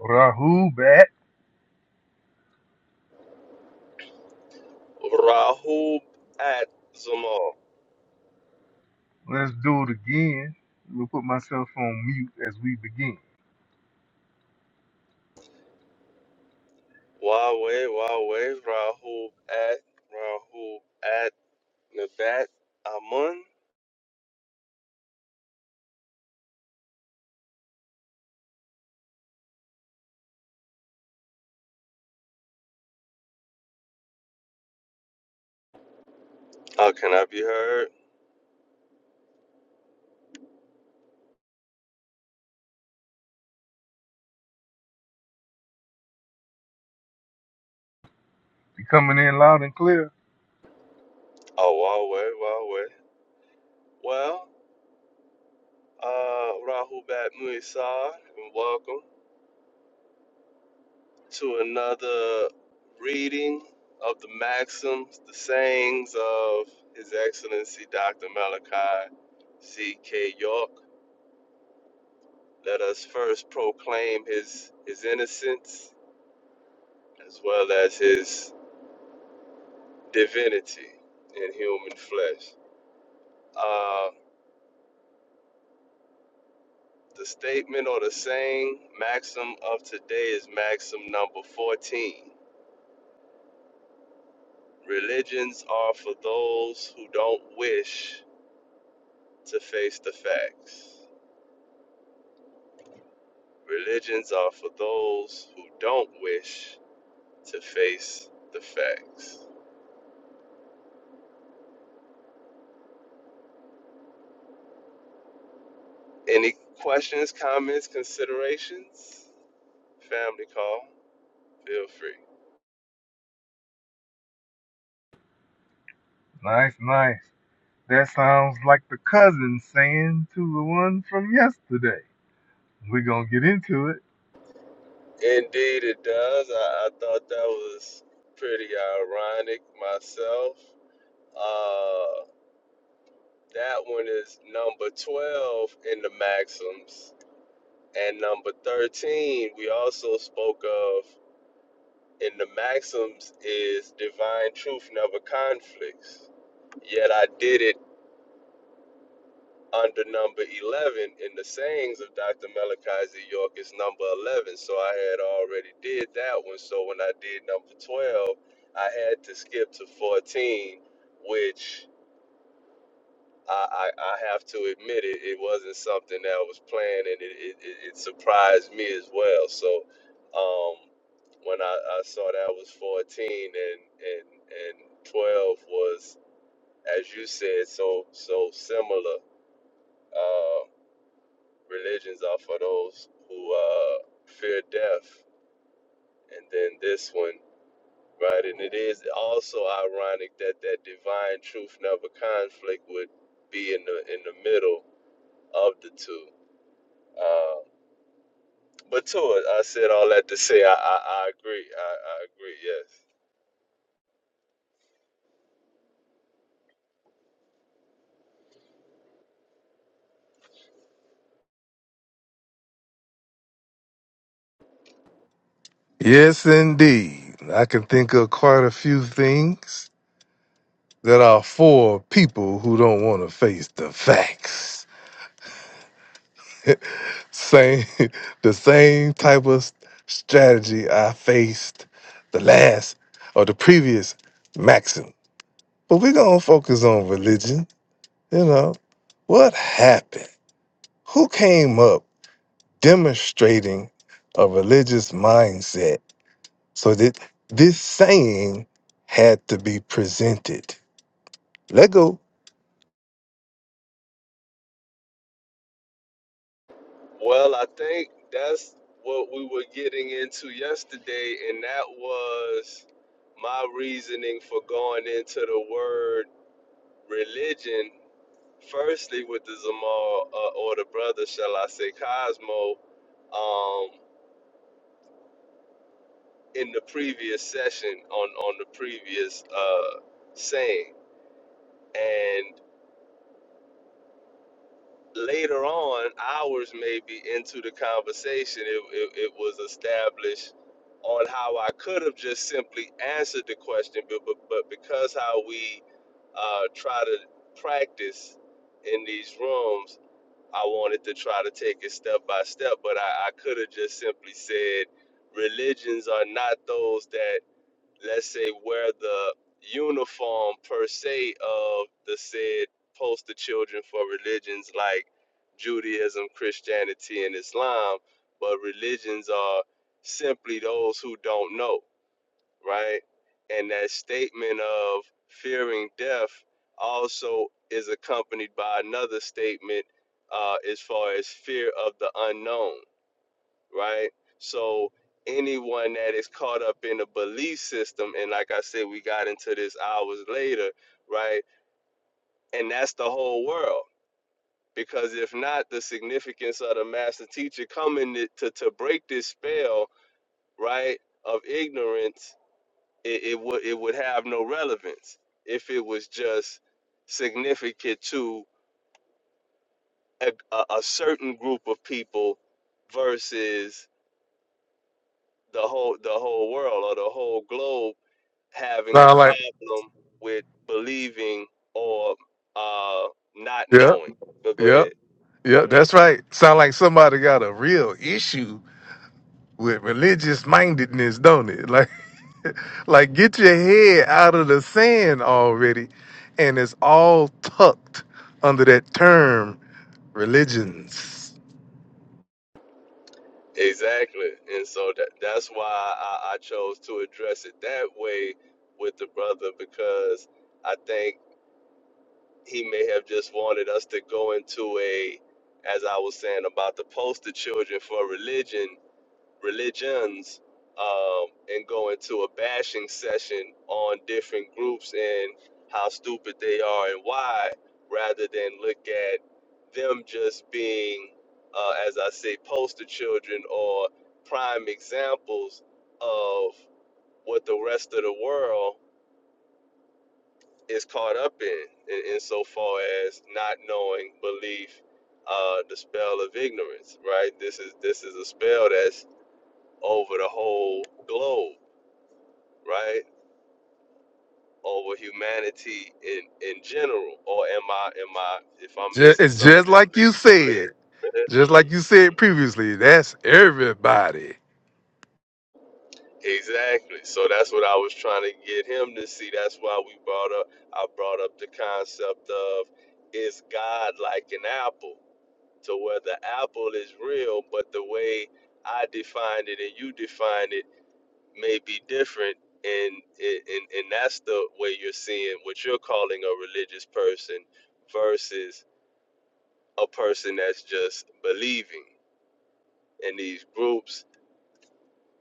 Rahul back. Rahub at Zamal. Let's do it again. I'm gonna put myself on mute as we begin. Wawe, Wawe, Rahub at, Rahub at Nabat Amun. How can I be heard? You coming in loud and clear? Oh, Wawe, Wawe. Well, uh, Rahub at Muisar, and welcome to another reading of the maxims, the sayings of His Excellency Dr. Malachi C.K. York. Let us first proclaim his, his innocence as well as his divinity in human flesh. Uh, the statement or the saying maxim of today is maxim number 14. Religions are for those who don't wish to face the facts. Religions are for those who don't wish to face the facts. Any questions, comments, considerations? Family call, feel free. Nice, nice. That sounds like the cousin saying to the one from yesterday. We're gonna get into it. Indeed, it does. I, I thought that was pretty ironic myself. Uh, that one is number 12 in the Maxims. And number 13, we also spoke of in the Maxims, is divine truth never conflicts. Yet I did it under number 11 in the sayings of Dr. Malachi Z. York is number 11. So I had already did that one. So when I did number 12, I had to skip to 14, which I, I, I have to admit it, it wasn't something that was planned and it, it, it it surprised me as well. So um, when I, I saw that was 14 and, and, and 12 was, as you said, so, so similar. Uh, religions are for those who uh, fear death. And then this one, right? And it is also ironic that that divine truth never conflict would be in the in the middle of the two. Uh, but to it, I said all that to say I, I, I agree. I, I agree, yes. Yes, indeed. I can think of quite a few things that are for people who don't want to face the facts. Same, the same type of s- strategy I faced the last or the previous maxim. But we're gonna focus on religion. You know what happened? Who came up demonstrating a religious mindset so that this saying had to be presented? Let go. Well, I think that's what we were getting into yesterday, and that was my reasoning for going into the word religion, firstly with the Zamar uh, or the brother, shall I say, Cosmo, um, in the previous session on on the previous uh, saying, and later on, hours maybe into the conversation, it, it, it was established on how I could have just simply answered the question, but but, but because how we uh, try to practice in these rooms I wanted to try to take it step by step, but I, I could have just simply said religions are not those that, let's say, wear the uniform per se of the said poster children for religions like Judaism, Christianity, and Islam, but religions are simply those who don't know right? And that statement of fearing death also is accompanied by another statement uh, as far as fear of the unknown, right? So anyone that is caught up in a belief system, and like I said, we got into this hours later, right? And that's the whole world. Because if not, the significance of the master teacher coming to, to, to break this spell, right, of ignorance it, it would it would have no relevance if it was just significant to a, a, a certain group of people versus the whole the whole world or the whole globe having Sound a like, problem with believing or uh, not yep, knowing. But go yep, ahead. Go yep. ahead. That's right. Sound like somebody got a real issue with religious mindedness, don't it? Like, like get your head out of the sand already, and it's all tucked under that term religions. Exactly, and so that that's why I, I chose to address it that way with the brother because I think he may have just wanted us to go into a as i was saying about the poster children for religion religions um, and go into a bashing session on different groups and how stupid they are and why rather than look at them just being uh, as i say poster children or prime examples of what the rest of the world is caught up in, in insofar as not knowing belief, uh, the spell of ignorance, right? This is this is a spell that's over the whole globe, right? Over humanity in in general. Or am I am I if I'm Ju- missing It's just something? like you Believe said, in it. just like you said Mm. previously. That's everybody. Exactly. So that's what I was trying to get him to see. That's why we brought up I brought up the concept of is God like an apple? to whether apple is real, but the way I defined it and you defined it may be different. And, and, and that's the way you're seeing what you're calling a religious person versus a person that's just believing. And these groups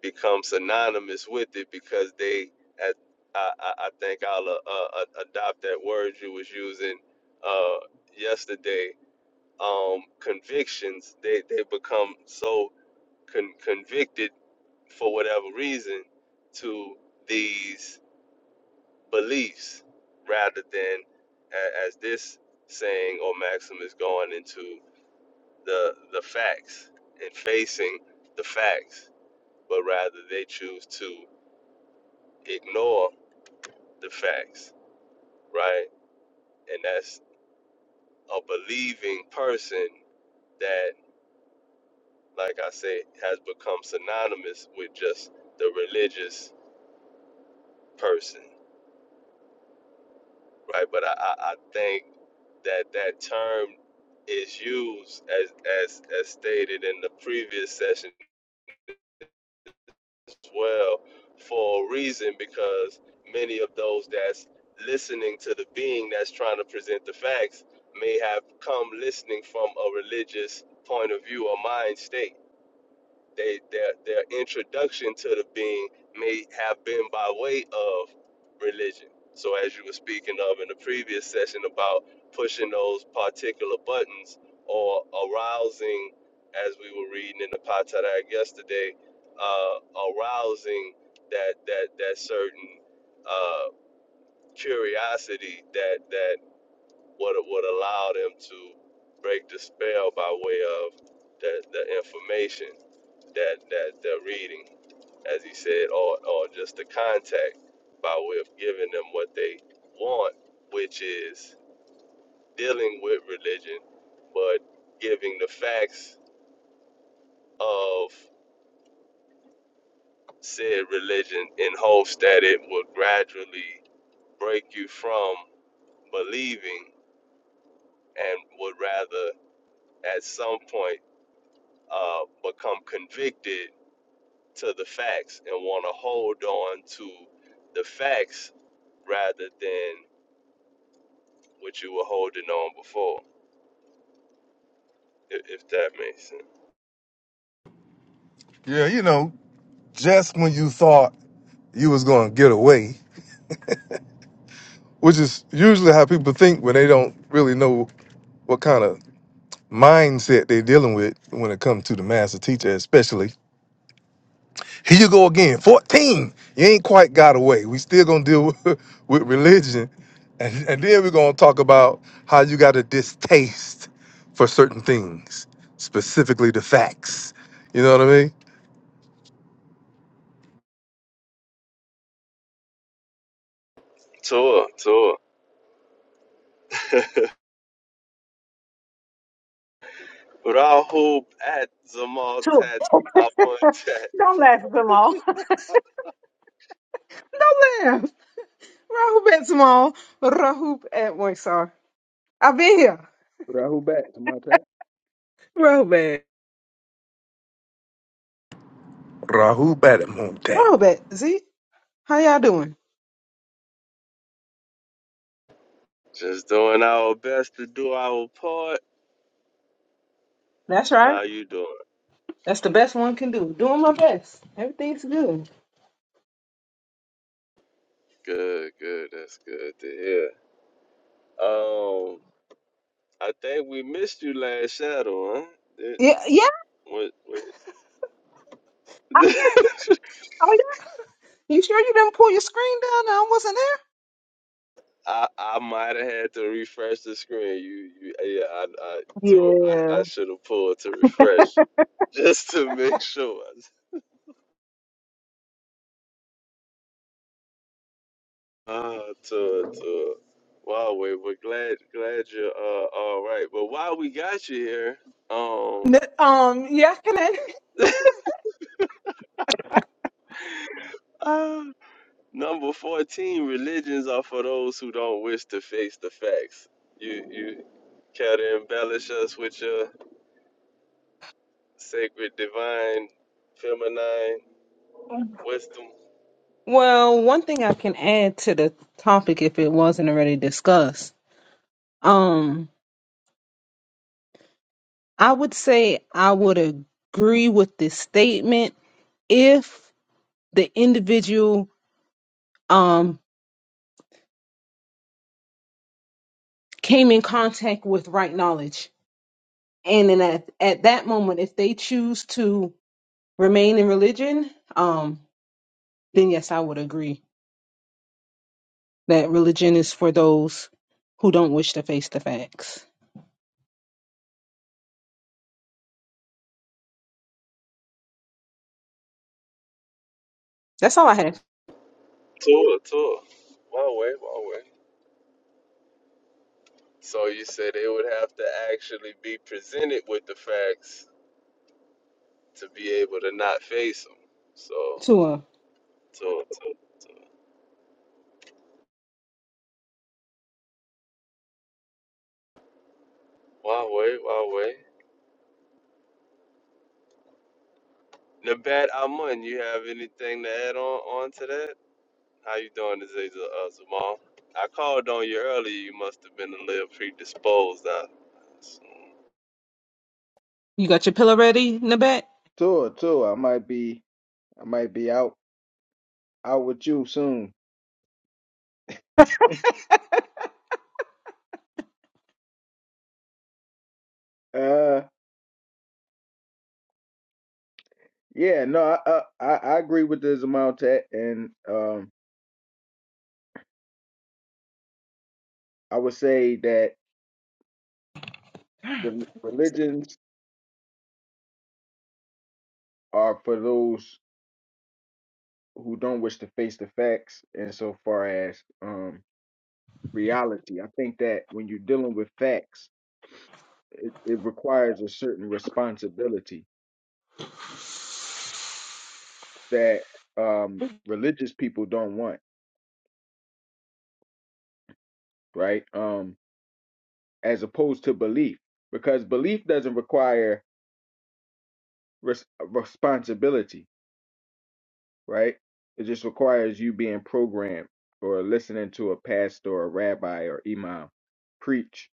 become synonymous with it because they, at, I, I I think I'll uh, uh, uh, adopt that word you was using uh, yesterday, um, convictions, they, they become so con- convicted for whatever reason to these beliefs rather than a- as this saying or maxim is going into the the facts and facing the facts but rather they choose to ignore the facts right and that's a believing person that like i say has become synonymous with just the religious person right? But I, I, I think that that term is used as, as as stated in the previous session as well for a reason because many of those that's listening to the being that's trying to present the facts may have come listening from a religious point of view or mind state they their their introduction to the being may have been by way of religion. So as you were speaking of in the previous session about pushing those particular buttons or arousing, as we were reading in the Patarak yesterday, uh, arousing that that that certain uh, curiosity that that would would allow them to break the spell by way of the, the information that that they're reading, as he said, or or just the contact by way of giving them what they want, which is dealing with religion, but giving the facts of said religion in hopes that it will gradually break you from believing and would rather at some point uh, become convicted to the facts and want to hold on to the facts rather than what you were holding on before, if, if that makes sense. Yeah, you know, just when you thought you was gonna get away, which is usually how people think when they don't really know what kind of mindset they're dealing with when it comes to the master teacher, especially Here you go again. 14. You ain't quite got away. We still gonna deal with, with religion. And, and then we're gonna talk about how you got a distaste for certain things, specifically the facts. You know what I mean? Tour, tour. Rahul at Zamal Two. Tat Tat. Don't laugh, Jamal. Don't laugh. Rahub at Small. Rahub at Moisar. I've been here. Rahul back to my time. Rahub at. Rahul Badamonte. Rahub at. Z, how y'all doing? Just doing our best to do our part. That's right. How you doing? That's the best one can do. Doing my best. Everything's good. Good, good. That's good to hear. Um, I think we missed you last shadow, huh? Did- Yeah, yeah. what- what- I, oh, yeah. You sure you didn't pull your screen down? I wasn't there. I I might have had to refresh the screen. You you yeah. I I so I, I Yeah. should have pulled to refresh just to make sure. Uh, to to wow, we we're glad glad you're uh all right. But while we got you here, um, N- Um, yeah, I can add. uh, number fourteen, religions are for those who don't wish to face the facts. You you care to embellish us with your sacred, divine, feminine wisdom. Well, one thing I can add to the topic if it wasn't already discussed. I would say I would agree with this statement if the individual um, came in contact with right knowledge. And then at, at that moment, if they choose to remain in religion, um, then yes, I would agree that religion is for those who don't wish to face the facts. That's all I have. Tour, tour. Wow, wait, wow, wait. So you said they would have to actually be presented with the facts to be able to not face them. So. Tua, So, so, so. Huawei, Huawei. Nabat Amun, you have anything to add on, on to that? How you doing today, Z- uh, Zamal? I called on you earlier. You must have been a little predisposed. I assume. you got your pillow ready, Nabet? Tour, tour. I might be, I might be out, out with you soon. Uh, yeah, no, I, I, I I agree with this amount and um, I would say that rel religions are for those who don't wish to face the facts, insofar as um reality. I think that when you're dealing with facts, it, it requires a certain responsibility that um religious people don't want, right? Um. as opposed to belief because belief doesn't require res- responsibility right it just requires you being programmed or listening to a pastor or a rabbi or imam preach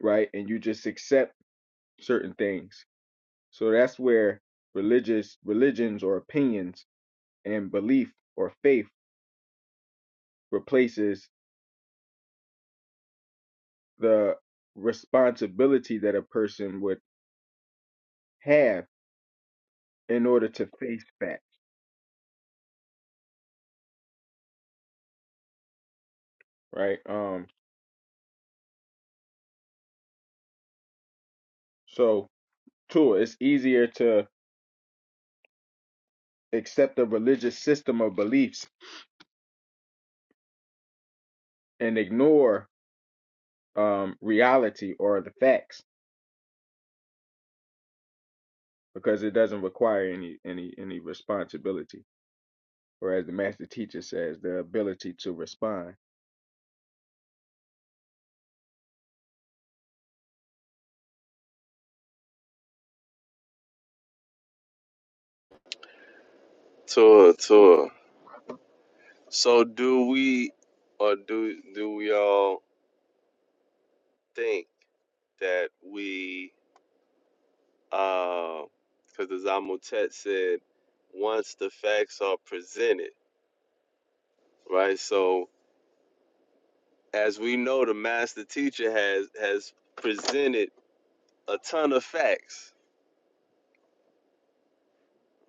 right and you just accept certain things so that's where religious religions or opinions and belief or faith replaces the responsibility that a person would have in order to face facts right um so Two, it's easier to accept a religious system of beliefs and ignore um, reality or the facts because it doesn't require any any any responsibility, or as the master teacher says, the ability to respond. Tour, tour. So do we, or do do we all think that we, because the Zamotet said, once the facts are presented, right? So as we know, the master teacher has has presented a ton of facts,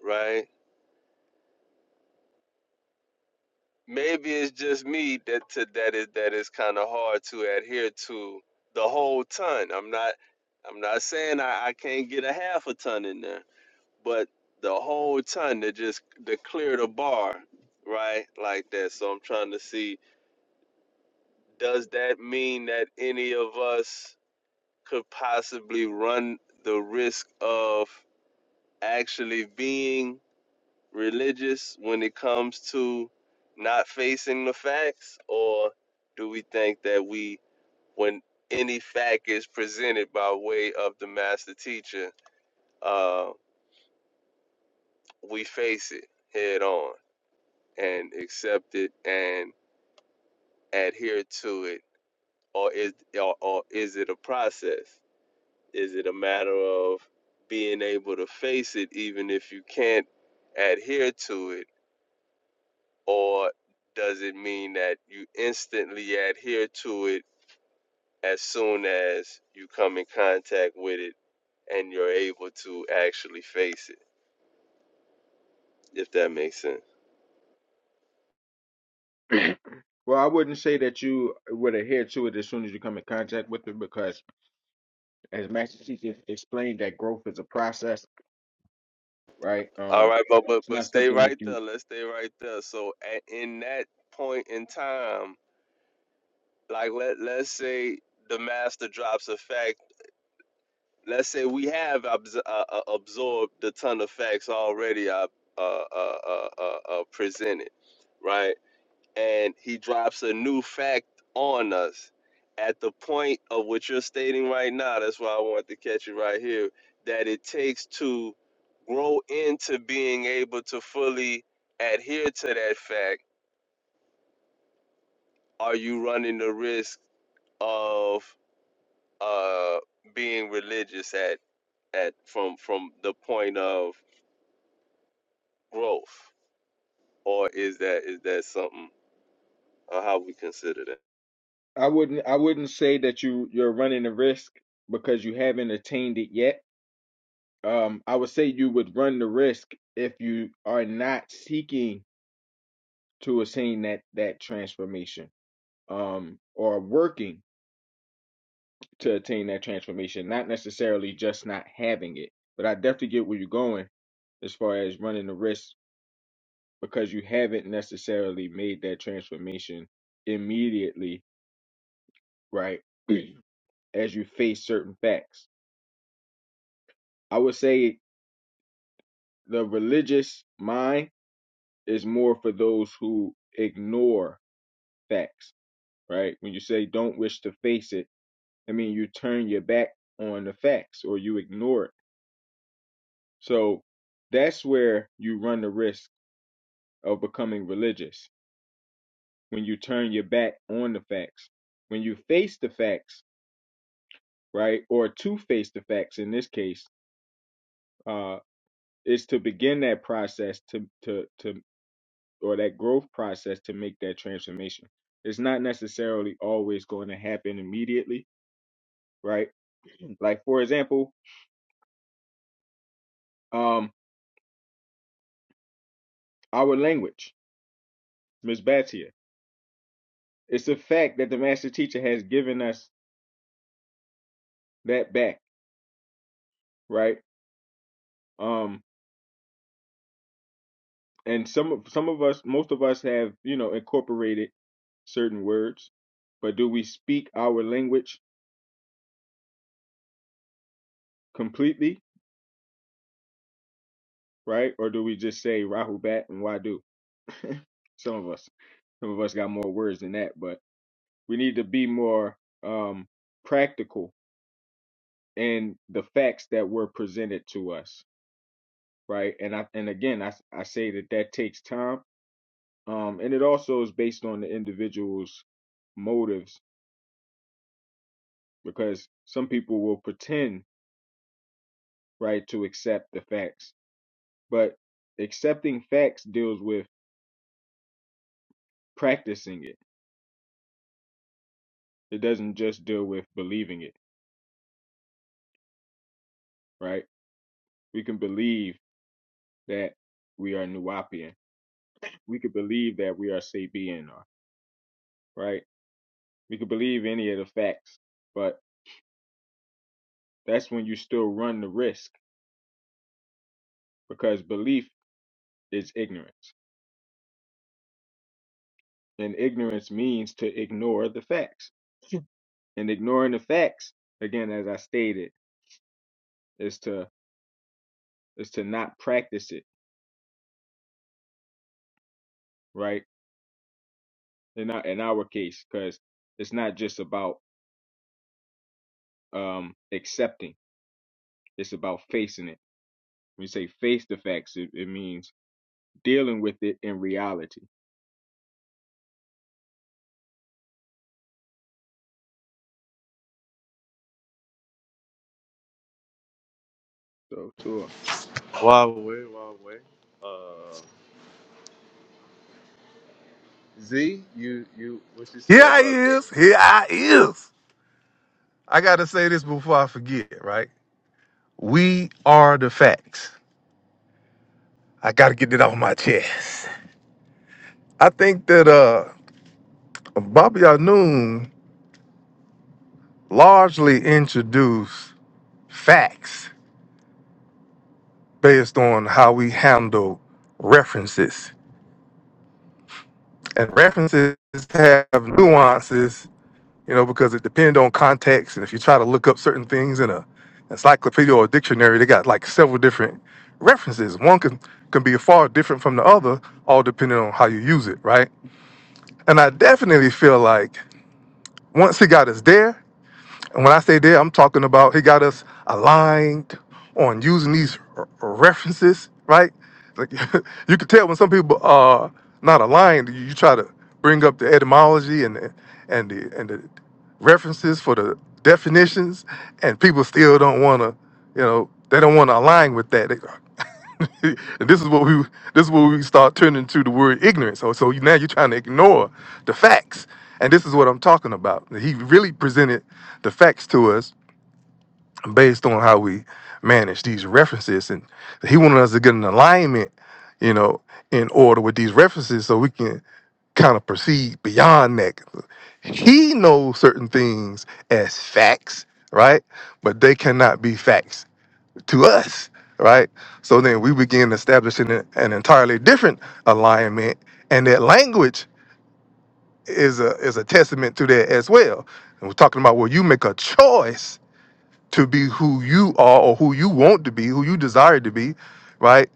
right? Maybe it's just me that to, that is that is kind of hard to adhere to the whole ton. I'm not I'm not saying I, I can't get a half a ton in there, but the whole ton to just to clear the bar, right? Like that. So I'm trying to see does that mean that any of us could possibly run the risk of actually being religious when it comes to not facing the facts or do we think that we when any fact is presented by way of the master teacher uh, we face it head on and accept it and adhere to it or is or, or is it a process is it a matter of being able to face it even if you can't adhere to it or does it mean that you instantly adhere to it as soon as you come in contact with it and you're able to actually face it if that makes sense Well, I wouldn't say that you would adhere to it as soon as you come in contact with it because, as Master Teacher explained, that growth is a process, right? all Um, right but but, it's but not stay something that right you. there let's stay right there so at, in that point in time like let, let's say the master drops a fact let's say we have abs- uh, uh, absorbed the ton of facts already uh, uh, uh, uh, uh, uh, presented right and he drops a new fact on us at the point of what you're stating right now. That's why I want to catch you right here. That it takes to grow into being able to fully adhere to that fact. Are you running the risk of uh, being religious at at from from the point of growth, or is that is that something? Uh, how we consider that? I wouldn't. I wouldn't say that you you're running a risk because you haven't attained it yet um, I would say you would run the risk if you are not seeking to attain that that transformation, um, or working to attain that transformation, not necessarily just not having it. But I definitely get where you're going as far as running the risk because you haven't necessarily made that transformation immediately, right? as you face certain facts. I would say the religious mind is more for those who ignore facts right? When you say don't wish to face it, I mean you turn your back on the facts or you ignore it. So that's where you run the risk of becoming religious when you turn your back on the facts. When you face the facts, right, or to face the facts in this case, uh, is to begin that process to to to or that growth process to make that transformation. It's not necessarily always going to happen immediately, right? Like for example, um, our language, Ms. Batia. It's a fact that the master teacher has given us that back, right? Um, and some of some of us, most of us have, you know, incorporated certain words, but do we speak our language completely, right? Or do we just say Rahu Bat and Wadu? some of us, some of us got more words than that, but we need to be more um practical in the facts that were presented to us right? And I and again, I I say that that takes time, um, and it also is based on the individual's motives because some people will pretend right to accept the facts, but accepting facts deals with practicing it. It doesn't just deal with believing it, right? We can believe that we are Nuwapian. We could believe that we are Sabian, right? We could believe any of the facts, but that's when you still run the risk because belief is ignorance And ignorance means to ignore the facts. And ignoring the facts, again, as I stated, is to is to not practice it, right? In our, in our case, because it's not just about um, accepting; it's about facing it. When you say face the facts, it, it means dealing with it in reality. So, sure. Huawei, Huawei. Uh, Z, you you what you say Here I about that? is. Here I is. I gotta say this before I forget, right? We are the facts. I gotta get it off my chest. I think that uh Bobby Anoon largely introduced facts based on how we handle references. And references have nuances, you know, because it depends on context. And if you try to look up certain things in a encyclopedia or dictionary, they got like several different references. One can can be far different from the other, all depending on how you use it, right? And I definitely feel like once he got us there, And when I say there, I'm talking about he got us aligned on using these r- references, right? Like you can tell when some people are not aligned, you you try to bring up the etymology and the, and the and the references for the definitions, and people still don't want to, you know, they don't want to align with that. and this is what we this is what we start turning to the word ignorance. So so now you're trying to ignore the facts. And this is what I'm talking about. He really presented the facts to us based on how we manage these references. And he wanted us to get an alignment, you know, in order with these references so we can kind of proceed beyond that. He knows certain things as facts, right? But they cannot be facts to us, right? So then we begin establishing an an entirely different alignment, and that language is a is a testament to that as well. And we're talking about where you make a choice to be who you are or who you want to be, who you desire to be, right?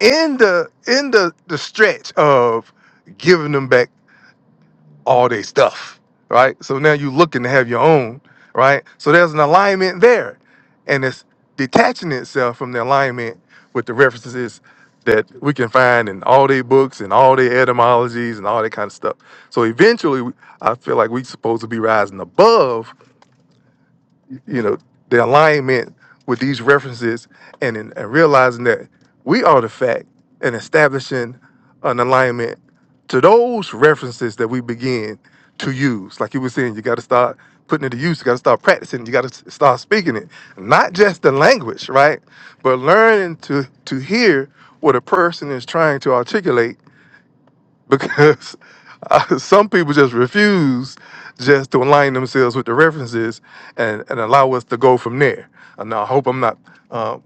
In the in the the stretch of giving them back all their stuff, right? So now you're looking to have your own, right? So there's an alignment there, and it's detaching itself from the alignment with the references that we can find in all their books and all their etymologies and all that kind of stuff. So eventually, we- I feel like we're supposed to be rising above you know the alignment with these references and in, and realizing that we are the fact and establishing an alignment to those references that we begin to use like you were saying you got to start putting it to use you got to start practicing you got to start speaking it not just the language right but learning to to hear what a person is trying to articulate because uh, some people just refuse just to align themselves with the references and, and allow us to go from there. And I hope I'm not uh,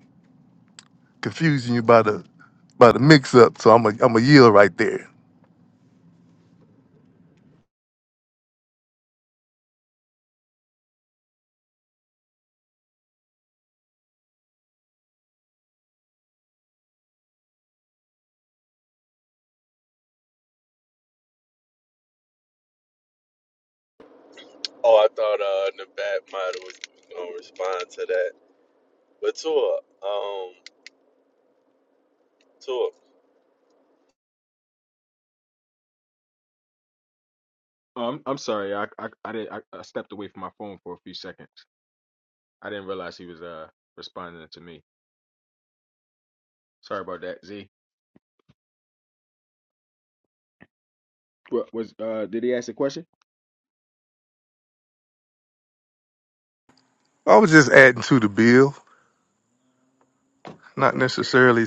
confusing you by the by the mix up. So I'm a I'm a yield right there. Oh, I thought uh Nabat model was gonna respond to that. But Tua, um Tua. Um, I'm sorry, I I I, did, I I stepped away from my phone for a few seconds. I didn't realize he was uh responding to me. Sorry about that, Z. What was uh? Did he ask a question? I was just adding to the bill, not Okay. necessarily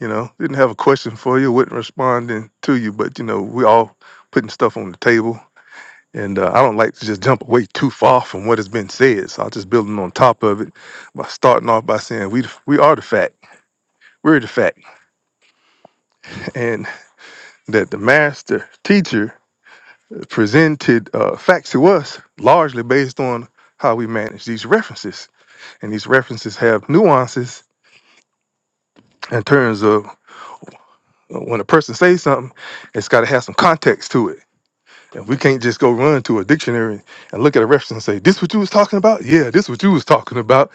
you know didn't have a question for you, wasn't responding to you, but you know we all putting stuff on the table. And uh, I don't like to just jump away too far from what has been said. So I'm just building on top of it by starting off by saying we we are the fact We're the fact, and that the master teacher presented uh, facts to us largely based on how we manage these references, and these references have nuances in terms of uh, when a person says something, it's got to have some context to it. And we can't just go run to a dictionary and look at a reference and say, "This what you was talking about? Yeah, this what you was talking about."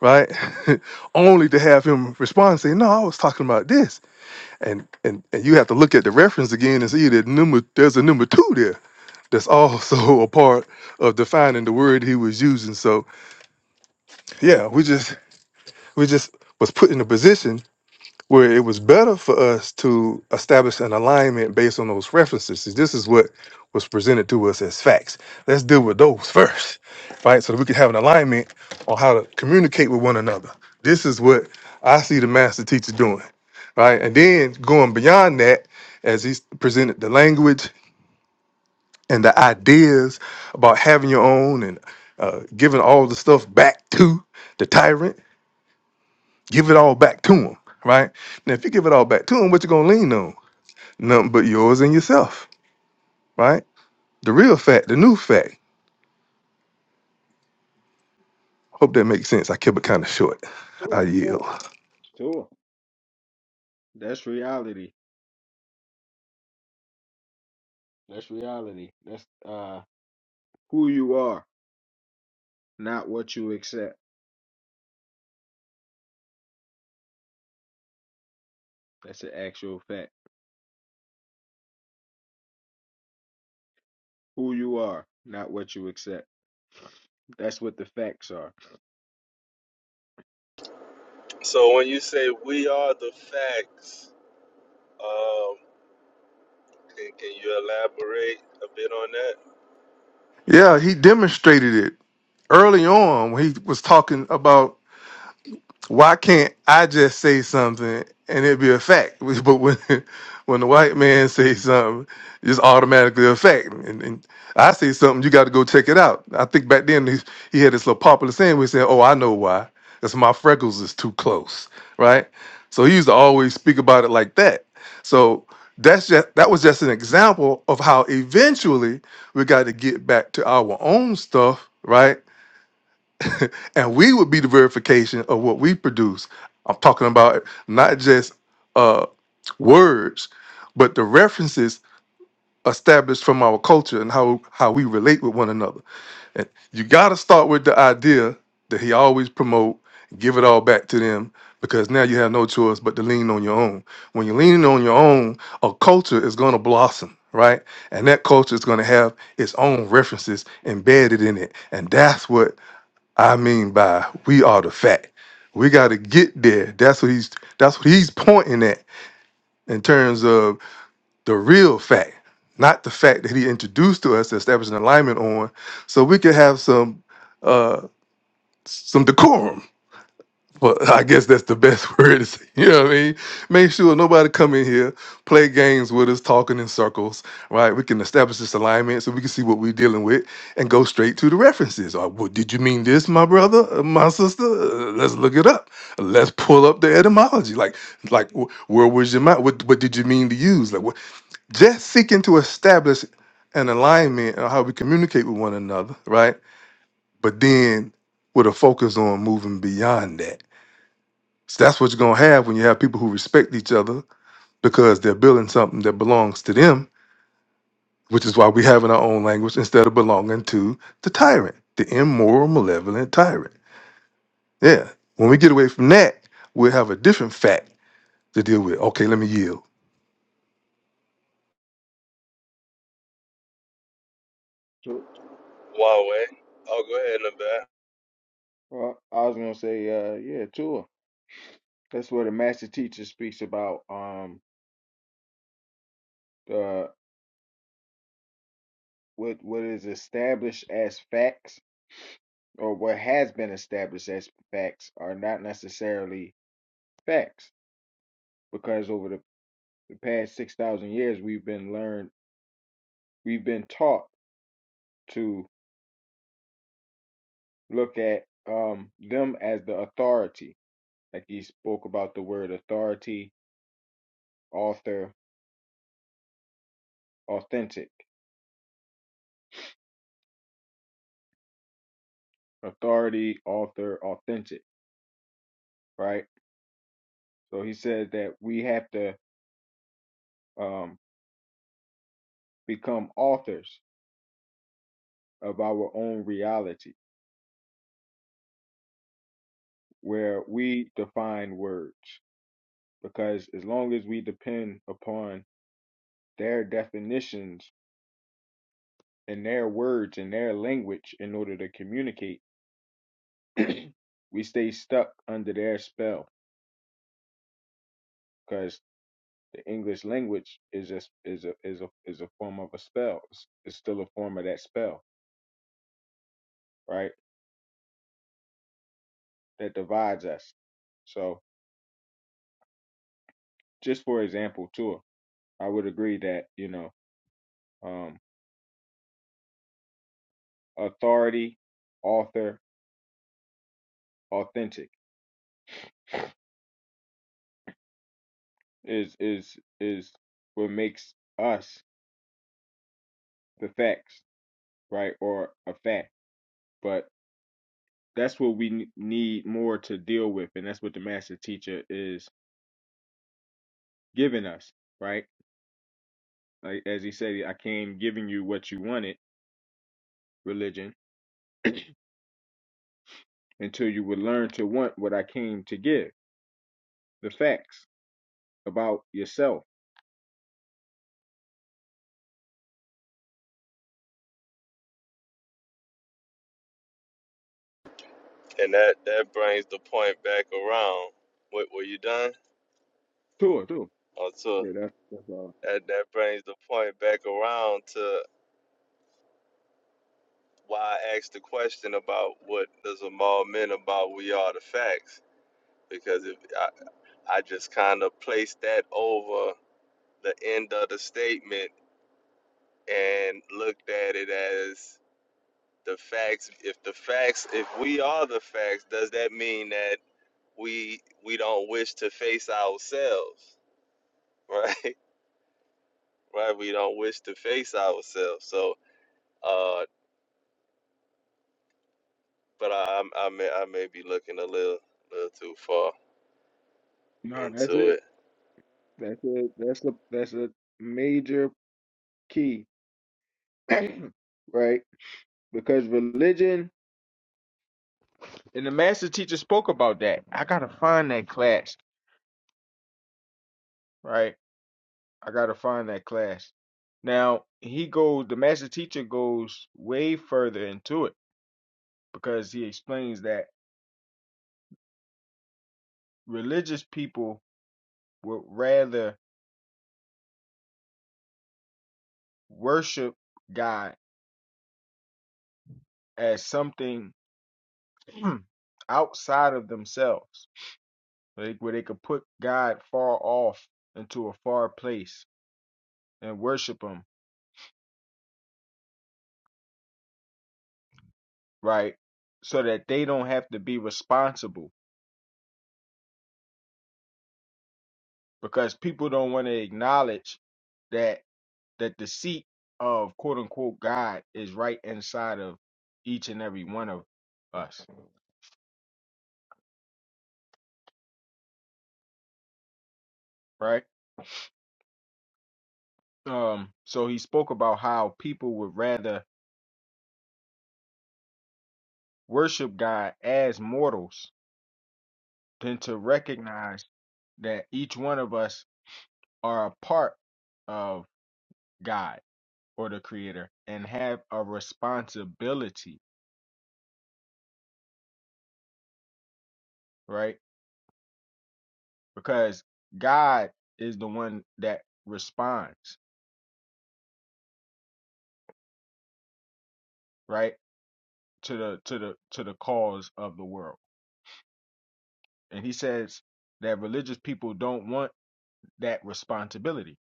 right? Only to have him respond and say, "No, I was talking about this," and and and you have to look at the reference again and see that number there's a number two there. that's also a part of defining the word he was using. So yeah, we just we just was put in a position where it was better for us to establish an alignment based on those references. See, This is what was presented to us as facts. Let's deal with those first, right? So that we can have an alignment on how to communicate with one another. This is what I see the master teacher doing, right? And then going beyond that, as he's presented the language and the ideas about having your own and uh, giving all the stuff back to the tyrant, give it all back to him, right? Now, if you give it all back to him, what you gonna lean on? Nothing but yours and yourself, right? The real fact, the new fact. Hope that makes sense. I kept it kind of short. I Sure, yield. sure, sure. That's reality. That's reality. That's uh who you are, not what you accept. That's an actual fact. Who you are, not what you accept. That's what the facts are. So when you say we are the facts, um can, can you elaborate a bit on that? Yeah, he demonstrated it early on when he was talking about. Why can't I just say something and it be a fact? But when when the white man says something, it's automatically a fact. And, and I say something, you got to go check it out. I think back then he, he had this little popular saying where he said, "Oh, I know why. That's my freckles is too close." Right. So he used to always speak about it like that. So that's just that was just an example of how eventually we got to get back to our own stuff, right? and we would be the verification of what we produce. I'm talking about not just uh, words, but the references established from our culture and how how we relate with one another. And you got to start with the idea that he always promote, give it all back to them, because now you have no choice but to lean on your own. When you're leaning on your own, a culture is going to blossom. Right, and that culture is going to have its own references embedded in it, and that's what I mean by we are the fact. We got to get there. That's what he's that's what he's pointing at in terms of the real fact, not the fact that he introduced to us, establishing alignment on, so we could have some uh some decorum. Well, I guess that's the best word to say. You know what I mean? Make sure nobody come in here, play games with us, talking in circles, right? We can establish this alignment so we can see what we're dealing with and go straight to the references. Or, well, did you mean this, my brother, uh, my sister? Uh, Let's look it up. Let's pull up the etymology. Like, like wh- where was your mind? What, what did you mean to use? Like, what? just seeking to establish an alignment on how we communicate with one another, right? But then with a focus on moving beyond that so that's what you're gonna have when you have people who respect each other because they're building something that belongs to them, which is why we have in our own language instead of belonging to the tyrant, the immoral, malevolent tyrant. Yeah. When we get away from that, we'll have a different fact to deal with. Okay, let me yield. So, Huawei. Oh go ahead, Nabat. well, I was gonna say, uh, yeah, sure. That's what the master teacher speaks about. Um, the what what is established as facts, or what has been established as facts, are not necessarily facts because over the the past 6,000 years, we've been learned, we've been taught to look at um, them as the authority. Like he spoke about the word authority, author, authentic. Authority, author, authentic, right? So he says that we have to um, become authors of our own reality where we define words. Because as long as we depend upon their definitions in their words in their language in order to communicate. we stay stuck under their spell because the English language is a is a is a is a form of a spell. It's, it's still a form of that spell, right? That divides us. So, just for example, too, I would agree that you know, um, authority, author, authentic is is is what makes us the facts, right, or a fact. But that's what we n- need more to deal with and that's what the master teacher is giving us right like as he said i came giving you what you wanted religion until you would learn to want what i came to give the facts about yourself And that that brings the point back around. What were you done? sure sure Oh Tua. yeah that's that's all That that brings the point back around to why I asked the question about what does a mall mean about we are the facts because if I, I just kind of placed that over the end of the statement and looked at it as the facts if the facts if we are the facts does that mean that we we don't wish to face ourselves right right we don't wish to face ourselves so uh but i I'm- i may i may be looking a little little too far no that's into it it that's it that's a that's a major key right because religion and the master teacher spoke about that i gotta find that class right I gotta find that class. Now he goes. The master teacher goes way further into it because he explains that religious people would rather worship God as something outside of themselves, like where they could put God far off into a far place and worship Him, right? So that they don't have to be responsible because people don't want to acknowledge that that the seat of quote unquote God is right inside of each and every one of us, right? Um, so he spoke about how people would rather worship God as mortals than to recognize that each one of us are a part of God or the Creator and have a responsibility, right? Because God is the one that responds, right? To the to the to the cause of the world and he says that religious people don't want that responsibility.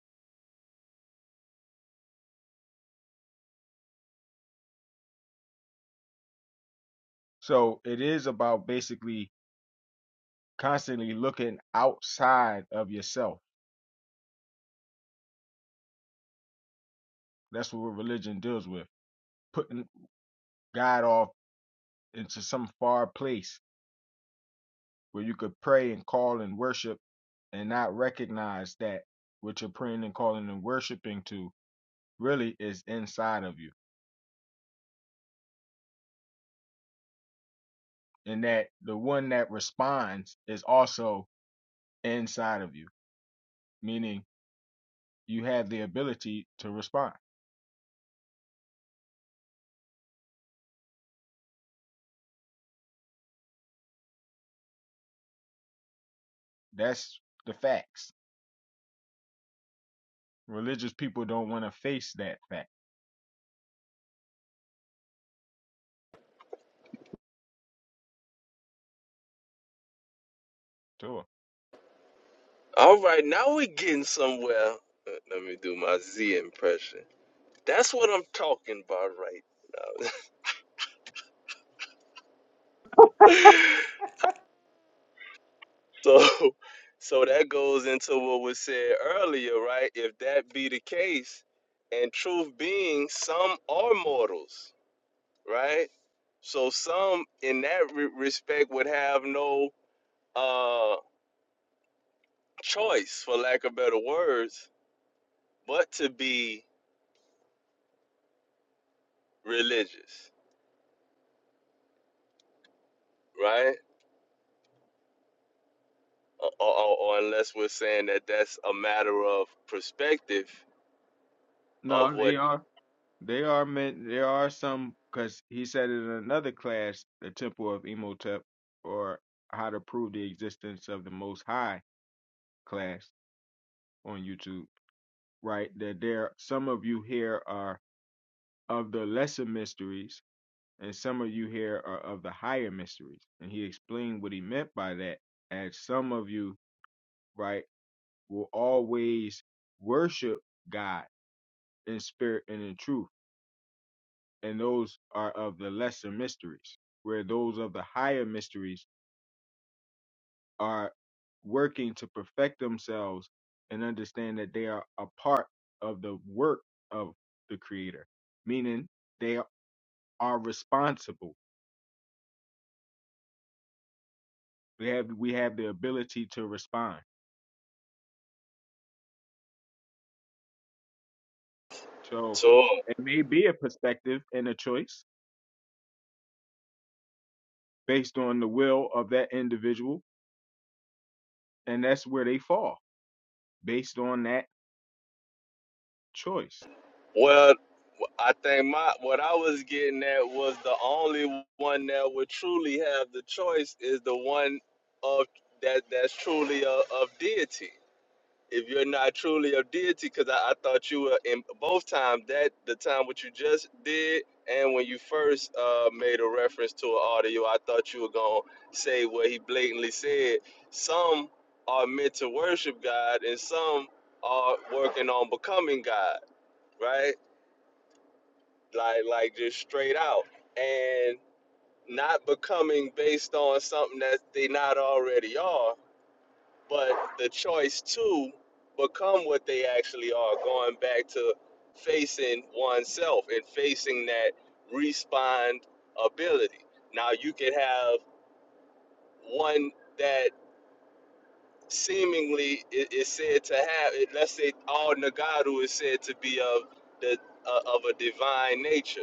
So it is about basically constantly looking outside of yourself. That's what religion deals with, putting God off into some far place where you could pray and call and worship and not recognize that what you're praying and calling and worshiping to really is inside of you. And that the one that responds is also inside of you, meaning you have the ability to respond. That's the facts. Religious people don't want to face that fact. Sure. all right now we're getting somewhere let let me do my z impression That's what I'm talking about right now. so so that goes into what was said earlier, right? If that be the case, and truth being some are mortals, right? So some in that re- respect would have no uh choice for lack of better words but to be religious, right? Or, or, or unless we're saying that that's a matter of perspective of No, what they are. They are meant. There are some because he said in another class, the Temple of Imhotep, or how to prove the existence of the Most High class on YouTube. Right that there, some of you here are of the lesser mysteries, and some of you here are of the higher mysteries. And he explained what he meant by that. As some of you, right, will always worship God in spirit and in truth. And those are of the lesser mysteries, where those of the higher mysteries are working to perfect themselves and understand that they are a part of the work of the Creator, meaning they are responsible. We have we have the ability to respond. So Torah it may be a perspective and a choice based on the will of that individual, and that's where they fall based on that choice. Well, I think my what I was getting at was the only one that would truly have the choice is the one of that that's truly of, of deity. If you're not truly of deity, because I, I thought you were in both times that the time what you just did and when you first uh, made a reference to an audio, I thought you were gonna say what he blatantly said. Some are meant to worship God, and some are working on becoming God, right? like like just straight out and not becoming based on something that they not already are but the choice to become what they actually are going back to facing oneself and facing that respond ability now you can have one that seemingly is said to have let's say all nagaru is said to be of the uh, of a divine nature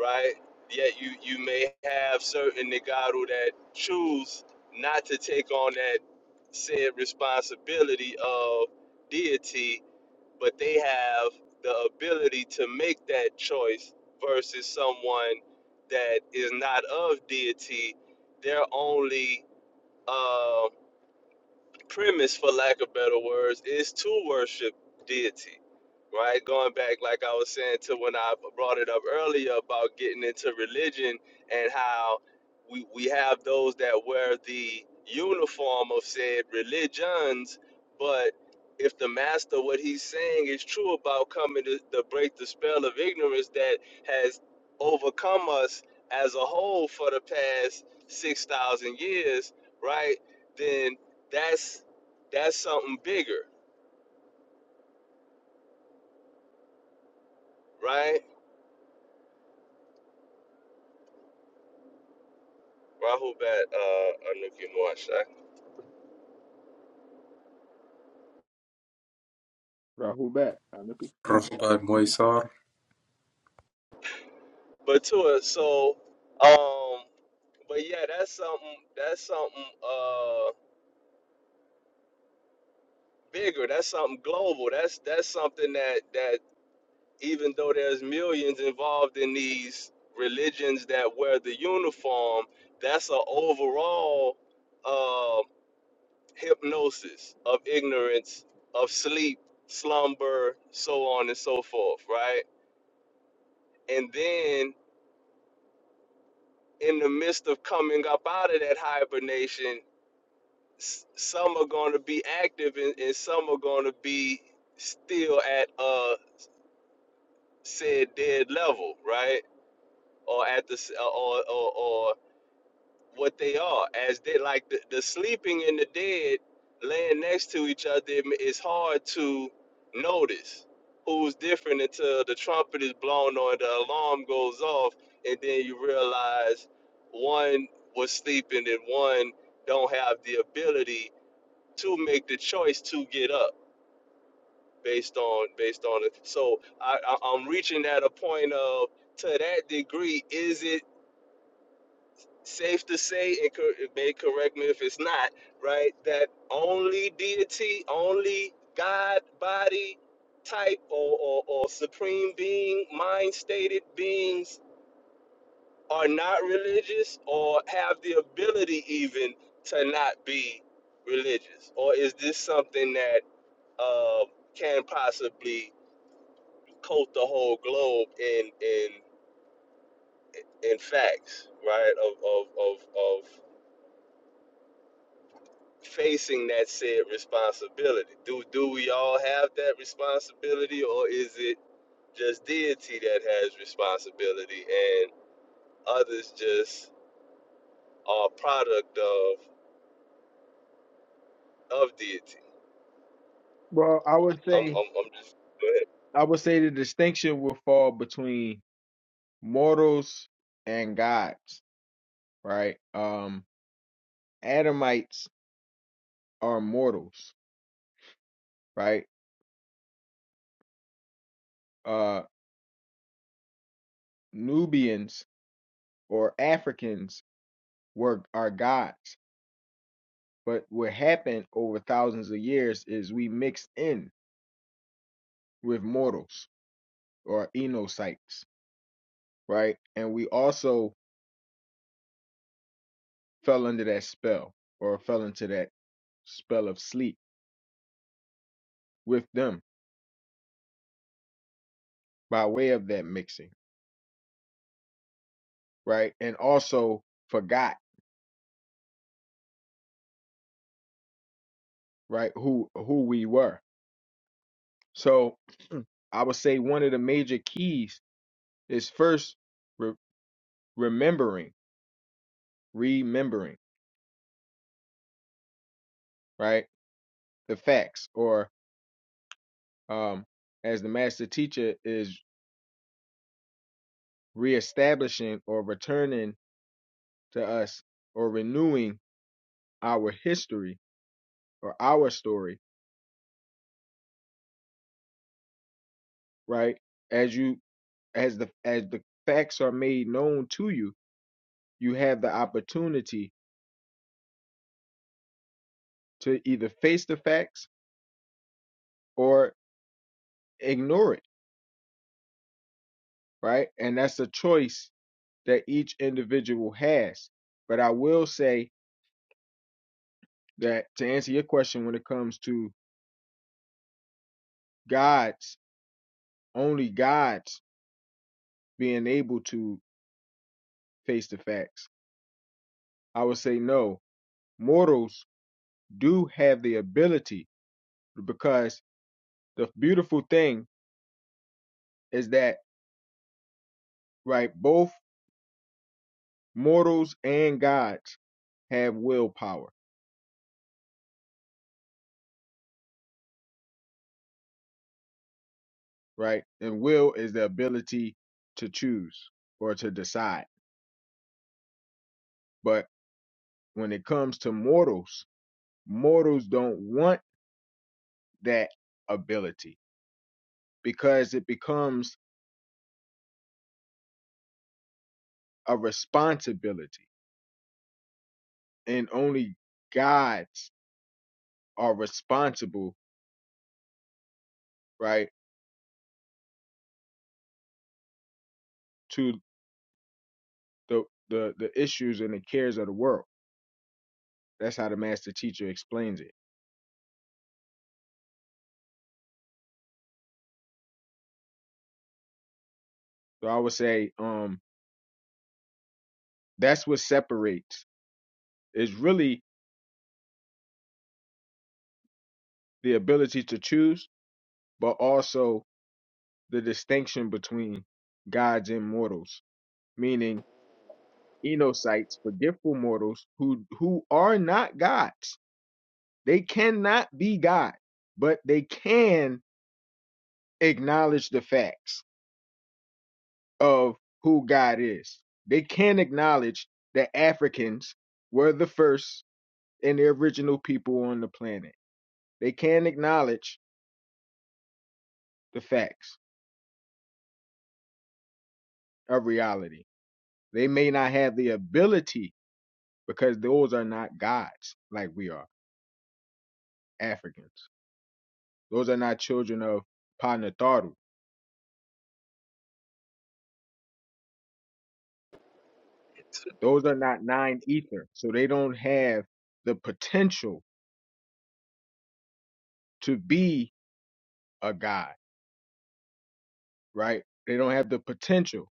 right? Yet you you may have certain negado that choose not to take on that said responsibility of deity, but they have the ability to make that choice versus someone that is not of deity. They're only uh, premise, for lack of better words, is to worship deity, right? Going back, like I was saying, to when I brought it up earlier about getting into religion and how we, we have those that wear the uniform of said religions, but if the master, what he's saying is true about coming to, to break the spell of ignorance that has overcome us as a whole for the past 6,000 years, right? Then that's that's something bigger, right? Rahul bat uh Anuki Moashak. Rahul back. Anuki. رفع ميسار But to it, so um but yeah, that's something that's something uh bigger, that's something global. That's that's something that that even though there's millions involved in these religions that wear the uniform, that's a overall uh hypnosis of ignorance, of sleep, slumber, so on and so forth, right? And then in the midst of coming up out of that hibernation, s- some are going to be active and, and some are going to be still at uh said dead level, right? Or at the s- or or, or what they are as they like the, the sleeping and the dead laying next to each other it ma- it's hard to notice who's different until the trumpet is blown or the alarm goes off and then you realize one was sleeping and one don't have the ability to make the choice to get up based on based on it so I, I i'm reaching at a point of to that degree is it safe to say it could it may correct me if it's not right that only deity only god body type or, or, or supreme being mind stated beings are not religious or have the ability even to not be religious or is this something that uh, can possibly coat the whole globe in in in facts right of of of, of facing that said responsibility. Do do we all have that responsibility or is it just deity that has responsibility and others just are product of of deity? Well, I would I'm say I'm, I'm just go ahead. I would say the distinction will fall between mortals and gods, right? Um Adamites are mortals, right? Uh Nubians or Africans were are gods. But what happened over thousands of years is we mixed in with mortals or enocytes, right? And we also fell under that spell or fell into that spell of sleep with them by way of that mixing, right? And also forgot, right, who who we were. So I would say one of the major keys is first re- remembering, remembering, right, the facts, or um, as the master teacher is reestablishing or returning to us or renewing our history or our story, right? As you as the as the facts are made known to you, you have the opportunity to either face the facts or ignore it, right? And that's a choice that each individual has. But I will say that to answer your question when it comes to God's only God's being able to face the facts, I would say no. Mortals do have the ability because the beautiful thing is that right both mortals and gods have willpower, right? And will is the ability to choose or to decide. But when it comes to mortals, mortals don't want that ability because it becomes a responsibility. And only gods are responsible, right, to the the, the issues and the cares of the world. That's how the master teacher explains it. So I would say um that's what separates is really the ability to choose, but also the distinction between gods and mortals, meaning enosites, forgetful mortals who who are not gods. They cannot be God, but they can acknowledge the facts of who God is. They can acknowledge that Africans were the first and the original people on the planet. They can acknowledge the facts of reality. They may not have the ability because those are not gods like we are Africans. Those are not children of Panataru. Those are not nine ether. So they don't have the potential to be a god, right? They don't have the potential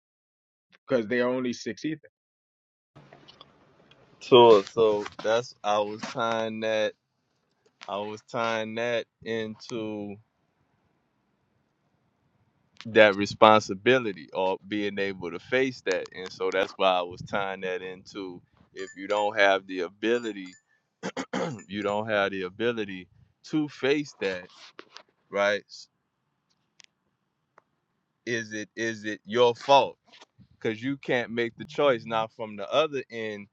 because they are only six ether. So so that's I was tying that I was tying that into that responsibility or being able to face that. And so that's why I was tying that into if you don't have the ability you don't have the ability to face that right is it is it your fault because you can't make the choice now from the other end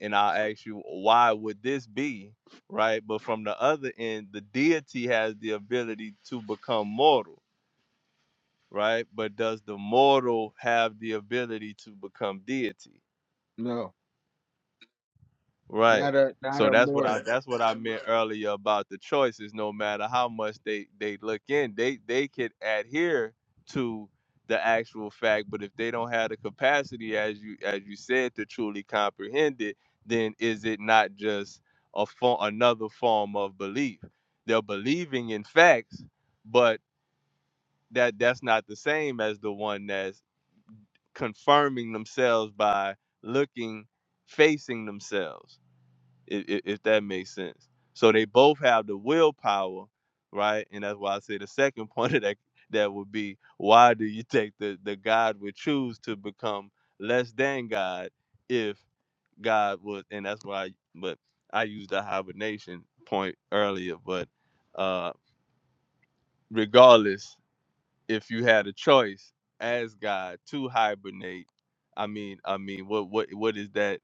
and i'll ask you why would this be right but from the other end the deity has the ability to become mortal right but does the mortal have the ability to become deity No, Right. not a not So a that's what I mortal. that's what I meant earlier about the choices. No matter how much they they look in, they they could adhere to the actual fact, but if they don't have the capacity, as you as you said, to truly comprehend it, then is it not just a form another form of belief? They're believing in facts, but that that's not the same as the one that's confirming themselves by looking, facing themselves if, if that makes sense. So they both have the willpower, right? And that's why I say the second point of that that would be why do you think the the God would choose to become less than God if God was, and that's why. But I used the hibernation point earlier, but uh regardless, if you had a choice as God to hibernate, I mean, I mean, what what what is that?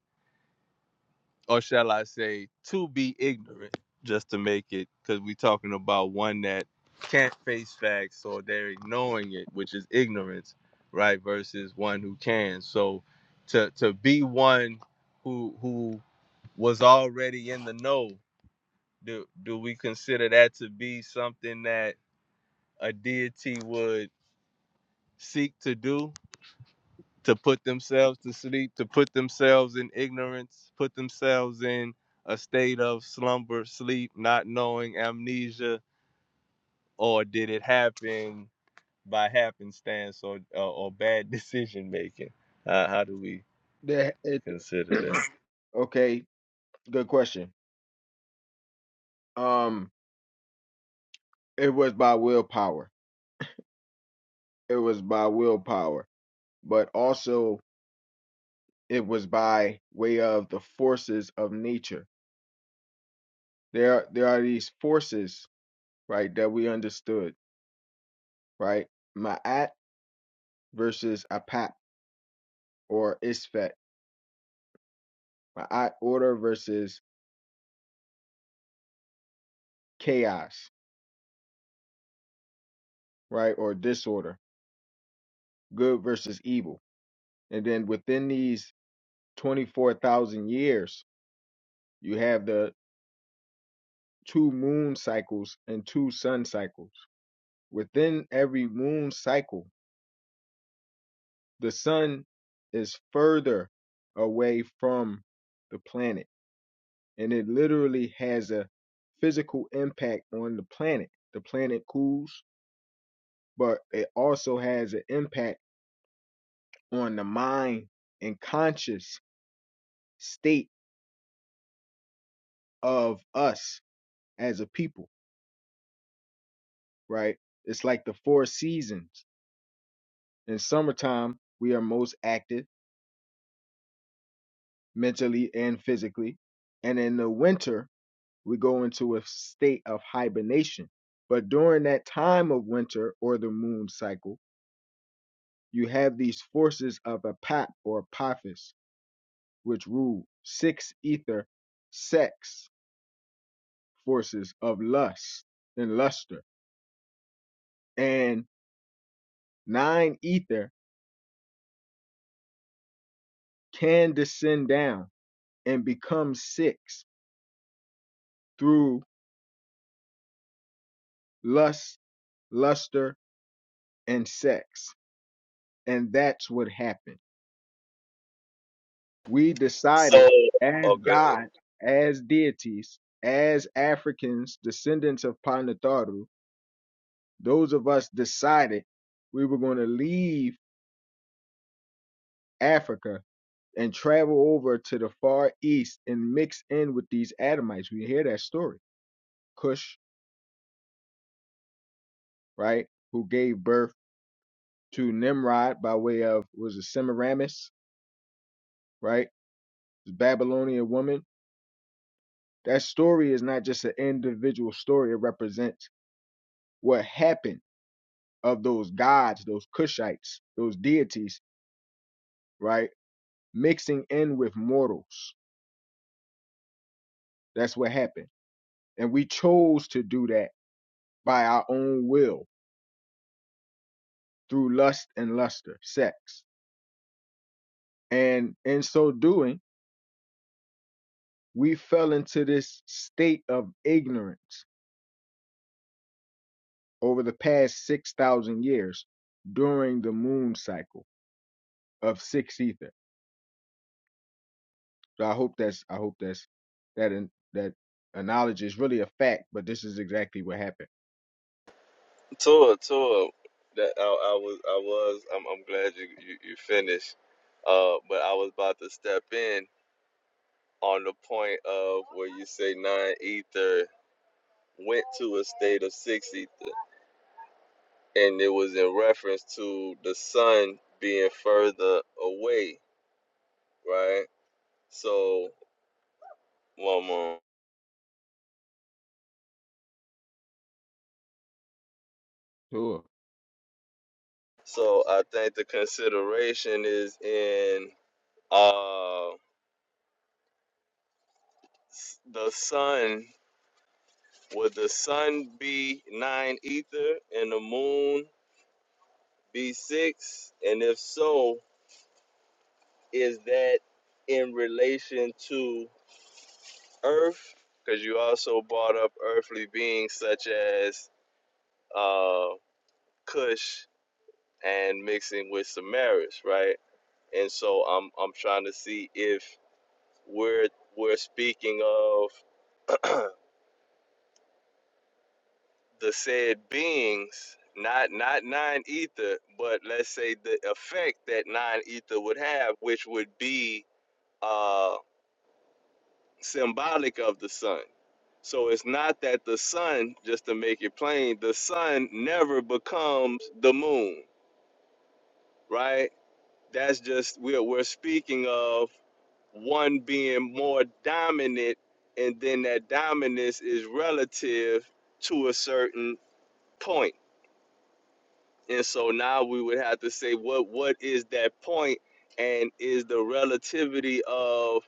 or shall I say, to be ignorant, just to make it, because we're talking about one that can't face facts or they're ignoring it, which is ignorance, right? Versus one who can. So to to be one who who was already in the know, do do we consider that to be something that a deity would seek to do to put themselves to sleep, to put themselves in ignorance, put themselves in a state of slumber, sleep, not knowing amnesia, or did it happen by happenstance or or, or bad decision making? Uh, how do we They- consider that? it- okay, good question. Um, it was by willpower. It was by willpower, but also it was by way of the forces of nature. There, there are these forces, right, that we understood, right? Ma'at versus apat or isfet. Ma'at order versus chaos, right, or disorder. Good versus evil. And then within these 24,000 years, you have the two moon cycles and two sun cycles. Within every moon cycle, the sun is further away from the planet and it literally has a physical impact on the planet the planet cools but it also has an impact on the mind and conscious state of us as a people right it's like the four seasons in summertime we are most active mentally and physically and in the winter we go into a state of hibernation. But during that time of winter or the moon cycle, you have these forces of Apap or Apophis, which rule six ether sex forces of lust and luster, and nine ether can descend down and become six through lust, luster, and sex. And that's what happened. we So, decided as okay, good. God, as deities, as Africans, descendants of Panataru, those of us decided we were going to leave Africa and travel over to the Far East and mix in with these Adamites. We hear that story. Cush, right, who gave birth to Nimrod by way of, was it Semiramis, right? This Babylonian woman. That story is not just an individual story, it represents what happened of those gods, those Kushites, those deities, right? Mixing in with mortals. That's what happened. And we chose to do that by our own will through lust and luster, sex. And in so doing, we fell into this state of ignorance over the past 6,000 years during the moon cycle of six ether. So I hope that's, I hope that's, that, that analogy is really a fact, but this is exactly what happened. Tua, Tua, that I, I was, I was. I'm, I'm glad you, you, you finished. Uh, but I was about to step in on the point of where you say non-ether. went to a state of sixth ether, and it was in reference to the sun being further away, right? So, one more. Sure. So, I think the consideration is in uh, the sun. Would the sun be nine ether and the moon be six? And if so, is that in relation to Earth? Because you also brought up earthly beings such as uh, Cush and mixing with Samaris, right? And so I'm I'm trying to see if we're we're speaking of the said beings, not not nine ether, but let's say the effect that nine ether would have, which would be uh, symbolic of the sun. So it's not that the sun, just to make it plain, the sun never becomes the moon, right? That's just we're we're speaking of one being more dominant, and then that dominance is relative to a certain point. And so now we would have to say what what is that point, and is the relativity of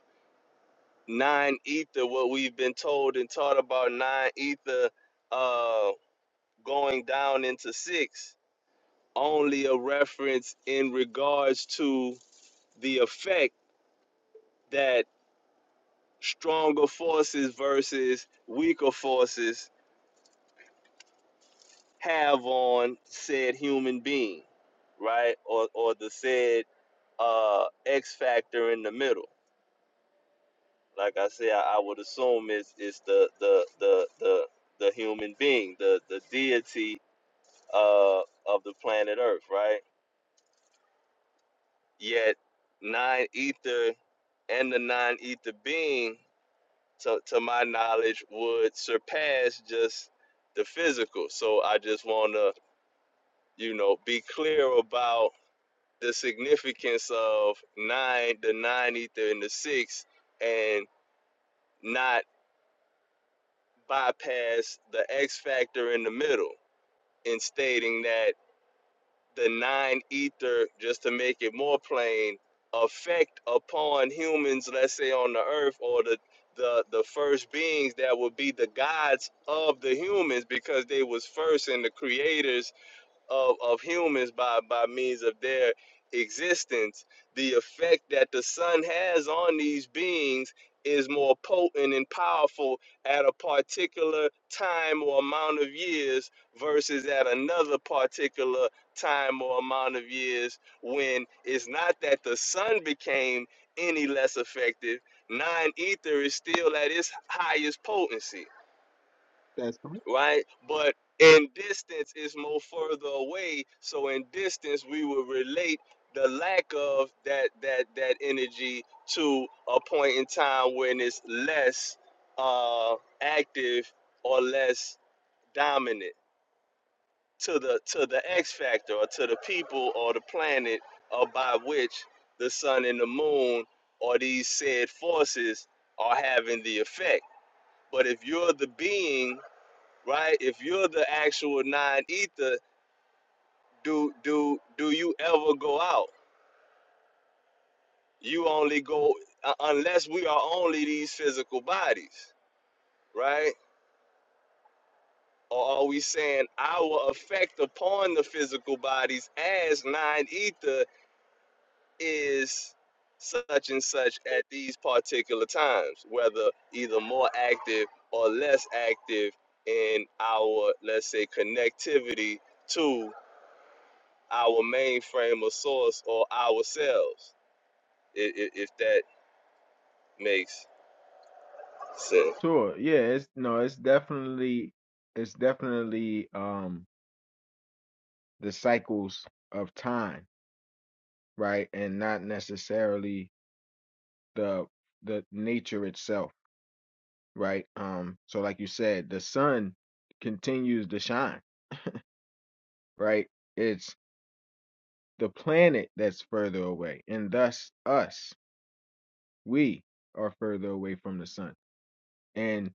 nine ether what we've been told and taught about nine ether uh, going down into six only a reference in regards to the effect that stronger forces versus weaker forces have on said human being, right? Or or the said uh X factor in the middle. Like I said, I, I would assume it's it's the the the the the human being, the the deity uh of the planet Earth, right? Yet nine ether and the nine ether being to, to my knowledge would surpass just the physical. So I just wanna you know, be clear about the significance of nine, the nine ether, and the six, and not bypass the X factor in the middle in stating that the nine ether, just to make it more plain, affect upon humans, let's say on the earth, or the the, the first beings that would be the gods of the humans because they was first and the creators of, of humans by, by means of their existence, the effect that the sun has on these beings is more potent and powerful at a particular time or amount of years versus at another particular time or amount of years when it's not that the sun became any less effective, non ether is still at its highest potency That's right. right? But in distance is more further away. So in distance, we will relate the lack of that that that energy to a point in time when it's less uh, active or less dominant to the to the X factor or to the people or the planet or by which the sun and the moon or these said forces are having the effect. But if you're the being right? If you're the actual nine ether, do do do you ever go out? You only go uh, unless we are only these physical bodies, right? Or are we saying our effect upon the physical bodies as nine ether is such and such at these particular times, whether either more active or less active in our, let's say, connectivity to? our mainframe or source or ourselves, if, if that makes sense. Sure. Yeah, it's no, it's definitely it's definitely um the cycles of time, right? And not necessarily the the nature itself, right? Um so like you said, the sun continues to shine, right? It's the planet that's further away, and thus us, we are further away from the sun. And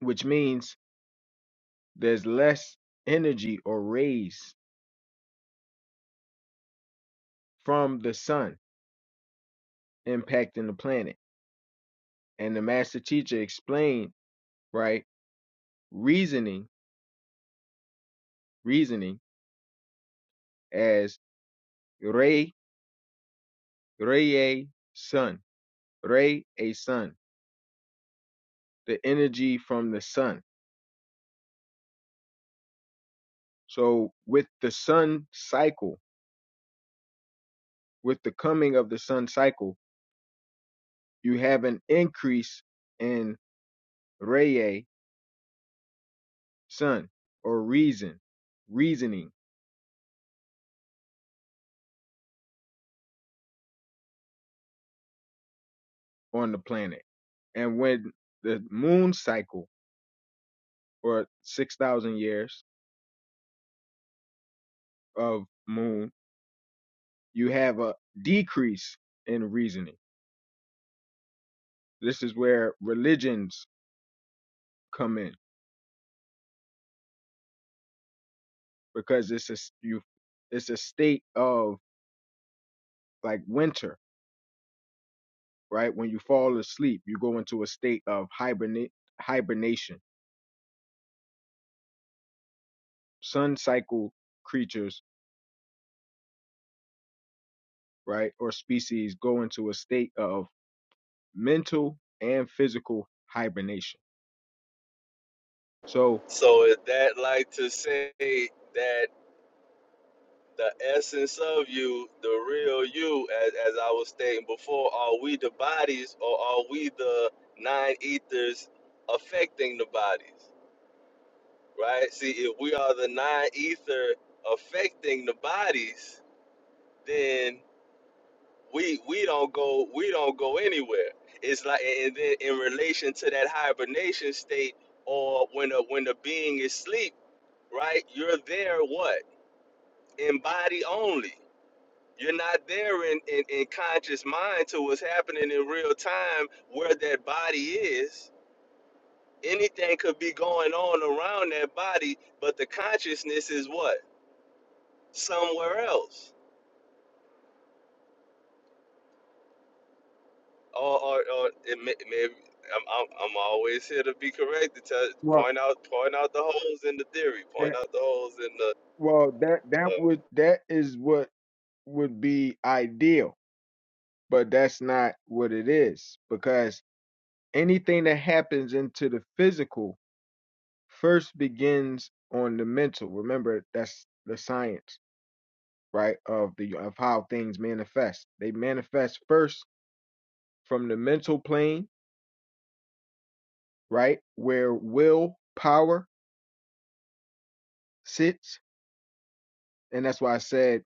which means there's less energy or rays from the sun impacting the planet. And the master teacher explained, right, reasoning, reasoning as re re sun, re a sun, the energy from the sun. So with the sun cycle, with the coming of the sun cycle, you have an increase in re sun or reason, reasoning on the planet. And when the moon cycle or 6,000 years of moon you have a decrease in reasoning. This is where religions come in because it's a you it's a state of like winter, right? When you fall asleep, you go into a state of hibernate hibernation. Sun cycle creatures, right, or species go into a state of mental and physical hibernation. So So, is that like to say that the essence of you, the real you, as, as I was stating before, are we the bodies or are we the nine ethers affecting the bodies? Right? See, if we are the nine ether affecting the bodies, then. we we don't go we don't go anywhere. It's like and then in relation to that hibernation state or when the when the being is sleep, right? You're there what? In body only. You're not there in, in, in conscious mind to what's happening in real time where that body is. Anything could be going on around that body, but the consciousness is what? Somewhere else or or, or it may, maybe I'm, I'm I'm always here to be correct to tell, Well, point out point out the holes in the theory, point that out the holes in the. well that the that would that is what would be ideal but that's not what it is because anything that happens into the physical first begins on the mental remember that's the science right of the of how things manifest they manifest first from the mental plane right where will power sits and that's why i said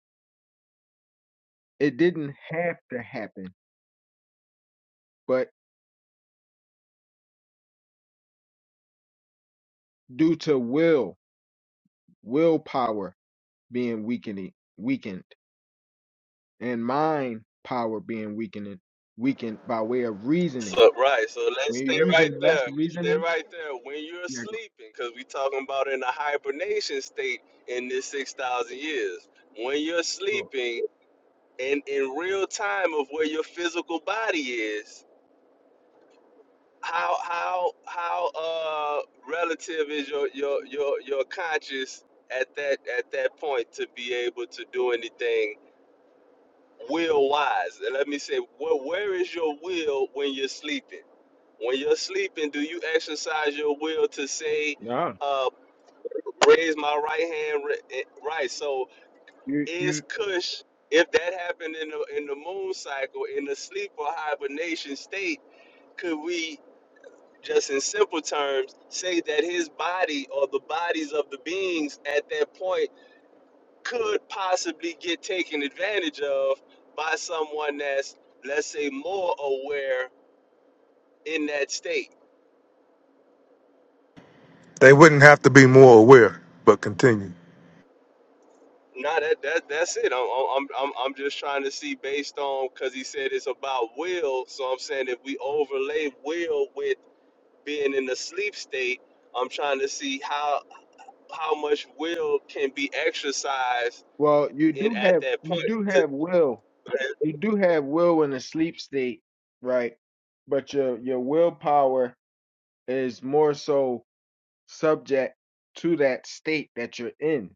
it didn't have to happen but due to will willpower being weakening weakened and mind power being weakened weakened by way of reasoning. so right, so let's When you're stay right using less there. Stay reasoning, right there when you're yeah, go, sleeping, because we talking about in a hibernation state in this six thousand years. When you're go. sleeping and in real time of where your physical body is, how how how uh relative is your your your your conscience at that at that point to be able to do anything will wise and let me say where, where is your will when you're sleeping when you're sleeping do you exercise your will to say No, uh raise my right hand ri- eh, right so you is you kush if that happened in the in the moon cycle in the sleep or hibernation state could we just in simple terms, say that his body or the bodies of the beings at that point could possibly get taken advantage of by someone that's, let's say, more aware in that state. They wouldn't have to be more aware, but continue. Nah, that, that that's it. I'm, I'm I'm I'm just trying to see based on because he said it's about will. So I'm saying if we overlay will with being in the sleep state, I'm trying to see how how much will can be exercised well, you in do at have that you point do to. have will. You do have will in a sleep state, right? But your your willpower is more so subject to that state that you're in,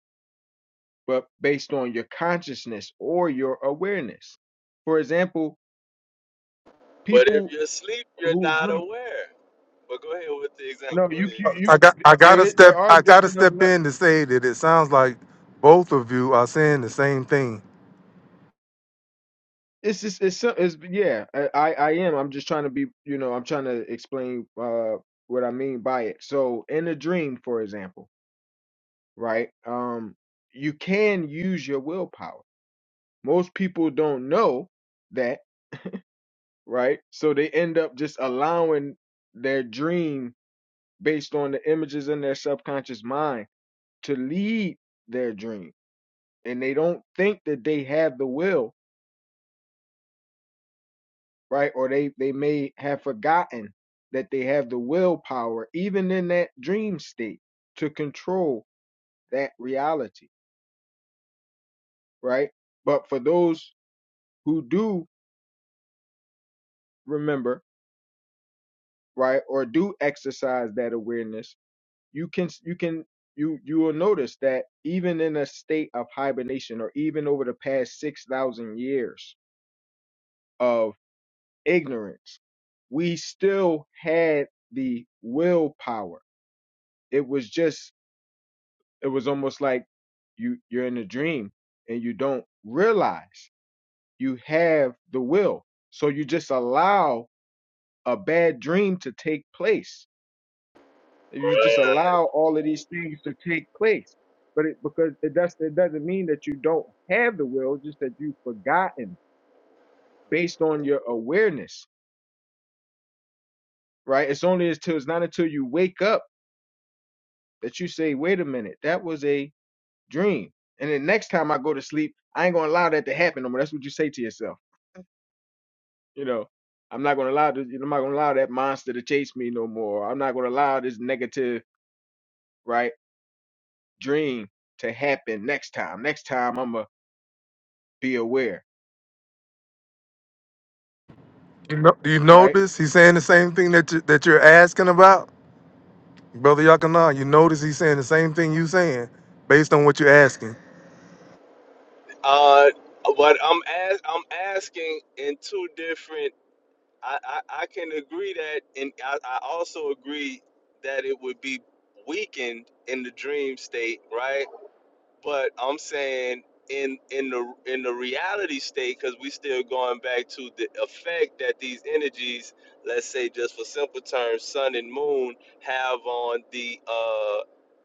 but based on your consciousness or your awareness. For example, But if people you're asleep, you're who not drink aware. But go ahead with the example. No, you you, Uh, you I got I gotta there step there are I gotta different of step le- in to say that it sounds like both of you are saying the same thing. it's just it's, so- it's yeah I I I am I'm just trying to be you know I'm trying to explain uh what I mean by it. So in a dream, for example, right? Um, you can use your willpower. Most people don't know that, right? So they end up just allowing their dream based on the images in their subconscious mind to lead their dream, and they don't think that they have the will right? Or they they may have forgotten that they have the willpower, even in that dream state, to control that reality, right? But for those who do remember, right, or do exercise that awareness, you can you can you you will notice that even in a state of hibernation, or even over the past six thousand years of ignorance, we still had the willpower. It was just it was almost like you you're in a dream and you don't realize you have the will so you just allow a bad dream to take place you just allow all of these things to take place but it because it does it doesn't mean that you don't have the will just that you've forgotten based on your awareness right it's only until it's not until you wake up that you say wait a minute that was a dream and then next time i go to sleep i ain't gonna allow that to happen no more that's what you say to yourself You know, I'm not gonna allow this. I'm not gonna allow that monster to chase me no more. I'm not gonna allow this negative right dream to happen next time. Next time I'm gonna be aware. You know, do you Right? notice he's saying the same thing that you, that you're asking about? Brother Yakana, you notice he's saying the same thing you saying based on what you're asking. Uh, but I'm as I'm asking in two different. I, I, I can agree that, and I, I also agree that it would be weakened in the dream state, right? But I'm saying in in the in the reality state, because we still going back to the effect that these energies, let's say just for simple terms, sun and moon, have on the uh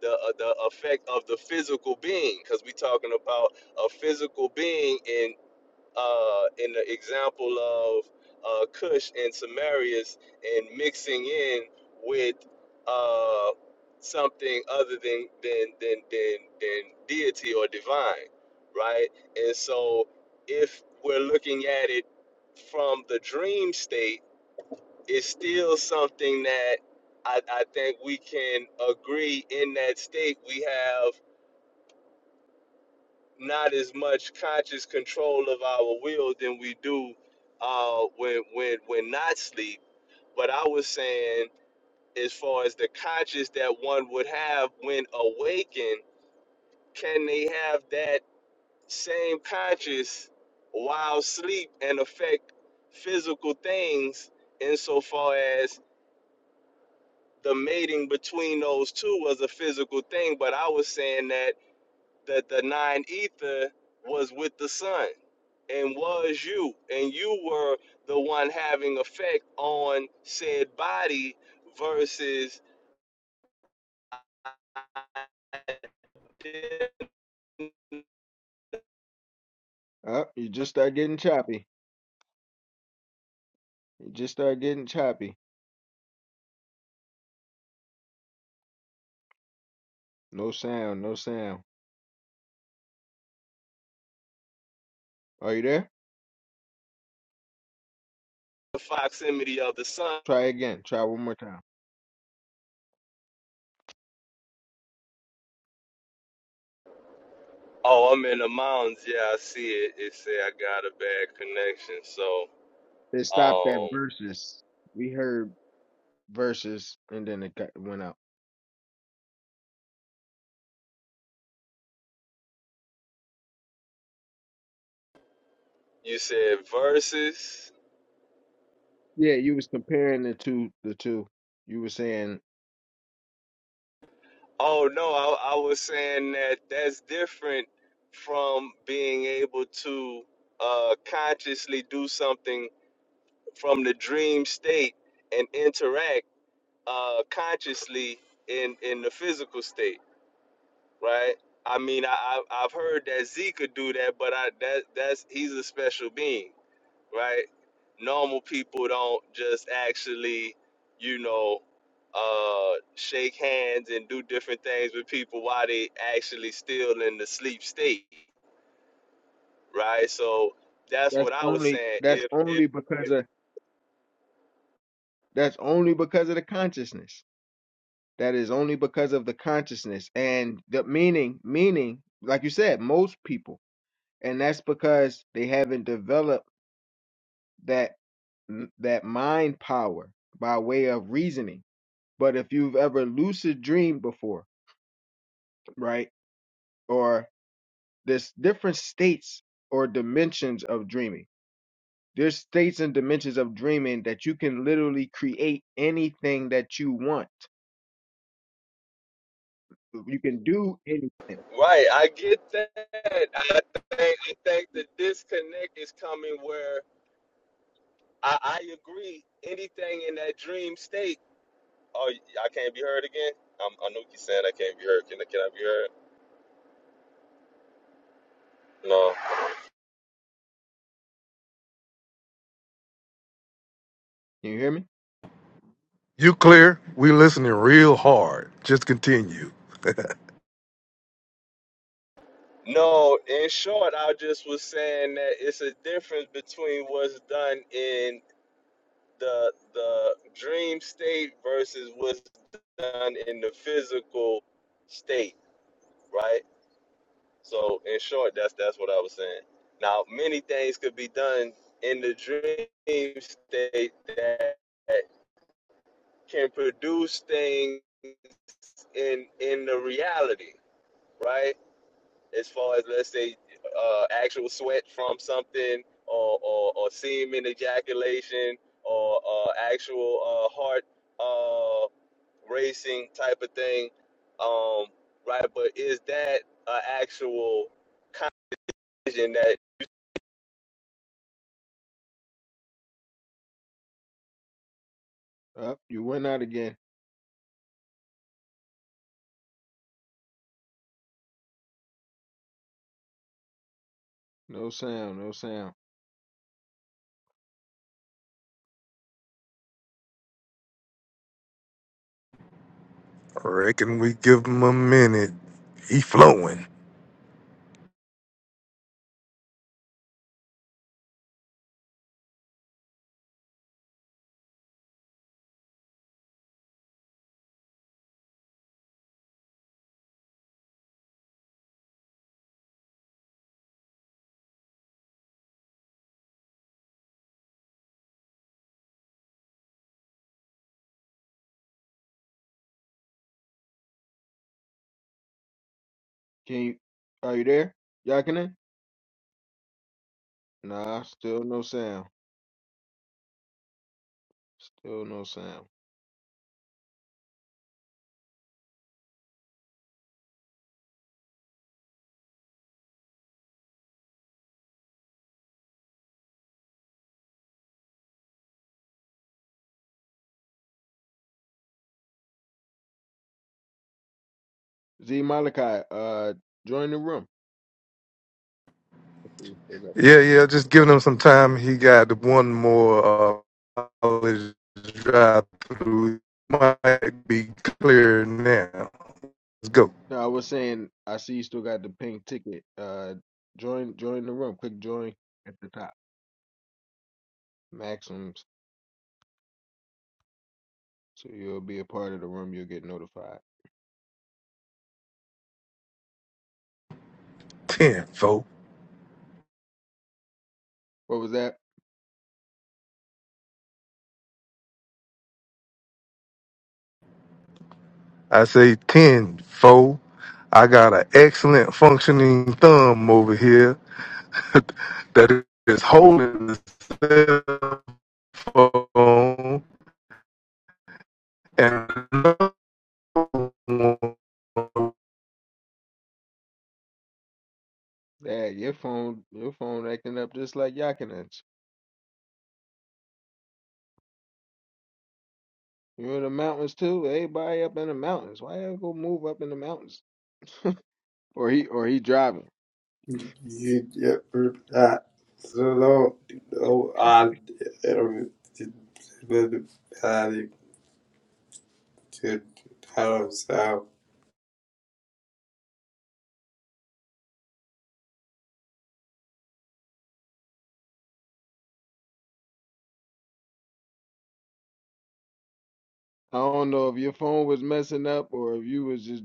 the uh, the effect of the physical being, because we talking about a physical being in uh, in the example of uh, Cush and Samarius and mixing in with uh, something other than than, than than than deity or divine, right? And so, if we're looking at it from the dream state, it's still something that I, I think we can agree in that state we have not as much conscious control of our will than we do uh, when when when not sleep. But I was saying, as far as the conscious that one would have when awakened, can they have that same conscious while sleep and affect physical things insofar as the mating between those two was a physical thing? But I was saying that that the nine ether was with the sun and was you and you were the one having effect on said body versus the Uh, you just start getting choppy. You just start getting choppy. No sound. No sound. Are you there? proximity of the sun Try again. Try one more time. oh i'm in the mountains yeah i see it it say i got a bad connection so They stopped at um verses. We heard verses, and then it got, went out. you said versus Yeah, you was comparing the two. The two. You were saying Oh no, I, I was saying that that's different from being able to uh, consciously do something from the dream state and interact uh, consciously in in the physical state, right? I mean, I, I I've heard that Z could do that, but I that that's he's a special being right? Normal people don't just actually, you know, uh, shake hands and do different things with people while they actually still in the sleep state, right? So that's that's what I was only saying. that's If, only because if of That's only because of the consciousness. That is only because of the consciousness and the meaning, meaning, like you said, most people. And that's because they haven't developed that that mind power by way of reasoning. But if you've ever lucid dreamed before, right? Or there's different states or dimensions of dreaming. There's states and dimensions of dreaming that you can literally create anything that you want. You can do anything. Can right, I get that. I think I think the disconnect is coming where I, I agree. Anything in that dream state, oh, I can't be heard again. I'm, I know you saying I can't be heard. Can I? Can I be heard? No. you hear me? You clear? We listening real hard. Just continue. No, in short, I just was saying that it's a difference between what's done in the the dream state versus what's done in the physical state, right? So, in short, that's that's what I was saying. Now, many things could be done in the dream state that can produce things in in the reality, right? as far as let's say uh, actual sweat from something or, or, or semen ejaculation or uh, actual uh, heart uh, racing type of thing um, right but is that an actual vision that Up, you went out again. No sound, no sound. Reckon we give him a minute. He flowing. Can you are you there? Yakinen? Nah, still no sound. Still no sound. Z Malachi, uh join the room. I see you still got the Yeah, yeah, just giving him some time. He got one more uh, college drive through. Might be clear now. Let's go. No, I was saying I see you still got the pink ticket. Uh join join the room. Click join at the top. Maxims. So you'll be a part of the room, you'll get notified. 10, foe. What was that? I say 10, foe. I got an excellent functioning thumb over here that is holding the cell phone and Dad, your phone your phone acting up just like Yakinen. You're in the mountains too. Everybody up in the mountains. Why you go move up in the mountains? Or he or he driving. so no, so, I don't know if your phone was messing up or if you was just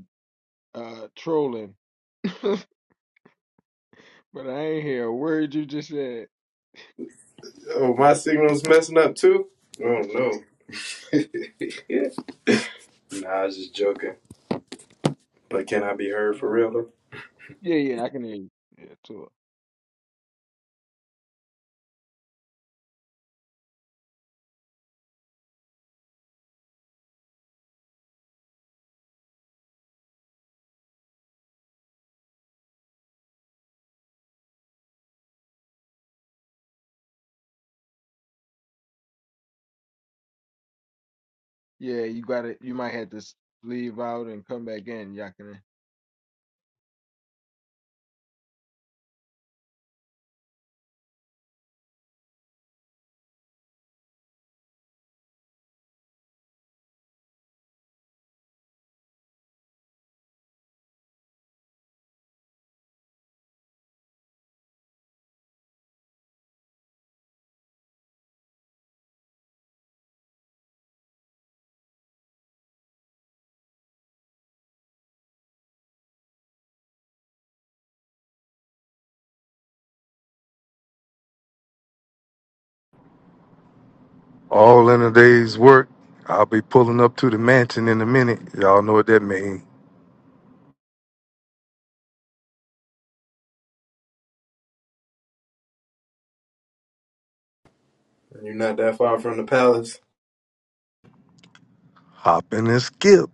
uh trolling, but I ain't hear a word you just said. oh, my signal's messing up too? Oh no. Nah, I was just joking. But can I be heard for Uh, real though? yeah, yeah, I can hear you. Yeah, too. Yeah, you got it. You might have to s- leave out and come back in, Yakinen. all in a day's work. I'll be pulling up to the mansion in a minute. Y'all know what that means. You're not that far from the palace. Hopping and skip.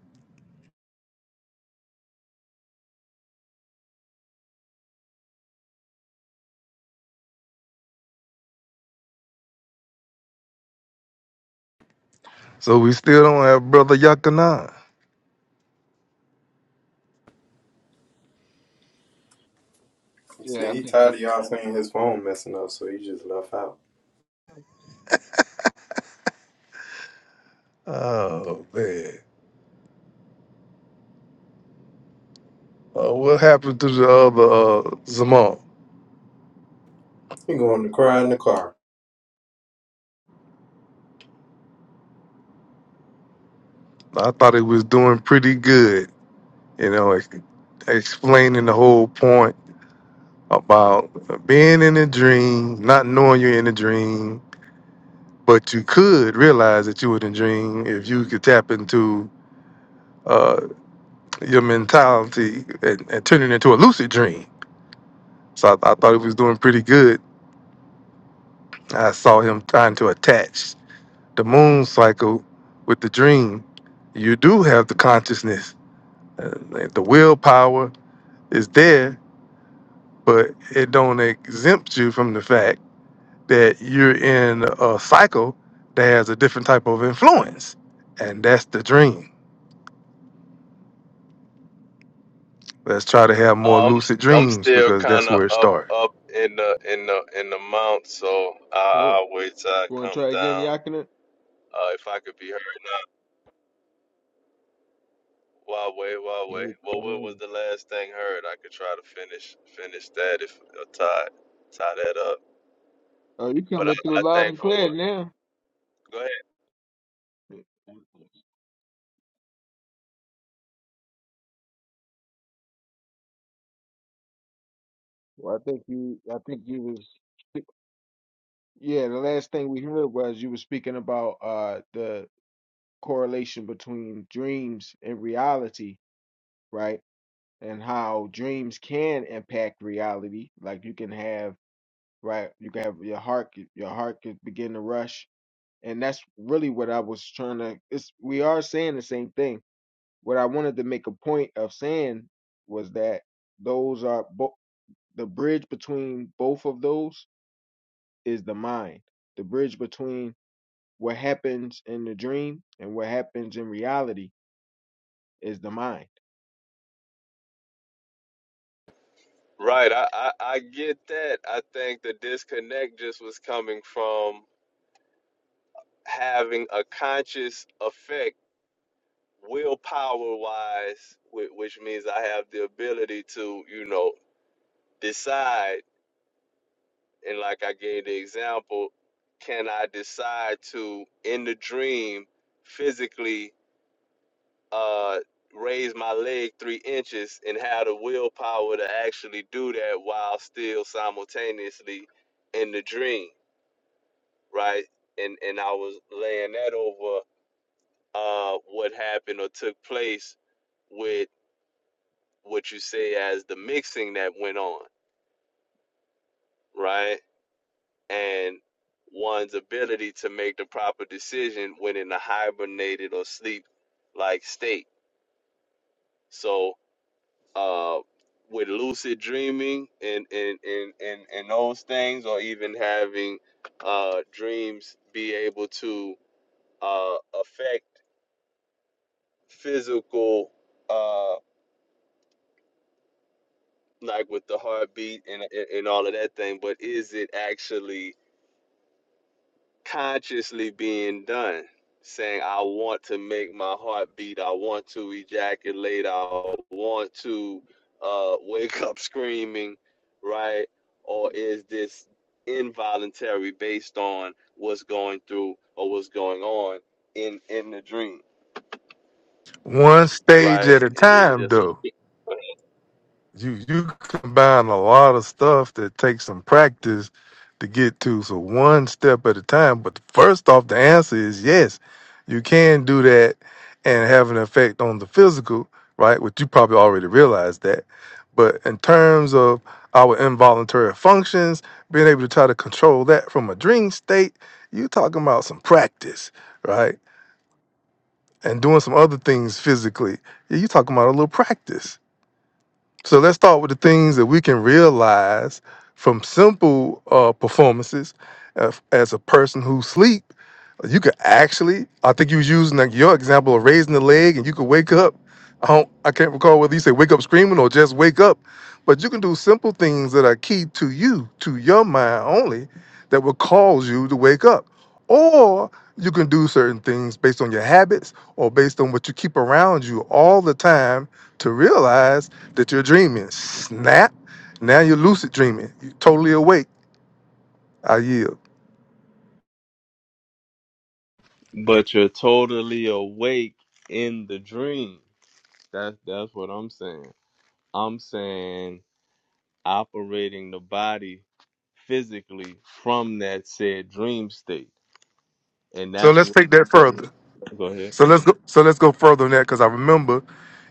So we still don't have Brother Yakanan. He Yeah, I said he think tired of y'all seeing his phone messing up, so he just left out. Oh, man. Uh, what happened to the other uh, Zamal? He going to cry in the car. I thought he was doing pretty good, you know, ex- explaining the whole point about being in a dream, not knowing you're in a dream, but you could realize that you were in a dream if you could tap into uh, your mentality and, and turn it into a lucid dream. So I, I thought he was doing pretty good. I saw him trying to attach the moon cycle with the dream. You do have the consciousness, uh, the willpower is there, but it don't exempt you from the fact that you're in a cycle that has a different type of influence. And that's the dream. Let's try to have more um, lucid I'm dreams still because that's kind of where it up starts. up in the in the in the mount so I, so. I wait till I You want come to try again, down Yakinen? uh, if I could be heard uh, Huawei, Huawei. Yeah, Well, come what in. was the last thing heard? I could try to finish finish that if uh, tie tie that up. Oh, you But I, coming through I loud think and from clear what now. go ahead. Well, I think you. I think you was. Yeah, the last thing we heard was you were speaking about uh the correlation between dreams and reality, right? And how dreams can impact reality. Like you can have, right, you can have your heart your heart can begin to rush. And that's really what I was trying to it's we are saying the same thing. What I wanted to make a point of saying was that those are bo- the bridge between both of those is the mind. The bridge between what happens in the dream and what happens in reality is the mind. Right, I, I I get that. I think the disconnect just was coming from having a conscious effect, willpower wise, which means I have the ability to you know decide. And like I gave the example, can I decide to in the dream physically? uh, raise my leg three inches and have the willpower to actually do that while still simultaneously in the dream, right? And and I was laying that over uh, what happened or took place with what you say as the mixing that went on, right? And one's ability to make the proper decision when in a hibernated or sleep like state. So uh, with lucid dreaming and and, and, and and those things, or even having uh, dreams be able to uh, affect physical, uh, like with the heartbeat and, and and all of that thing. But is it actually consciously being done, saying, I want to make my heart beat, I want to ejaculate, I want to uh, wake up screaming, right? Or is this involuntary based on what's going through or what's going on in, in the dream, One stage right? at a And it's time, just a- though. You you combine a lot of stuff that takes some practice to get to. So one step at a time. But first off, the answer is yes. You can do that and have an effect on the physical, right? Which you probably already realized that. But in terms of our involuntary functions, being able to try to control that from a dream state, you talking about some practice, right? And doing some other things physically. Yeah, You talking about a little practice. So let's start with the things that we can realize from simple uh, performances. As as a person who sleep, you could actually. I think you was using like your example of raising the leg, and you could wake up. I don't. I can't recall whether you say wake up screaming or just wake up, but you can do simple things that are key to you, to your mind only, that will cause you to wake up. Or you can do certain things based on your habits or based on what you keep around you all the time to realize that you're dreaming. Snap. Now you're lucid dreaming. You're totally awake. I yield. but you're totally awake in the dream. That's that's what I'm saying. I'm saying operating the body physically from that said dream state, and So that's let's what. take that The, further. go ahead. So let's go. So let's go further than that because I remember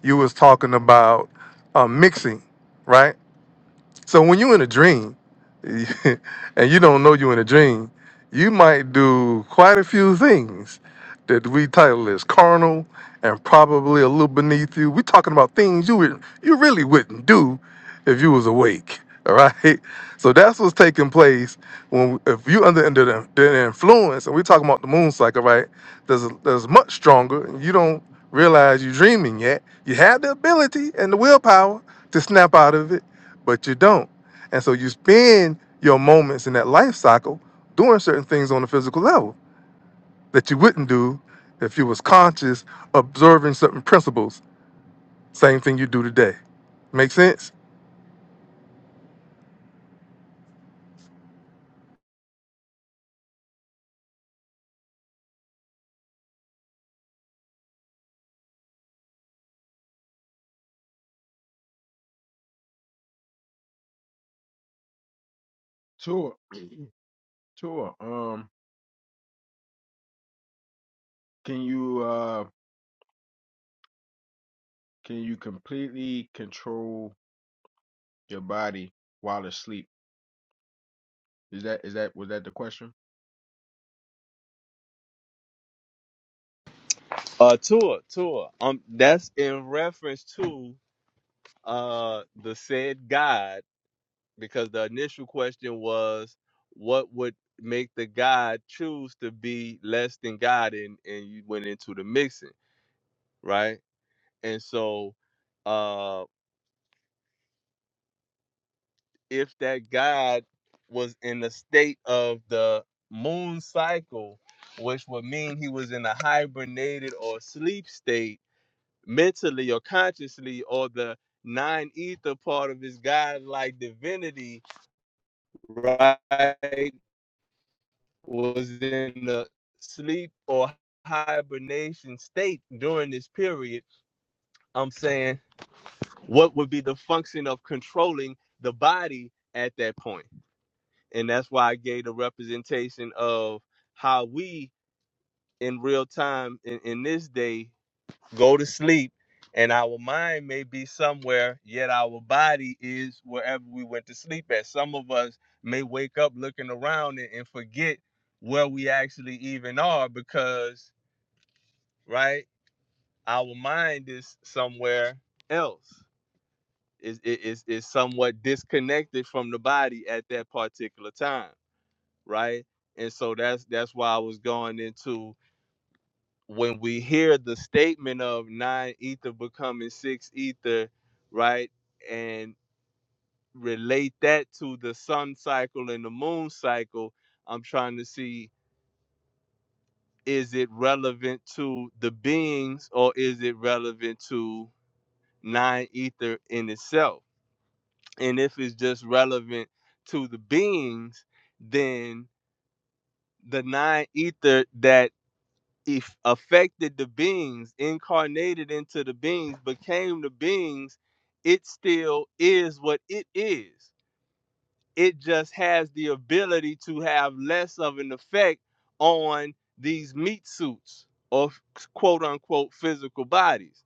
you was talking about uh, mixing, right? So when you're in a dream, and you don't know you're in a dream, you might do quite a few things that we title as carnal and probably a little beneath you. We're talking about things you would, you really wouldn't do if you was awake. All right. So that's what's taking place when if you under under the, the influence, and we're talking about the moon cycle, right? There's there's much stronger, and you don't realize you're dreaming yet. You have the ability and the willpower to snap out of it but you don't. And so you spend your moments in that life cycle doing certain things on a physical level that you wouldn't do if you was conscious, observing certain principles. Same thing you do today. Make sense? Tua, Tua, um, can you uh can you completely control your body while asleep? Is that is that was that the question? Uh, tour, tour. Um, that's in reference to uh the said God, because the initial question was, what would make the God choose to be less than God, and and you went into the mixing, right? And so, uh, if that god was in the state of the moon cycle, which would mean he was in a hibernated or sleep state mentally or consciously, or the nine ether part of his godlike divinity, right, was in the sleep or hibernation state during this period. I'm saying, what would be the function of controlling the body at that point? and that's why I gave the representation of how we in real time in, in this day go to sleep and our mind may be somewhere yet our body is wherever we went to sleep at some of us may wake up looking around and, and forget where we actually even are because right our mind is somewhere else is is is somewhat disconnected from the body at that particular time right? And so that's that's why I was going into when we hear the statement of nine ether becoming six ether, right? And relate that to the sun cycle and the moon cycle, I'm trying to see is it relevant to the beings or is it relevant to nine ether in itself? And if it's just relevant to the beings, then the nine ether that if affected the beings, incarnated into the beings, became the beings, it still is what it is. It just has the ability to have less of an effect on these meat suits or quote unquote physical bodies.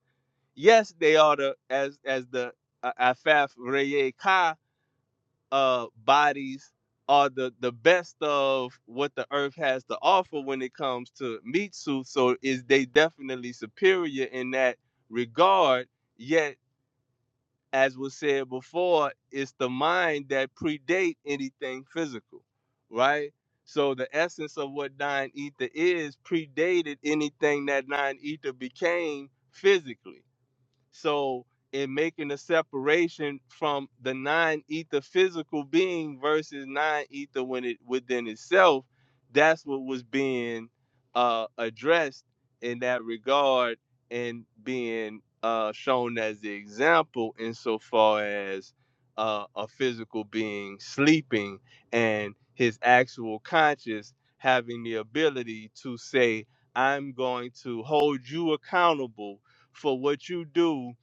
Yes, they are the as as the uh, Afaf Reye Ka uh bodies are the the best of what the earth has to offer when it comes to meat suit so is they definitely superior in that regard yet as was said before it's the mind that predate anything physical right so the essence of what nine ether is predated anything that nine ether became physically so, in making the separation from the non-ether physical being versus non-ether when it within itself, that's what was being uh, addressed in that regard and being uh, shown as the example insofar as uh, a physical being sleeping and his actual conscious having the ability to say, "I'm going to hold you accountable." for what you do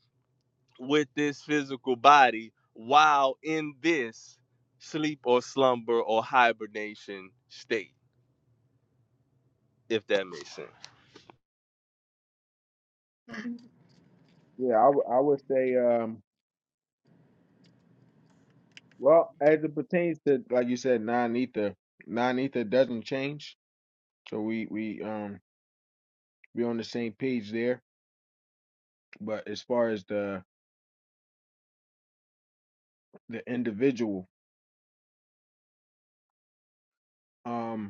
with this physical body while in this sleep or slumber or hibernation state, if that makes sense. Yeah, I would I would say um well as it pertains to like you said non ether non ether doesn't change so we we um we on the same page there but as far as the the individual um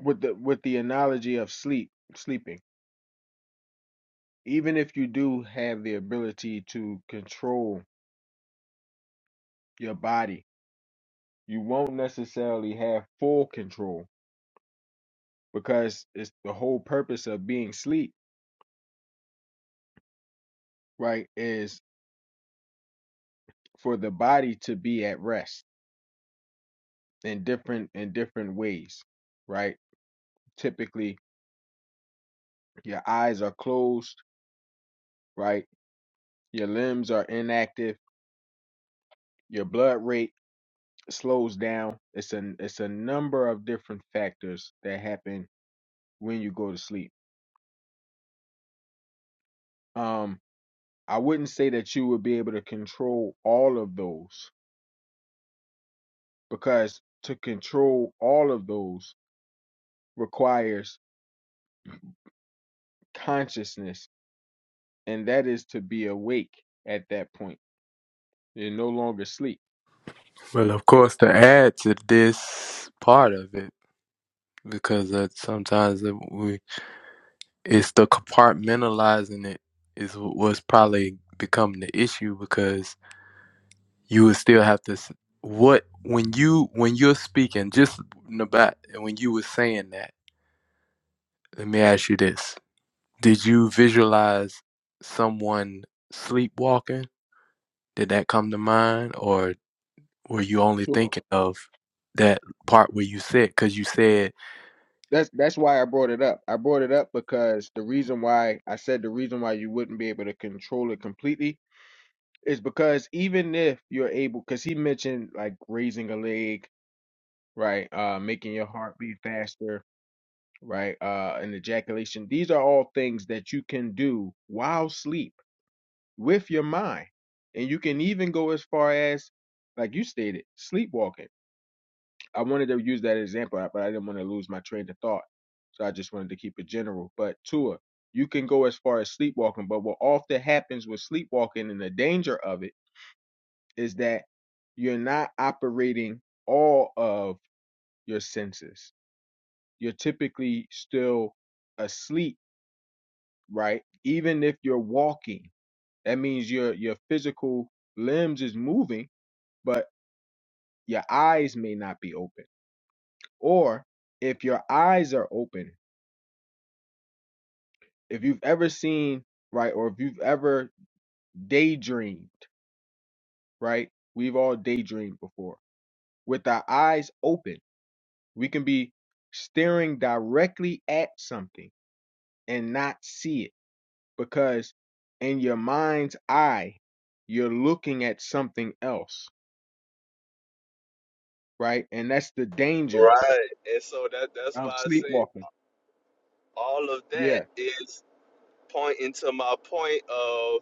with the with the analogy of sleep sleeping even if you do have the ability to control your body you won't necessarily have full control because it's the whole purpose of being sleep right is for the body to be at rest in different in different ways right typically your eyes are closed right your limbs are inactive your blood rate slows down it's a it's a number of different factors that happen when you go to sleep. Um, I wouldn't say that you would be able to control all of those because to control all of those requires consciousness, and that is to be awake at that point. You're no longer asleep. Well, of course, to add to this part of it, because uh, sometimes we it's the compartmentalizing it is what's probably becoming the issue because you would still have to s- what when you when you're speaking just about when you were saying that let me ask you this did you visualize someone sleepwalking did that come to mind or were you only Sure. thinking of that part where you said because you said That's that's why I brought it up. I brought it up because the reason why I said the reason why you wouldn't be able to control it completely is because even if you're able, because he mentioned like raising a leg, right, uh, making your heart beat faster, right? Uh, and ejaculation. These are all things that you can do while sleep with your mind. And you can even go as far as, like you stated, sleepwalking. I wanted to use that example, but I didn't want to lose my train of thought. So I just wanted to keep it general. But Tua, you can go as far as sleepwalking. But what often happens with sleepwalking and the danger of it is that you're not operating all of your senses. You're typically still asleep right? Even if you're walking, that means your your physical limbs is moving, but your eyes may not be open. Or if your eyes are open, if you've ever seen, right, or if you've ever daydreamed, right? We've all daydreamed before. With our eyes open, we can be staring directly at something and not see it because in your mind's eye, you're looking at something else right? And that's the danger Right. And so that that's of why I say sleepwalking. all of that Yeah, is pointing to my point of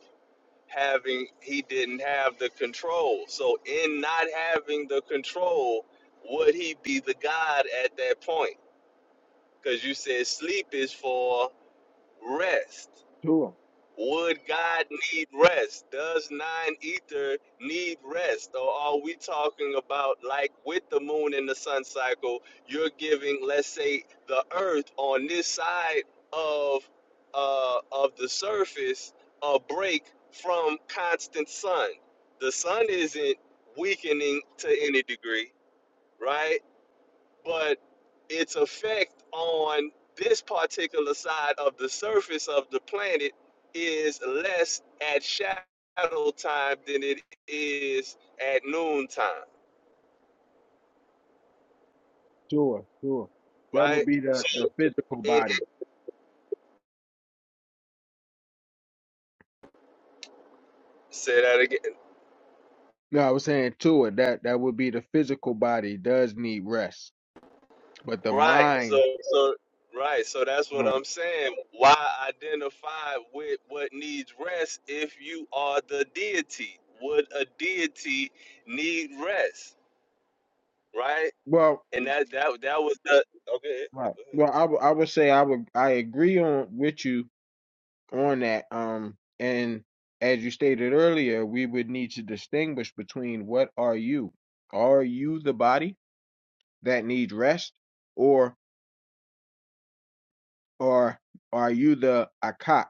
having he didn't have the control. So in not having the control, would he be the God at that point? Because you said sleep is for rest. sure, Would God need rest? Does nine ether need rest? Or are we talking about, like with the moon and the sun cycle, you're giving, let's say, the earth on this side of, uh, of the surface a break from constant sun? The sun isn't weakening to any degree, right? but its effect on this particular side of the surface of the planet is less at shadow time than it is at noon time, sure, sure. That would right? be the, So the physical and- body. say that again. No, I was saying to it that that would be the physical body does need rest, but the Right. So mind, so right. So that's what right, I'm saying. Why identify with what needs rest if you are the deity? Would a deity need rest? Right? well, And that that that was the okay. right. Well, I would I would say I would I agree on with you on that. Um, and as you stated earlier, we would need to distinguish between what are you? Are you the body that needs rest, or? Or are you the Akak,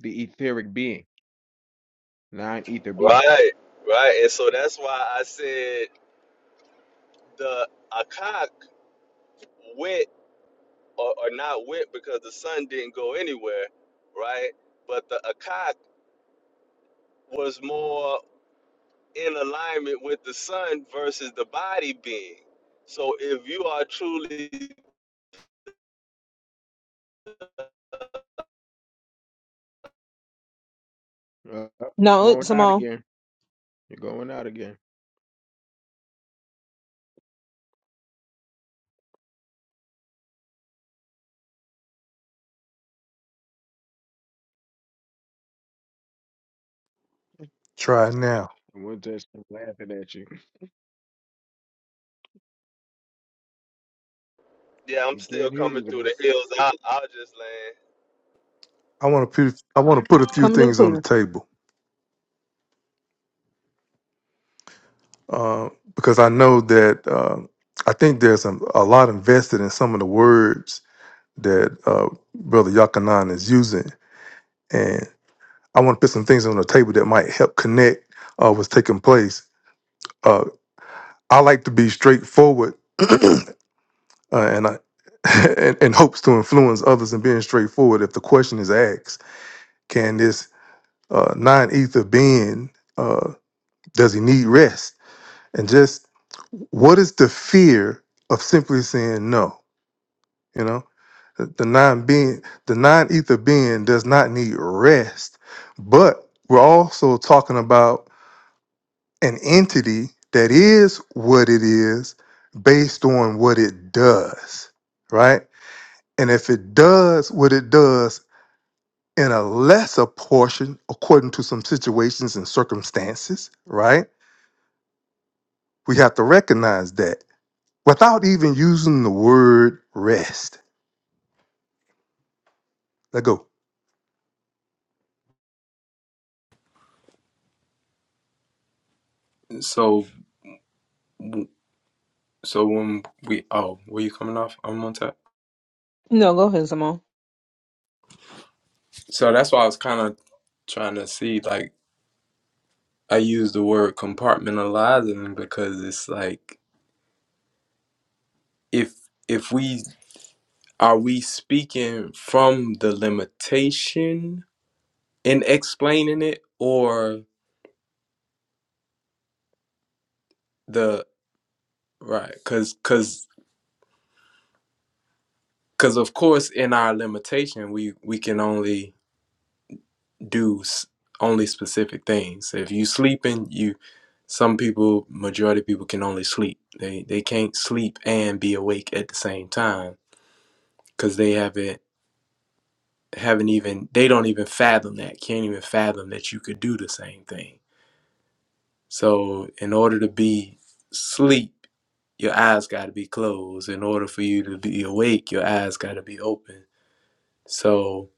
the etheric being, non ether being? Right, right. And so that's why I said the Akak went or, or not went because the sun didn't go anywhere, right? But the Akak was more in alignment with the sun versus the body being. So if you are truly, Uh, uh, No, it's going out Zamal. again. You're going out again. Try it now. The one testament laughing at you. yeah, I'm We still can't hear coming you. through the hills. I, I'll just land. I want to put I want to put a few Coming in things on the clear. table uh, because I know that uh, I think there's a, a lot invested in some of the words that uh, Brother Yakanan is using, and I want to put some things on the table that might help connect uh, what's taking place Uh, I like to be straightforward, uh, and I and, and hopes to influence others in being straightforward. If the question is asked, can this uh, non-ether being uh, does he need rest? And just what is the fear of simply saying no? You know, the, the non-being, the non-ether being does not need rest, but we're also talking about an entity that is what it is based on what it does, right? And if it does what it does in a lesser portion, according to some situations and circumstances, right? We have to recognize that without even using the word rest. Let go. so So when we oh, were you coming off? I'm on top. No, go ahead, Zamal. So that's why I was kind of trying to see like I use the word compartmentalizing because it's like if if we are we speaking from the limitation in explaining it or the right cuz cuz cuz of course in our limitation we we can only do s- only specific things. If you sleeping, you some people, majority of people can only sleep. They they can't sleep and be awake at the same time because they haven't haven't even they don't even fathom that can't even fathom that you could do the same thing. So in order to be sleep, your eyes got to be closed. In order for you to be awake, your eyes got to be open. So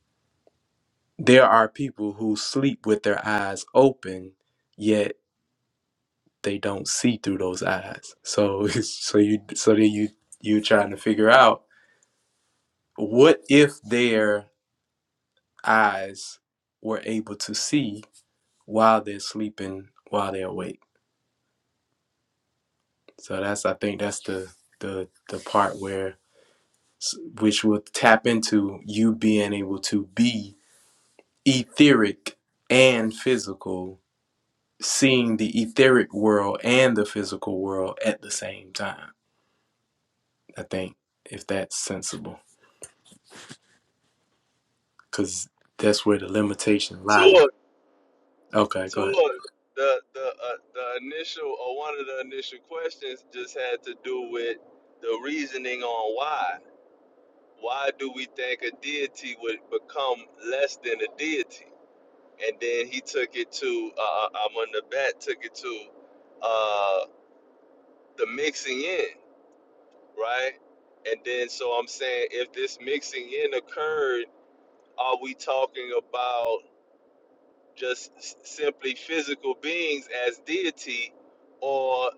there are people who sleep with their eyes open, yet they don't see through those eyes. So so you so then you you're trying to figure out what if their eyes were able to see while they're sleeping, while they're awake. So that's I think that's the the the part where which will tap into you being able to be etheric and physical, seeing the etheric world and the physical world at the same time. I think if that's sensible. because that's where the limitation lies. Tour, Okay, go ahead. tour. The the uh, the initial or one of the initial questions just had to do with the reasoning on why Why do we think a deity would become less than a deity? And then he took it to uh, Amun Nabat took it to uh, the mixing in, right? And then so I'm saying if this mixing in occurred, are we talking about just s- simply physical beings as deity, or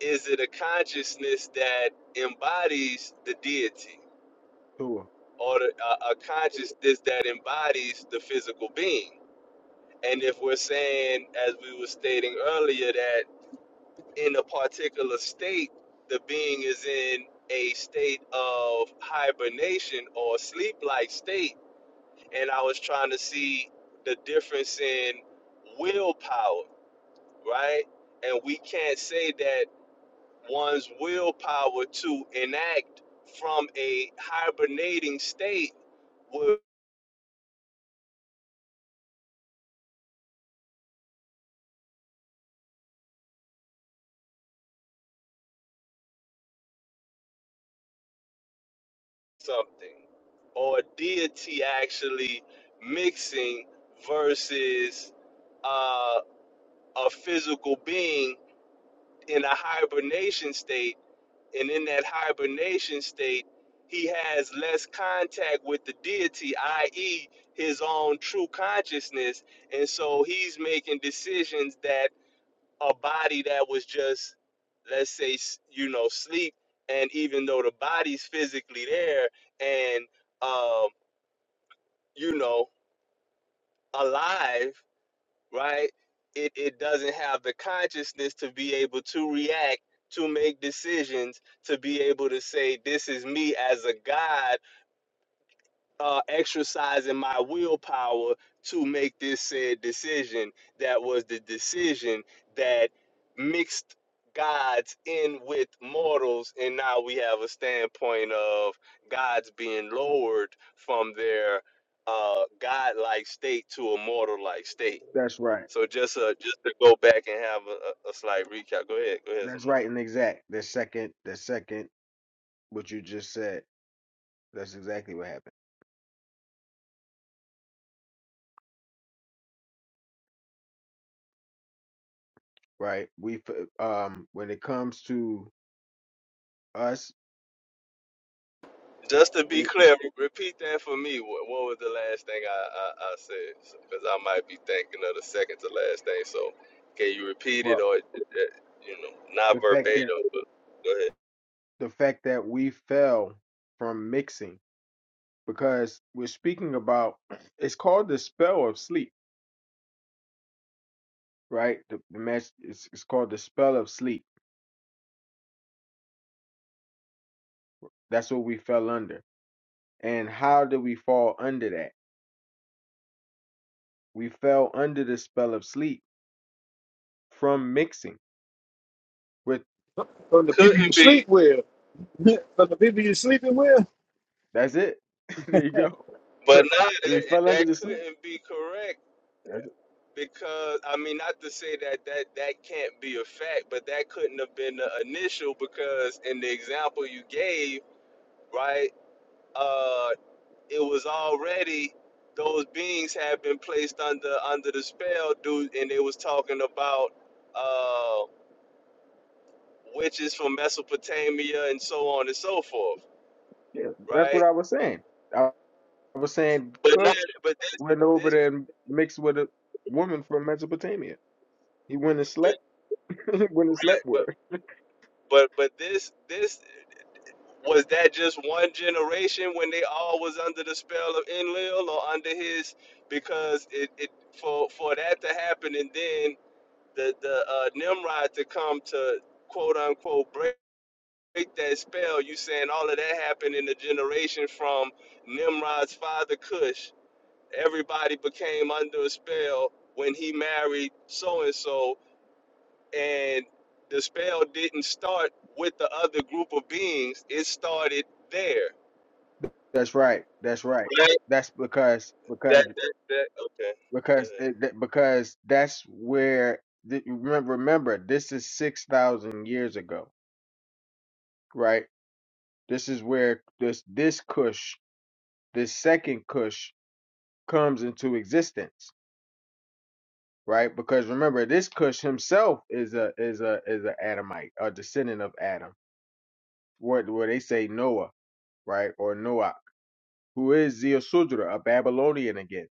is it a consciousness that embodies the deity, Cool. or the- a, a consciousness that embodies the physical being? And if we're saying, as we were stating earlier, that in a particular state, the being is in a state of hibernation or sleep like state, and I was trying to see the difference in willpower, right? And we can't say that one's willpower to enact from a hibernating state would. something or a deity actually mixing versus uh, a physical being in a hibernation state and in that hibernation state he has less contact with the deity i.e his own true consciousness and so he's making decisions that a body that was just let's say s- you know sleep and even though the body's physically there and uh, you know, alive, right? It, it doesn't have the consciousness to be able to react, to make decisions, to be able to say, This is me as a God uh, exercising my willpower to make this said decision that was the decision that mixed gods in with mortals and now we have a standpoint of gods being lowered from their uh godlike state to a mortal like state That's right. so just uh just to go back and have a, a a slight recap go ahead go ahead That's Simone. right and exact. The second, the second, what you just said. That's exactly what happened. Right. We f- um when it comes to us, Just to be it, clear, repeat that for me. What, what was the last thing I, I, I said? Because I might be thinking of the second to last thing. So, can you repeat it well, or, uh, you know, not the fact that verbatim, but go ahead. the fact that we fell from mixing because we're speaking about it's called the spell of sleep, right? The, the match is it's called the spell of sleep. That's what we fell under. And how did we fall under that? We fell under the spell of sleep from mixing with. From the people you Couldn't be. sleep with. From the people you are sleeping with. That's it. there you go. But For, no, we that, fell under that the sleep. couldn't be correct That's, it. because, I mean, not to say that, that that can't be a fact, but that couldn't have been the initial because in the example you gave, right? uh, it was already those beings had been placed under under the spell dude and they was talking about uh witches from mesopotamia and so on and so forth yeah, that's what right I was saying. I, I was saying but Kush not but this went over this there and mixed with a woman from Mesopotamia. He went and but slept. he went and slept with but her. but, but this this was that just one generation when they all was under the spell of enlil or under his because it, it for for that to happen and then the the uh, nimrod to come to quote unquote break. break that spell, you saying all of that happened in the generation from Nimrod's father Cush. Everybody became under a spell when he married so and so, and the spell didn't start with the other group of beings. It started there. That's right. That's right. Right. That's because because That. That. that. Okay. because Go it, that- because that's where the, remember remember this is six thousand years ago, right? This is where this this Kush, this second Kush, comes into existence, right? Because remember, this Kush himself is a is a is a Adamite, a descendant of Adam, where where they say Noah, right, or Noach, who is Zeusudra, a Babylonian again,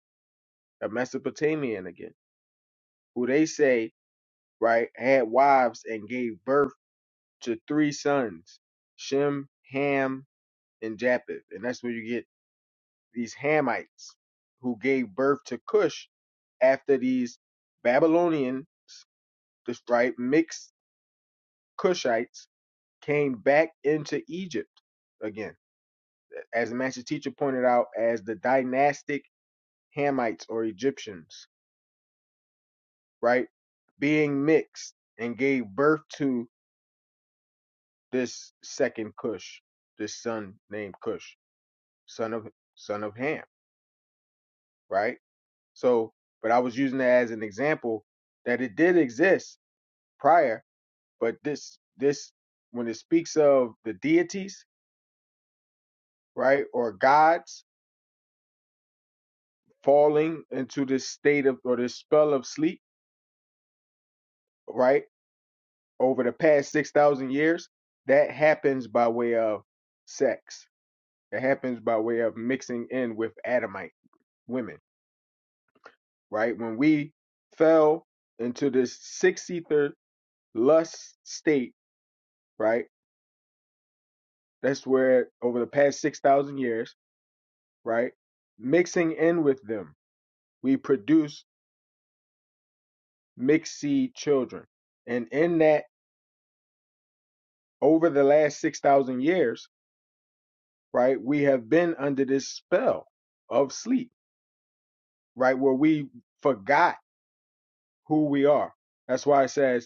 a Mesopotamian again, who they say right, had wives and gave birth to three sons, Shem, Ham, and Japheth. And that's where you get these Hamites who gave birth to Cush after these Babylonians, right, mixed Cushites came back into Egypt again, as the master teacher pointed out, as the dynastic Hamites or Egyptians, right, being mixed and gave birth to this second Cush, this son named Cush, son of son of Ham, right? So, but I was using that as an example that it did exist prior, but this this when it speaks of the deities, right, or gods falling into this state of or this spell of sleep, right, over the past six thousand years, that happens by way of sex. It happens by way of mixing in with Adamite women right? When we fell into this sixth ether lust state, right? That's where over the past 6,000 years, right? Mixing in with them, we produce mixed seed children. And in that, over the last 6,000 years, right? We have been under this spell of sleep, right? Where we forgot who we are. That's why it says,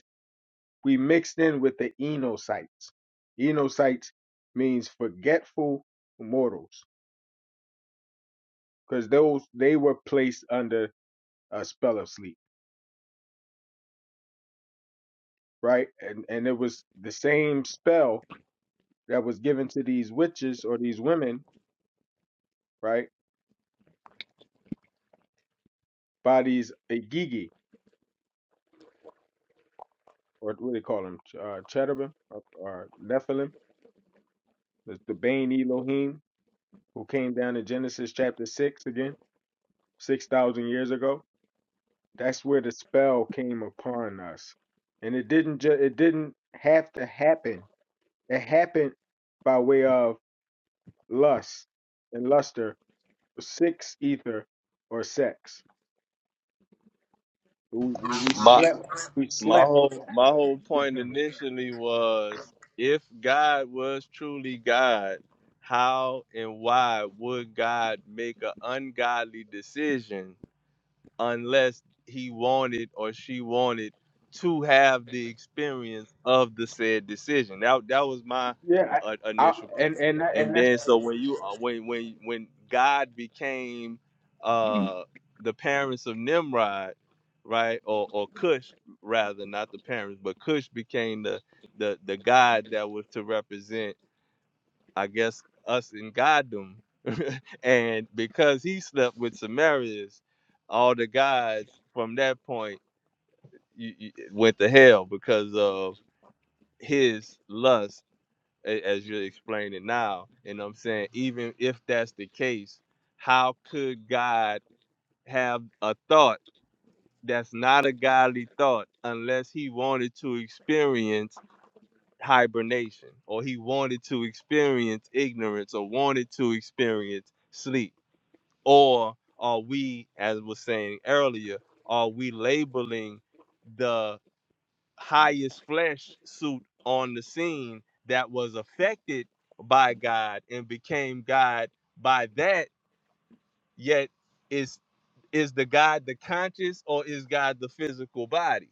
we mixed in with the Enocytes. Enocytes means forgetful mortals because those they were placed under a spell of sleep, right? And and it was the same spell that was given to these witches or these women, right? By these Agigi or what do they call them? Ch- Uh, cherubim or, or Nephilim, the, the Bane Elohim, who came down in Genesis chapter six again, six thousand years ago That's where the spell came upon us. And it didn't ju- it didn't have to happen. It happened by way of lust and luster, six ether or sex. We, we ahead. My slept we my slept whole my with him. initially was if God was truly God, how and why would God make an ungodly decision unless he wanted or she wanted to have the experience of the said decision. That that was my Yeah, uh, I, I, initial point. and and that- and And that's then so when you uh, when when when God became uh the parents of Nimrod, right? Or or Cush rather, not the parents, but Cush became the the the God that was to represent, I guess, us in Goddom and because he slept with Samaritans, all the guys from that point you, you, went to hell because of his lust, a- as you're explaining now. And I'm saying, even if that's the case, how could God have a thought that's not a godly thought unless he wanted to experience hibernation or he wanted to experience ignorance or wanted to experience sleep? Or are we, as was saying earlier, are we labeling the highest flesh suit on the scene that was affected by God and became God by that, yet is is the God the conscious or is God the physical body?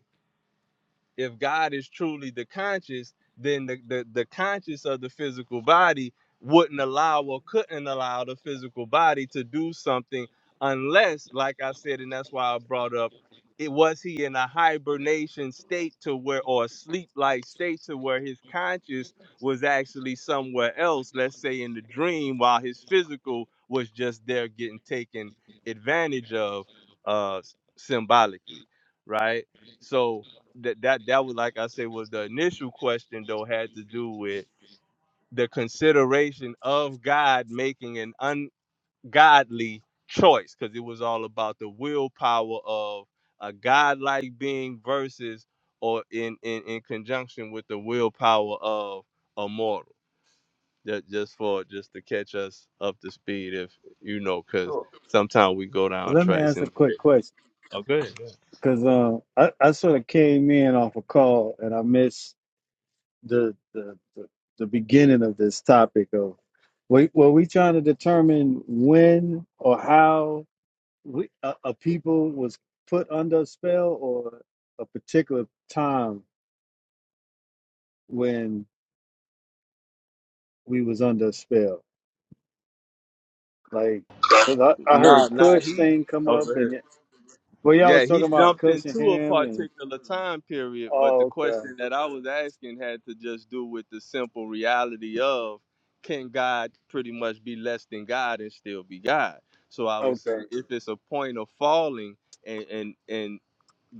if God is truly the conscious, then the, the, the conscious of the physical body wouldn't allow or couldn't allow the physical body to do something unless, like I said, and that's why I brought up it was he in a hibernation state to where or a sleep-like state to where his conscious was actually somewhere else, let's say in the dream, while his physical was just there getting taken advantage of uh symbolically, right? So that that that was like I said was the initial question though had to do with the consideration of God making an ungodly choice because it was all about the willpower of a godlike being versus or in in, in conjunction with the willpower of a mortal. Ju- Just for just to catch us up to speed, if you know, because sure. sometimes we go down Let me tracks ask a and quick question Oh, good. because uh, I, I sort of came in off a call and I missed the the, the, the beginning of this topic of were, were we trying to determine when or how we, a, a people was put under a spell or a particular time when we was under a spell like because I, I nah, heard nah, Kush he thing come up over here. and. Well, y'all Yeah, was he talking about jumped into a Cushing-Ham and particular time period, but the oh, okay, question that I was asking had to just do with the simple reality of can God pretty much be less than God and still be God? So I was okay. saying if it's a point of falling and and, and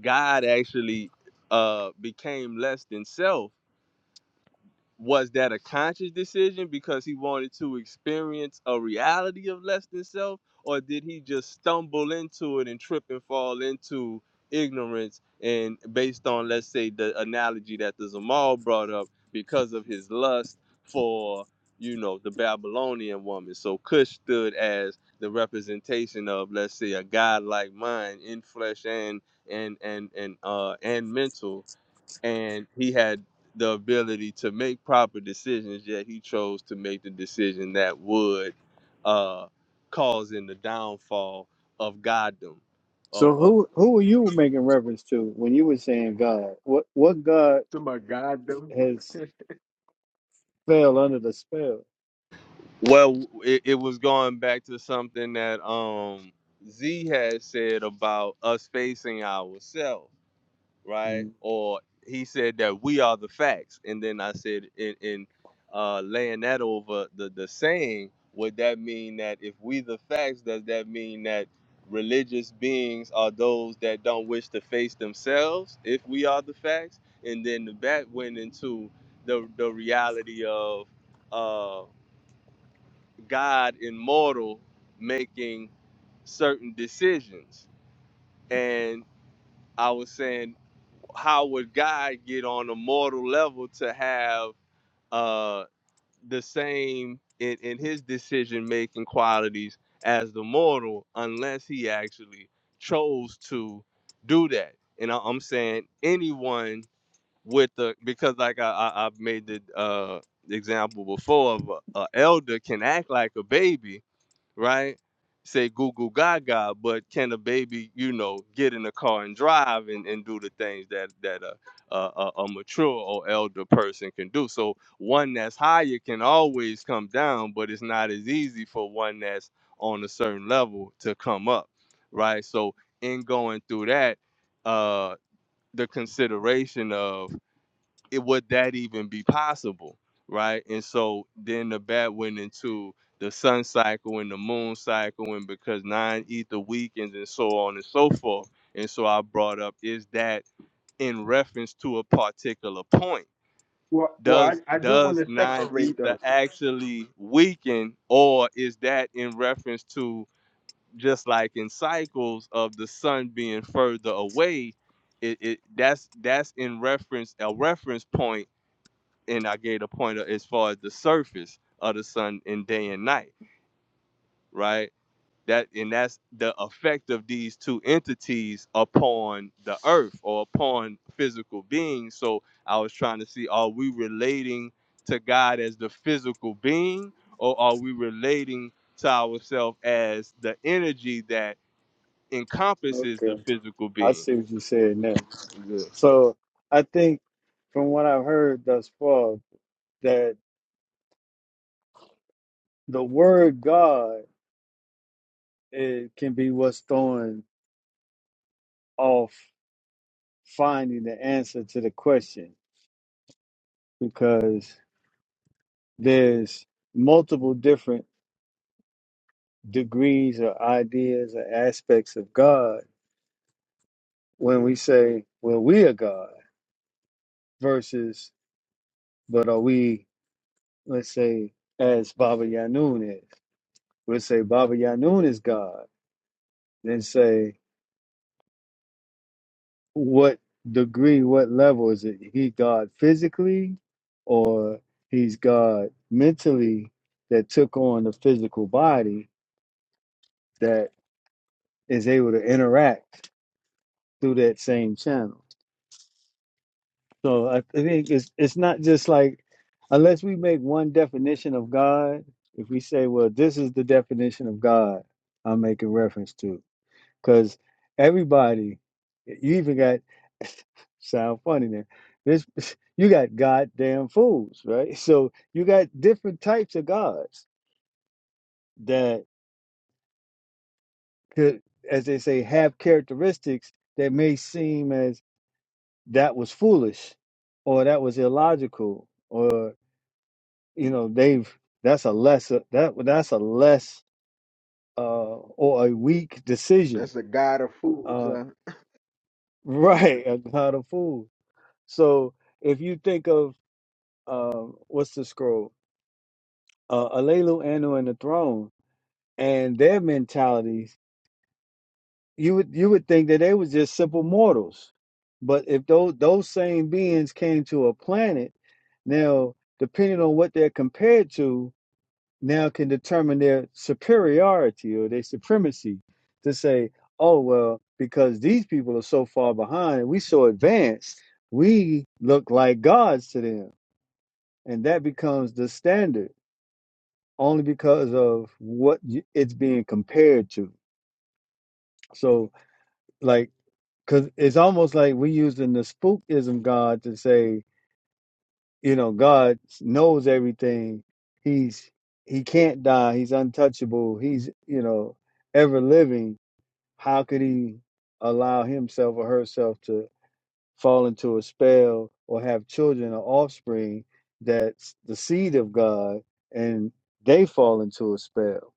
God actually uh became less than self, was that a conscious decision because he wanted to experience a reality of less than self or did he just stumble into it and trip and fall into ignorance and based on let's say the analogy that the zamal brought up because of his lust for you know the babylonian woman so kush stood as the representation of let's say a god like mind in flesh and and and and uh and mental and he had the ability to make proper decisions yet he chose to make the decision that would uh cause in the downfall of goddom of, So of who who were you making reference to when you were saying God? What what God to my goddamn. has fell under the spell? well it, it was going back to something that um z had said about us facing ourselves right? Mm, Or he said that we are the facts, and then I said in in uh, laying that over the the saying, would that mean that if we the facts, does that mean that religious beings are those that don't wish to face themselves if we are the facts? And then the back went into the the reality of uh, God immortal making certain decisions, and I was saying how would God get on a mortal level to have uh, the same in, in his decision making qualities as the mortal unless he actually chose to do that? And I, I'm saying anyone with the because like I, I I've made the uh, example before of a, a elder can act like a baby, right? Say goo goo gaga, but can a baby, you know, get in the car and drive and, and do the things that that a, a a mature or elder person can do? So one that's higher can always come down, but it's not as easy for one that's on a certain level to come up, right? So in going through that, uh, the consideration of it would that even be possible right and so then the bat went into the sun cycle and the moon cycle and because nine ether weekends and so on and so forth and so i brought up is that in reference to a particular point Well, well, I, does I do want does to nine separate though. ether actually weaken or is that in reference to just like in cycles of the sun being further away it, it that's that's in reference a reference point and I gave a pointer as far as the surface of the sun in day and night, right? That and that's the effect of these two entities upon the earth or upon physical beings. So I was trying to see are we relating to God as the physical being or are we relating to ourselves as the energy that encompasses the okay, physical I being? see what you said now. So I think from what I've heard thus far that the word God it can be what's throwing off finding the answer to the question because there's multiple different degrees or ideas or aspects of God when we say, well, we are God versus, but are we, let's say, as Baba Yanun is? We'll say Baba Yanun is God, then say, what degree, what level is it? He God physically or he's God mentally that took on the physical body that is able to interact through that same channel? So I, I think it's it's not just like unless we make one definition of God, if we say, well, this is the definition of God I'm making reference to, because everybody, you even got sound funny there. This you got goddamn fools, right? So you got different types of gods that could, as they say, have characteristics that may seem as that was foolish, or that was illogical, you know they've that's a less that that's a less uh or a weak decision That's a god of fools, uh huh? You right gotta- a god of fools so if you think of um what's the scroll uh alelu anu and the throne and their mentalities you would you would think that they were just simple mortals but if those those same beings came to a planet now depending on what they're compared to now can determine their superiority or their supremacy to say, oh, well, because these people are so far behind and we so advanced, we look like gods to them. And that becomes the standard only because of what it's being compared to. So, like, because it's almost like we're using the spookism God to say, you know, God knows everything. He's, he can't die. He's untouchable. He's, you know, ever living how could he allow himself or herself to fall into a spell or have children or offspring that's the seed of God and they fall into a spell?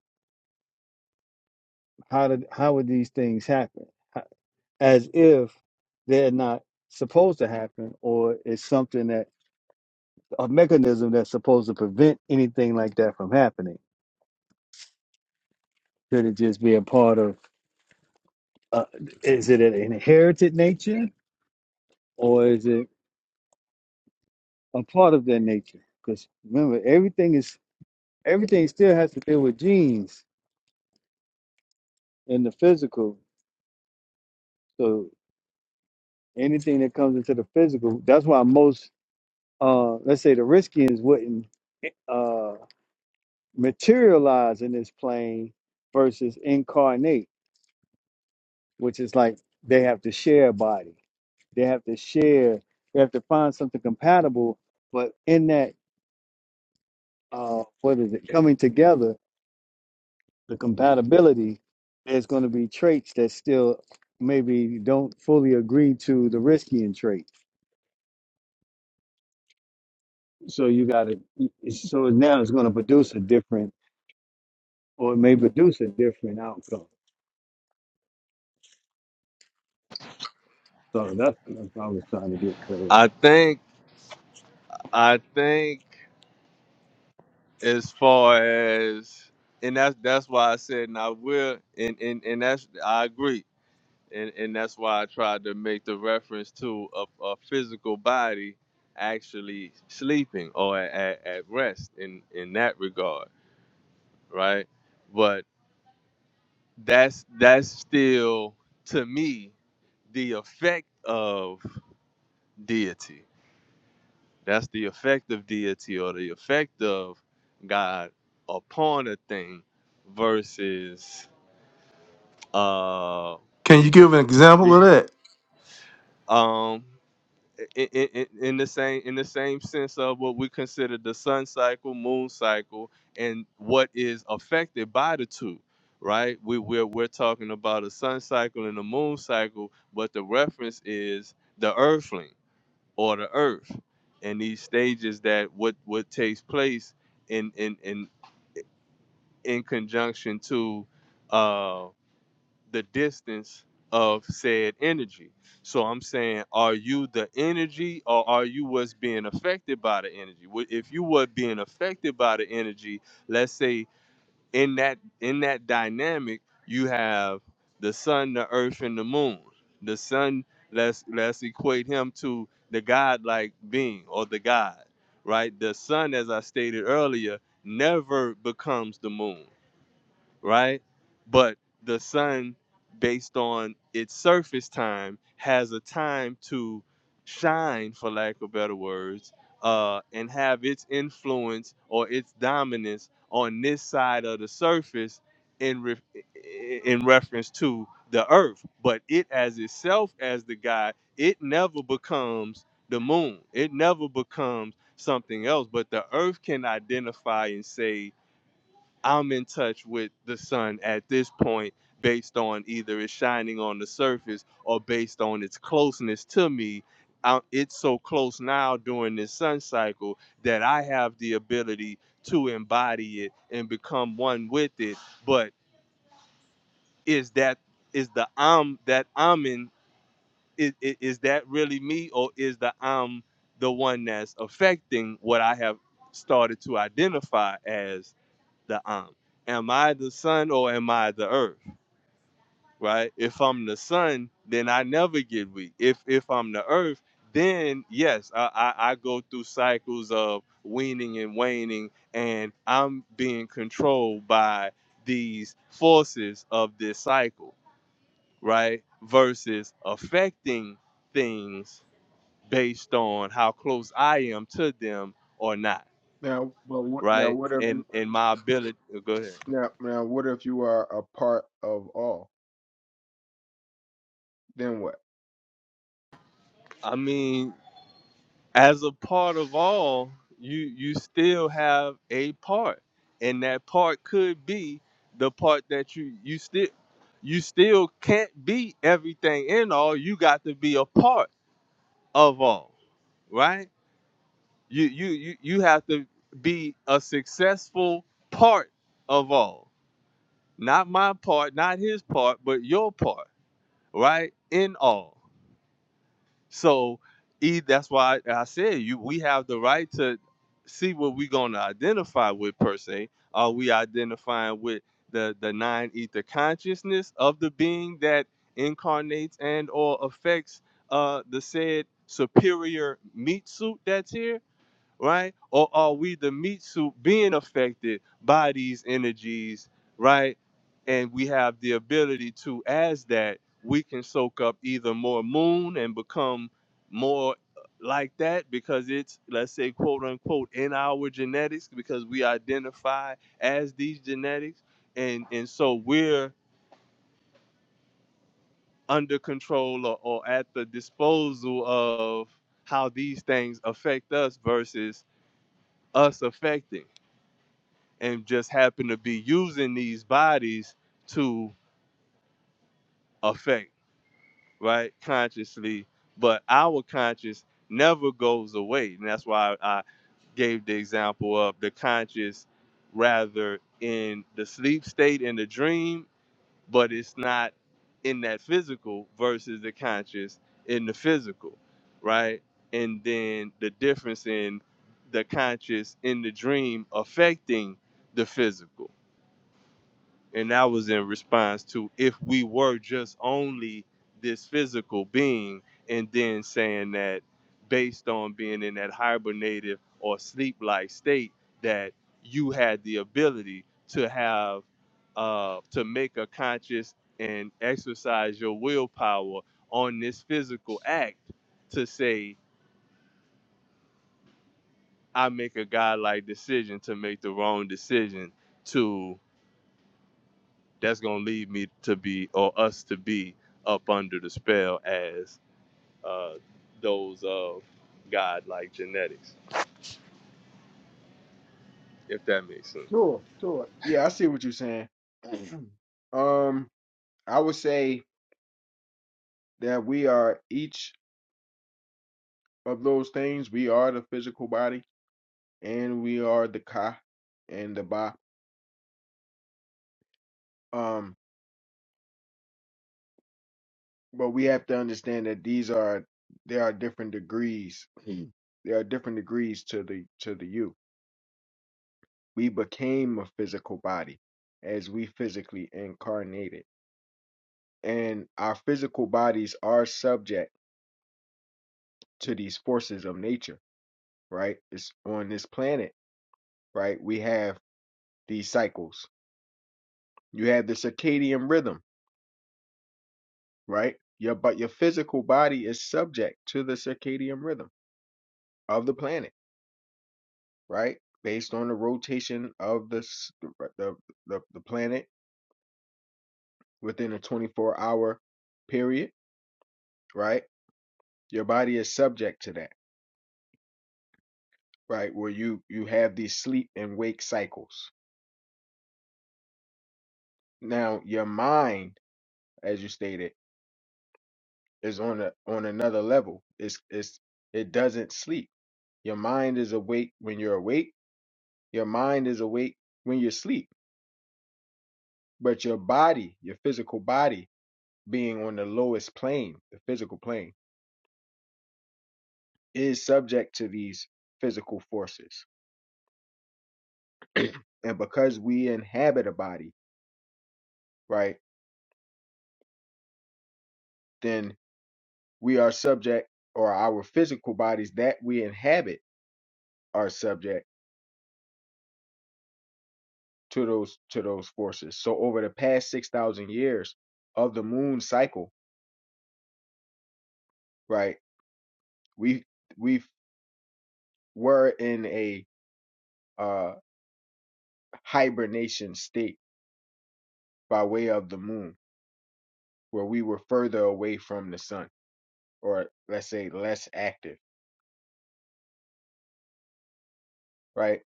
How did how would these things happen? Ho- As if they're not supposed to happen, or it's something that a mechanism that's supposed to prevent anything like that from happening. Could it just be a part of? Uh, is it an inherited nature, or is it? a part of their nature. Because remember, everything is everything still has to deal with genes and the physical. So anything that comes into the physical, that's why most, uh, let's say, the riskians wouldn't uh, materialize in this plane versus incarnate, which is like they have to share a body, they have to share, they have to find something compatible. But in that, uh, what is it? Coming together the compatibility, there's going to be traits that still maybe don't fully agree to the riskian trait. So you got to, so now it's going to produce a different, or it may produce a different outcome. So that's, that's what I was trying to get clear. I think I think as far as and that's that's why I said and I will and and, and that's I agree and and that's why I tried to make the reference to a, a physical body actually sleeping or at, at, at rest in in that regard right but that's that's still to me the effect of deity that's the effect of deity or the effect of God upon a thing versus Uh, Can you give an example Yeah. of that? um, in, in, in the same in the same sense of what we consider the sun cycle, moon cycle, and what is affected by the two. Right, we we're, we're talking about a sun cycle and a moon cycle, but the reference is the earthling or the earth, and these stages that what what takes place in in in in conjunction to uh, the distance of said energy. So I'm saying, are you the energy or are you what's being affected by the energy? Wh- If you were being affected by the energy, let's say in that in that dynamic, you have the sun, the earth, and the moon. The sun, let's let's equate him to the godlike being or the God, right? The sun, as I stated earlier, never becomes the moon right? But the sun, based on its surface time, has a time to shine, for lack of better words, uh, and have its influence or its dominance on this side of the surface in re- in reference to the earth. But it as itself as the guy, it never becomes the moon. It never becomes something else. But the earth can identify and say, I'm in touch with the sun at this point based on either it's shining on the surface or based on its closeness to me. I- it's so close now during this sun cycle that I have the ability to embody it and become one with it. But is that is the I'm that I'm in is, is that really me or is the I'm the one that's affecting what I have started to identify as? the Am. Am I the sun or am I the earth? Right? If I'm the sun, then I never get weak. If if I'm the earth, then yes, I, I, I go through cycles of weaning and waning, and I'm being controlled by these forces of this cycle, right? Versus affecting things based on how close I am to them or not, Now, well, what, now right? what if And you and my ability. Go ahead. now now what if you are a part of all? Then what? I mean, as a part of all, you you still have a part, and that part could be the part that you you still you still can't be everything in all. You got to be a part of all, right? You you you you have to be a successful part of all. Not my part, not his part, but your part, right? In all. So e that's why I said you we have the right to see what we're gonna identify with per se. Are we identifying with the, the nine ether consciousness of the being that incarnates and or affects uh, the said superior meat suit that's here? right? Or are we the meat suit being affected by these energies, right? And we have the ability to, as that, we can soak up either more moon and become more like that because it's, let's say, quote unquote, in our genetics because we identify as these genetics. And, and so we're under control or, or at the disposal of how these things affect us versus us affecting. and just happen to be using these bodies to affect, right? Consciously, but our conscious never goes away. And that's why I gave the example of the conscious rather in the sleep state in the dream, but it's not in that physical versus the conscious in the physical, right? And then the difference in the conscious in the dream affecting the physical and that was in response to if we were just only this physical being and then saying that based on being in that hibernative or sleep like state that you had the ability to have uh, to make a conscious and exercise your willpower on this physical act to say i make a godlike decision to make the wrong decision to that's gonna lead me to be or us to be up under the spell as uh, those of God-like genetics, if that makes sense. Sure, sure. Yeah, I see what you're saying. um, I would say that we are each of those things. We are the physical body, and we are the ka and the ba. Um, but we have to understand that these are there are different degrees. Mhm. there are different degrees to the to the you. We became a physical body as we physically incarnated, and our physical bodies are subject to these forces of nature right? It's on this planet, right? We have these cycles. You have the circadian rhythm, right? Your but your physical body is subject to the circadian rhythm of the planet, right? Based on the rotation of the s- the the, the planet within a 24 hour period, right? Your body is subject to that, right? Where you you have these sleep and wake cycles. Now, your mind, as you stated is on a on another level. It's it's it doesn't sleep. Your mind is awake when you're awake. Your mind is awake when you're asleep. But your body, your physical body, being on the lowest plane, the physical plane, is subject to these physical forces. and because we inhabit a body, right, then we are subject, or our physical bodies that we inhabit are subject. to those to those forces. So over the past six thousand years of the moon cycle, right, we we were in a uh, hibernation state by way of the moon, where we were further away from the sun, or let's say less active, right?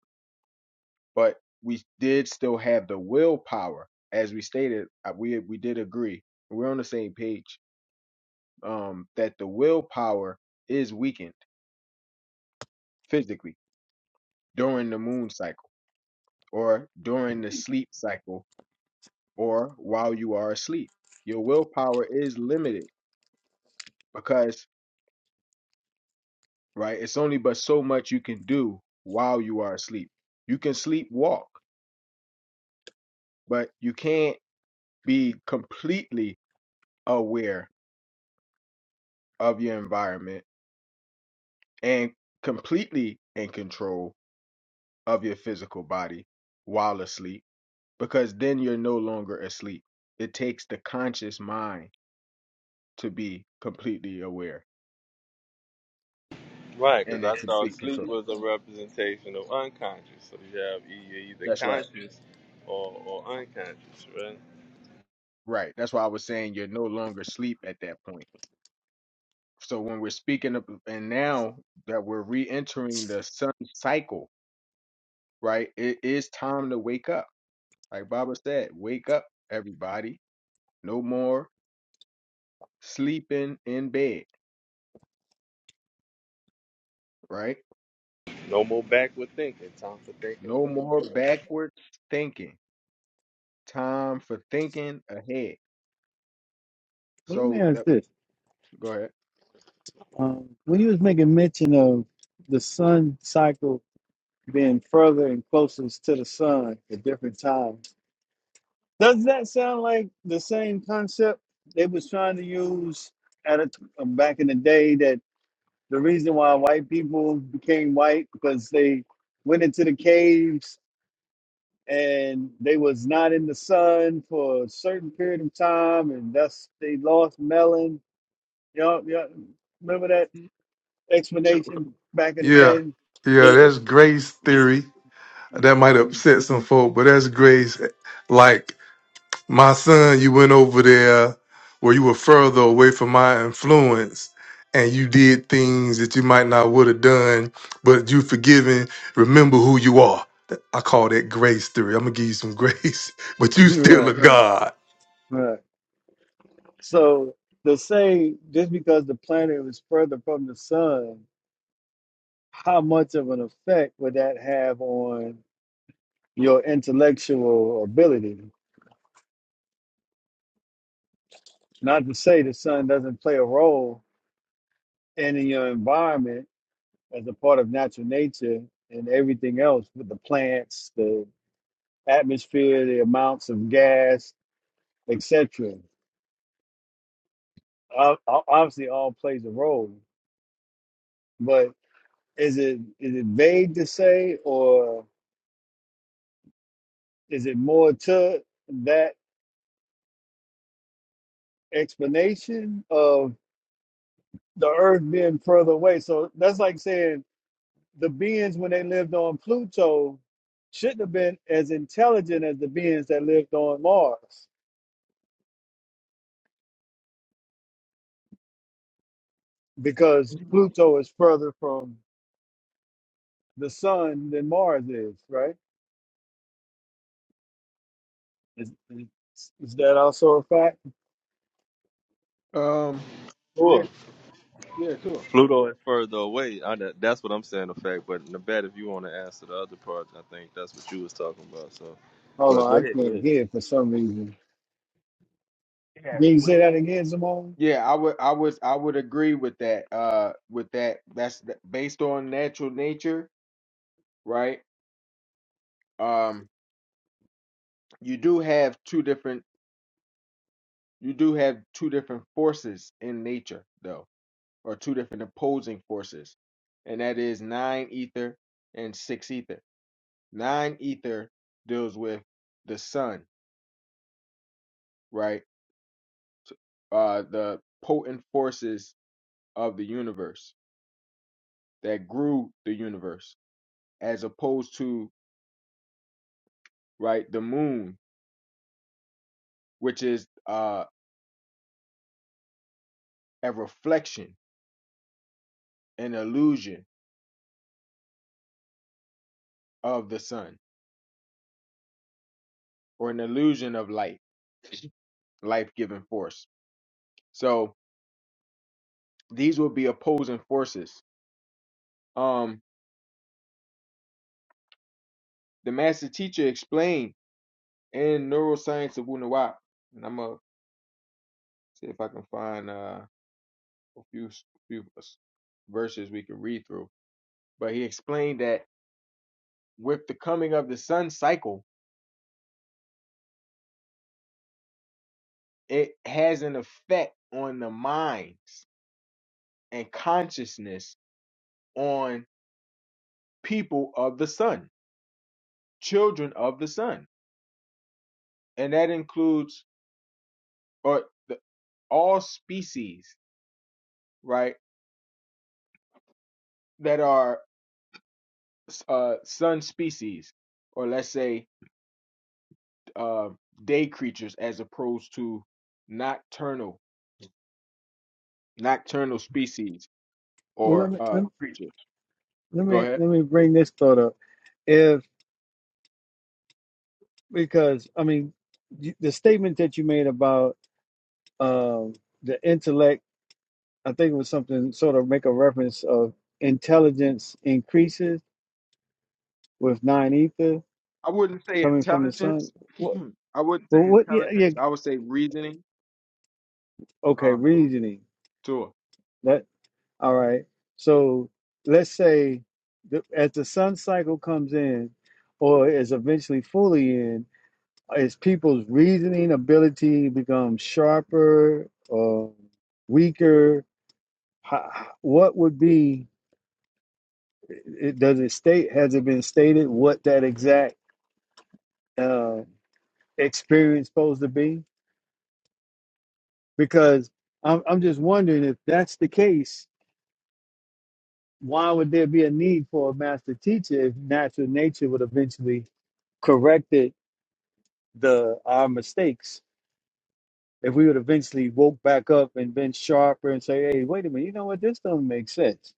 But we did still have the willpower, as we stated. uh, We we did agree. We're on the same page um, that the willpower is weakened physically during the moon cycle or during the sleep cycle or while you are asleep. Your willpower is limited because, right, it's only but so much you can do while you are asleep. You can sleepwalk, but you can't be completely aware of your environment and completely in control of your physical body while asleep because then you're no longer asleep. It takes the conscious mind to be completely aware Right, because and in I thought complete sleep control. was a representation of unconscious. So you have e- either That's right. conscious or, or unconscious, right? Right. That's why I was saying you're no longer asleep at that point. So when we're speaking of, and now that we're re-entering the sun cycle, right? It is time to wake up. Like Baba said, wake up, everybody. No more sleeping in bed, right? No more backward thinking. Time for thinking. No ahead. more backwards thinking. Time for thinking ahead. Well, let me So ask that this. go ahead. Um, when you was making mention of the sun cycle being further and closest to the sun at different times, does that sound like the same concept they was trying to use at a, back in the day the reason why white people became white because they went into the caves and they was not in the sun for a certain period of time and that's they lost melon you know, you know remember that Sure. explanation back in the Yeah. day Come Yeah, that's grace theory. That might Mhm. upset some folk, but that's grace. Like My son, you went over there where you were further away from my influence and you did things that you might not would have done, but you forgiven. Remember who you are. I call that grace theory. I'm gonna give you some grace, but you still a right God. right so to say just because the planet was further from the sun how much of an effect would that have on your intellectual ability Not to say the sun doesn't play a role in your environment as a part of natural nature and everything else with the plants, the atmosphere, the amounts of gas, etc. Ob- ob- Obviously, all plays a role, but is it is it vague to say, or is it more to that explanation of the Earth being further away? So that's like saying the beings when they lived on Pluto shouldn't have been as intelligent as the beings that lived on Mars because Pluto is further from the sun than Mars is, right? Is, is, is that also a fact? on. Um. Yeah. Sure. Yeah. Sure. Pluto is further away. I, that- that's what I'm saying, the fact. But Nabat, if you want to answer the other part, I think that's what you was talking about. So, Hold but on, go I ahead. can't hear for some reason. Can you Yeah. say that again, Simone? Yeah, I would, I would, I would agree with that. Uh, with that, that's th- based on natural nature, right? Um, you do have two different, you do have two different forces in nature, though, or two different opposing forces, and that is nine ether and six ether. Nine ether deals with the sun, right? Uh, the potent forces of the universe that grew the universe, as opposed to right the moon which is uh, a reflection, an illusion of the sun, or an illusion of light, life giving force. So these will be opposing forces. Um, the master teacher explained in Neuroscience of Wunuwap, and I'm gonna see if I can find uh, a few few verses we can read through. But he explained that with the coming of the sun cycle, it has an effect on the minds and consciousness on. people of the sun, children of the sun. And that includes or the, all species, right, that are uh, sun species, or let's say uh, day creatures as opposed to nocturnal, nocturnal species Well, let or me uh, let me creatures. let Go me, ahead. let me bring this thought up. If because I mean you- the statement that you made about um, the intellect I think it was something sort of make a reference of intelligence increases with nine ether I wouldn't say coming from the sun. intelligence. What? I wouldn't say But what? Yeah, yeah. intelligence. I would say reasoning. Okay, Um, reasoning. sure. That all right. So let's say the, as the sun cycle comes in, or is eventually fully in, as people's reasoning ability becomes sharper or weaker, how, what would be? It, does it state? Has it been stated what that exact? uh, experience supposed to be? Because I'm, I'm just wondering if that's the case, why would there be a need for a master teacher if natural nature would eventually correct it, the our mistakes? If we would eventually woke back up and been sharper and say, "Hey, wait a minute, you know what? This do not make sense,"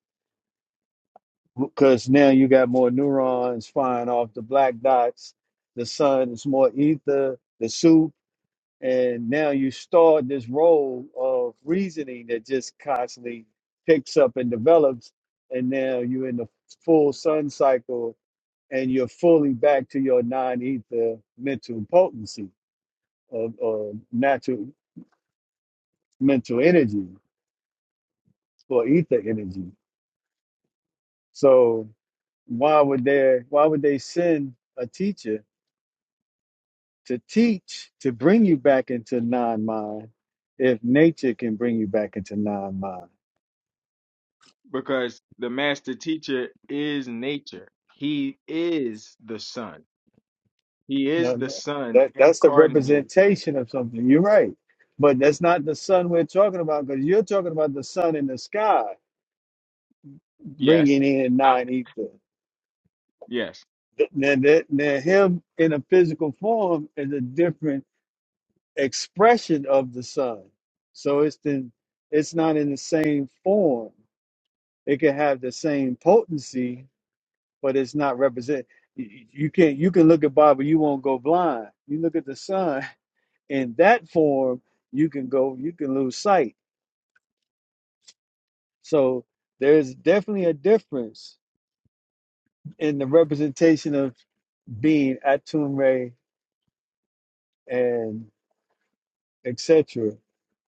because now you got more neurons firing off the black dots. The sun is more ether. The soup. and now you start this role of reasoning that just constantly picks up and develops and now you're in the full sun cycle and you're fully back to your non-ether mental potency of, of natural mental energy or ether energy so why would there why would they send a teacher to teach to bring you back into non-mind if nature can bring you back into non-mind because the master teacher is nature. He is the sun. He No, is the no. sun That that's the incarnated. representation of something. You're right. But that's not the sun we're talking about because you're talking about the sun in the sky bringing Yes. in I, nine ether. yes. Th- Now, that, now, him in a physical form is a different expression of the sun. So it's the, it's not in the same form. It can have the same potency, but it's not represent. You you- you can't you can look at Bible, you won't go blind. You look at the sun, in that form, you can go, you can lose sight. So there's definitely a difference in the representation of being Atumre and etc.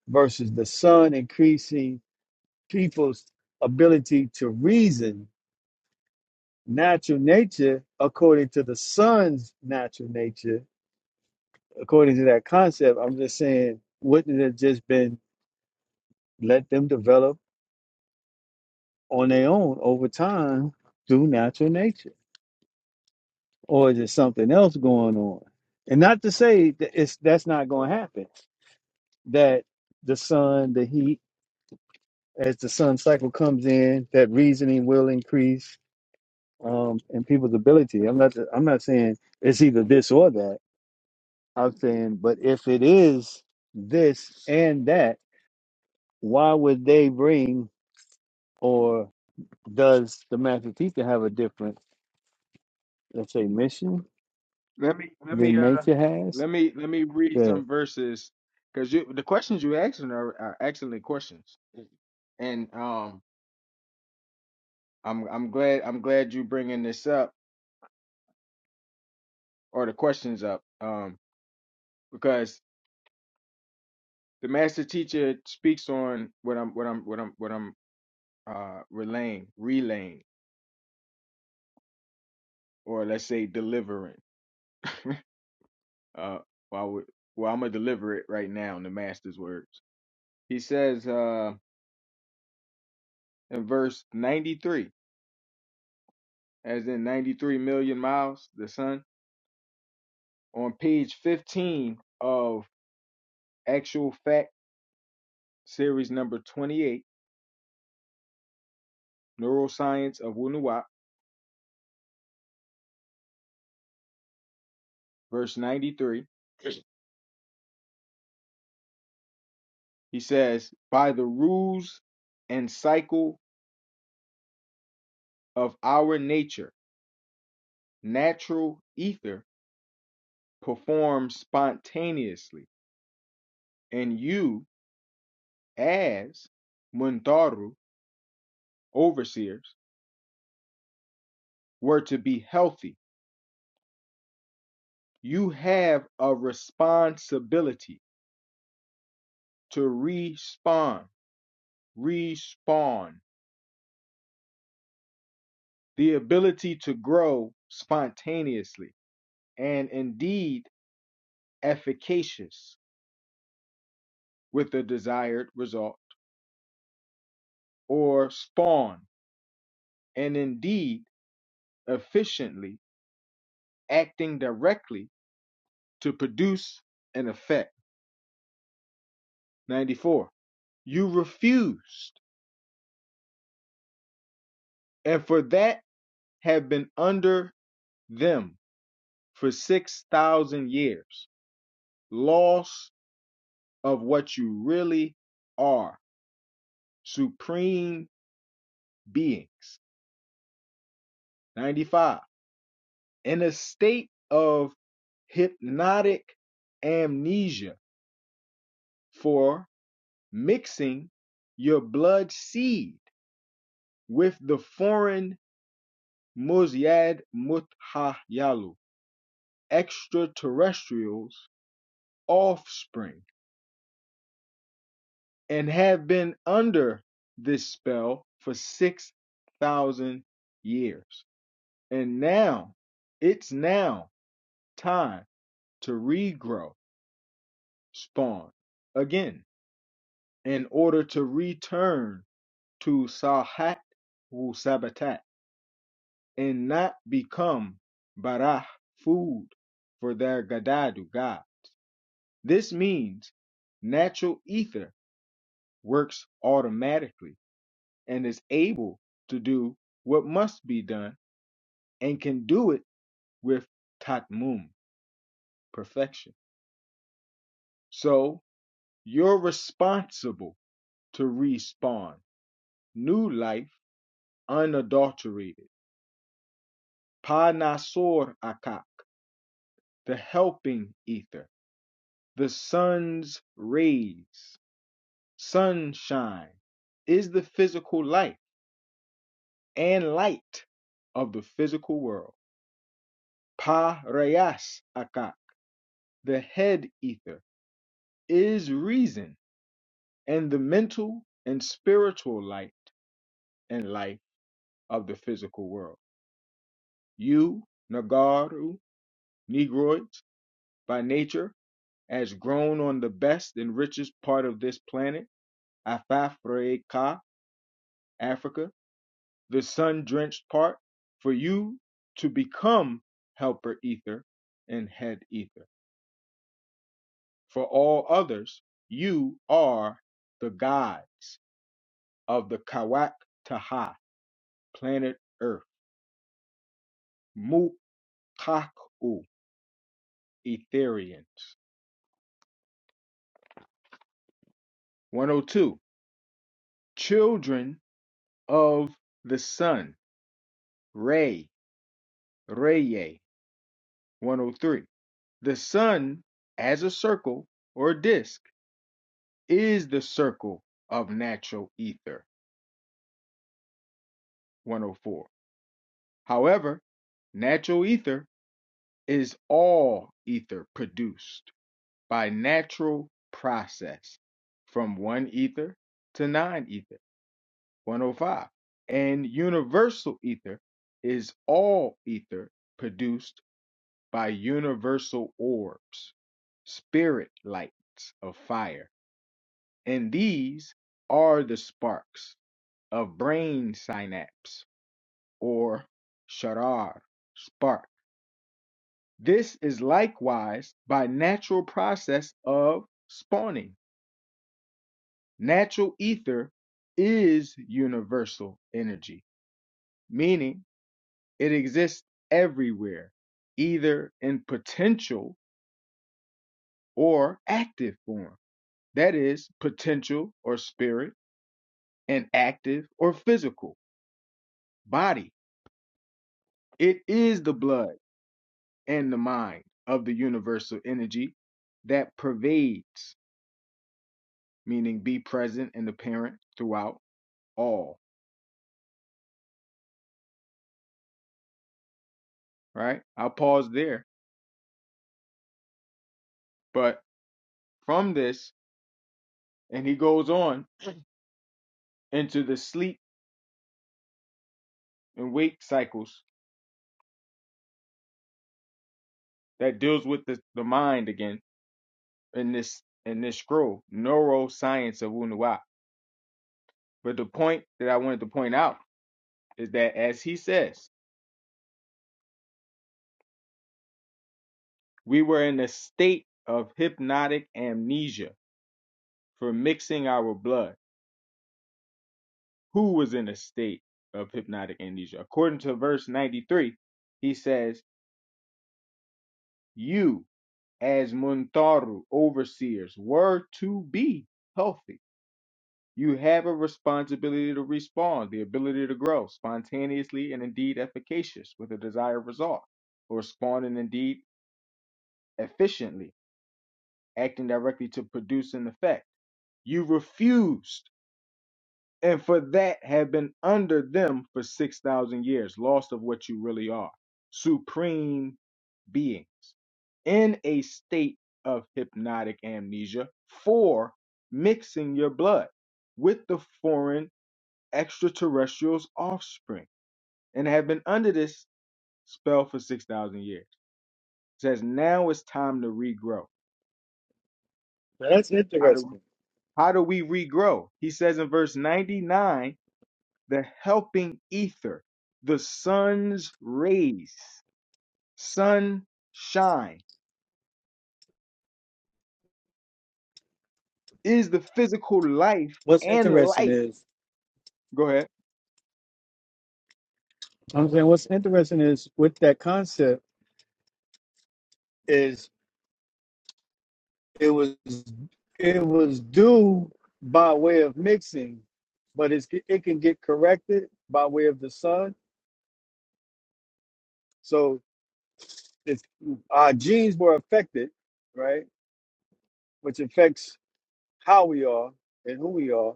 versus the sun increasing people's ability to reason natural nature according to the sun's natural nature. According to that concept, I'm just saying, wouldn't it have just been let them develop on their own over time through natural nature? or is it something else going on? And not to say that it's that's not going to happen. That the sun, the heat, as the sun cycle comes in, that reasoning will increase um, in people's ability. I'm not. I'm not saying it's either this or that. I'm saying, but if it is this and that, why would they bring or does the master teacher have a different, let's say, mission Let me let me than uh nature has? let me let me read Good. some verses because you the questions you asking are, are excellent questions. And um I'm I'm glad I'm glad you bringing this up or the questions up um because the master teacher speaks on what I'm what I'm what I'm what I'm uh relaying relaying or let's say delivering. Uh, well, we, well, I'm gonna deliver it right now in the Master's words. He says uh, in verse 93, as in 93 million miles, the sun, on page 15 of Actual Fact series number 28, Neuroscience of Wunuwap, verse 93. He says, by the rules and cycle of our nature, natural ether performs spontaneously, and you as Mundaru overseers were to be healthy, you have a responsibility to respawn, respawn, the ability to grow spontaneously and indeed efficacious with the desired result, or spawn and indeed efficiently acting directly to produce an effect. 94. You refused, and for that have been under them for 6,000 years. Loss of what you really are, supreme beings. 95. In a state of hypnotic amnesia for mixing your blood seed with the foreign Muzyad Muthayalu, extraterrestrials' offspring. and have been under this spell for 6,000 years. And now, it's now time to regrow spawn again in order to return to Sahat wu Sabatat and not become Barah food for their Gadadu God. This means natural ether works automatically and is able to do what must be done and can do it with tatmum, perfection. So you're responsible to respawn new life unadulterated. Panasor akak, the helping ether, the sun's rays, sunshine is the physical life and light of the physical world. Parayas akak, the head ether is reason and the mental and spiritual light and life of the physical world. You, Nagaru, Negroids, by nature, as grown on the best and richest part of this planet, Afafreka, Africa, the sun drenched part, for you to become helper ether and head ether. For all others, you are the gods of the Kawak Taha, planet Earth Mukaku Etherians. 102. Children of the Sun. Re, Reye. 103. The Sun, as a circle or disk, is the circle of natural ether. 104. However, natural ether is all ether produced by natural process from one ether to nine ether. 105. And universal ether is all ether produced by universal orbs, spirit lights of fire. And these are the sparks of brain synapse or sharar, spark. This is likewise by natural process of spawning. Natural ether is universal energy, meaning It exists everywhere, either in potential or active form. That is, potential or spirit, and active or physical, body. It is the blood and the mind of the universal energy that pervades, meaning be present and apparent throughout all. Right? I'll pause there. But from this, and he goes on into the sleep and wake cycles that deals with the, the mind again in this in this scroll, neuroscience of Wunuwa. But the point that I wanted to point out is that as he says, we were in a state of hypnotic amnesia for mixing our blood. Who was in a state of hypnotic amnesia? According to verse 93, he says, You as Muntaru overseers were to be healthy You have a responsibility to respond, the ability to grow spontaneously and indeed efficacious with a desired result, or responding indeed efficiently, acting directly to produce an effect. You refused, and for that have been under them for 6,000 years, lost of what you really are supreme beings in a state of hypnotic amnesia for mixing your blood with the foreign extraterrestrials' offspring and have been under this spell for 6,000 years. It says, now it's time to regrow. Now, That's How do, interesting. how do we regrow? He says in verse 99 the helping ether, the sun's rays, sunshine is the physical life What's and interesting light. is Go ahead. I'm saying what's interesting is with that concept is it was it was due by way of mixing, but it's it can get corrected by way of the sun. So it's our genes were affected, right? Which affects how we are and who we are.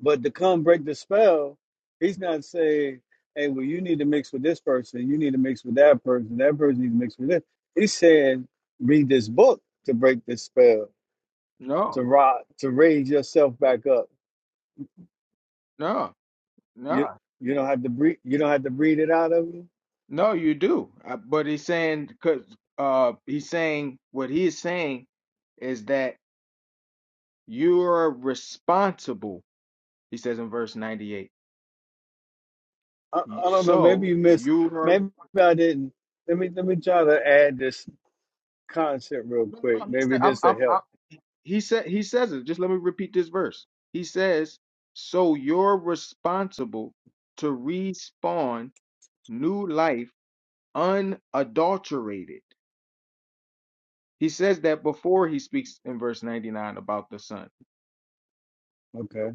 But to come break the spell, he's not saying, "Hey, well, you need to mix with this person. You need to mix with that person. That person needs to mix with this." He's saying, "Read this book to break this spell." No, to rise, to raise yourself back up. no, You no, you don't have to breathe. You don't have to breathe it out of you. no, you do. Uh, But he's saying, because uh, he's saying what he is saying is that You are responsible, he says in verse 98. I, You- I don't know. Maybe So you missed. you are Maybe I didn't. Let me let me try to add this concept real no quick. no he Maybe said I'm this will I'm, help. I'm he said he says it. Just let me repeat this verse. He says, "So you're responsible to respawn new life unadulterated." He says that before he speaks in verse 99 about the son. Okay.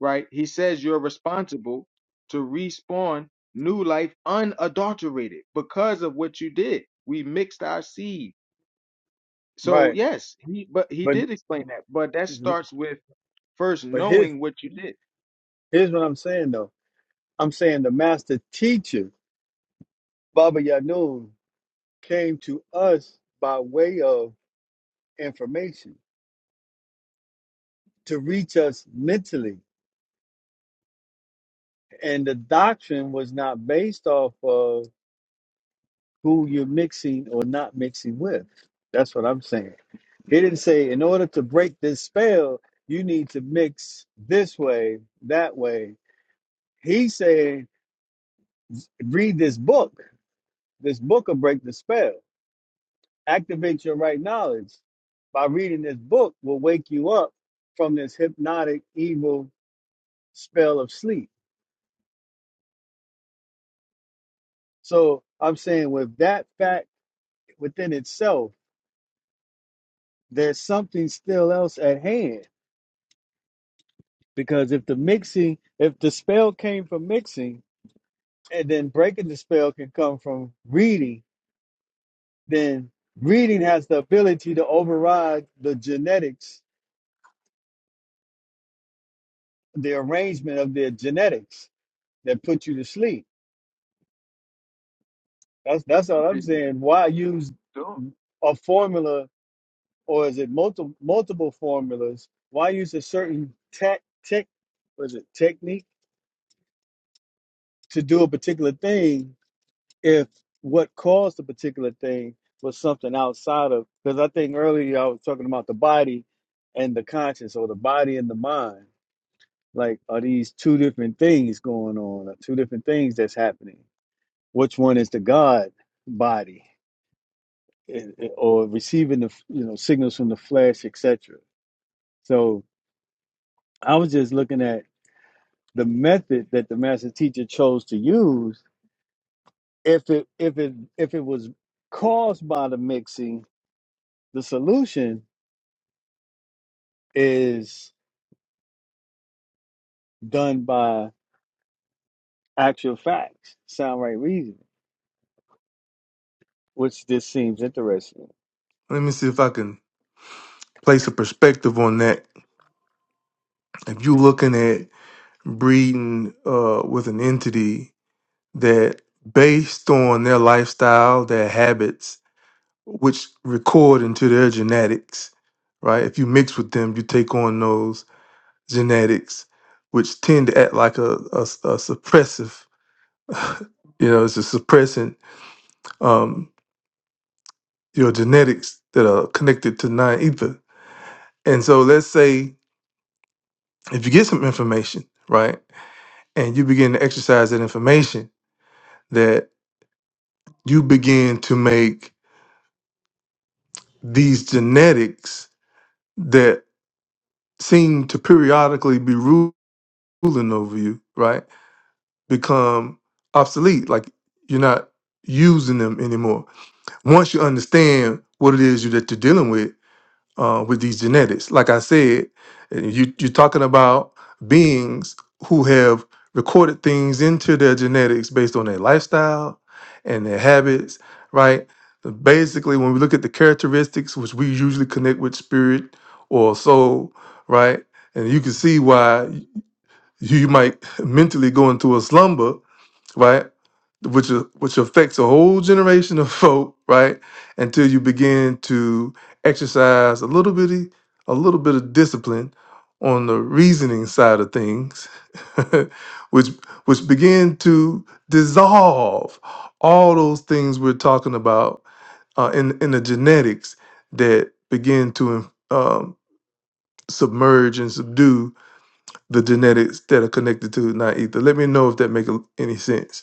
right? He says you're responsible to respawn new life unadulterated because of what you did. We mixed our seed. So Right. yes, he but he But did explain that, but that starts with first but here's knowing what you did. here's what I'm saying though. I'm saying the master teacher Baba Yanun came to us by way of information to reach us mentally, and the doctrine was not based off of who you're mixing or not mixing with. That's what I'm saying. He didn't say, in order to break this spell, you need to mix this way, that way. He said, read this book. This book will break the spell. Activate your right knowledge. By reading this book will wake you up from this hypnotic, evil spell of sleep. So I'm saying with that fact within itself, there's something still else at hand Because if the mixing, if the spell came from mixing, and then breaking the spell can come from reading, then reading has the ability to override the genetics, the arrangement of their genetics that put you to sleep. That's that's all I'm saying. Why use Sure. a formula, or is it multiple multiple formulas? Why use a certain tech tech, was it technique to do a particular thing if what caused the particular thing was something outside of because I think earlier I was talking about the body and the conscience or the body and the mind. Like are these two different things going on or two different things that's happening? Which one is the God body eh, eh, or receiving the you know signals from the flesh, etc. So I was just looking at the method that the master teacher chose to use if it if it if it was caused by the mixing the solution is done by actual facts, sound right reasoning, which this seems interesting. Let me see if I can place a perspective on that. If you're looking at breeding uh, with an entity that based on their lifestyle, their habits, which record into their genetics, right? If you mix with them, you take on those genetics, which tend to act like a, a, a suppressive, you know, it's a suppressant, um, your genetics that are connected to non ether. And so let's say if you get some information, right, and you begin to exercise that information, that you begin to make these genetics that seem to periodically be ru- ruling over you, right? become obsolete. Like you're not using them anymore. Once you understand what it is you that you're dealing with uh, with these genetics, like I said, and you you're talking about beings who have recorded things into their genetics based on their lifestyle and their habits, right? Basically, when we look at the characteristics, which we usually connect with spirit or soul, right? And you can see why you might mentally go into a slumber right? Which which affects a whole generation of folk, right? Until you begin to exercise a little bitty, a little bit of discipline on the reasoning side of things, which which begin to dissolve all those things we're talking about uh, in in the genetics that begin to um, um, submerge and subdue the genetics that are connected to not ether. Let me know if that makes any sense.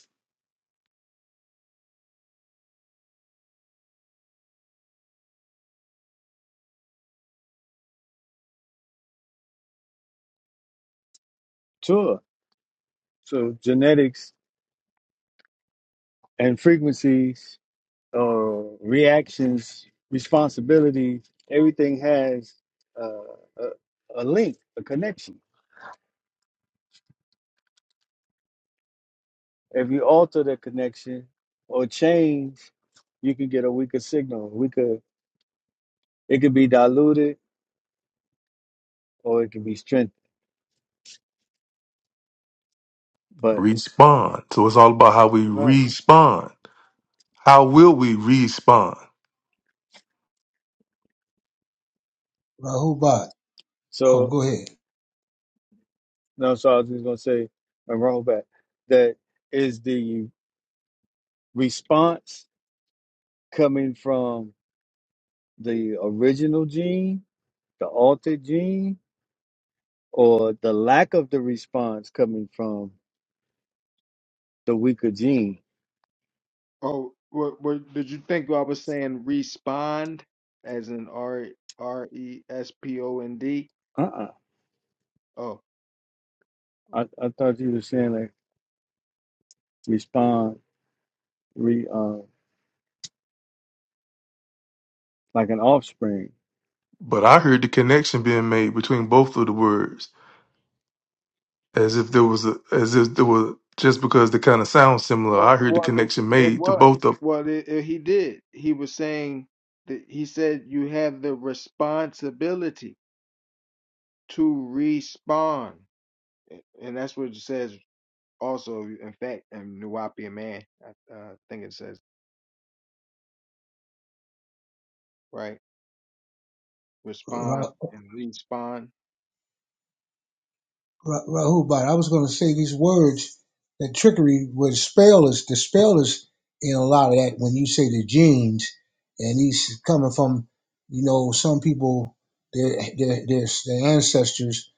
Sure. So genetics and frequencies or reactions, responsibilities, everything has uh, a, a link, a connection. If you alter the connection or change, you can get a weaker signal. We could it could be diluted or it could be strengthened. But Respond. So it's all about how we right. respond. How will we respond? Rahubat. Oh, So go ahead. No, so I was just gonna say, and roll back. That is the response coming from the original gene, the altered gene, or the lack of the response coming from the weaker gene. Oh, what, what did you think I was saying? Respond as in R E, R E S P O N D. Uh-uh. Oh, I, I thought you were saying like respond re uh, like an offspring. But I heard the connection being made between both of the words, as if there was a, as if there was just because they kind of sound similar. I Well, heard the well, connection it, it made to was. both of. Well, it, it- he did. He was saying that he said you have the responsibility to respond, A- and that's what it says. Also, in fact, in Nuwapian man, I uh, think it says right. Respond Ra, and respond. Ra, Rahubat. I was going to say these words that trickery was spell is the spell is in a lot of that when you say the genes, and these coming from, you know, some people their their their, their ancestors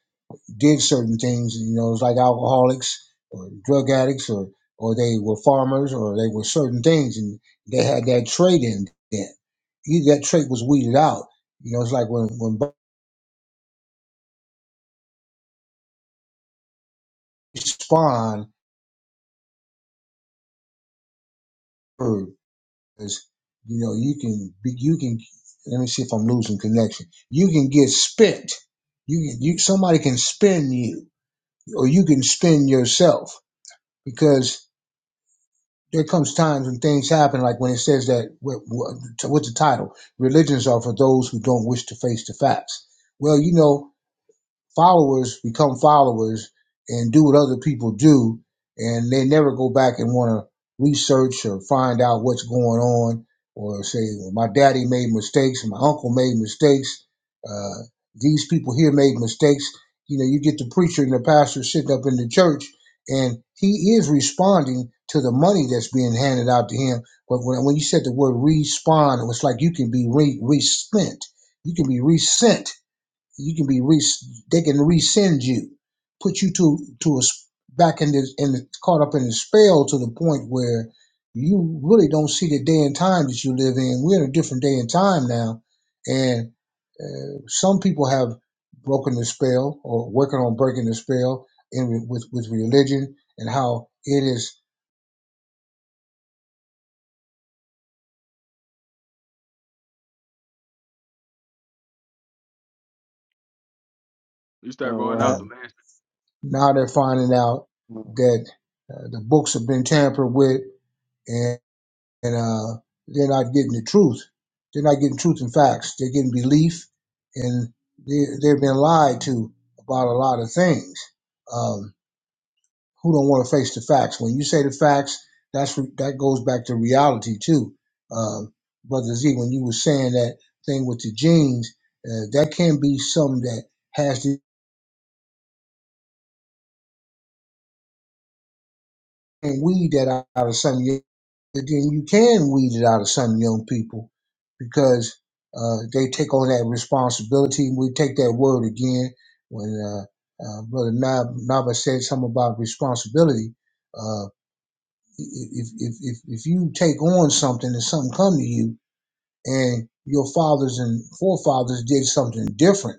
did certain things, you know, it's like alcoholics or drug addicts or or they were farmers or they were certain things and they had that trait in them. Either that trait was weeded out. You know, it's like when when Bugs word is, you know, you can be, you can. Let me see if I'm losing connection. You can get spent. You can- you somebody can spin you, or you can spin yourself because there comes times when things happen, like when it says that what, what- what's the title? Religions are for those who don't wish to face the facts. Well, you know followers become followers and do what other people do, and they never go back and want to research or find out what's going on, or say, well, my daddy made mistakes, my uncle made mistakes, uh, these people here made mistakes. You know, you get the preacher and the pastor sitting up in the church, and he is responding to the money that's being handed out to him. But when, when you said the word respond, it was like you can be re, respent, you can be resent you can be re- they can resend you, put you to to a s- back in this in the, caught up in the spell to the point where you really don't see the day and time that you live in. We're in a different day and time now, and uh, some people have broken the spell or working on breaking the spell in re- with with religion and how it is You start Uh, going what out the um, last. now they're finding out happened? that uh, the books have been tampered with and. and uh, they're not getting the truth. They're not getting truth and facts. They're getting belief, and they, they've been lied to about a lot of things. Um, who don't want to face the facts? When you say the facts, that's that goes back to reality too, um, brother Z. When you were saying that thing with the genes, uh, that can be something that has to and weed that out out of some young then you can weed it out of some young people because uh, they take on that responsibility. We take that word again when uh, uh, Brother Nab- Nava said something about responsibility. Uh, if, if, if, if you take on something and something come to you and your fathers and forefathers did something different,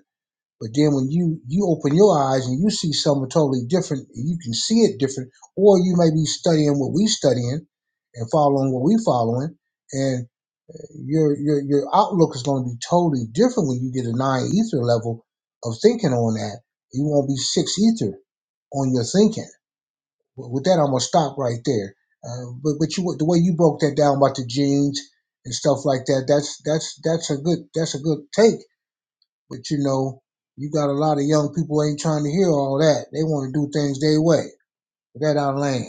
but then when you you open your eyes and you see something totally different, and you can see it different, or you may be studying what we studying and following what we following, and your your your outlook is going to be totally different when you get a nine ether level of thinking on that. You won't be six ether on your thinking. With with that, I'm gonna stop right there. Uh, but but you the way you broke that down about the genes and stuff like that, that's that's that's a good that's a good take but you know, you got a lot of young people ain't trying to hear all that. They want to do things their way. That our land.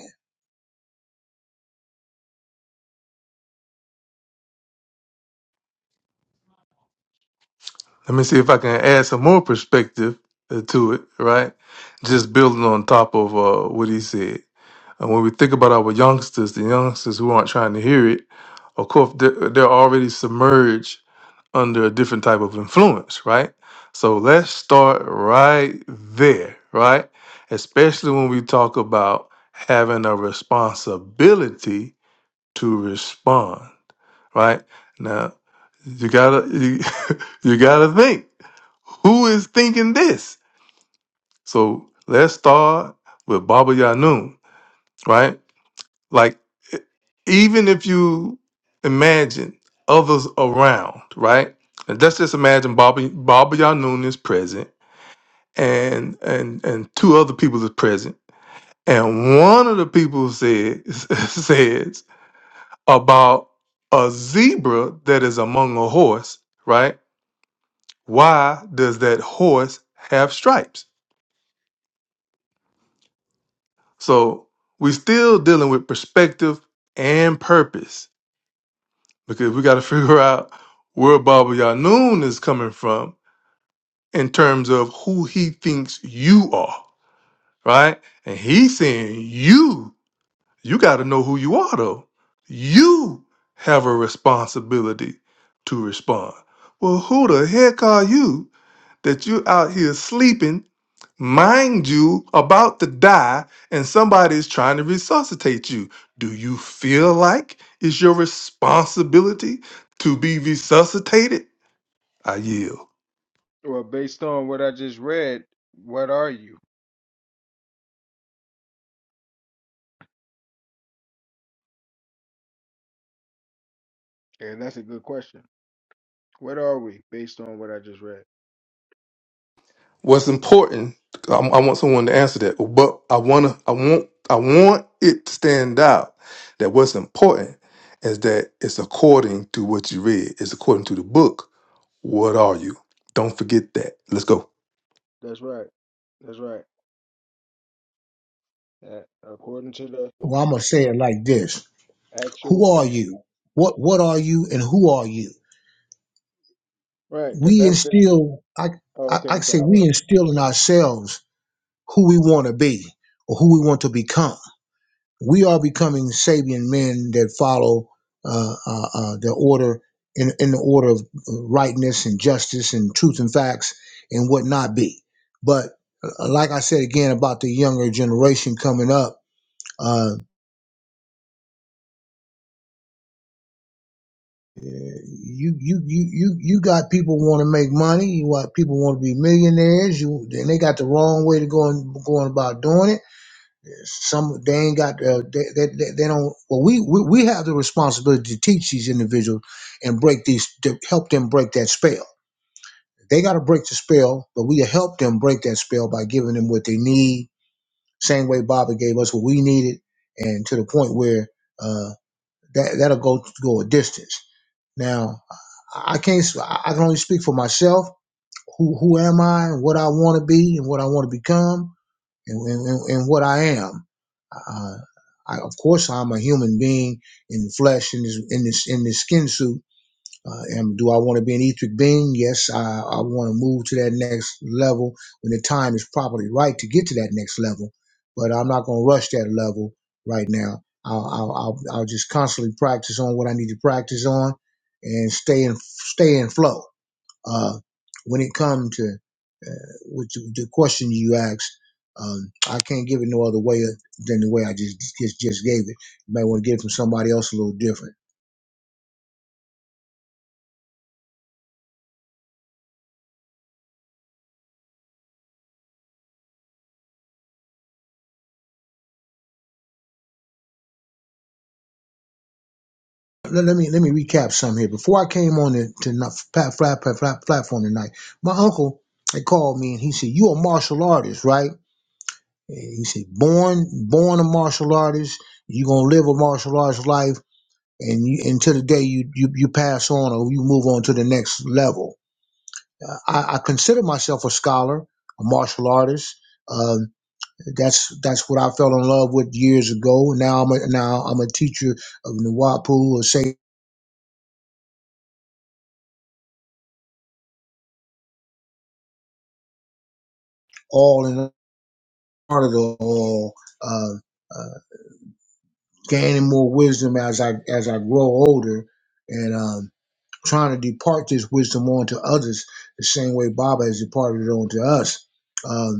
Let me see if I can add some more perspective uh, to it. Right, just building on top of uh, what he said. And when we think about our youngsters, the youngsters who aren't trying to hear it, of course they're, they're already submerged under a different type of influence, right? So let's start right there, right? Especially when we talk about having a responsibility to respond, right? Now, you gotta you, you gotta think who is thinking this. So let's start with Baba Yanun, right? Like e- even if you imagine others around, right? And let's just imagine Bobby Bobby Yanoon is present and and and two other people is present. And one of the people says says about a zebra that is among a horse, right? Why does that horse have stripes? So we're still dealing with perspective and purpose because we got to figure out where Baba Yanun is coming from in terms of who he thinks you are, right? And he's saying you, you got to know who you are, though. You have a responsibility to respond. Well, who the heck are you that you're out here sleeping mind you, about to die, and somebody is trying to resuscitate you. Do you feel like it's your responsibility to be resuscitated? I yield. Well, based on what I just read, what are you? And that's a good question. What are we based on what I just read? What's important? I, I want someone to answer that, but I wanna, I want, I want it to stand out that what's important is that it's according to what you read. It's according to the book. What are you? Don't forget that. Let's go. That's right. That's right. Uh, according to the Well, I'm gonna say it like this: Actual Who are fact. you? What What are you, and who are you? Right, because We that's the. instill. I Oh, I, okay. I I'm say sorry. we Look, instill in ourselves who we want to be or who we want to become. we are becoming Sabian men that follow uh, uh, uh, the order in, in the order of uh, rightness and justice and truth and facts and what not be. But uh, like I said again about the younger generation coming up, uh, you you you you you got people want to make money. You got people want to be millionaires. You and they got the wrong way to go and going about doing it some they ain't got uh, they, they, they they don't well we, we we have the responsibility to teach these individuals and break these to help them break that spell they got to break the spell but we help them break that spell by giving them what they need same way baba gave us what we needed and to the point where uh that that'll go go a distance now i I can't s- i I can only speak for myself who who am i and what i want to be and what i want to become and, and, and what i am uh, I, of course, I'm a human being in the flesh, in this in this in this skin suit. Uh, and do I want to be an etheric being? Yes, I, I want to move to that next level when the time is properly right to get to that next level. But I'm not going to rush that level right now. I'll, I'll, I'll, I'll just constantly practice on what I need to practice on, and stay in stay in flow. Uh, when it comes to uh, which the question you asked, um, I can't give it no other way uh, than the way I just just, just gave it. You might want to get it from somebody else a little different. Let, let me let me recap some here. Before I came on the to not, plat, plat, plat, plat, platform tonight, my uncle had called me and he said, "You a martial artist, right?" And he said, "Born born a martial artist. You gonna live a martial arts life." And you, until the day you, you you pass on or you move on to the next level, Uh, I, I consider myself a scholar, a martial artist. Um, that's that's what I fell in love with years ago. Now I'm a, now I'm a teacher of Nuwapu, or say all in part of the all, uh, uh, gaining more wisdom as I as I grow older, and um, trying to depart this wisdom onto others the same way Baba has departed it onto us. Um,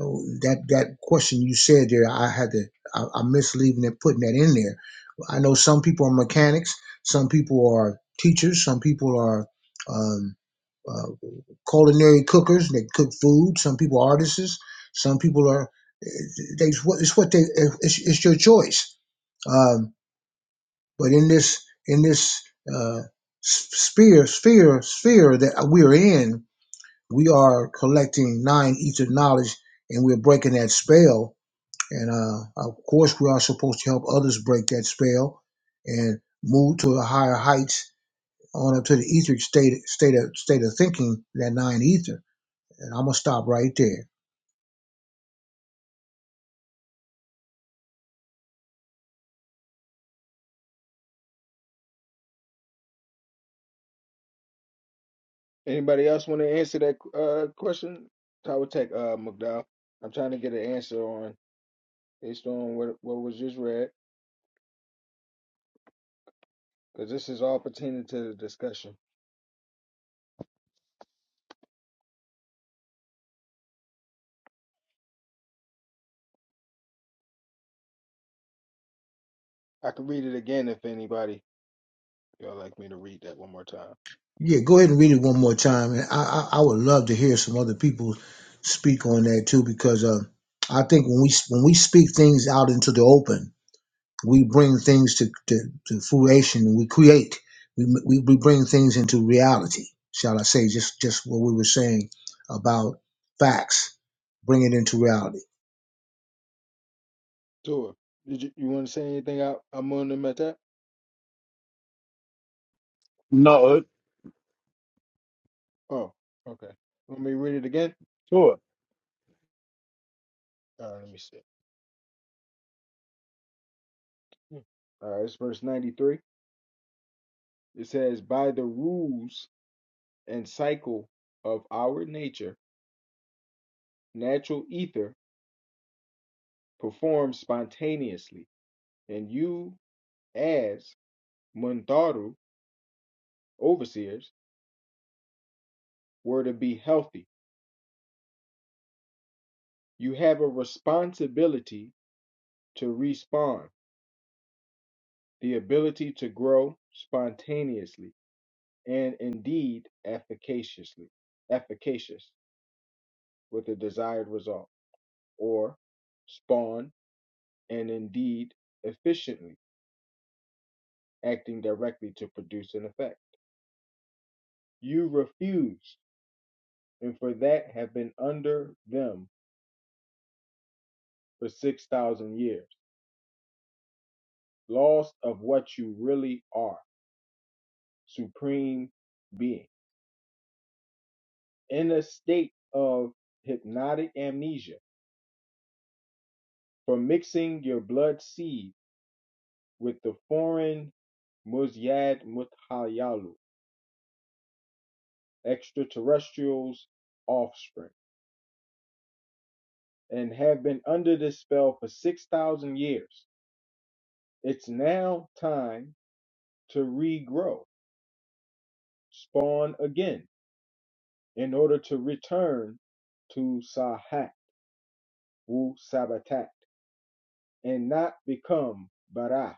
Oh, that that question you said there, I had to, I, I missed leaving it, putting that in there. I know some people are mechanics, some people are teachers, some people are um, uh, culinary cookers. They cook food. Some people are artists. Some people are. They it's what it's what they it's, it's your choice. Um, but in this in this uh, s- sphere sphere sphere that we are in, we are collecting nine ether knowledge, and we're breaking that spell and uh, of course, we are supposed to help others break that spell and move to the higher heights on up to the etheric state state of state of thinking, that nine ether. And I'm gonna stop right there. anybody else want to answer that uh question? I would take uh McDowell. I'm trying to get an answer on based on what what was just read, because this is all pertaining to the discussion. I can read it again if anybody y'all like me to read that one more time. Yeah, go ahead and read it one more time. And I I, I would love to hear some other people speak on that too, because uh, I think when we when we speak things out into the open We bring things to, to, to fruition. We create. We, we, we bring things into reality, shall I say, just, just what we were saying about facts. Bring it into reality. Tua, did you, you want to say anything out? I'm on them at that. No, it- Oh, okay. Want me to read it again? sure, All right, let me see. Hmm. All right, it's verse 93. It says, "By the rules." and cycle of our nature, natural ether performs spontaneously, and you, as Muntaru overseers, were to be healthy. You have a responsibility to respawn the ability to grow spontaneously, and indeed efficaciously, efficacious with the desired result, or spawn and indeed efficiently, acting directly to produce an effect. You refused, and for that have been under them for 6,000 years, lost of what you really are, supreme being, in a state of hypnotic amnesia for mixing your blood seed with the foreign Muzyad Muthayalu, extraterrestrials' offspring, and have been under this spell for 6,000 years. It's now time to regrow, spawn again in order to return to Sahat wu Sabatat and not become Bara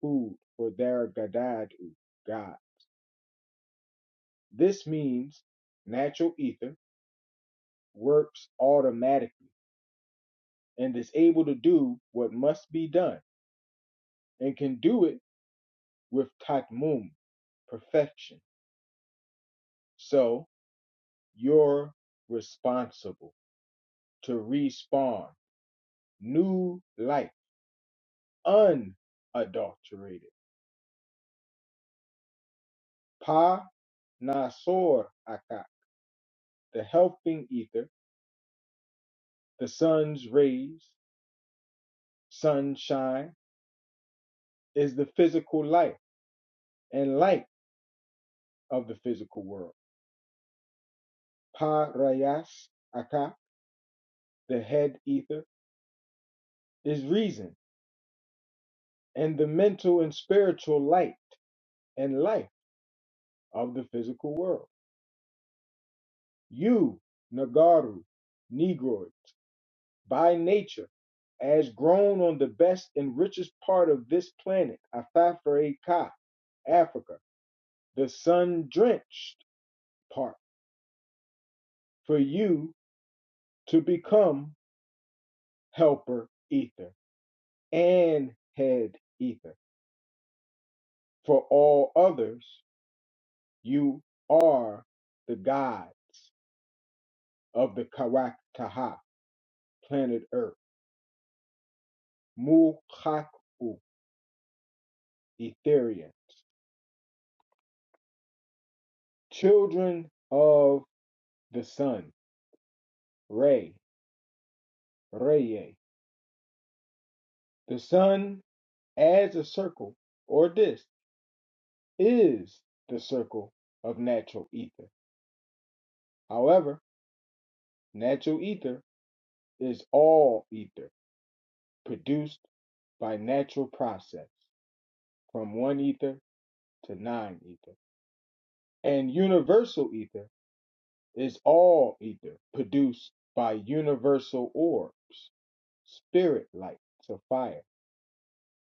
food for their Gadadu God. This means natural ether works automatically and is able to do what must be done and can do it with Tatmum perfection. So you're responsible to respawn new life unadulterated. Pa. Nasor Akat, the helping ether, the sun's rays, sunshine, is the physical life and light of the physical world. Parayas Akat, the head ether, is reason and the mental and spiritual light and life of the physical world. You, Nagaru, Negroids, by nature, as grown on the best and richest part of this planet, Afafre Ka, Africa the sun drenched part for you to become helper ether and head ether. For all others, you are the gods of the Karaktaha, planet Earth, Mukaku, Etherians, children of the sun, Re, Reye. The sun as a circle or disk is the circle of natural ether. However, Natural ether is all ether produced by natural process from one ether to nine ether. And universal ether is all ether produced by universal orbs, spirit light to fire.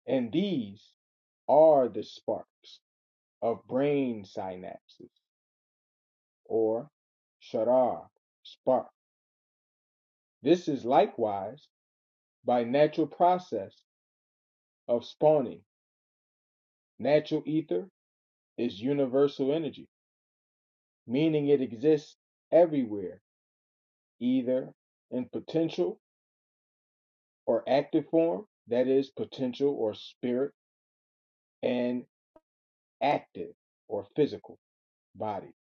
And these are the sparks of brain synapses or sharar spark. This is likewise by natural process of spawning natural ether is universal energy, meaning it exists everywhere, either in potential or active form, that is, potential or spirit, and active or physical body.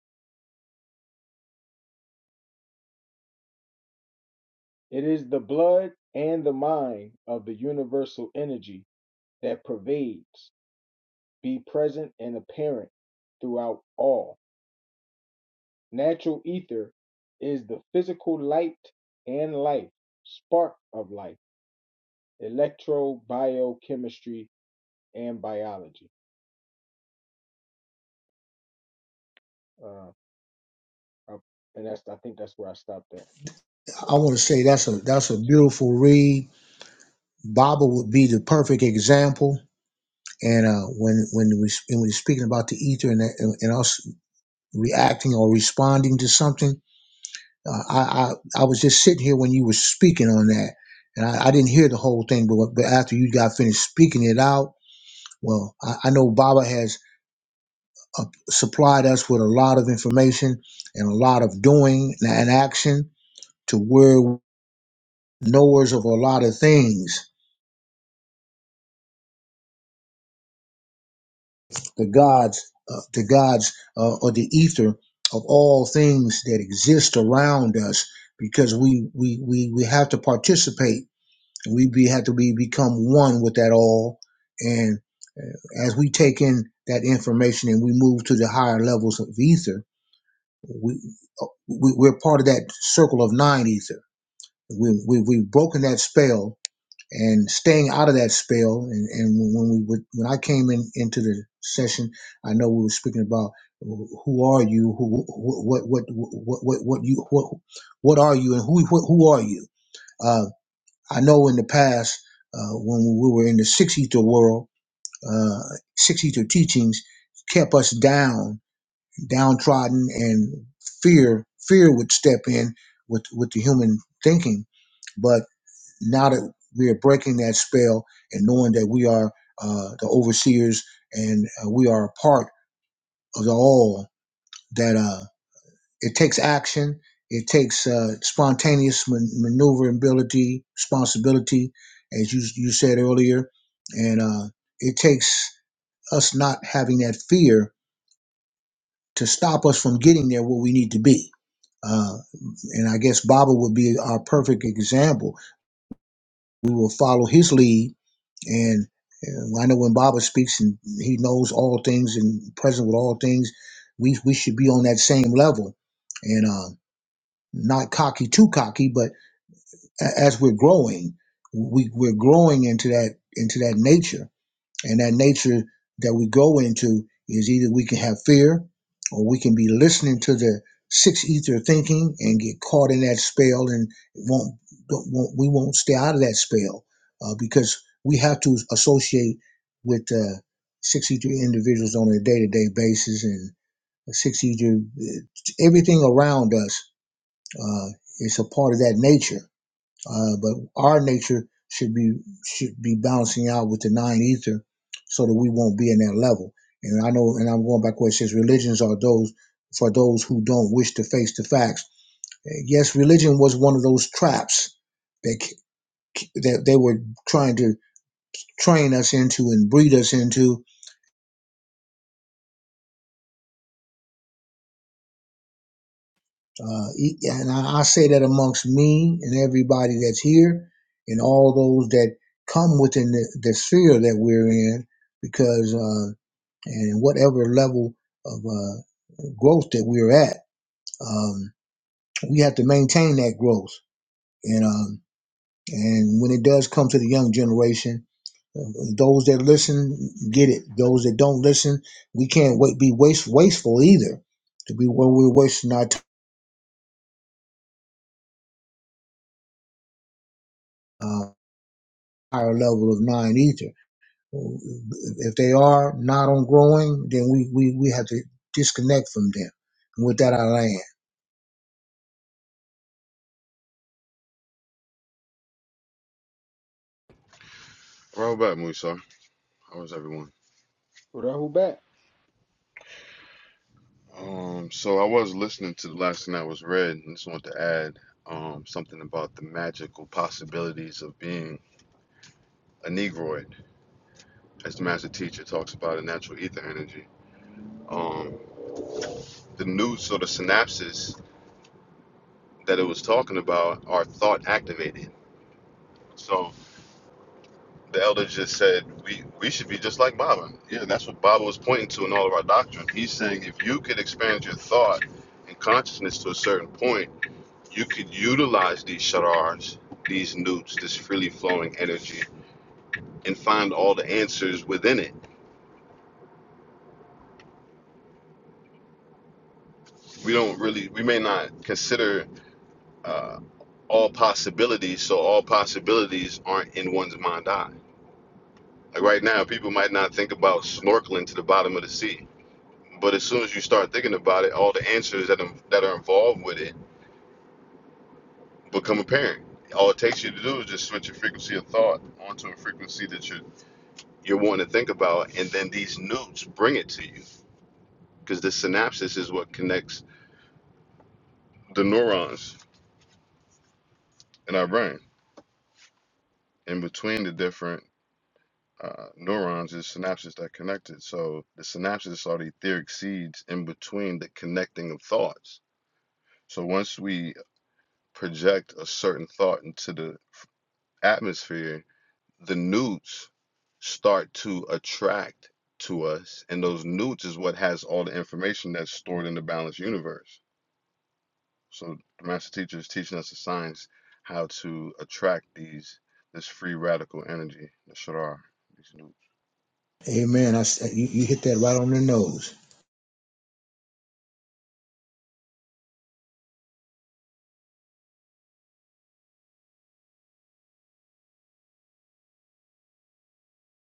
It is the blood and the mind of the universal energy that pervades, be present, and apparent throughout all. Natural ether is the physical light and life, spark of life, electrobiochemistry and biology. Uh, I, and that's I think that's where I stopped at. I want to say that's a that's a So, beautiful read. Baba would be the perfect example. And uh, when when we when we're speaking about the ether and, and, and us reacting or responding to something, uh, I, I I was just sitting here when you were speaking on that, and I, I didn't hear the whole thing, but but after you got finished speaking it out, Well, I, I know Baba has uh, supplied us with a lot of information and a lot of doing and action to where knowers of a lot of things, the gods, uh, the gods, uh, or the ether of all things that exist around us, because we we we, we have to participate. We be, have to be become one with that all, and uh, as we take in that information and we move to the higher levels of ether we, uh, we we're part of that circle of nine ether. We, we we've broken that spell and staying out of that spell. And, and when we would, when I came in into the session, I know we were speaking about who are you, who wh- what what what what what you what what are you, and who who, who are you? Uh, I know in the past uh, when we were in the six ether world, uh, six ether teachings kept us down downtrodden and fear fear would step in with with the human thinking but now that we are breaking that spell and knowing that we are uh, the overseers and uh, we are a part of the all that uh, it takes action it takes uh, spontaneous man- maneuverability responsibility as you you said earlier and uh, it takes us not having that fear to stop us from getting there where we need to be. Uh, and I guess Baba would be our perfect example. We will follow his lead. And uh, I know when Baba speaks and he knows all things and present with all things, we, we should be on that same level and uh, not cocky, too cocky, but a- as we're growing, we, we're growing into that into that nature and that nature that we go into is either we can have fear or we can be listening to the six ether thinking and get caught in that spell and won't, won't we won't stay out of that spell uh, because we have to associate with uh, six ether individuals on a day-to-day basis and six ether everything around us uh, is a part of that nature uh, but our nature should be should be balancing out with the nine ether, so that we won't be in that level. And I know, and I'm going back where it says religions are those for those who don't wish to face the facts. Uh, Yes, religion was one of those traps that that they were trying to train us into and breed us into. Uh, e- and I, I say that amongst me and everybody that's here, and all those that come within the, the sphere that we're in, because. uh, and whatever level of uh, growth that we're at, um, we have to maintain that growth. And um, and when it does come to the young generation, uh, those that listen get it. Those that don't listen, we can't wait, be waste, wasteful either. To be where we're wasting our time, uh, higher level of nine ether. If they are not on growing, then we, we, we have to disconnect from them. And with that, I land. Well back, Musa. How was everyone? Rahul back. Um, so I was listening to the last thing that was read and just wanted to add um something about the magical possibilities of being a Negroid, as the master teacher talks about in natural ether energy. Um, the new sort of synapses that it was talking about are thought activated. So the elder just said we we should be just like Baba. Yeah, that's what Baba was pointing to in all of our doctrine. He's saying if you could expand your thought and consciousness to a certain point You could utilize these shadars, these newts, this freely flowing energy, and find all the answers within it. We don't really, we may not consider uh, all possibilities, so all possibilities aren't in one's mind eye. Like right now, people might not think about snorkeling to the bottom of the sea, but as soon as you start thinking about it, all the answers that are, that are involved with it become apparent. All it takes you to do is just switch your frequency of thought onto a frequency that you're you're wanting to think about, and then these newts bring it to you because the synapses is what connects the neurons in our brain. And between the different uh, neurons is synapses that connect it. So the synapses are the etheric seeds in between the connecting of thoughts. So once we project a certain thought into the atmosphere, the newts start to attract to us, and those newts is what has all the information that's stored in the balanced universe. So the master teacher is teaching us the science how to attract these this free radical energy, the sharar, these new Amen. I, s- you, you hit that right on the nose.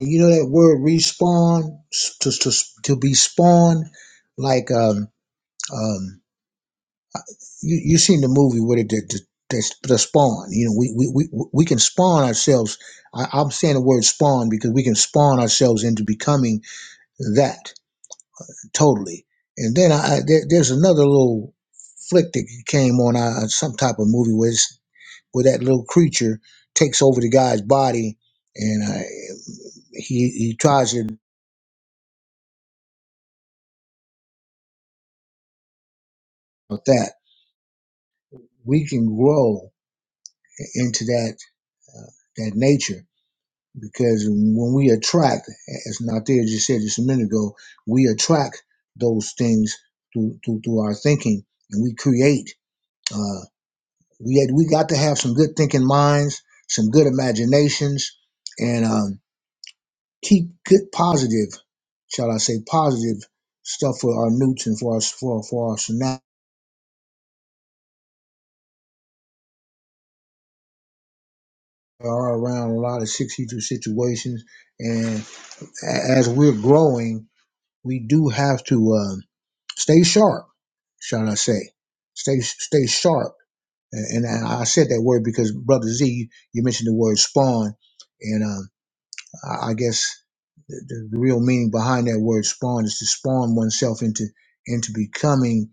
And you know that word respawn to to to be spawned, like um um you you seen the movie where it the, the, the, the spawn. You know we we we we can spawn ourselves. I, I'm saying the word spawn because we can spawn ourselves into becoming that totally. And then I, I there, there's another little flick that came on uh, some type of movie where it's, where that little creature takes over the guy's body and uh, he he tries it with that. We can grow into that uh, that nature because when we attract, as Nathia just said just a minute ago, we attract those things through through, through our thinking, and we create. Uh, we had, we got to have some good thinking minds, some good imaginations, and um, keep good positive, shall I say, positive stuff for our newts and for our for, for our scenario are around a lot of six heater situations, and a- as we're growing. we do have to uh, stay sharp, shall I say? Stay stay sharp. And, and I said that word because Brother Z, you mentioned the word spawn, and um, I I guess the, the the real meaning behind that word spawn is to spawn oneself into into becoming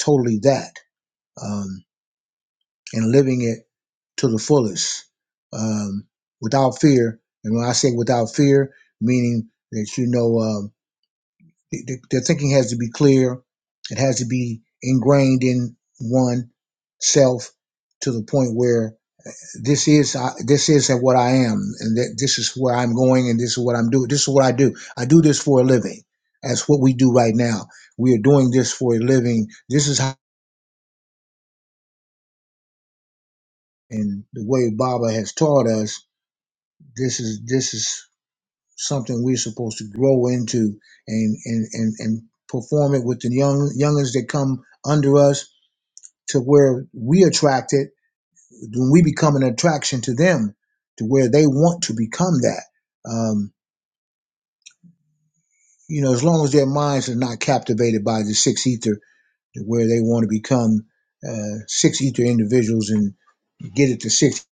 totally that um, and living it to the fullest um, without fear. And when I say without fear, meaning that you know. Um, The- the- Their thinking has to be clear. It has to be ingrained in one self to the point where this is I- this is what I am, and that this is where I'm going, and this is what I'm doing. This is what I do. I do this for a living. That's what we do right now. We are doing this for a living. This is how, and the way Baba has taught us. This is this is something we're supposed to grow into and and and and perform it with the young youngins that come under us to where we attract it when we become an attraction to them to where they want to become that um, you know as long as their minds are not captivated by the six ether to where they want to become uh, six ether individuals and get it to six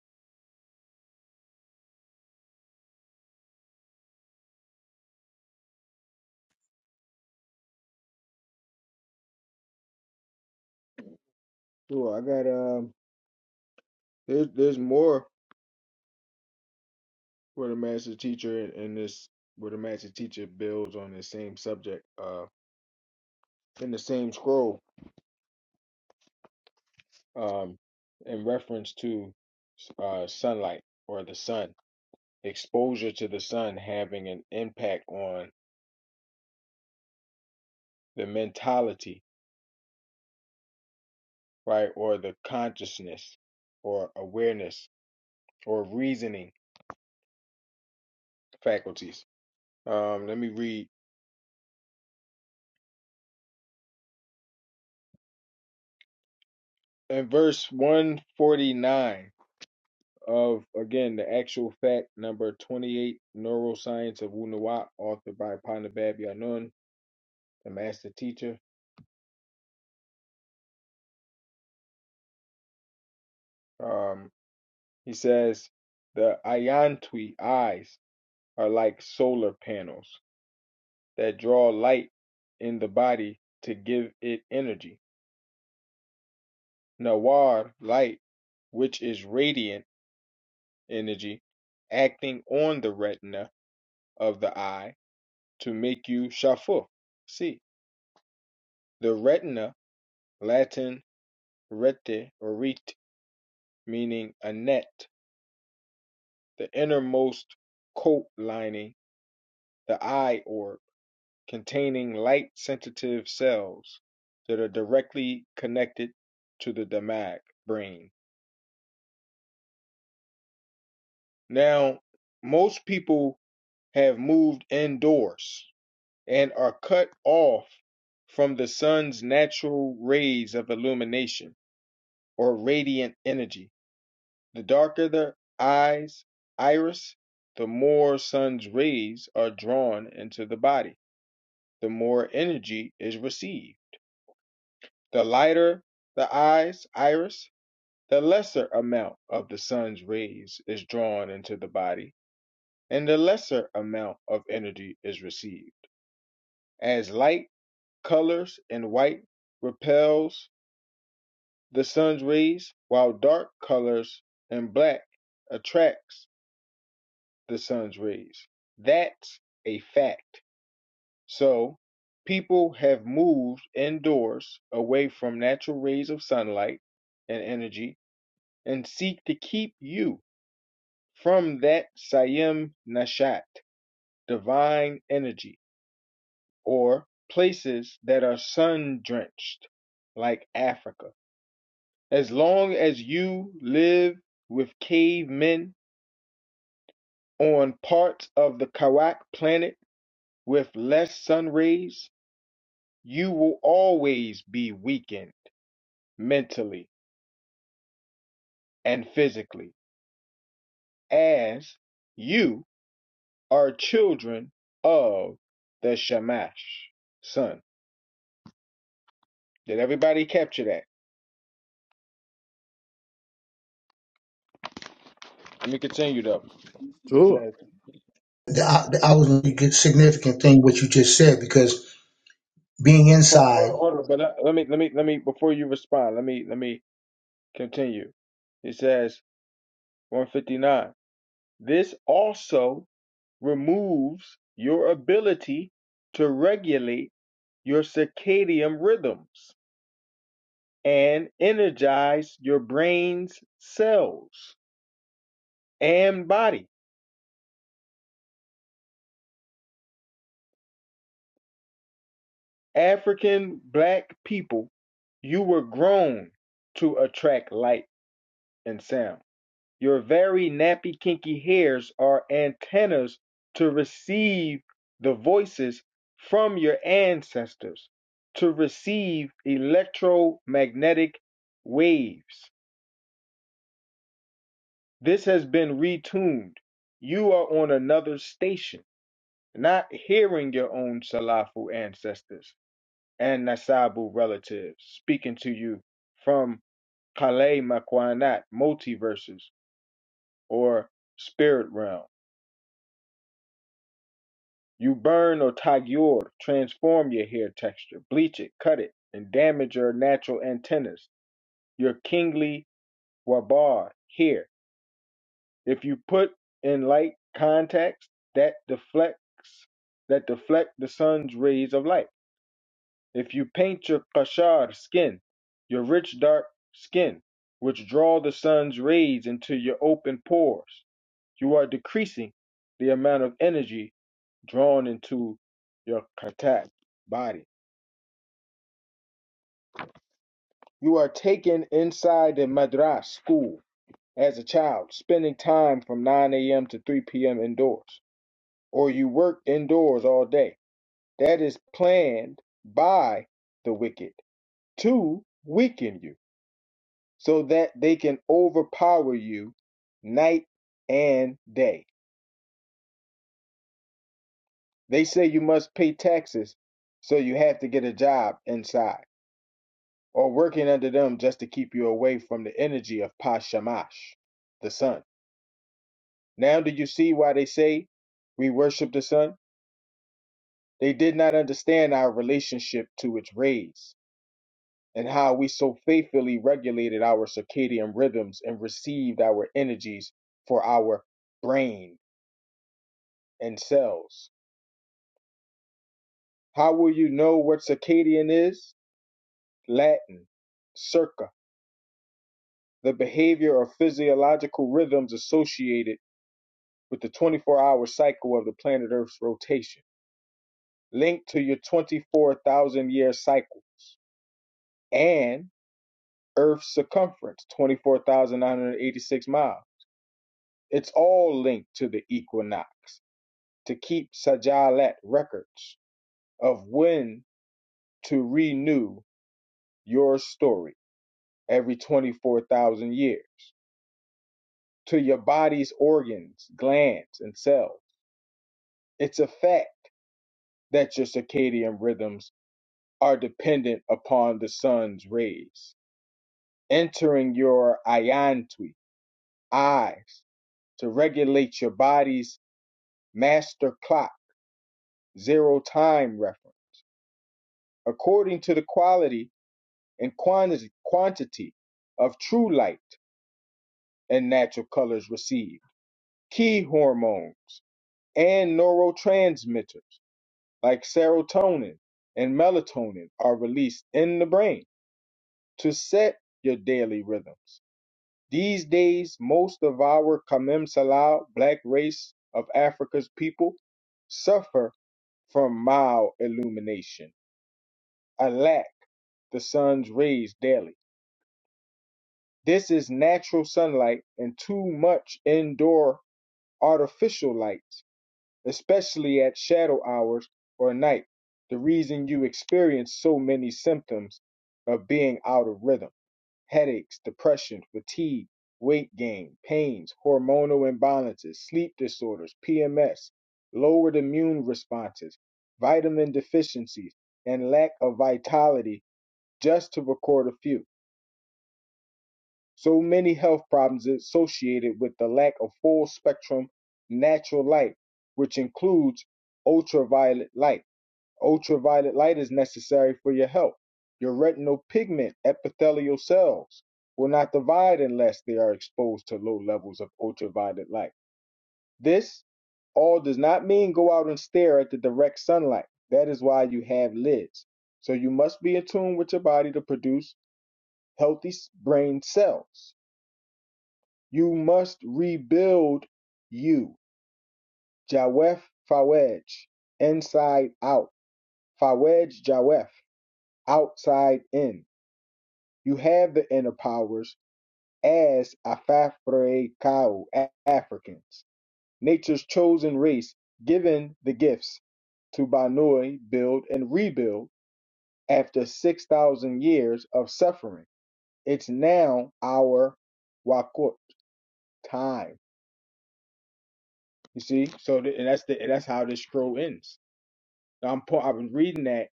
Sure, I got um. There's there's more where the master teacher in, in this where the master teacher builds on the same subject. Uh, in the same scroll. Um, in reference to uh sunlight or the sun. Exposure to the sun having an impact on the mentality, right, or the consciousness, or awareness, or reasoning faculties Um, let me read in verse 149 of again the actual fact number 28 neuroscience of Wunuwap, authored by Panabab Yanun, the master teacher. Um, he says the ayantwi eyes are like solar panels that draw light in the body to give it energy. Nawar light, which is radiant energy, acting on the retina of the eye to make you shafur, see. The retina, Latin rete or rete, meaning a net, the innermost coat lining, the eye orb, containing light sensitive cells that are directly connected to the damag brain. Now, most people have moved indoors and are cut off from the sun's natural rays of illumination or radiant energy The darker the eye's iris, the more sun's rays are drawn into the body, the more energy is received. The lighter the eye's iris, the lesser amount of the sun's rays is drawn into the body, and the lesser amount of energy is received. As light colors and white repels the sun's rays, while dark colors and black attracts the sun's rays. That's a fact. So people have moved indoors away from natural rays of sunlight and energy and seek to keep you from that Sayim Nashat, divine energy, or places that are sun drenched, like Africa. As long as you live with cavemen on parts of the Kawak planet with less sun rays, you will always be weakened mentally and physically as you are children of the Shamash son. Did everybody capture that? Let me continue though. It sure. says- I, I was a good significant thing what you just said because being Hold inside on, hold on, but uh, let me, let me, let me. Before you respond, let me, let me continue. It says 159. This also removes your ability to regulate your circadian rhythms and energize your brain's cells and body. African black people, you were grown to attract light and sound. Your very nappy, kinky hairs are antennas to receive the voices from your ancestors, to receive electromagnetic waves. This has been retuned. You are on another station not hearing your own Salafu ancestors and Nasabu relatives speaking to you from Kale Makwanat multiverses or spirit realm. You burn or tagyur, transform your hair texture, bleach it, cut it, and damage your natural antennas, your kingly wabar hair. If you put in light contacts that deflects that deflect the sun's rays of light If you paint your Kashar skin, your rich dark skin, which draw the sun's rays into your open pores, you are decreasing the amount of energy drawn into your Katat body. You are taken inside the madras school as a child, spending time from 9 a.m. to 3 p.m. indoors, or you work indoors all day. That is planned by the wicked to weaken you. so that they can overpower you night and day. They say you must pay taxes, so you have to get a job inside or working under them just to keep you away from the energy of Pashamash, the sun. Now, do you see why they say we worship the sun? They did not understand our relationship to its rays and how we so faithfully regulated our circadian rhythms and received our energies for our brain and cells How will you know what circadian is? Latin, circa, the behavior or physiological rhythms associated with the 24 hour cycle of the planet Earth's rotation, linked to your 24,000 year cycles and Earth's circumference, 24,986 miles. It's all linked to the equinox to keep Sajalat records of when to renew your story every 24,000 years. to your body's organs, glands, and cells. It's a fact that your circadian rhythms are dependent upon the sun's rays entering your ayantui, eyes, to regulate your body's master clock, zero time reference, according to the quality and quantity, quantity of true light and natural colors received, key hormones, and neurotransmitters. like serotonin and melatonin are released in the brain to set your daily rhythms. These days, most of our Kamim Salau, black race of Africa's people, suffer from mild illumination, a lack the sun's rays daily. This is natural sunlight and too much indoor artificial light especially at shadow hours or night, the reason you experience so many symptoms of being out of rhythm headaches, depression, fatigue, weight gain, pains, hormonal imbalances, sleep disorders, PMS, lowered immune responses, vitamin deficiencies, and lack of vitality, just to record a few. So many health problems associated with the lack of full spectrum natural light, which includes ultraviolet light. Ultraviolet light is necessary for your health. Your retinal pigment epithelial cells will not divide unless they are exposed to low levels of ultraviolet light. This all does not mean go out and stare at the direct sunlight. That is why you have lids. So you must be in tune with your body to produce healthy brain cells. You must rebuild you. Jawef Fawaj, inside out. Fawaj Jawef, outside in. You have the inner powers as Afafre Kau, Africans, nature's chosen race, given the gifts to Banui build and rebuild after 6,000 years of suffering. It's now our Wakut time. You see? So, th- and that's the, and that's how this scroll ends. I'm I've been reading that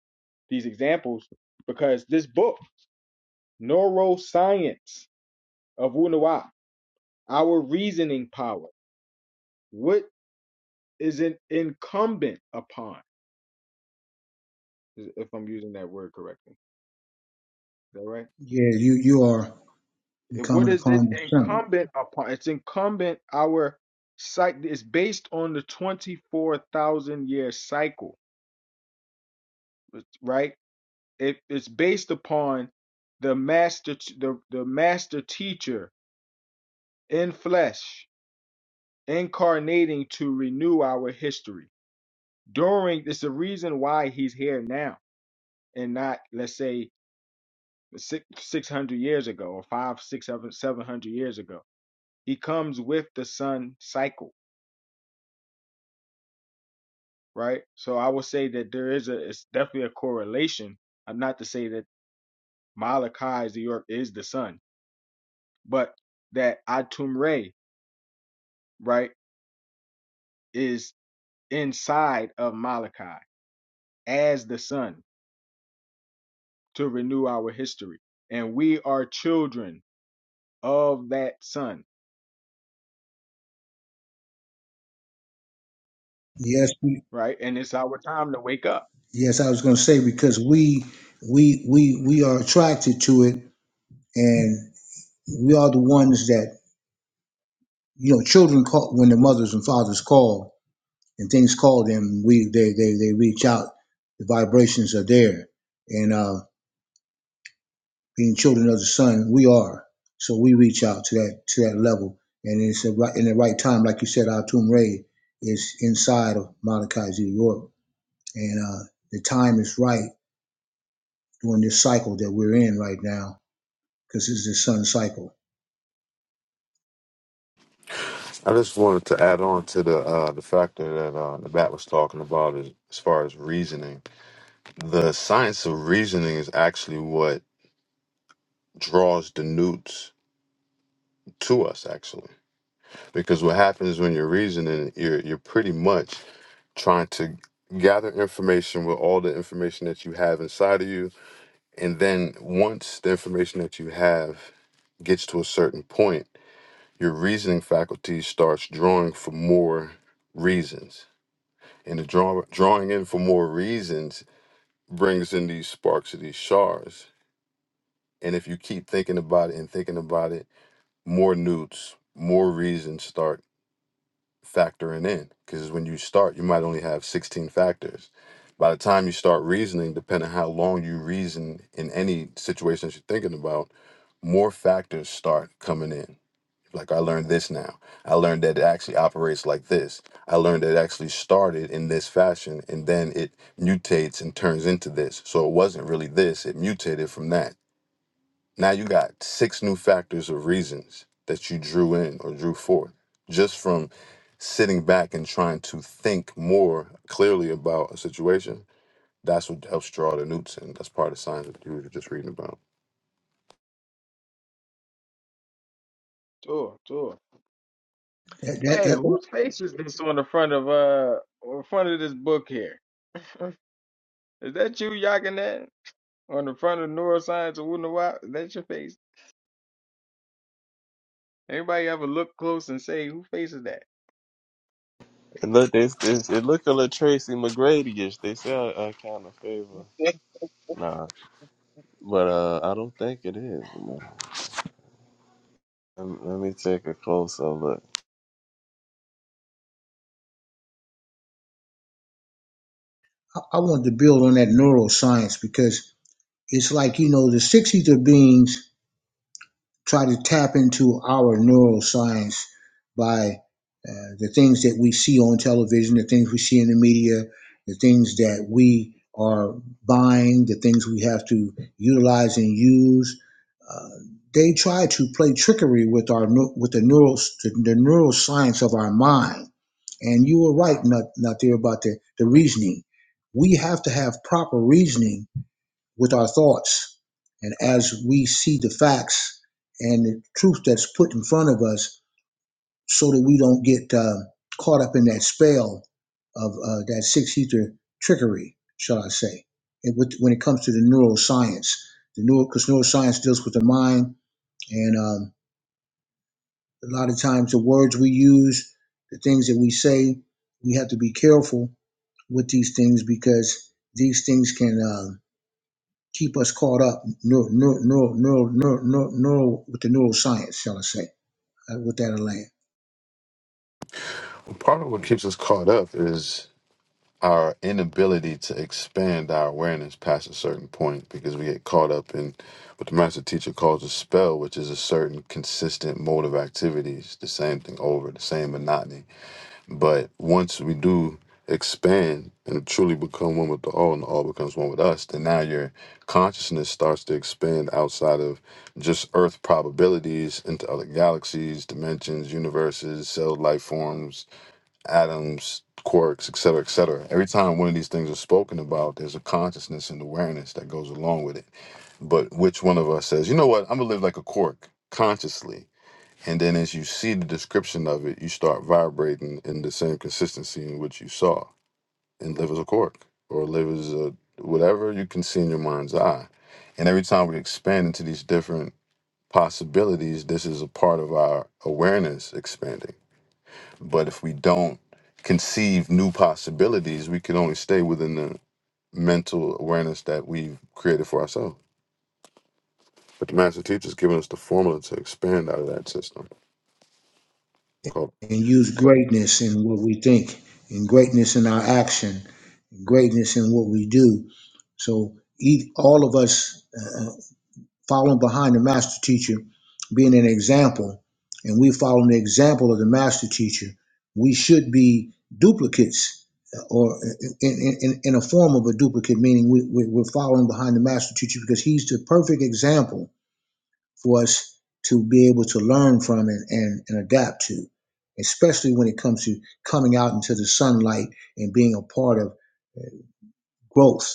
these examples because this book, Neuroscience of Wunuwa, Our Reasoning Power, what is it incumbent upon? If I'm using that word correctly, is that right? yeah you you are And What incumbent is upon it the sun incumbent upon? It's incumbent our cycle It's based on the twenty-four thousand year cycle, right? It, it's based upon the master, the the master teacher in flesh incarnating to renew our history. During it's the reason why he's here now and not let's say six six hundred years ago or five, six, seven, seven hundred years ago. He comes with the sun cycle, right? So I would say that there is a it's definitely a correlation. I'm not to say that Malachi is the York is the sun, but that Atum Re, right, is inside of Malachi as the sun to renew our history. And we are children of that son, yes we, right? And it's our time to wake up. yes i was going to say because we we we we are attracted to it and. we are the ones that you know children call when the mothers and fathers call and things call them we they they, they reach out the vibrations are there and uh being children of the sun we are so we reach out to that to that level and it's a right in the right time like you said our tomb ray is inside of Malachi's new york and uh the time is right during this cycle that we're in right now because it's the sun cycle I just wanted to add on to the uh, the factor that uh, the bat was talking about as, as far as reasoning. The science of reasoning is actually what draws the newts to us, actually, because what happens when you're reasoning, you're you're pretty much trying to gather information with all the information that you have inside of you And then once the information that you have gets to a certain point, your reasoning faculty starts drawing for more reasons. And the draw, drawing in for more reasons brings in these sparks of these shards. And if you keep thinking about it and thinking about it, more newts, more reasons start factoring in. Because when you start, you might only have 16 factors. By the time you start reasoning, depending on how long you reason in any situation that you're thinking about, more factors start coming in. Like I learned this now. I learned that it actually operates like this. I learned that it actually started in this fashion and then it mutates and turns into this. So it wasn't really this, it mutated from that. Now you got six new factors of reasons that you drew in or drew forth just from sitting back and trying to think more clearly about a situation. That's what helps draw the newts in. That's part of the science that you were just reading about. Tour, tour. that, that, Hey, that i whose face is this on the front of uh on front of this book here? is that you Yakinet, On the front of neuroscience of Wunawap? Is that your face? Anybody ever look close and say who face is that? It look, they, they, it look a little Tracy McGrady-ish. They say I, I kind of favor. Nah, but uh, I don't think it is. man. Um, Let me take a closer look. I wanted to build on that neuroscience because it's like you know the 60s beings try to tap into our neuroscience by uh, the things that we see on television the things we see in the media the things that we are buying the things we have to utilize and use uh, they try to play trickery with our with the neural the neuroscience of our mind and you were right not not there about the, the reasoning we have to have proper reasoning with our thoughts. And as we see the facts and the truth that's put in front of us, so that we don't get uh, caught up in that spell of uh, that six ether trickery, shall I say, and with, when it comes to the neuroscience. The neuro, because neuroscience deals with the mind, and um, a lot of times the words we use, the things that we say, we have to be careful with these things because these things can. Um, keep us caught up, no, no, no, no, no, no, no, with the neuroscience, shall I say, uh, with that land, Part of what keeps us caught up is our inability to expand our awareness past a certain point because we get caught up in what the master teacher calls a spell, which is a certain consistent mode of activities, the same thing over, the same monotony. But once we do expand and truly become one with the all and the all becomes one with us, then now your consciousness starts to expand outside of just earth probabilities into other galaxies, dimensions, universes, cell life forms, atoms, quarks, et cetera, et cetera. Every time one of these things is spoken about, there's a consciousness and awareness that goes along with it. But which one of us says, you know what, I'm gonna live like a quark consciously? And then as you see the description of it, you start vibrating in the same consistency in which you saw and live as a quark or live as a whatever you can see in your mind's eye. And every time we expand into these different possibilities, this is a part of our awareness expanding but if we don't conceive new possibilities, we can only stay within the mental awareness that we've created for ourselves. But the master teacher's given us the formula to expand out of that system. Cool. and use greatness in what we think, and greatness in our action, greatness in what we do. So eat all of us. uh, following behind the master teacher, being an example, and we follow the example of the master teacher, we should be duplicates uh, or uh, in, in, in a form of a duplicate, meaning we, we, we're following behind the master teacher because he's the perfect example for us to be able to learn from and, and, and adapt to, especially when it comes to coming out into the sunlight and being a part of growth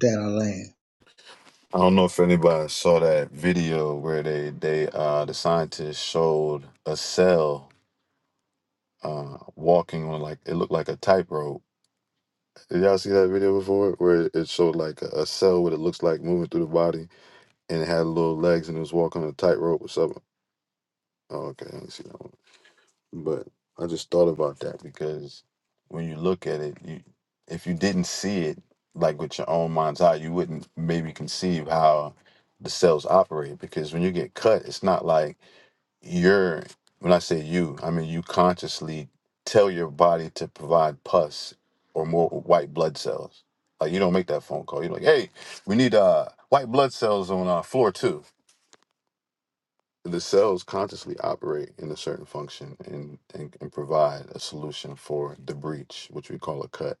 that our land. I don't know if anybody saw that video where they they uh the scientists showed a cell uh walking on like it looked like a tightrope. Did y'all see that video before where it showed like a, a cell what it looks like moving through the body and it had little legs and it was walking on a tightrope or something? Oh, okay, I didn't see that one. But I just thought about that because when you look at it, you if you didn't see it like with your own mind's eye, you wouldn't maybe conceive how the cells operate. Because when you get cut, it's not like you're when I say you, I mean you consciously tell your body to provide pus or more white blood cells. Like you don't make that phone call. You're like, hey, we need uh white blood cells on uh, floor two the cells consciously operate in a certain function and, and and provide a solution for the breach, which we call a cut.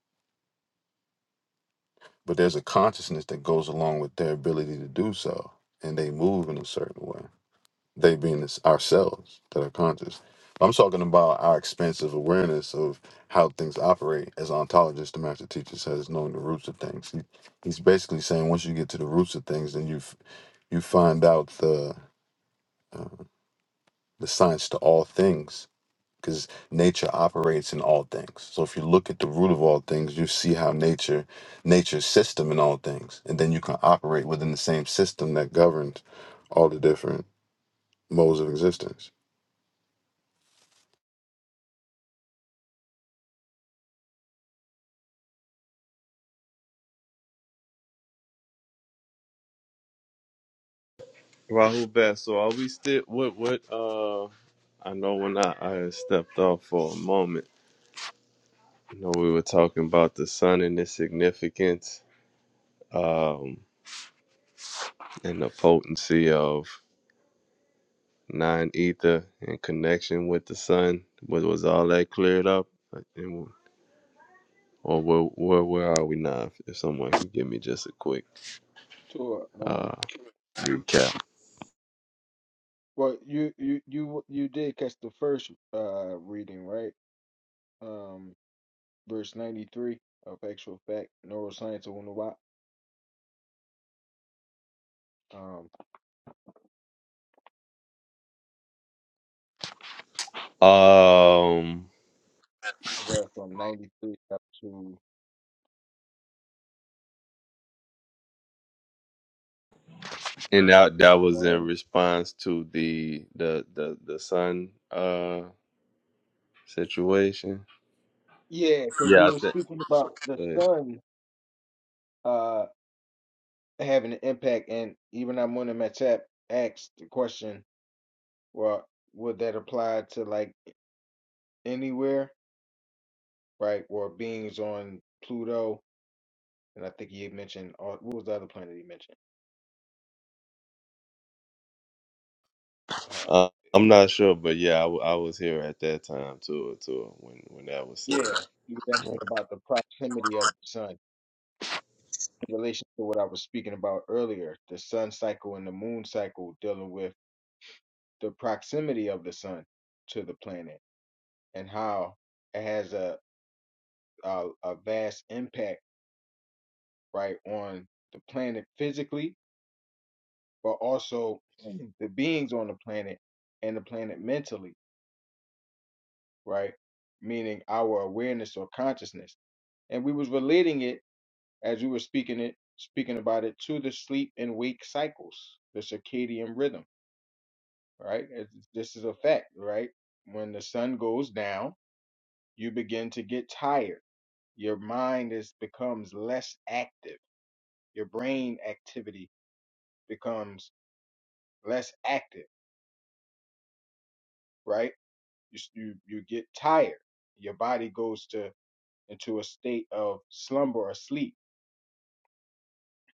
But there's a consciousness that goes along with their ability to do so, and they move in a certain way. They being this, ourselves that are conscious. I'm talking about our expansive awareness of how things operate. As an ontologist, the master teacher says, knowing the roots of things. He, he's basically saying once you get to the roots of things, then you f- you find out the uh, the science to all things because nature operates in all things. So if you look at the root of all things, you see how nature, nature's system in all things, and then you can operate within the same system that governs all the different modes of existence. Rahul Best. So are we still? What? What? Uh, I know when I I stepped off for a moment. You know we were talking about the sun and its significance, um, and the potency of nine ether in connection with the sun. Was was all that cleared up? Or where where where are we now? If, someone could give me just a quick Tour, um, uh recap. well, you you you you did catch the first uh reading, right? Um, verse ninety three of Actual Fact Neuroscience of Wunawap. Um, Um I read from 93 up to and that that was in 1. response to the the the the sun uh situation. Yeah, because we Yeah, I were think speaking about the but, sun uh, having an impact, and even Amun Matap asked the question, well, would that apply to like anywhere, right? Or beings on Pluto? And I think he had mentioned, uh, what was the other planet he mentioned? Uh, uh, I'm not sure, but yeah, I, w- I was here at that time too, too when when that was said. yeah, he was Right. asking about the proximity of the sun in relation to what I was speaking about earlier, the sun cycle and the moon cycle dealing with the proximity of the sun to the planet and how it has a a, a vast impact right on the planet physically but also the beings on the planet and the planet mentally right meaning our awareness or consciousness and we was relating it as we were speaking it speaking about it to the sleep and wake cycles the circadian rhythm right It's- this is a fact right when the sun goes down you begin to get tired your mind is becomes less active your brain activity becomes less active right you s- you, you get tired your body goes to into a state of slumber or sleep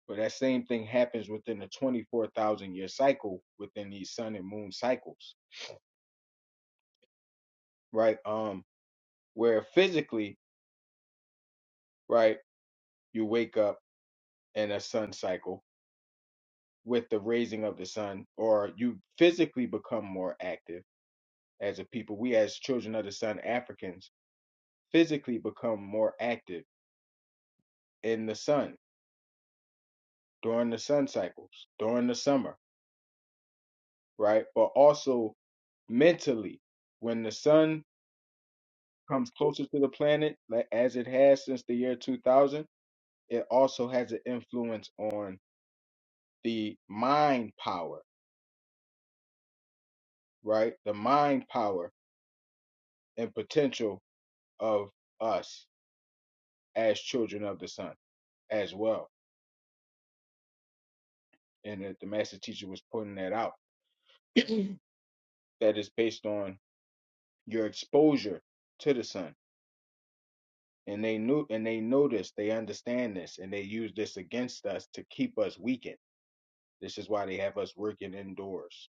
but that same thing happens within the 24,000 year cycle within these sun and moon cycles right um where physically right you wake up in a sun cycle with the raising of the sun or you physically become more active as a people, we as children of the sun Africans physically become more active in the sun during the sun cycles, during the summer, right? But also mentally, when the sun comes closer to the planet, like as it has since the year 2000, it also has an influence on the mind power, right? The mind power and potential of us as children of the sun as well. And that the master teacher was pointing that out. that is based on your exposure to the sun. And they knew and they know this, they understand this, and they use this against us to keep us weakened. This is why they have us working indoors,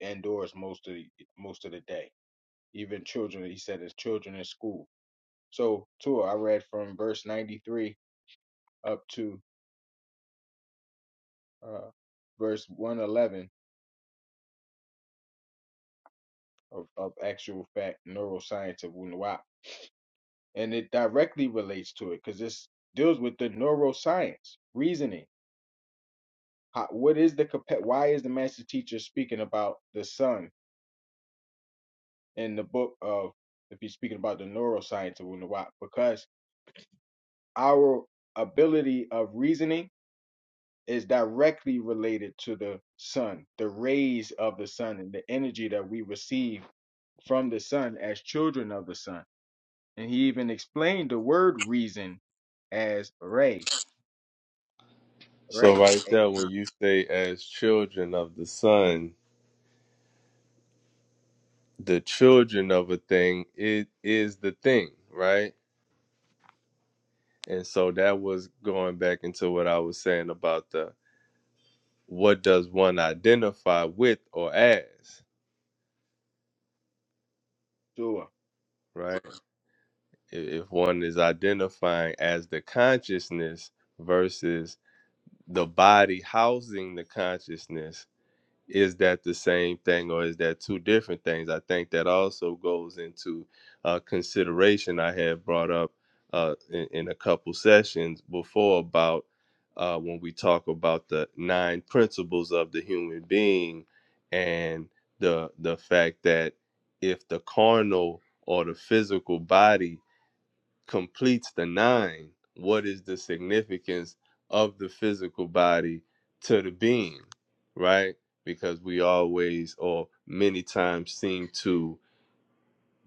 indoors most of the most of the day. Even children, he said as children in school. So Tua, I read from verse ninety three up to uh verse one eleven of, of actual fact neuroscience of Wunuwap. And it directly relates to it because this deals with the neuroscience, reasoning How, what is the compa- why is the master teacher speaking about the sun in the book of if he's speaking about the neuroscience of Wunuwap? Because our ability of reasoning is directly related to the sun, the rays of the sun, and the energy that we receive from the sun as children of the sun. And he even explained the word reason as ray, So ray, right a there, when sun. you say as children of the sun, the children of a thing, it is the thing, right? And so that was going back into what I was saying about the what does one identify with or as, right? Right. If one is identifying as the consciousness versus the body housing the consciousness, is that the same thing or is that two different things? I think that also goes into uh, consideration I had brought up uh, in, in a couple sessions before about uh, when we talk about the nine principles of the human being and the the fact that if the carnal or the physical body completes the nine. What is the significance of the physical body to the being, right? Because we always or many times seem to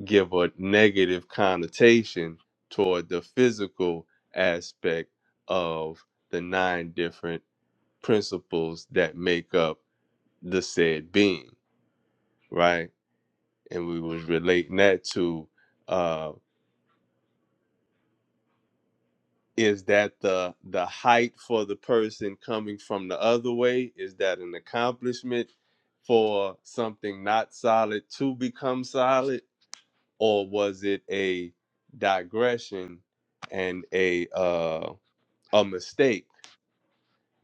give a negative connotation toward the physical aspect of the nine different principles that make up the said being, right? And we was relating that to uh, is that the the height for the person coming from the other way is that an accomplishment for something not solid to become solid or was it a digression and a uh a mistake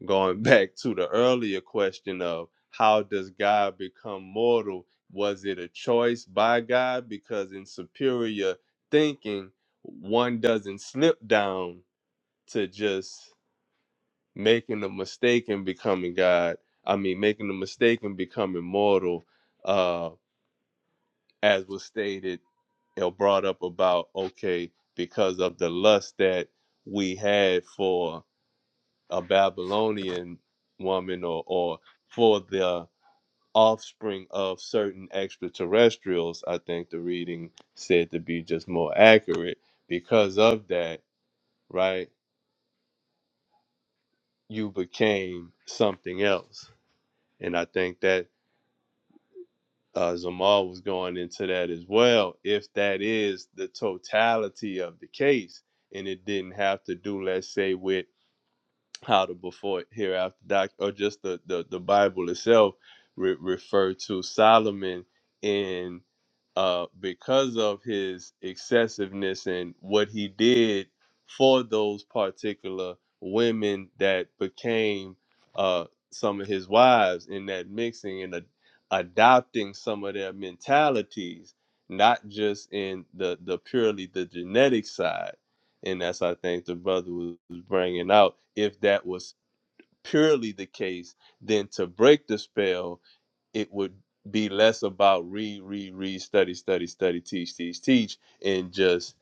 going back to the earlier question of how does god become mortal was it a choice by god because in superior thinking one doesn't slip down to just making a mistake and becoming God. I mean, making a mistake and becoming mortal, uh, as was stated or brought up about, okay, because of the lust that we had for a Babylonian woman or, or for the offspring of certain extraterrestrials, I think the reading said to be just more accurate. Because of that, right, you became something else. And I think that uh, Zamal was going into that as well. If that is the totality of the case, and it didn't have to do, let's say, with how the before hereafter doc or just the the, the bible itself re- refer to solomon in uh because of his excessiveness and what he did for those particular women that became uh some of his wives in that mixing and a, adopting some of their mentalities not just in the the purely the genetic side and that's I think the brother was bringing out. If that was purely the case, then to break the spell, it would be less about read, read, read, study, study, study, teach, teach, teach, and just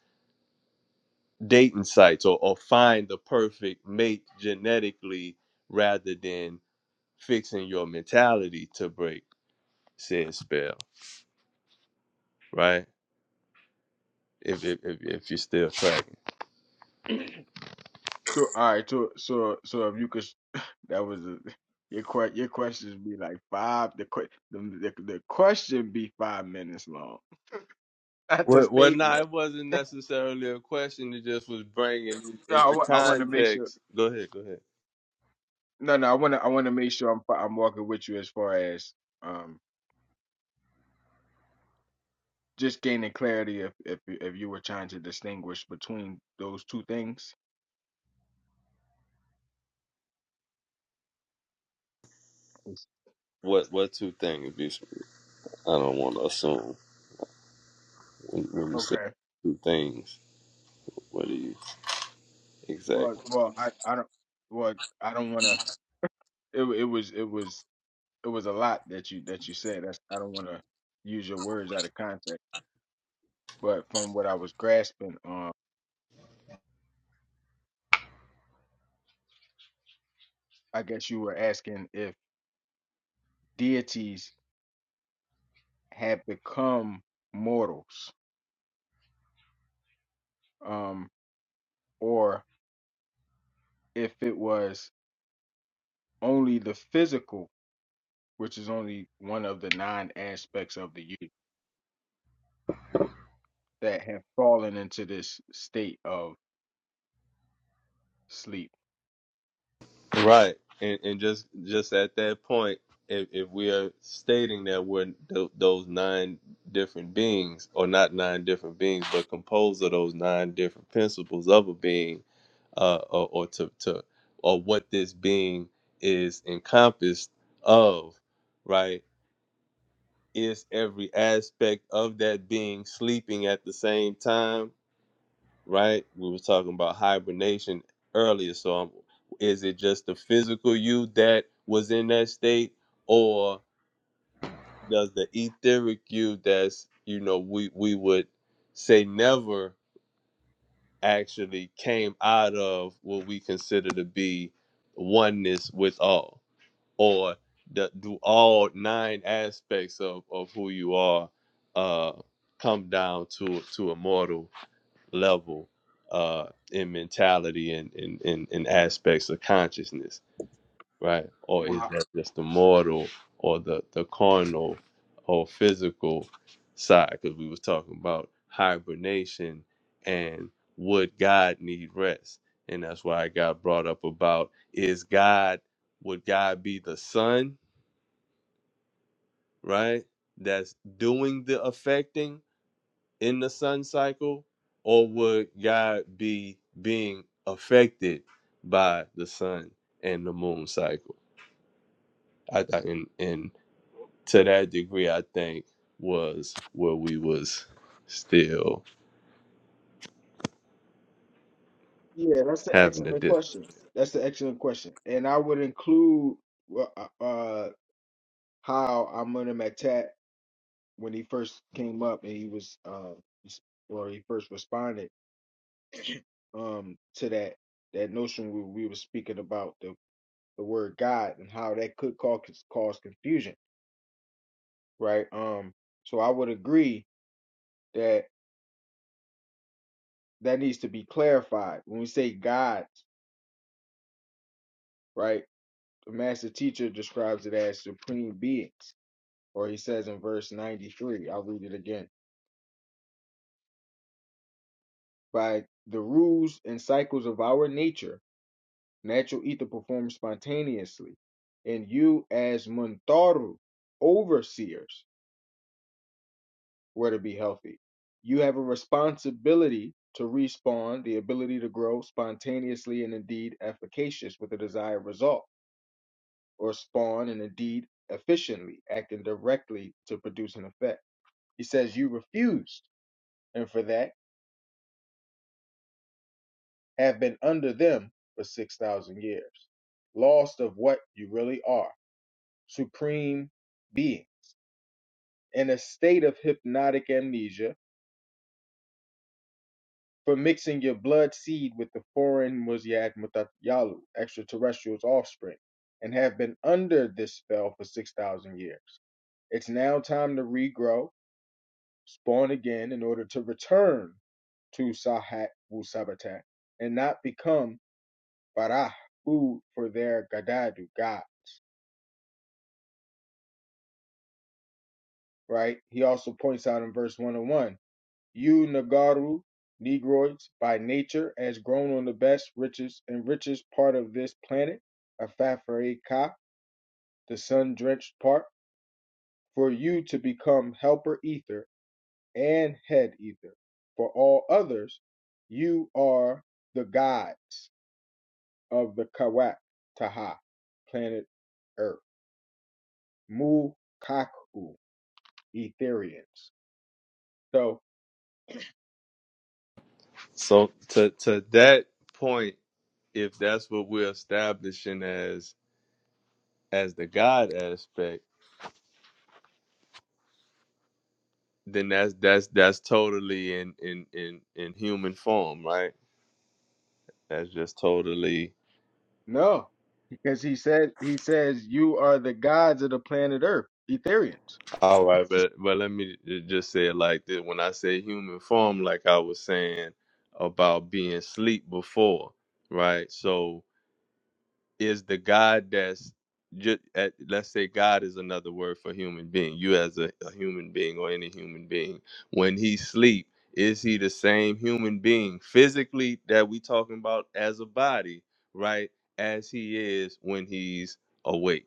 dating sites or, or find the perfect mate genetically rather than fixing your mentality to break said spell, right? If if if, if you're still tracking. So all right, so so so if you could, that was a, your que your questions be like five. The que the, the the question be five minutes long. That's the Well, well, no, statement. it wasn't necessarily a question. It just was bringing it No, I, into wa- I want to make sure. context. Go ahead, go ahead. No, no, I want to I want to make sure I'm fi- I'm walking with you as far as um just gaining clarity if if if you were trying to distinguish between those two things. Yes. What what two things? You should- I don't want to assume when, when you say Okay. two things. What do you Well, exactly? well, I I don't well I don't want to. It wa- it was it was. it was a lot that you that you said. That's I don't want to use your words out of context, but from what I was grasping, um, I guess you were asking if deities had become mortals, um, or if it was only the physical, which is only one of the nine aspects of the youth that have fallen into this state of sleep. Right, and and just just at that point, if if we are stating that we're th- those nine different beings, or not nine different beings, but composed of those nine different principles of a being, uh, or, or to, to or what this being is encompassed of, right? Is every aspect of that being sleeping at the same time, right? We were talking about hibernation earlier, so I'm, is it just the physical you that was in that state, or does the etheric you that's you know we we would say never actually came out of what we consider to be oneness with all, or the, do all nine aspects of, of who you are uh, come down to to a mortal level uh, in mentality and in, in, in aspects of consciousness right? Or is Wow. that just the mortal or the the carnal or physical side? Because we was talking about hibernation and would God need rest, and that's why I got brought up about is God would God be the sun, right? That's doing the affecting in the sun cycle, or would God be being affected by the sun and the moon cycle? I, I and, and to that degree i think was where we was still Yeah, that's an having a excellent difference question. That's an excellent question, and I would include. uh, uh how I met him at Tat when he first came up and he was uh s- or he first responded um to that that notion we, we were speaking about the the word God and how that could cause cause confusion, right? Um, so I would agree that that needs to be clarified when we say gods, right? The master teacher describes it as supreme beings, or he says in verse 93, I'll read it again. By the rules and cycles of our nature, Natural ether performs spontaneously, and you, as Muntaru, overseers, were to be healthy. You have a responsibility to respawn the ability to grow spontaneously and indeed efficacious with the desired result, or spawn and indeed efficiently, acting directly to produce an effect. He says, You refused, and for that have been under them for 6,000 years, lost of what you really are, supreme being in a state of hypnotic amnesia for mixing your blood seed with the foreign Muziad Mutatyalu, extraterrestrial's offspring, and have been under this spell for 6,000 years. It's now time to regrow, spawn again in order to return to Sahat Wu Sabatat and not become Barah, food for their Gadadu, God, right? He also points out in verse 101 You Nagaru Negroids by nature as grown on the best, richest, and richest part of this planet, Afafre Ka, the sun drenched part, for you to become helper ether and head ether. For all others, you are the gods of the Kawak Taha, planet Earth. Mu Kaku, Etherians. So so to to that point if that's what we're establishing as as the god aspect then that's that's that's totally in in in in human form right that's just totally No, because he said he says you are the gods of the planet Earth, Etherians. all right but but let me ju- just say it like this when i say human form like i was saying about being sleep before right so is the God that's just at, let's say God is another word for human being. You as a, a human being or any human being, when he sleep, is he the same human being physically that we talking about as a body, right? As he is when he's awake.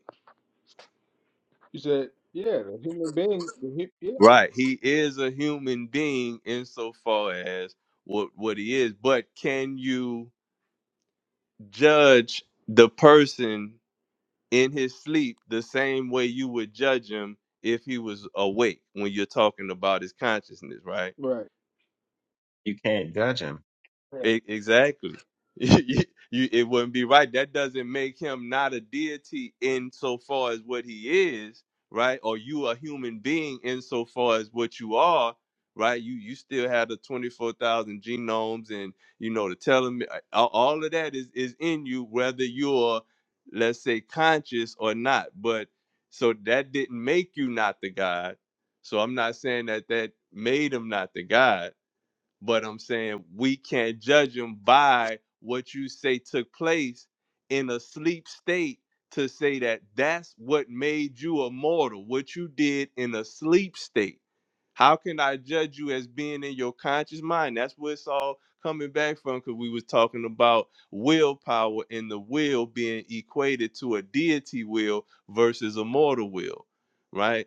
You said, yeah, the human being, the hu- yeah, Right. He is a human being insofar as what what he is, but can you judge the person in his sleep the same way you would judge him if he was awake when you're talking about his consciousness, right? right, You can't judge him. right, E- Exactly. you, you- it wouldn't be right. That doesn't make him not a deity insofar as what he is, right? Or you a human being insofar as what you are, right? You you still have the twenty four thousand genomes, and you know the telomere. All all of that is is in you, whether you're let's say conscious or not. But so that didn't make you not the God. So I'm not saying that that made him not the God but I'm saying we can't judge them by what you say took place in a sleep state to say that that's what made you immortal, what you did in a sleep state. How can I judge you as being in your conscious mind? That's where it's all coming back from because we was talking about willpower and the will being equated to a deity will versus a mortal will, right?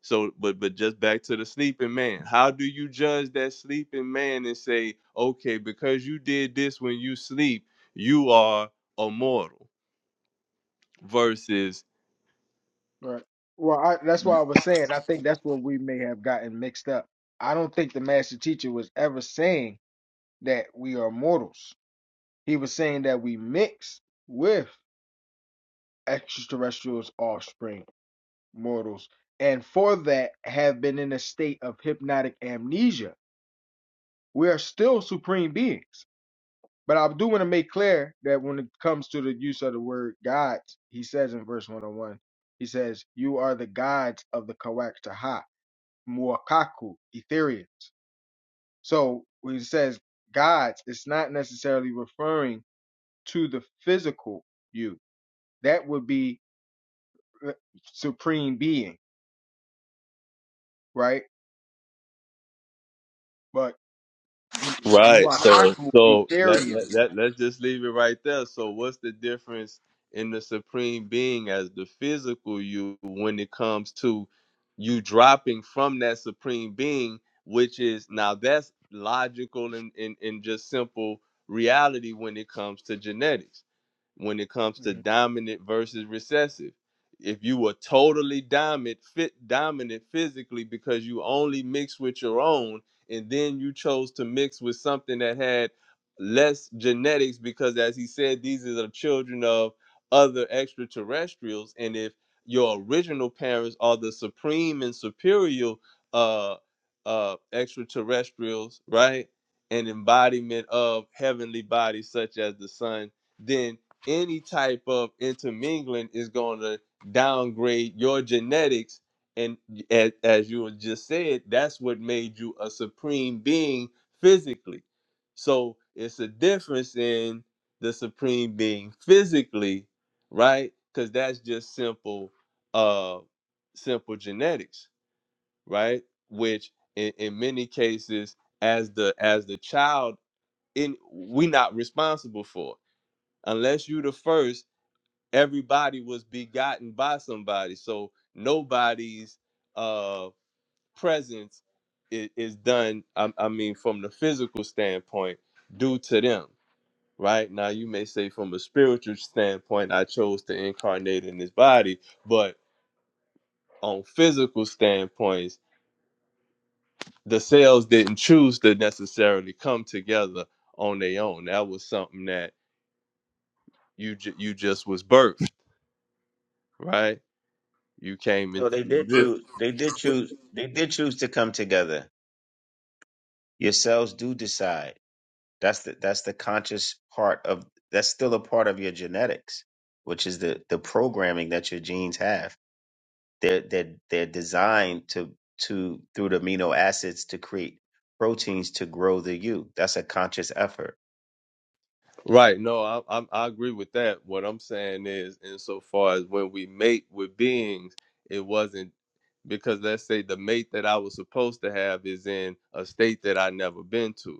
So, but but just back to the sleeping man. How do you judge that sleeping man and say, okay, because you did this when you sleep, you are immortal? Versus right. Well, I, that's why I was saying. I think that's where we may have gotten mixed up. I don't think the master teacher was ever saying that we are mortals. He was saying that we mix with extraterrestrials, offspring, mortals, and for that have been in a state of hypnotic amnesia. We are still supreme beings. But I do want to make clear that when it comes to the use of the word gods, he says in verse 101, he says, You are the gods of the Kawaktaha, Muakaku, Etherians. So when he says gods, it's not necessarily referring to the physical you. That would be uh, supreme being, right? But Right. So Muakaku, so let, Etherians. let, let, let's just leave it right there. So what's the difference in the supreme being as the physical you when it comes to you dropping from that supreme being, which is now that's logical and, and, and just simple reality when it comes to genetics when it comes to Mhm. dominant versus recessive. If you were totally dominant, fit dominant physically because you only mixed with your own, and then you chose to mix with something that had less genetics, because as he said, these are the children of other extraterrestrials. And if your original parents are the supreme and superior uh uh extraterrestrials, right? An embodiment of heavenly bodies such as the sun, then any type of intermingling is going to downgrade your genetics and as, as you just said that's what made you a supreme being physically so it's a difference in the supreme being physically right because that's just simple uh simple genetics right which in, in many cases as the as the child in we not responsible for unless you the first everybody was begotten by somebody so nobody's uh presence is, is done I, I mean from the physical standpoint due to them right now you may say from a spiritual standpoint i chose to incarnate in this body but on physical standpoints the cells didn't choose to necessarily come together on their own that was something that you ju- you just was birthed right you came No, into they did this. choose. They did choose. They did choose to come together. Yourselves do decide. That's the that's the conscious part of that's still a part of your genetics, which is the the programming that your genes have. They're they're they're designed to to through the amino acids to create proteins to grow the you. That's a conscious effort. Right. No, I, I I agree with that. What I'm saying is, insofar as when we mate with beings, it wasn't because let's say the mate that I was supposed to have is in a state that I never been to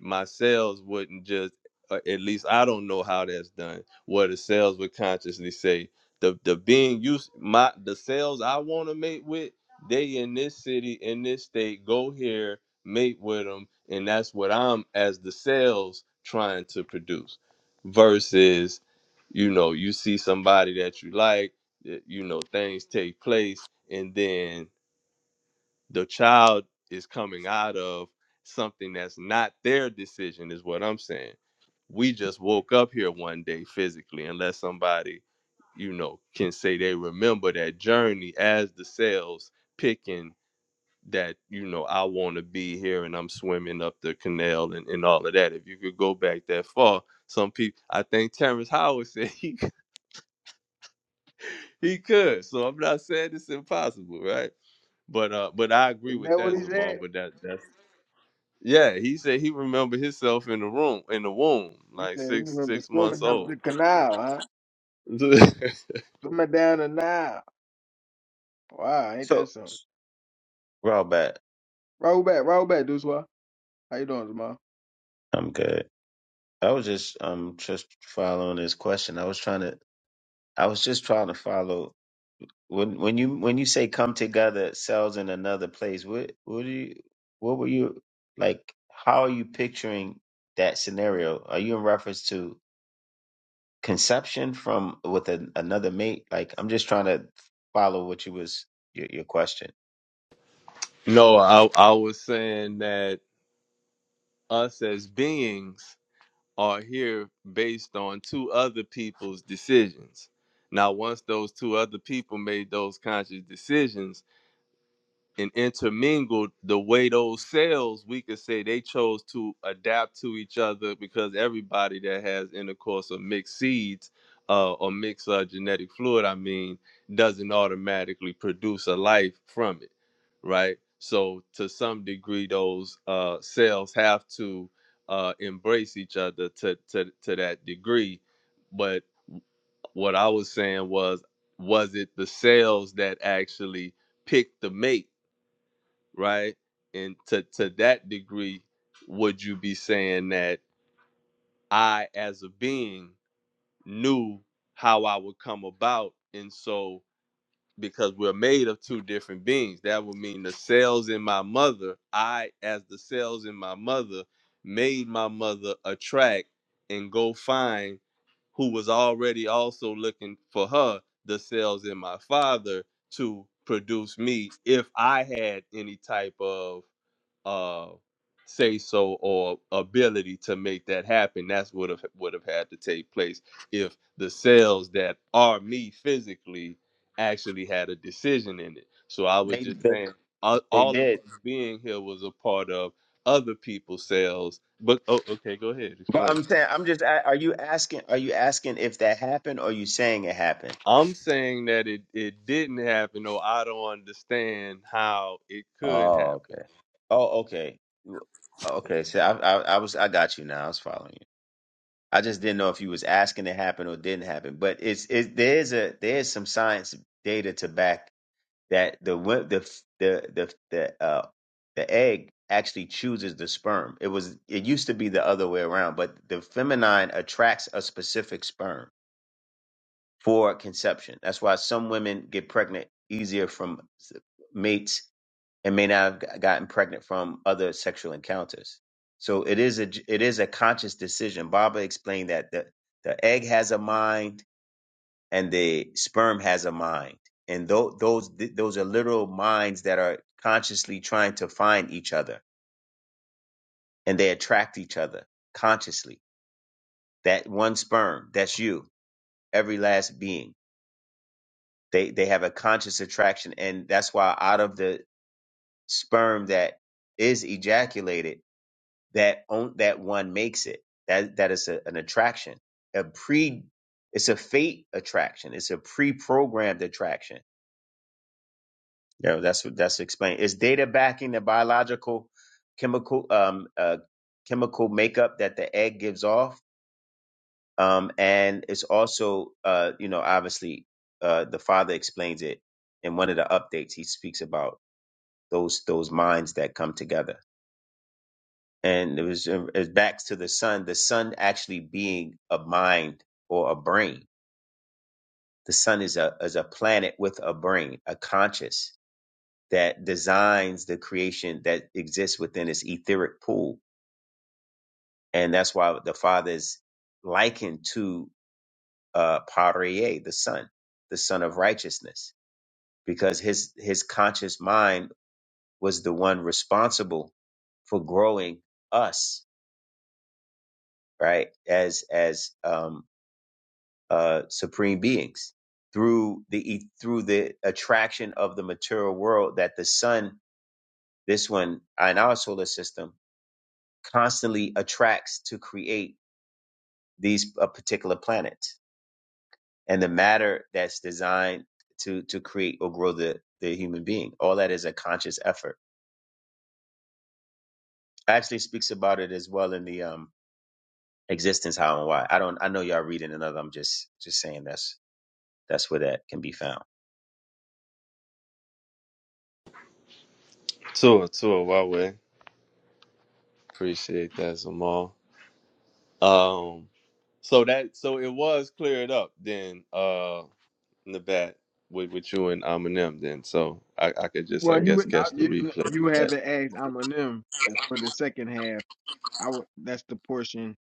my cells wouldn't just uh, at least i don't know how that's done where the cells would consciously say the the being used my the cells i want to mate with they in this city in this state go here mate with them and that's what i'm as the cells trying to produce versus you know you see somebody that you like you know things take place and then the child is coming out of something that's not their decision is what i'm saying we just woke up here one day physically unless somebody you know can say they remember that journey as the cells picking that you know i want to be here and i'm swimming up the canal and, and all of that if you could go back that far some people i think terrence howard said he, he could so i'm not saying it's impossible right but uh but i agree Is with that what that he zamal said? but that that's Yeah, he said he remembered himself in the room, in the womb, He like said he six remember six months swimming up the old. canal, huh? no, Swimming down the Nile. Wow, ain't So, that something? well, bad. Roll back, roll back, Duswa. How you doing, Jamal? I'm good. I was just um just following this question. I was trying to. I was just trying to follow when when you when you say come together cells in another place what what do you what were you like how are you picturing that scenario are you in reference to conception from with an, another mate like i'm just trying to follow what you was your, your question I I was saying that us as beings are here based on two other people's decisions. Now, once those two other people made those conscious decisions, and intermingled the way those cells we could say they chose to adapt to each other because everybody that has intercourse or mixed seeds uh, or mixed uh, genetic fluid i mean doesn't automatically produce a life from it right so to some degree those uh, cells have to uh, embrace each other to, to, to that degree but what i was saying was was it the cells that actually picked the mate right? And to to that degree, would you be saying that I, as a being, knew how I would come about, and so because we're made of two different beings, that would mean the cells in my mother, I, as the cells in my mother, made my mother attract and go find who was already also looking for her, the cells in my father, to produce me if I had any type of uh say so or ability to make that happen that's what have would have had to take place if the cells that are me physically actually had a decision in it so i was they, just they saying all, they all of did us being here was a part of other people's cells but oh, okay go ahead but explain i'm saying i'm just a- are you asking are you asking if that happened or are you saying it happened i'm saying that it it didn't happen or i don't understand how it could oh happen okay oh okay okay so i i, I was i got you now i was following you I just didn't know if you was asking it happened or didn't happen. But it's it there's a there's some science data to back that the wo- the f- the the the uh the egg actually chooses the sperm. It was it used to be the other way around, but the feminine attracts a specific sperm for conception. That's why some women get pregnant easier from s- mates and may not have gotten pregnant from other sexual encounters. So it is a it is a conscious decision. Baba explained that the the egg has a mind and the sperm has a mind, and tho- those th- those are literal minds that are consciously trying to find each other, and they attract each other consciously. That one sperm, that's you, every last being. They they have a conscious attraction, and that's why out of the sperm that is ejaculated that on, that one makes it. That that is a, an attraction, a pre. It's a fate attraction. It's a pre-programmed attraction. Yeah, that's what that's explained. Is data backing the biological, chemical, um, uh, chemical makeup that the egg gives off? Um, and it's also, uh, you know, obviously, uh, the father explains it in one of the updates. He speaks about those those minds that come together and it was it was back to the sun. The sun actually being a mind or a brain. The sun is a is a planet with a brain, a conscious that designs the creation that exists within its etheric pool, and that's why the Father is likened to uh, Parieh, the Son, the Son of Righteousness, because his his conscious mind was the one responsible for growing us right as as um uh, supreme beings through the e- through the attraction of the material world that the sun, this one in our solar system, constantly attracts to create these uh, particular planets and the matter that's designed to to create or grow the the human being. All that is a conscious effort. Actually, speaks about it as well in the um existence how and why. I don't. I know y'all reading another. I'm just just saying that's that's where that can be found. so so why way appreciate that Zamal. um So that so it was cleared up then, uh Nabat with with you and Eminem then. So I, I could just I Well, you guess would- I, catch the you replay. of you that. haven't asked Eminem for the second half. I wa- that's the portion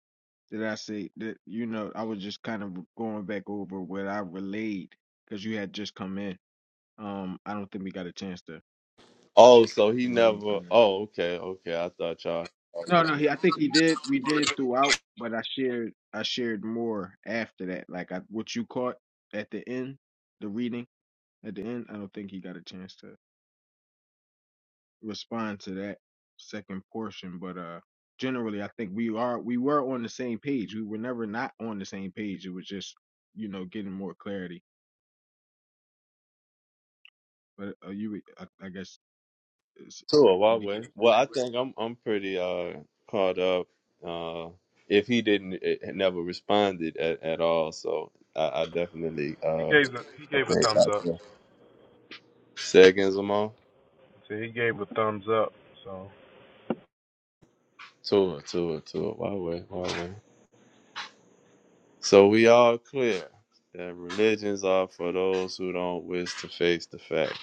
that I say that you know I was just kind of going back over what I relayed because you had just come in. Um, I don't think we got a chance to Oh, so he really. never Um, oh okay, okay. I thought y'all no, no, already he, I think he did. We did throughout, but I shared I shared more after that. Like I, what you caught at the end, the reading at the end. I don't think he got a chance to. respond to that second portion, but uh generally I think we are we were on the same page. We were never not on the same page. It was just you know getting more clarity. But uh, you, I, I guess, is, Tua, why did he way? take Well away? I think I'm I'm pretty uh caught up. Uh if he didn't it, it never responded at, at all, so I, I definitely uh I think I can. Seconds them all. Tua, Tua, Tua, why way, why way. So we all clear that religions are for those who don't wish to face the fact.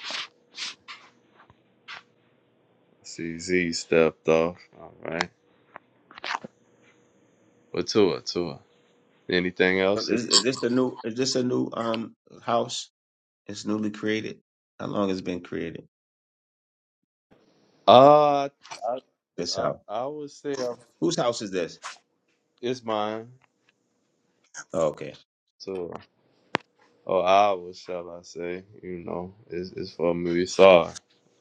CZ stepped off. All right. But Tua, Tua. Anything else? Is, is this a new? Is this a new um house? It's newly created. How long has it been created? Uh, This I, house. I would say uh, Whose house is this? it's mine. Oh, okay. Tua. Or ours, shall I say. You know, it's, it's for Muisar.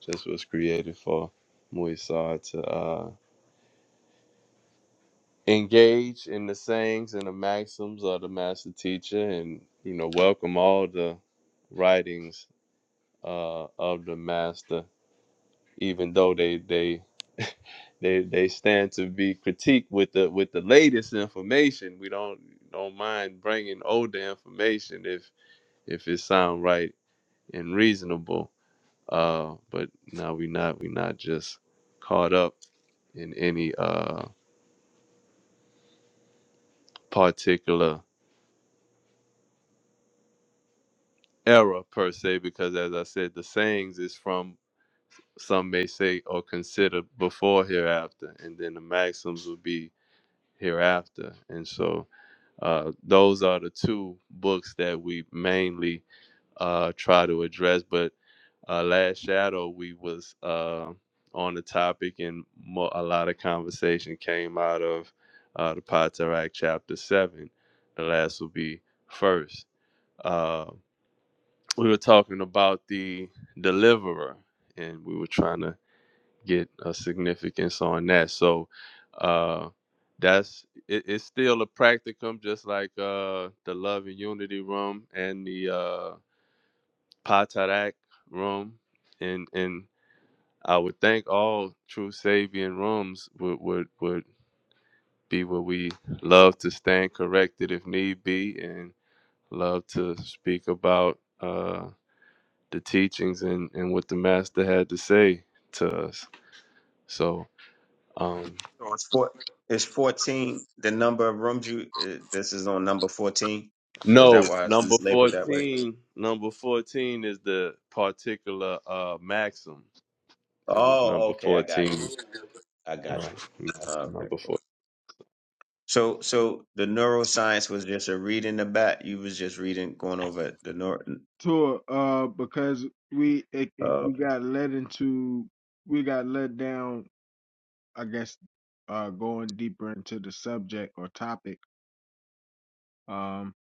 This was created for Muisar to uh, engage in the sayings and the maxims of the master teacher and, you know, welcome all the writings uh, of the master, even though they they they they stand to be critiqued with the with the latest information. We don't don't mind bringing older information if if it sound right and reasonable. Uh, but now we not we not just caught up in any uh particular era per se, because as I said, the sayings is from some may say or consider before hereafter, and then the maxims would be hereafter. And so uh, those are the two books that we mainly uh, try to address. But uh, last shadow we was uh, on the topic, and mo- a lot of conversation came out of uh, the Potteract chapter seven. The last will be first. Uh, we were talking about the deliverer, and we were trying to get a significance on that. So uh that's it, it's still a practicum just like uh the love and unity room and the uh Patarak room and and I would think all true Sabian rooms would would would be where we love to stand corrected if need be and love to speak about uh the teachings and and what the master had to say to us. So um So it's four. It's fourteen. The number of rooms you. Uh, this is on number fourteen. Is No, that why it's n- number labeled that way? 14, number 14 is the particular uh maxim. It was Oh, number okay. I got 14. you. I got Right. you. Okay, Number 4. cool. So, so the neuroscience was just a read in the back. You was just reading, going over the neuro. Tour, uh, because we it, Oh, it, we okay. got led into we got led down. I guess uh going deeper into the subject or topic. Um,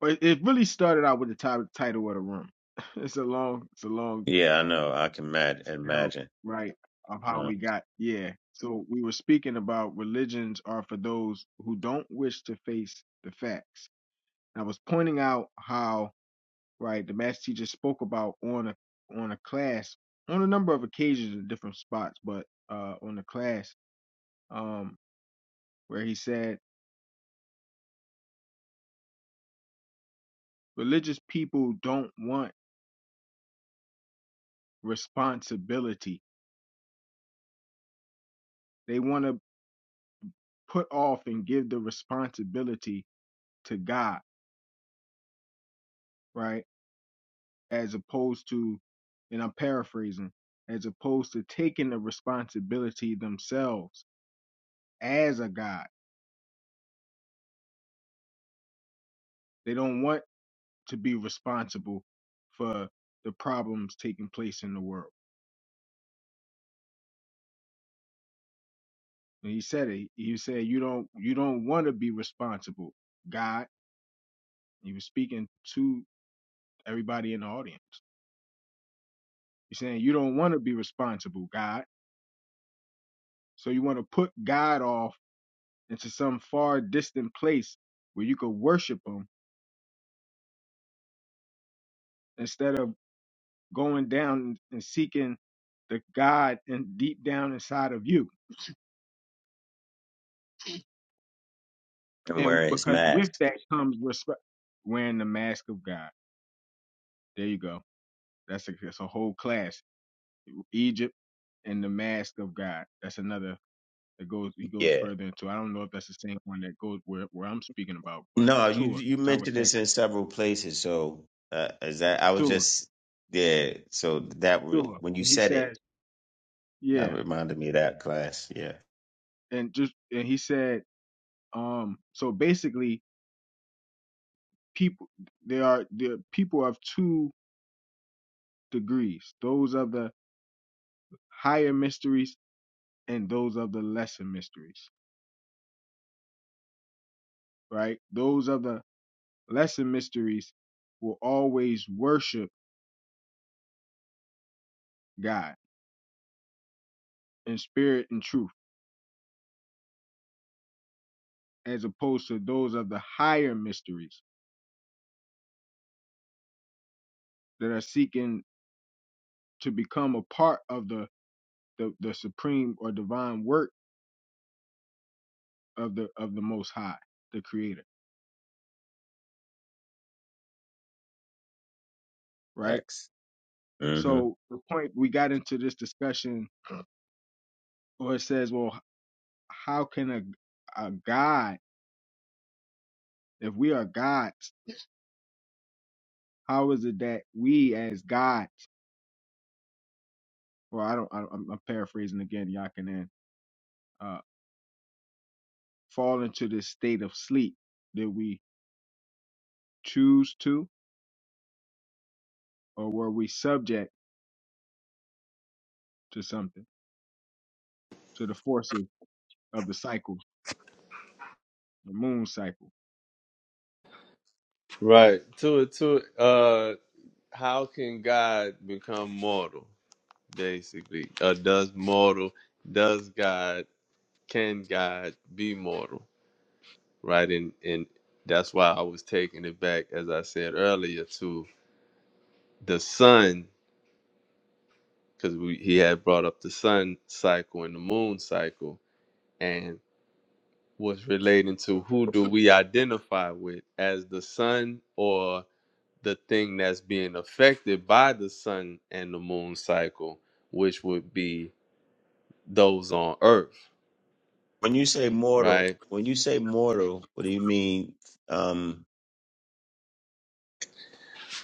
but it really started out with the top, title of the room. It's a long, it's a long Yeah, I know. I can mad- hell, imagine. right, of how Uh, we got, yeah. So we were speaking about religions are for those who don't wish to face the facts. And I was pointing out how, right, the math teacher spoke about on a on a class on a number of occasions in different spots, but uh on the class, um, where he said religious people don't want responsibility. They want to put off and give the responsibility to God, right? as opposed to, and I'm paraphrasing, as opposed to taking the responsibility themselves as a God. They don't want to be responsible for the problems taking place in the world. And he said it. He said, "You don't, you don't want to be responsible, God." He was speaking to everybody in the audience. He's saying, "You don't want to be responsible, God." So you want to put God off into some far distant place where you could worship Him instead of going down and seeking the God and deep down inside of you. and And wearing his because with mask. that comes respect, wearing the mask of God. There you go. That's a, that's a whole class. Egypt and the mask of God. That's another that goes. He goes Yeah. further into. I don't know if that's the same one that goes where where I'm speaking about, but No, you Tua, you Tower mentioned Tech, this in several places. So uh, is that I was Tua, just yeah. So that re- Tua. when you And he said it, says, that yeah, reminded me of that class. Yeah, and just and he said, um, so basically, people there are the people of two degrees. Those of the higher mysteries and those of the lesser mysteries, right? Those of the lesser mysteries will always worship God in spirit and truth, as opposed to those of the higher mysteries that are seeking to become a part of the, the, the supreme or divine work of the of the most high, the creator, right? facts. hmm So the point we got into this discussion, or it says, well, how can a a God If we are gods, how is it that we as gods, or I don't, I, I'm I'm paraphrasing again, Yakanan, uh, fall into this state of sleep? Did we choose to, or were we subject to something, to the forces of the cycles, the moon cycle? Is that Right. To to uh how can God become mortal? Basically. Uh does mortal does God can God be mortal? Right? And and that's why I was taking it back as I said earlier to the sun because we he had brought up the sun cycle and the moon cycle and was relating to who do we identify with as the sun or the thing that's being affected by the sun and the moon cycle, which would be those on Earth, When you say mortal, right? when you say mortal, what do you mean? Um,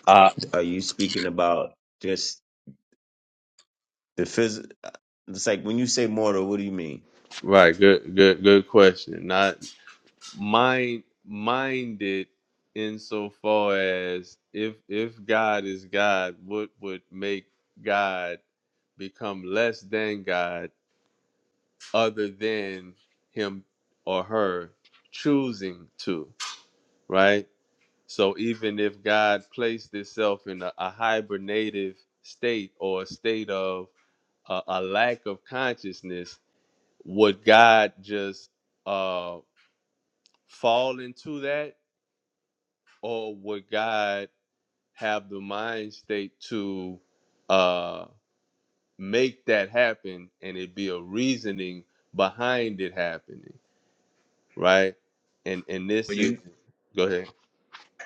Uh, are you speaking about just the phys? uh, It's like when you say mortal, what do you mean? Right. Good. Good. Good question. Not mind minded insofar as if if God is God, what would make God become less than God other than him or her choosing to, right? So even if God placed itself in a, a hibernative state or a state of a, a lack of consciousness, would God just uh, fall into that, or would God have the mind state to uh, make that happen, and it be a reasoning behind it happening? right? And and this is go ahead.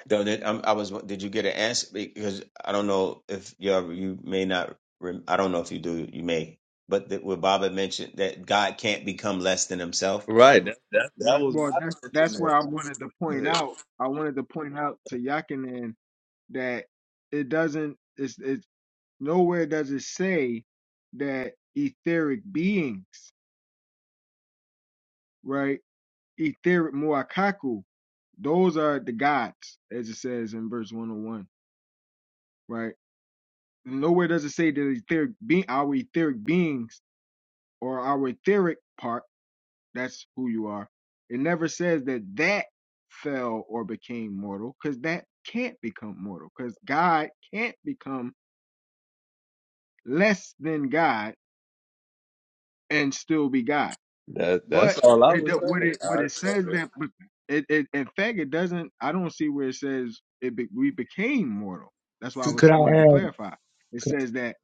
Though did, um, I was, did you get an answer? Because I don't know if you ever, you may not. rem- I don't know if you do. You may, but that what Baba mentioned that God can't become less than Himself. Right. That that, that right? was my Well, that's that's where I sentiment. wanted to Go point ahead. out. I wanted to point out to Yakanan that it doesn't. It's, it's nowhere does it say that etheric beings, right? etheric muakaku, those are the gods, as it says in verse 101, right? Nowhere does it say that etheric being our etheric beings or our etheric part, that's who you are. It never says that that fell or became mortal, because that can't become mortal, because God can't become less than God and still be God. That that's But all I it, was do- what saying. it what All it right. says Okay. that but it, it in fact it doesn't. I don't see where it says it be, we became mortal. That's why I Could was I wanted to clarify. It says that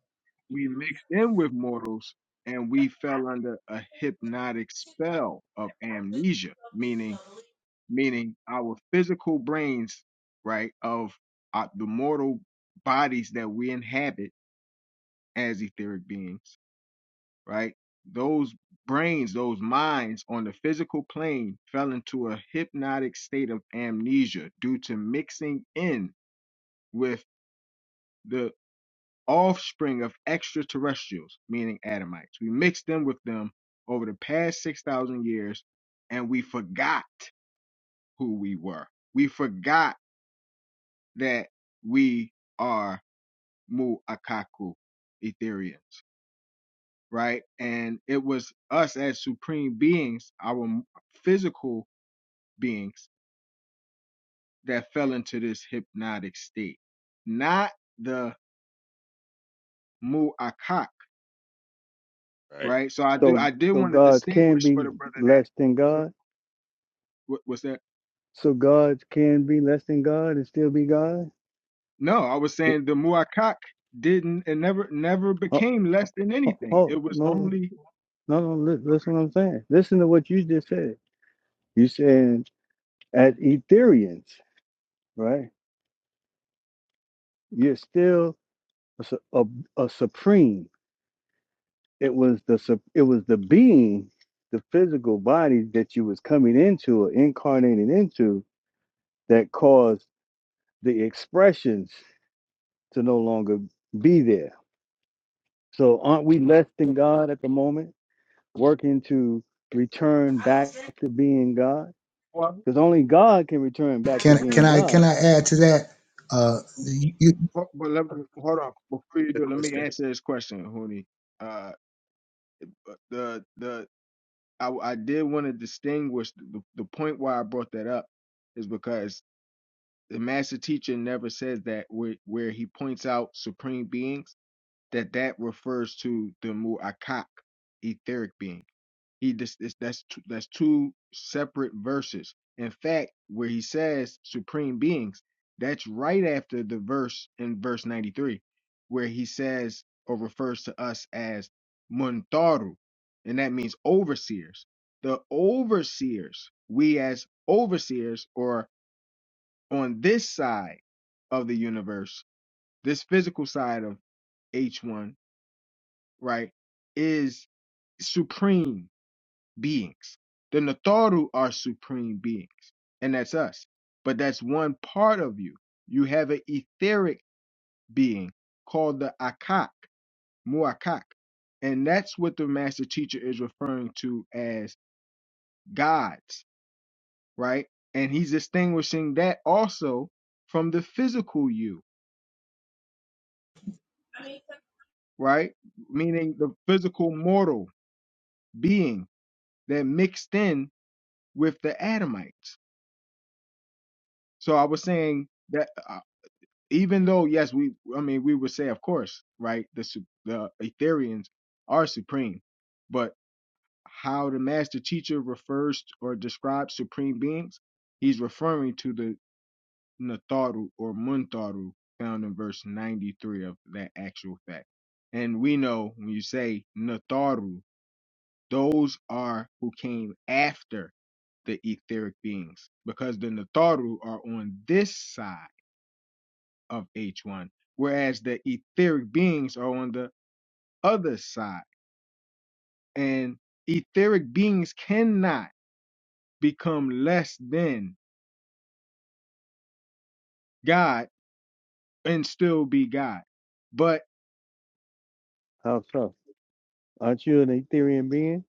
we mixed in with mortals and we fell under a hypnotic spell of amnesia, meaning meaning our physical brains, right, of uh, the mortal bodies that we inhabit as etheric beings right? Those brains, those minds on the physical plane fell into a hypnotic state of amnesia due to mixing in with the offspring of extraterrestrials, meaning Adamites. We mixed them with them over the past 6,000 years and we forgot who we were. We forgot that we are Mu'akaku Etherians. right? And it was us as supreme beings, our physical beings, that fell into this hypnotic state, not the mu'akak, Right. right? So I do, So I did so want to gods can distinguish for be the brother less than that God. what was that? So gods can be less than God and still be God. No, I was saying the mu'akak didn't, it never, never Hold, became less than anything. hold, It was no, only. no, no. li- Listen, what I'm saying. Listen to what you just said. You saying as Ethereans, right? You're still a, su- a, a supreme. It was the sup- it was the being, the physical body that you was coming into or incarnating into that caused the expressions to no longer be there. So aren't we less than God at the moment, working to return back to being God? Well, Because only God can return add, back to can can being I can God. I add to that? Uh, you but but let me, hold on before you do. Let me answer this question, Huni. Uh, the the I, I did want to distinguish the, the point why I brought that up is because the master teacher never says that where, where he points out supreme beings that that refers to the mu'akak etheric being. He this, this that's two, that's two separate verses. In fact, where he says supreme beings, that's right after the verse in verse 93 where he says or refers to us as muntaru, and that means overseers. The overseers, we as overseers or on this side of the universe, this physical side of H1, right, is supreme beings. The Natharu are supreme beings, and that's us. But that's one part of you. You have an etheric being called the Akak, Muakak. And that's what the master teacher is referring to as gods, right? And he's distinguishing that also from the physical you, right? Meaning the physical mortal being that mixed in with the Adamites. So I was saying that. even though yes we i mean we would say of course right the su- the ethereans are supreme but how the master teacher refers or describes supreme beings he's referring to the natharu or muntaru found in verse 93 of that actual fact and we know when you say natharu those are who came after the etheric beings because the natharu are on this side of H1, whereas the etheric beings are on the other side. And etheric beings cannot become less than God and still be God. But, How so? Aren't you an Ethereum being?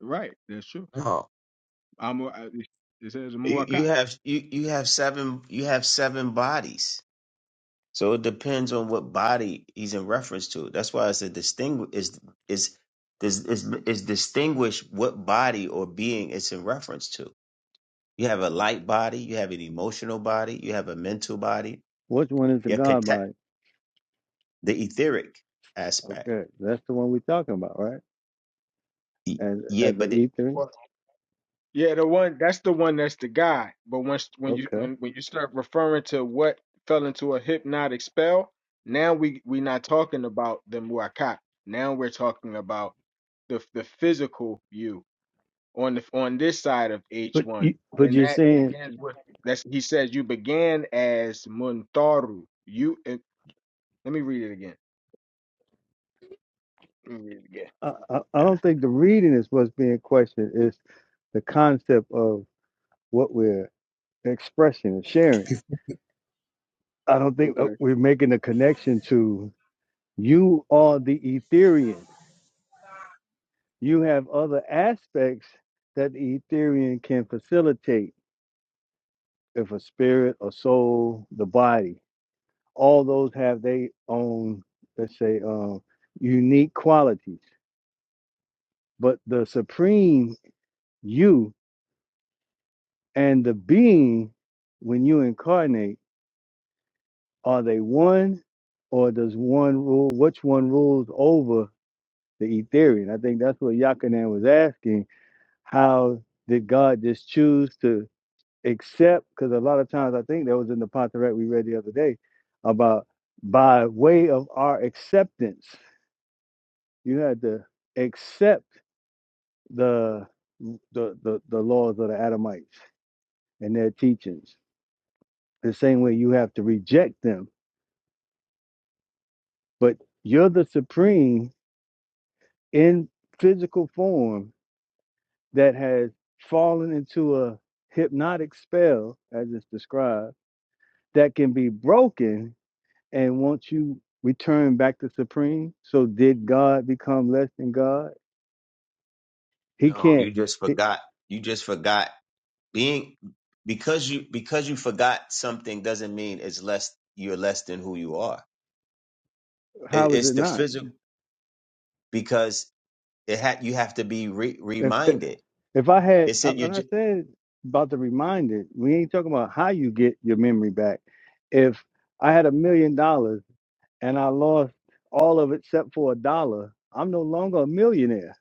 right, that's true. No, I'm a, I- it says you, you Muakkad. have you you have seven you have seven bodies. So it depends on what body he's in reference to. That's why it's a distinguish is is is is is distinguish what body or being it's in reference to. You have a light body, you have an emotional body, you have a mental body, Which one is the your God body? the etheric aspect. Okay, that's the one we're talking about, right? Y- As Yeah, as the but it, ether. Well, Yeah, the one that's the one that's the guy. But once when you Okay, when, when you start referring to what fell into a hypnotic spell, now we we are not talking about the muakat. Now we're talking about the the physical you. on the on this side of but H1, you, but and you're that saying begins with that's he says you began as Muntaru. You and, let me read it again. Let me read it again. I, I, I don't think the reading is what's being questioned. It's the concept of what we're expressing and sharing. If- I don't think uh, Okay. we're making a connection to you are the Ethereum. You have other aspects that the Ethereum can facilitate if a spirit, a soul, the body, all those have their own, let's say, um, unique qualities. But the supreme you and the being, when you incarnate, are they one or does one rule, which one rules over the etherian? I think that's what Yakanan was asking. How did God just choose to? except because a lot of times I think that was in the Ponteret we read the other day about by way of our acceptance, you had to accept the the the, the laws of the Adamites and their teachings. The same way you have to reject them, but you're the supreme in physical form that has fallen into a hypnotic spell, as it's described, that can be broken And once you return back to Supreme, so did God become less than God? He no, you can't. just He, forgot. You just forgot being because you because you forgot something doesn't mean it's less you're less than who you are. It, how is it's it the not? physical because it had you have to be re- If reminded. if I had, It said you and I ju- said about the reminder, we ain't talking about how you get your memory back. If I had a million dollars and I lost all of it except for a dollar, I'm no longer a millionaire.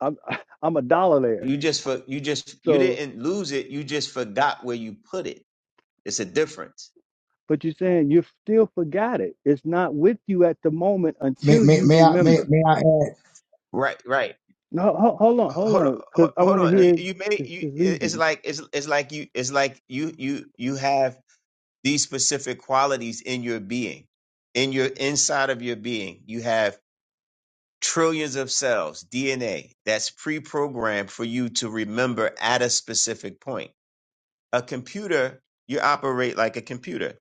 I'm I'm a dollar there. you just for you just you So, didn't lose it. You just forgot where you put it. It's a difference. but you're saying you still forgot it. It's not with you at the moment May, until may, you may I may, remember may I add? Right, right. No, ho- hold on, hold Hold on, on, because hold I hold want to on. That- You, hear you made his, you. his it- It's reasoning. like it's it's like you. It's like you you you have these specific qualities in your being, in your inside of your being. You have trillions of cells, DNA, that's pre programmed for you to remember at a specific point. A computer, you operate like a computer.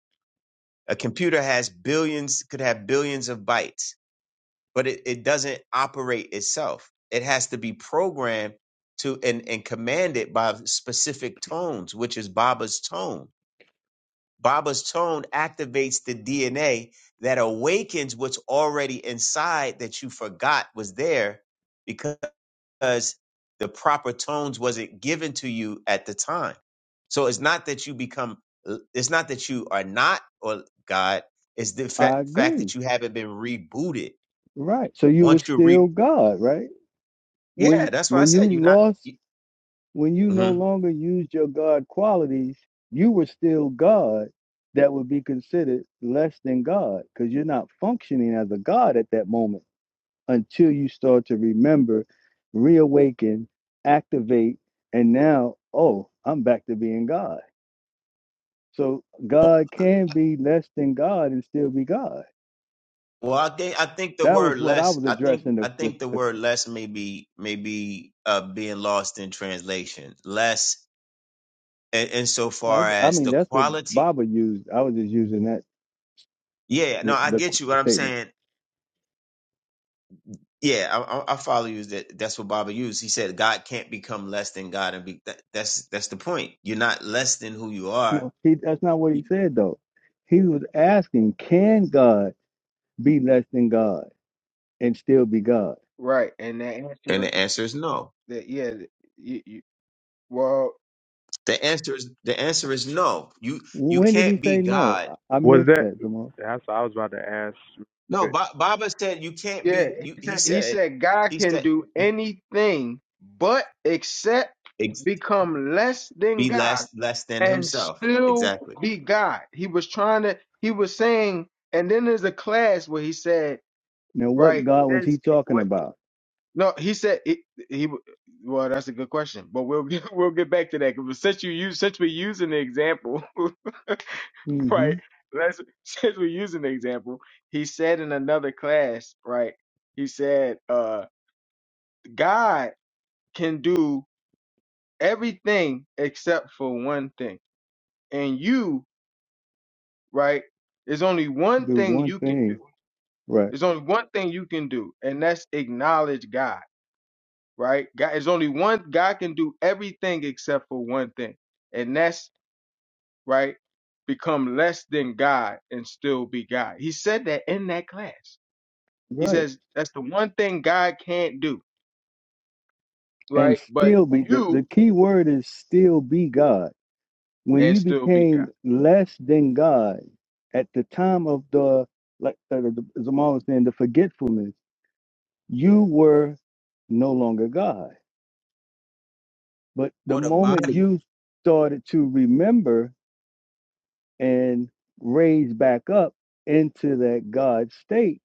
A computer has billions, could have billions of bytes, but it, it doesn't operate itself. It has to be programmed to and, and commanded by specific tones, which is Baba's tone Baba's tone activates the DNA that awakens what's already inside that you forgot was there because the proper tones wasn't given to you at the time. So it's not that you become, it's not that you are not or God. It's the fa- I fact agree. that you haven't been rebooted. Right. So you were Once you still re, God, right? yeah, When that's why I when you said you're not. lost, You, when you no Mhm. longer used your God qualities, you were still God. That would be considered less than God because you're not functioning as a God at that moment until you start to remember, reawaken, activate, and now, oh, I'm back to being God. So God can be less than God and still be God. Well, I think I think the That was word what I less. was I think addressing. I The, the, think the the word less may be maybe uh, being lost in translation. Less, in, I, insofar I as mean, the that's what quality. Baba used. I was just using that Yeah, no, the I the, get you. the What I'm statement. saying. Yeah, I, I I follow you. That that's what Baba used. He said God can't become less than God, and be that, that's that's the point. You're not less than who you are. No, he, that's not what he You- said though. He was asking, can God be less than God and still be God? right, and that And answer the is answer is no. that yeah, th- you, you, well The answer is the answer is no. You you When did he can't be say no? God. I, I Was missed that? that, Jamal. That's what I was about to ask. No, ba- Baba said you can't yeah. be. You, He he said he said said God he can said. do anything but except Ex- become less than be God less less than and himself. still Exactly. be God. He was trying to. He was saying, and then there's a class where he said. Now, what right? God was he That's talking what. about? No, he said it, he. Well, that's a good question, but we'll get, we'll get back to that. 'cause since you use since we're using the example, hmm right? Let's since we're using the example, he said in another class, right? He said, uh, God can do everything except for one thing, and you, right? There's only one Do thing one you can thing, do. right, There's only one thing you can do, and that's acknowledge God right? God, there's only one God can do everything except for one thing, and that's right. Become less than God and still be God. He said that in that class. He right, says that's the one thing God can't do, and right? But still be. The, the you key word is still be God when and you still be became God. less than God at the time of the, like uh, the, Zamal was saying, the forgetfulness, you were no longer God. But the What a moment body. you started to remember and raise back up into that God state,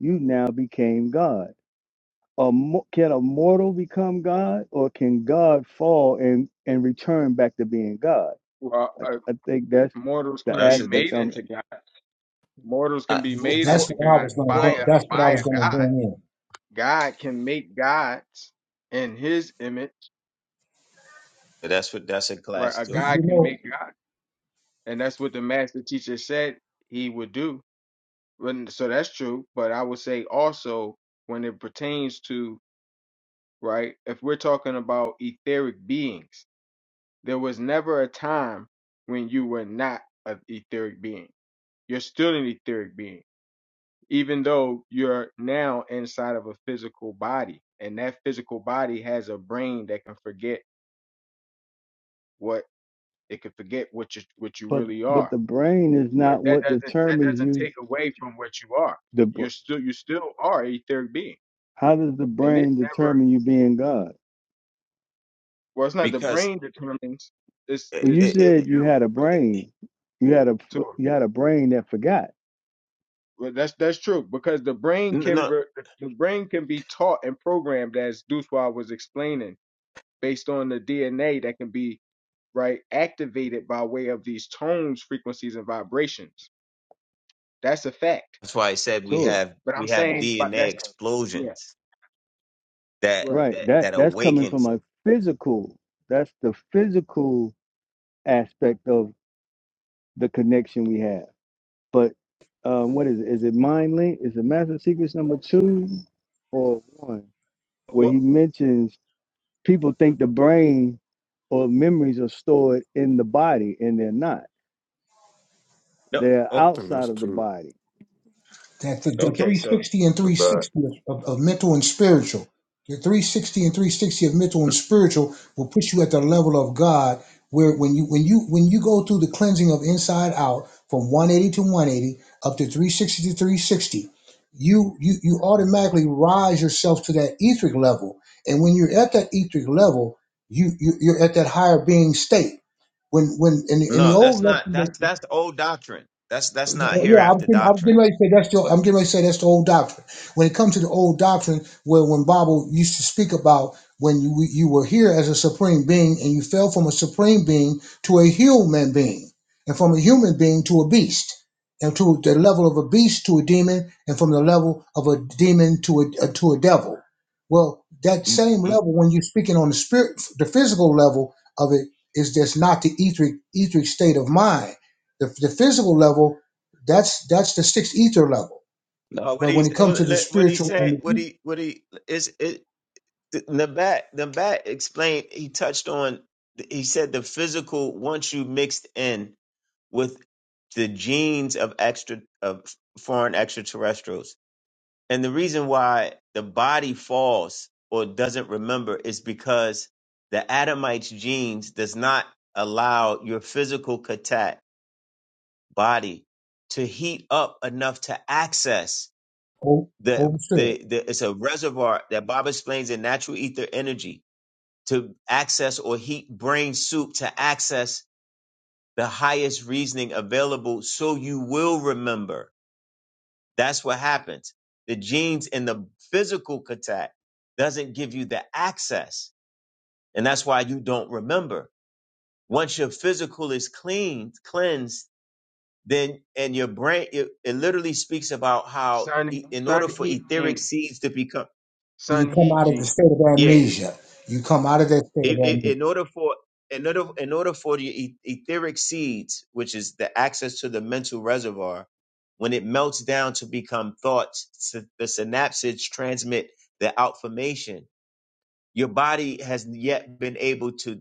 you now became God. A mo- can a mortal become God, or can God fall and, and return back to being God? Well, I, uh, I think that's mortals But the can that's be a di- aspect. made I'm yeah. into God. Mortals Uh, can be w- made That's w- into what I God was going by to. well, a That's what I by was a going to God. bring in. God can make gods in His image, that's what that's a right? class A too. You, God you can know, make God. and that's what the master teacher said he would do. When- So that's true, but I would say also when it pertains to right, if we're talking about etheric beings, there was never a time when you were not an etheric being. You're still an etheric being, even though you're now inside of a physical body, and that physical body has a brain that can forget what it could forget what you what you But really are but the brain is but not that what doesn't that determines doesn't you. take away from what you are. The br- You're still you still are a etheric being, how does the and it brain never. determine you being God? Well, it's not the Because brain determines. It's it, Well, you it's it, said it, you you had a brain. You had a to. f- it. you had a brain that forgot. Well, that's that's true because the brain n- can no, ver- the brain can be taught and programmed as Duswa was explaining based on the DNA that can be right activated by way of these tones, frequencies, and vibrations. That's a fact. that's why I said we Sure, have But I'm we have saying, but DNA that's yeah, explosions that right. right. that That that that's coming from awakens. a physical. That's the physical aspect of the connection we have. But um, what is it? Is it mind link? Is it Master Secrets number two or one where Well, he mentions? people think the brain or memories are stored in the body, and they're not. no, They're I oh, think outside that's of the too body. that the, the okay, so 360 and the bad. 360 of, of mental and spiritual the 360 and 360 of mental and spiritual will put you at the level of god where when you when you when you go through the cleansing of inside out from 180 to 180 up to 360 to 360 you you you automatically rise yourself to that etheric level and when you're at that etheric level you, you you're at that higher being state when when in, the- in the no, that's old not that's lesson that's old doctrine. That's that's not well, Yeah, I'm hereafter getting, I'm doctrine. getting ready to say that's the I'm getting ready to say that's the old doctrine. When it comes to the old doctrine, where when Bible used to speak about when you you were here as a supreme being and you fell from a supreme being to a human being, and from a human being to a beast, and to the level of a beast to a demon, and from the level of a demon to a uh, to a devil. Well, that You- same you- level when you're speaking on the spirit, the physical level of it is just not the etheric etheric state of mind the, the physical level that's that's the sixth ether level. No, what But he when it comes to the what he spiritual saying? and the What ether, he what he is? Nabat, Nabat explained, he touched on, he said the physical, once you mixed in with the genes of extra, of foreign extraterrestrials. And the reason why the body falls or doesn't remember is because the Adamite's genes does not allow your physical katat body to heat up enough to access oh, the, hold the, the, it's a reservoir that Bob explains in natural ether energy to access or heat brain soup to access the highest reasoning available so you will remember that's what happens the genes in the physical contact doesn't give you the access and that's why you don't remember once your physical is cleaned cleansed then and your brain it, it literally speaks about how Sun, e- in order sun, for heat, gene. etheric seeds to become You Sun come heat out of the gene. state of yeah amnesia. You come out of that state of It, it, amnesia. in order for in order in order for the e- etheric seeds, which is the access to the mental reservoir, when it melts down to become thoughts, sy- the synapses transmit the outformation. Your body has yet been able to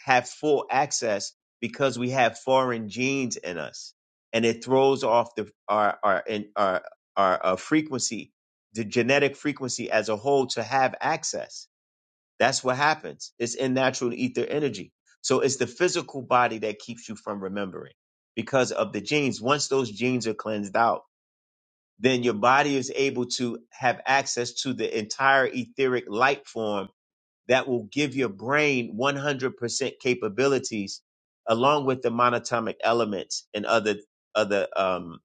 have full access because we have foreign genes in us, and it throws off the our our in our our uh, frequency, the genetic frequency as a whole to have access that's what happens. It's in natural ether energy. So it's the physical body that keeps you from remembering because of the genes. Once those genes are cleansed out, then your body is able to have access to the entire etheric light form that will give your brain 100% capabilities along with the monatomic elements and other, other, um,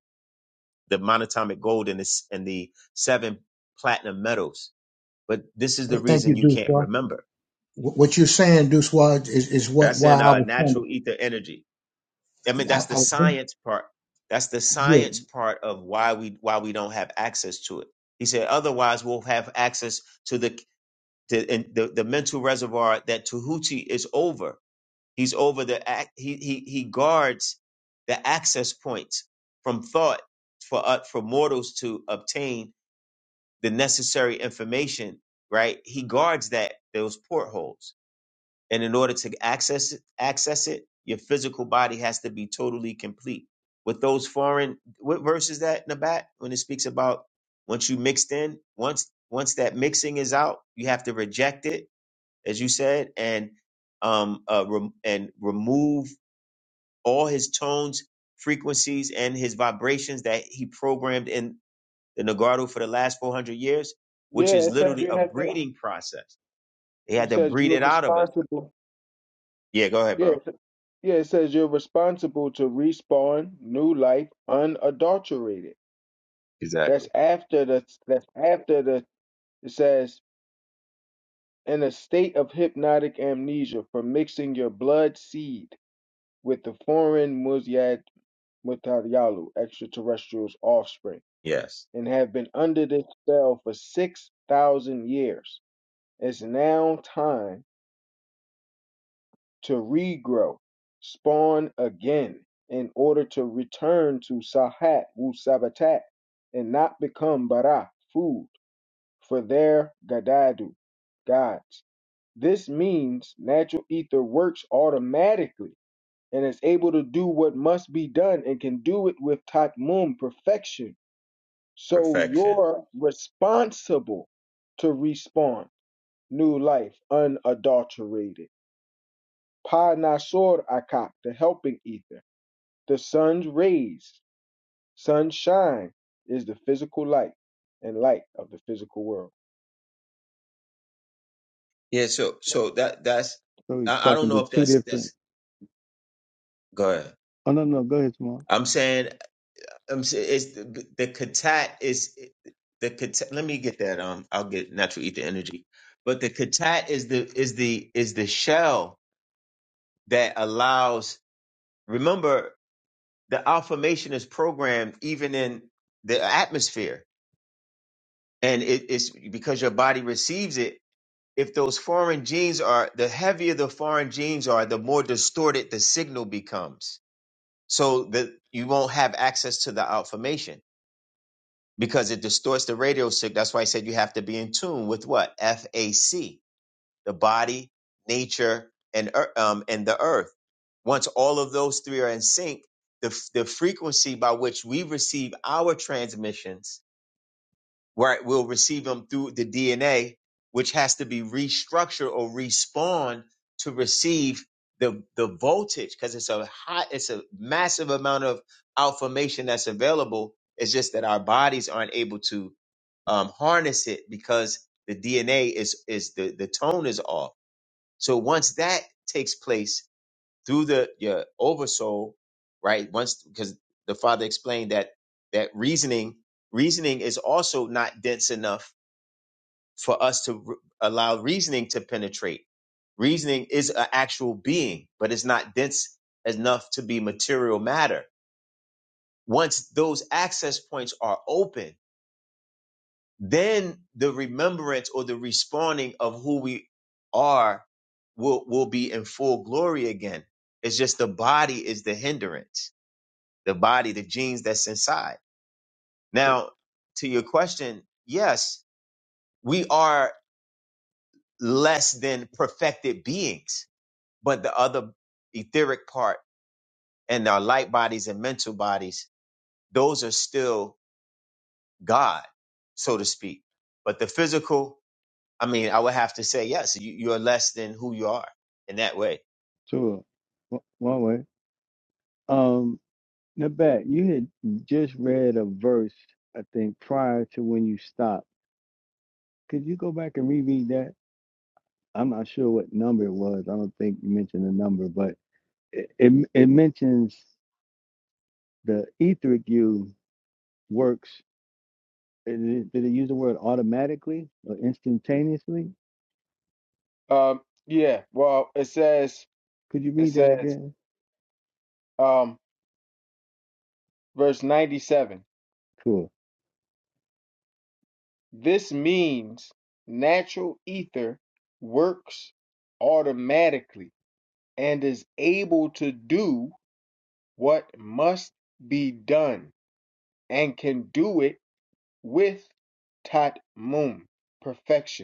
the monatomic gold and the, s- and the seven platinum metals. But this is the Thank reason you, you can't Duswa. remember Wh- What you're saying, Duswa, is, is what That's why in I uh, was trying natural to. ether energy. I mean, I, that's the I was science part. That's the yeah, science you part of why we why we don't have access to it. He said, otherwise we'll have access to the the and the, the mental reservoir that Tahuti is over. He's over the ac- he he he guards the access points from thought for uh, for mortals to obtain the necessary information. Right, he guards that those portholes. And in order to access it, access it, your physical body has to be totally complete. With those foreign, what verse is that in the back when it speaks about once you mixed in, once once that mixing is out, you have to reject it, as you said, and um uh, rem- and remove all his tones, frequencies, and his vibrations that he programmed in the Nagardo for the last four hundred years, which Yeah, is it says literally you a have to. breeding process. They You had to says breed you're it out of us. responsible. Yeah, go ahead, Yeah, bro. it- yeah. It says you're responsible to respawn new life unadulterated. Exactly. That's after the. That's after the. It says in a state of hypnotic amnesia for mixing your blood seed with the foreign Muzyad Mutaryalu extraterrestrials' offspring Yes. and have been under this spell for six thousand years. It's now time. to regrow, spawn again, in order to return to Sahat wu Sabatat and not become Bara, food, for their Gadadu, gods. This means natural ether works automatically and is able to do what must be done and can do it with Tatmum perfection. So Perfection. you're responsible to respawn new life unadulterated. Pa Nasor Akak, the helping ether, the sun's rays, sunshine is the physical light and light of the physical world. Yeah. So, so that, that's, So he's I, I talking don't know to if two that's, different. that's, go ahead. Oh no, no, go ahead, tomorrow. I'm saying, I'm saying it's the, the katat is the katat. Let me get that. Um, I'll get natural ether energy, but the katat is the, is the, is the shell that allows, remember the affirmation is programmed even in the atmosphere and it, it's because your body receives it if those foreign genes are the heavier the foreign genes are the more distorted the signal becomes so that you won't have access to the information because it distorts the radio signal that's why i said you have to be in tune with what fac the body nature and ear- um, and the earth once all of those three are in sync the, f- the frequency by which we receive our transmissions where it will receive them through the DNA, which has to be restructured or respawned to receive the the voltage because it's a high, it's a massive amount of information that's available. It's just that our bodies aren't able to um, harness it because the DNA is is the the tone is off. So once that takes place, through the your oversoul, right? Once because the father explained that that reasoning reasoning is also not dense enough for us to r allow reasoning to penetrate. Reasoning is an actual being, but it's not dense enough to be material matter. Once those access points are open, then the remembrance or the respawning of who we are will will be in full glory again. It's just the body is the hindrance the body, the genes that's inside. Now, to your question, yes, we are less than perfected beings, but the other etheric part and our light bodies and mental bodies, those are still God, so to speak. But the physical, I mean, I would have to say, yes, you, you're less than who you are in that way. To a one way. Um, Nabat, you had just read a verse, I think, prior to when you stopped. Could you go back and reread that? I'm not sure what number it was. I don't think you mentioned the number, but it it, it mentions the etheric you works Is it, did it use the word automatically or instantaneously? Um, yeah, well, it says, Could you it read that says, again? um, verse 97 Cool. this means natural ether works automatically and is able to do what must be done and can do it with tatmum perfection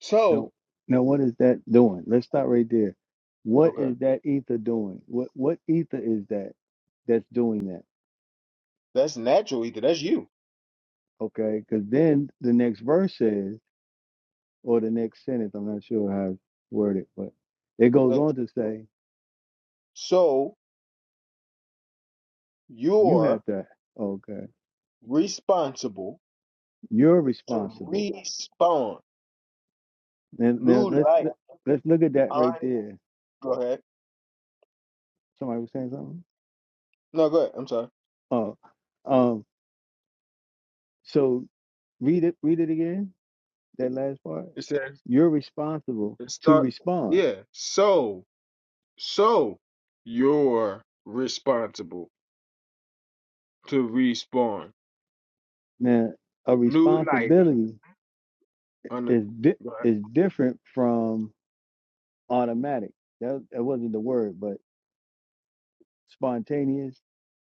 So, No. Now, what is that doing? Let's stop right there. What okay, is that ether doing? What what ether is that that's doing that? that's natural either. That's you. Okay, because then the next verse says, or the next sentence, I'm not sure how it's worded, but it goes That's, on to say, so you have you're to. Okay, responsible you're to responsible. respawn And now new let's life let's look at that right on. there. Go ahead. Somebody was saying something. No, go ahead. I'm sorry. Oh, um, so Read it. Read it again. That last part. It says You're responsible it to start. respond. Yeah. So, so you're responsible to respawn Now, a new life responsibility on the. is di- Go ahead. is different from automatic. That, that wasn't the word, but spontaneous.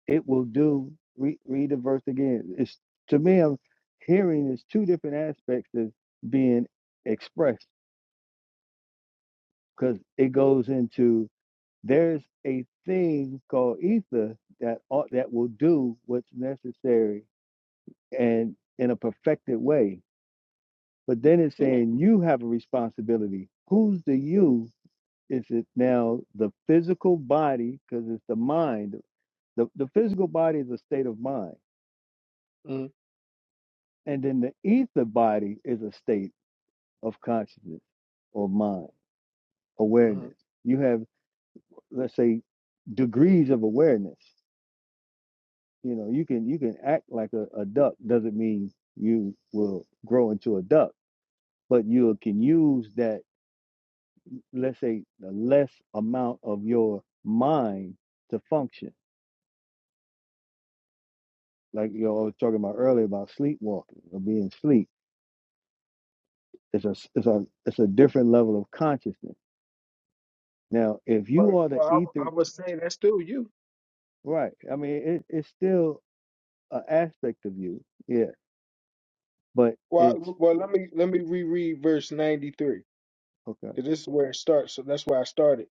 It will do. Re- read the verse again. It's to me. I'm hearing is two different aspects of being expressed because it goes into there's a thing called ether that ought, that will do what's necessary and in a perfected way. But then it's Yeah. saying you have a responsibility. Who's the you? Is it now the physical body? Because it's the mind. The, the physical body is a state of mind. And then the ether body is a state of consciousness or mind, Mm-hmm. awareness. You have, let's say, degrees of awareness. You know, you can you can act like a, a duck doesn't mean you will grow into a duck, but you can use that let's say the less amount of your mind to function. Like you all talking about earlier about sleepwalking or being asleep. It's a it's a it's a different level of consciousness. Now, if But you are the well, I, I ether, would say that's still you. right? I mean, it, it's still an aspect of you, yeah. But Well, I- it's well, let me let me reread verse ninety three. okay. 'Cause this is where it starts. So that's where I started,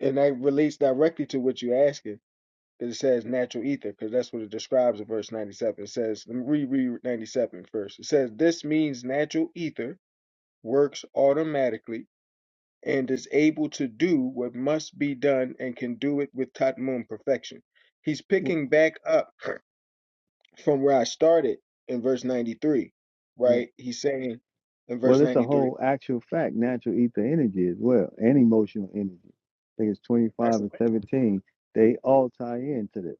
and that relates directly to what you're asking. asking. 'Cause it says natural ether, because that's what it describes in verse 97. It says, let me reread 97 first. It says, This means natural ether works automatically and is able to do what must be done and can do it with Tatmum perfection. He's wh- picking back up from where I started in verse 93, Right. right? He's saying in verse Well, it's a 93, whole actual fact. Natural ether energy as well, and emotional energy. I think it's twenty that's five it. and seventeen. They all tie into this.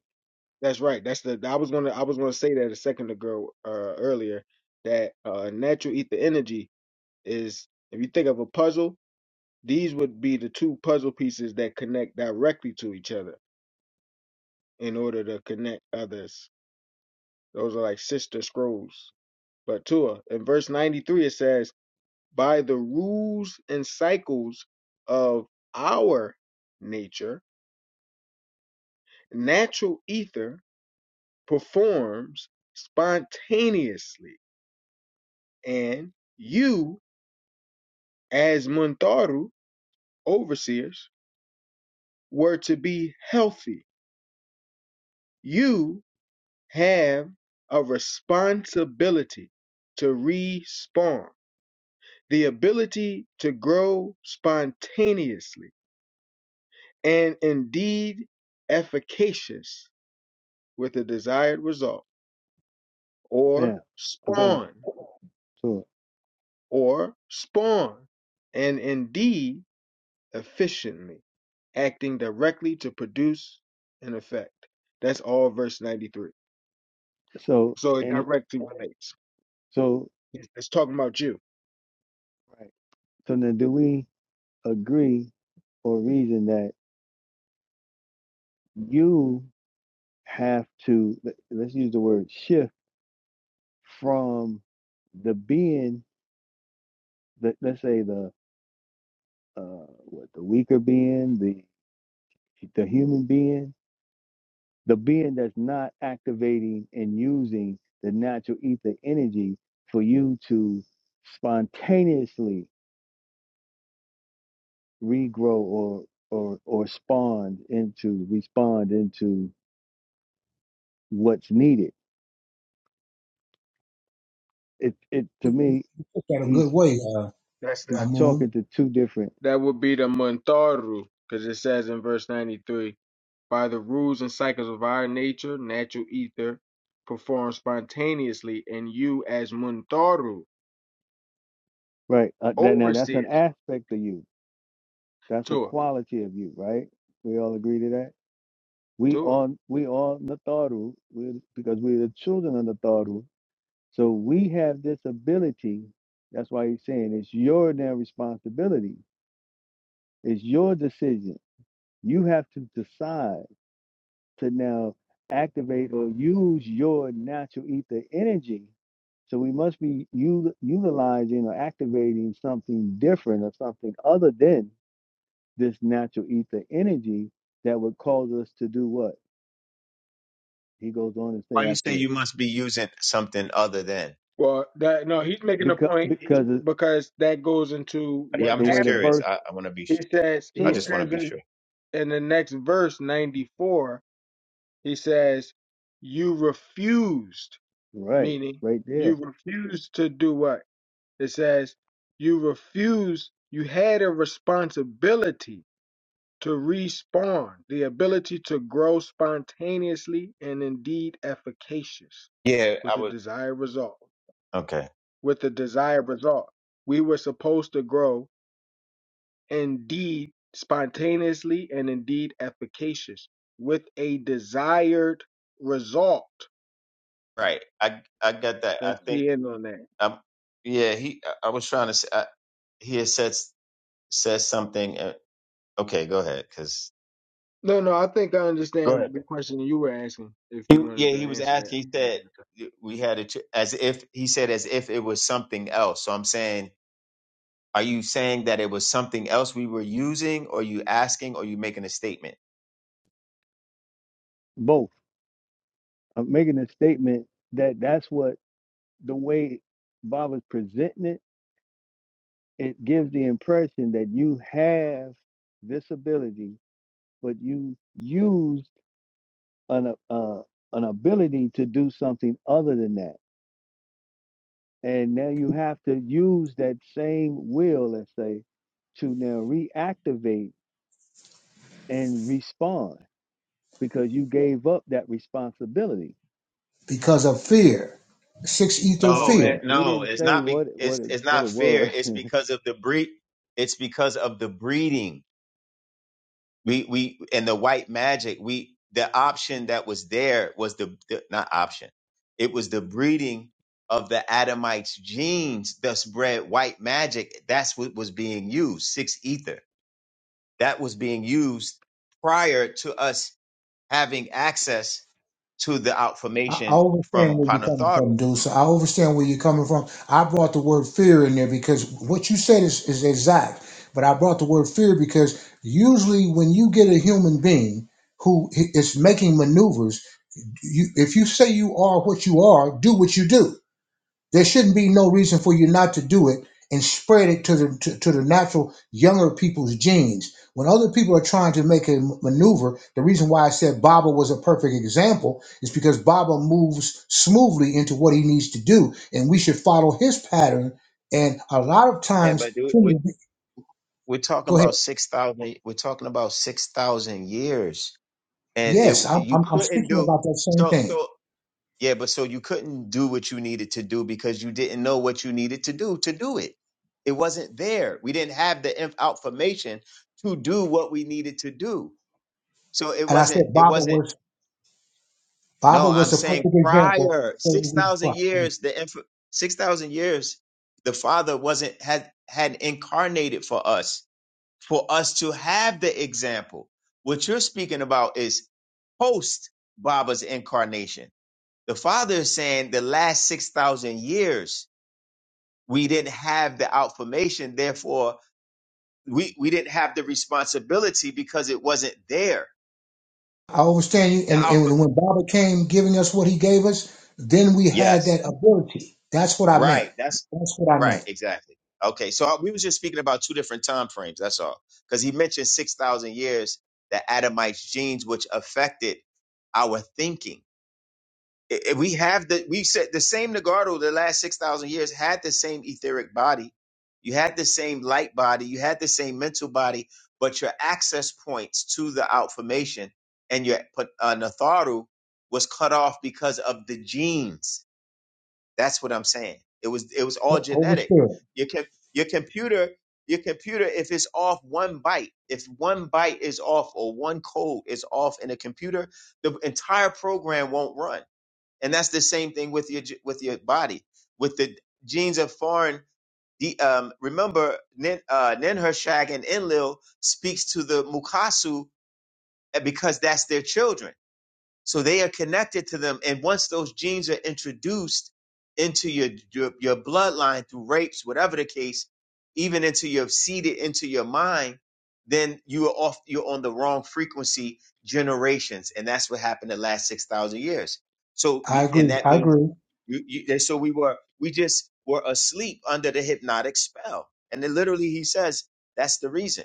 That's right. That's the I was gonna I was gonna say that a second ago uh earlier that uh natural ether energy is if you think of a puzzle, these would be the two puzzle pieces that connect directly to each other in order to connect others. Those are like sister scrolls. But Tua, in verse 93 it says, by the rules and cycles of our nature, natural ether performs spontaneously and you as Muntaru overseers were to be healthy. You have a responsibility to respawn, the ability to grow spontaneously and indeed efficacious with a desired result, or Now, oh, go ahead. spawn, Sure. or spawn, and indeed efficiently, acting directly to produce an effect. That's all verse 93. So So it and it directly relates. so It's, it's talking about you. right. So now do we agree or reason that you have to let- let's use the word shift from the being that let's say the uh what the weaker being, the the human being, the being that's not activating and using the natural ether energy for you to spontaneously regrow or or or spawn into respond into what's needed. It it to me took that a he's good way, uh, That's he's the Amun, talking to two different that would be the muntaru, because it says in verse 93, by the rules and cycles of our nature, natural ether performs spontaneously, and you as muntaru, right. Uh, that now that's an overseers, aspect of you. That's a tour, quality of you, right? We all agree to that. We tour. on we are Natharu we're, because we're the children of Natharu. So we have this ability. That's why he's saying it's your now responsibility. It's your decision. You have to decide. to now activate or use your natural ether energy. So we must be u- utilizing or activating something different or something other than this natural ether energy that would cause us to do what? He goes on to say Why you say after you must be using something other than? Well, that no, he's making a because point he's, because of because that goes into Yeah, what I'm the just way the happened. curious. verse I, I want to be. He sh- says I he to just want to says be in sure. in the next verse 94 he says you refused Right, meaning right you there. refused to do what it says you refused you had a responsibility to respawn the ability to grow spontaneously and indeed efficacious Yeah, with I a would. desired result Okay. with the desired result we were supposed to grow indeed spontaneously and indeed efficacious with a desired result. Right. I I got that. I Let's think key in on that. um yeah, he I I was trying to say I, he had said said something uh, okay, go ahead cuz No, no, I think I Go understand ahead. the question you were asking if He you wanted yeah, to he was answer that. asking he said we had it as if he said as if it was something else. So I'm saying are you saying that it was something else we were using or you asking or you making a statement? Both. I'm making a statement that that's what the way Baba's presenting it it gives the impression that you have this ability, but you used an uh, uh, an ability to do something other than that, and now you have to use that same will, let's say, to now reactivate and respond because you gave up that responsibility. because of fear, six ether I don't No, fear. it, know. He no, didn't it's say not be, what it- it's what it, it's what not it fair. was. It's because of the breed it's because of the breeding we we and the white magic we the option that was there was the, the not option it was the breeding of the adamites genes thus bred white magic that's what was being used six ether that was being used prior to us having access to the I I outformation understand from where you're coming panatharu from, dude. So I understand where you're coming from. I brought the word fear in there because what you said is, is exact. But I brought the word fear because usually when you get a human being who i- is making maneuvers, you, if you say you are what you are, do what you do. There shouldn't be no reason for you not to do it and spread it to the to, to the natural younger people's genes. When other people are trying to make a maneuver, the reason why I said Baba was a perfect example is because Baba moves smoothly into what he needs to do, and we should follow his pattern. And a lot of yeah times, but dude, human, we, be- we're talking go ahead. about 6000 we're talking about 6000 years and it Yes, I'm, you I'm, I'm couldn't speaking do about that same so thing. so Yeah, but so you couldn't do what you needed to do because you didn't know what you needed to do to do it. It wasn't there. We didn't have the inf- information to do what we needed to do. So it And I said wasn't. It Baba wasn't. was No, Baba I'm was a saying perfect example. prior So six we thousand follow. years, the inf- six thousand years, the Father wasn't had had incarnated for us for us to have the example. What you're speaking about is post Baba's incarnation the Father is saying the last 6,000 years, we didn't have the outformation. Therefore, we, we didn't have the responsibility because it wasn't there. I understand you. The And, output. and when Baba came giving us what he gave us, then we had Yes. that ability. That's what I meant. Right. That's That's what I right. meant. Exactly. Okay. So I- we was just speaking about two different time frames. That's all. Because he mentioned 6,000 years, the Adamites genes, which affected our thinking I- I- we have the we said the same Nagardo the last six thousand years had the same etheric body, you had the same light body, you had the same mental body, but your access points to the outformation and your put uh, Natharu was cut off because of the genes. That's what I'm saying. It was it was all Ho- Holy genetic. Spirit. Your com- your computer your computer if it's off one byte if one byte is off or one code is off in a computer the entire program won't run and that's the same thing with your with your body with the genes of foreign the um remember Nin, uh Ninhershag and Enlil speaks to the Mukasu eh, because that's their children so they are connected to them. And once those genes are introduced into your, your, your bloodline through rapes, whatever the case, even into your seeded into your mind, then you are off, you're on the wrong frequency generations. And that's what happened the last 6,000 years. So, I we, and agree. that I means agree. you, you, and so we were, we just were asleep under the hypnotic spell. And then literally he says, that's the reason.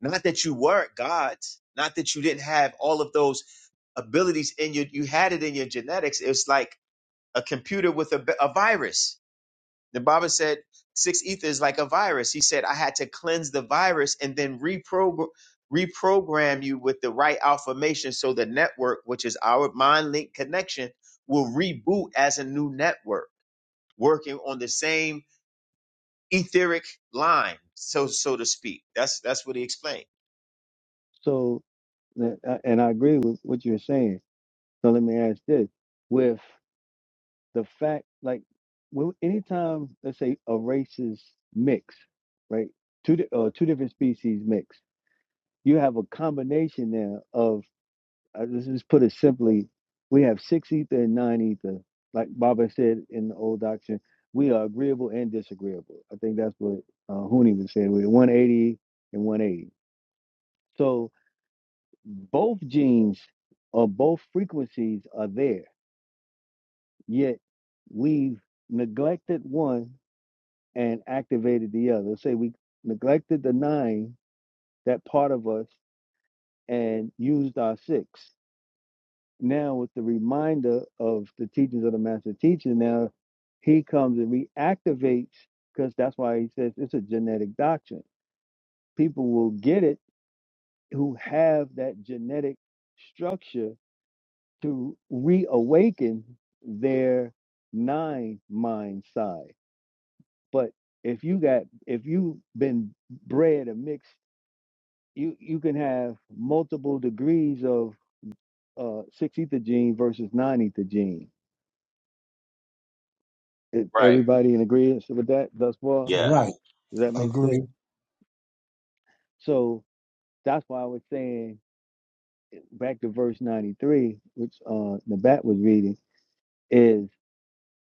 Not that you weren't gods, not that you didn't have all of those abilities in you. You had it in your genetics. It's like a computer with a a virus. The Bible said six ether is like a virus. He said I had to cleanse the virus and then reprogram reprogram you with the right affirmation so the network, which is our mind link connection, will reboot as a new network working on the same etheric line, so so to speak. That's that's what he explained. so, and I and I agree with what you're saying. So let me ask this: with the fact like when anytime let's say a races mix right two di- uh, two different species mix you have a combination there of uh, let's just put it simply we have six ether and nine ether like baba said in the old doctrine we are agreeable and disagreeable i think that's what uh, Huni was saying we're 180 and 180 so both genes or both frequencies are there yet we've neglected one and activated the other. Say we neglected the nine, that part of us, and used our six. Now, with the reminder of the teachings of the master teacher, now he comes and reactivates, because that's why he says it's a genetic doctrine. People will get it who have that genetic structure to reawaken their nine mind side. But if you got if you've been bred a mixed. you you can have multiple degrees of uh six ether gene versus nine ether gene. Is Right. everybody in agreement with that thus far? Yeah. Right. Does that make Agree. sense? So that's why I was saying back to verse 93, which uh Nabat was reading, is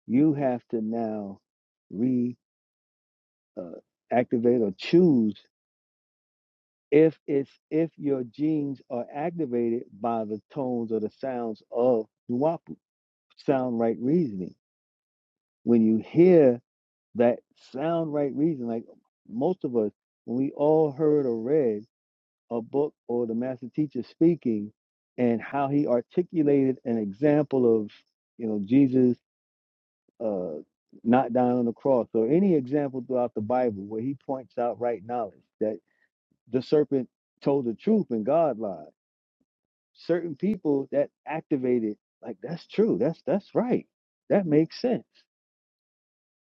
you have to now re uh, activate or choose if it's if your genes are activated by the tones or the sounds of Nuwapu, sound right reasoning. When you hear that sound right reason. Like most of us, when we all heard or read a book or the master teacher speaking and how he articulated an example of, you know, Jesus uh, not dying on the cross or any example throughout the Bible where he points out right knowledge that the serpent told the truth and God lied. Certain people that activated, like that's true, that's that's right, that makes sense.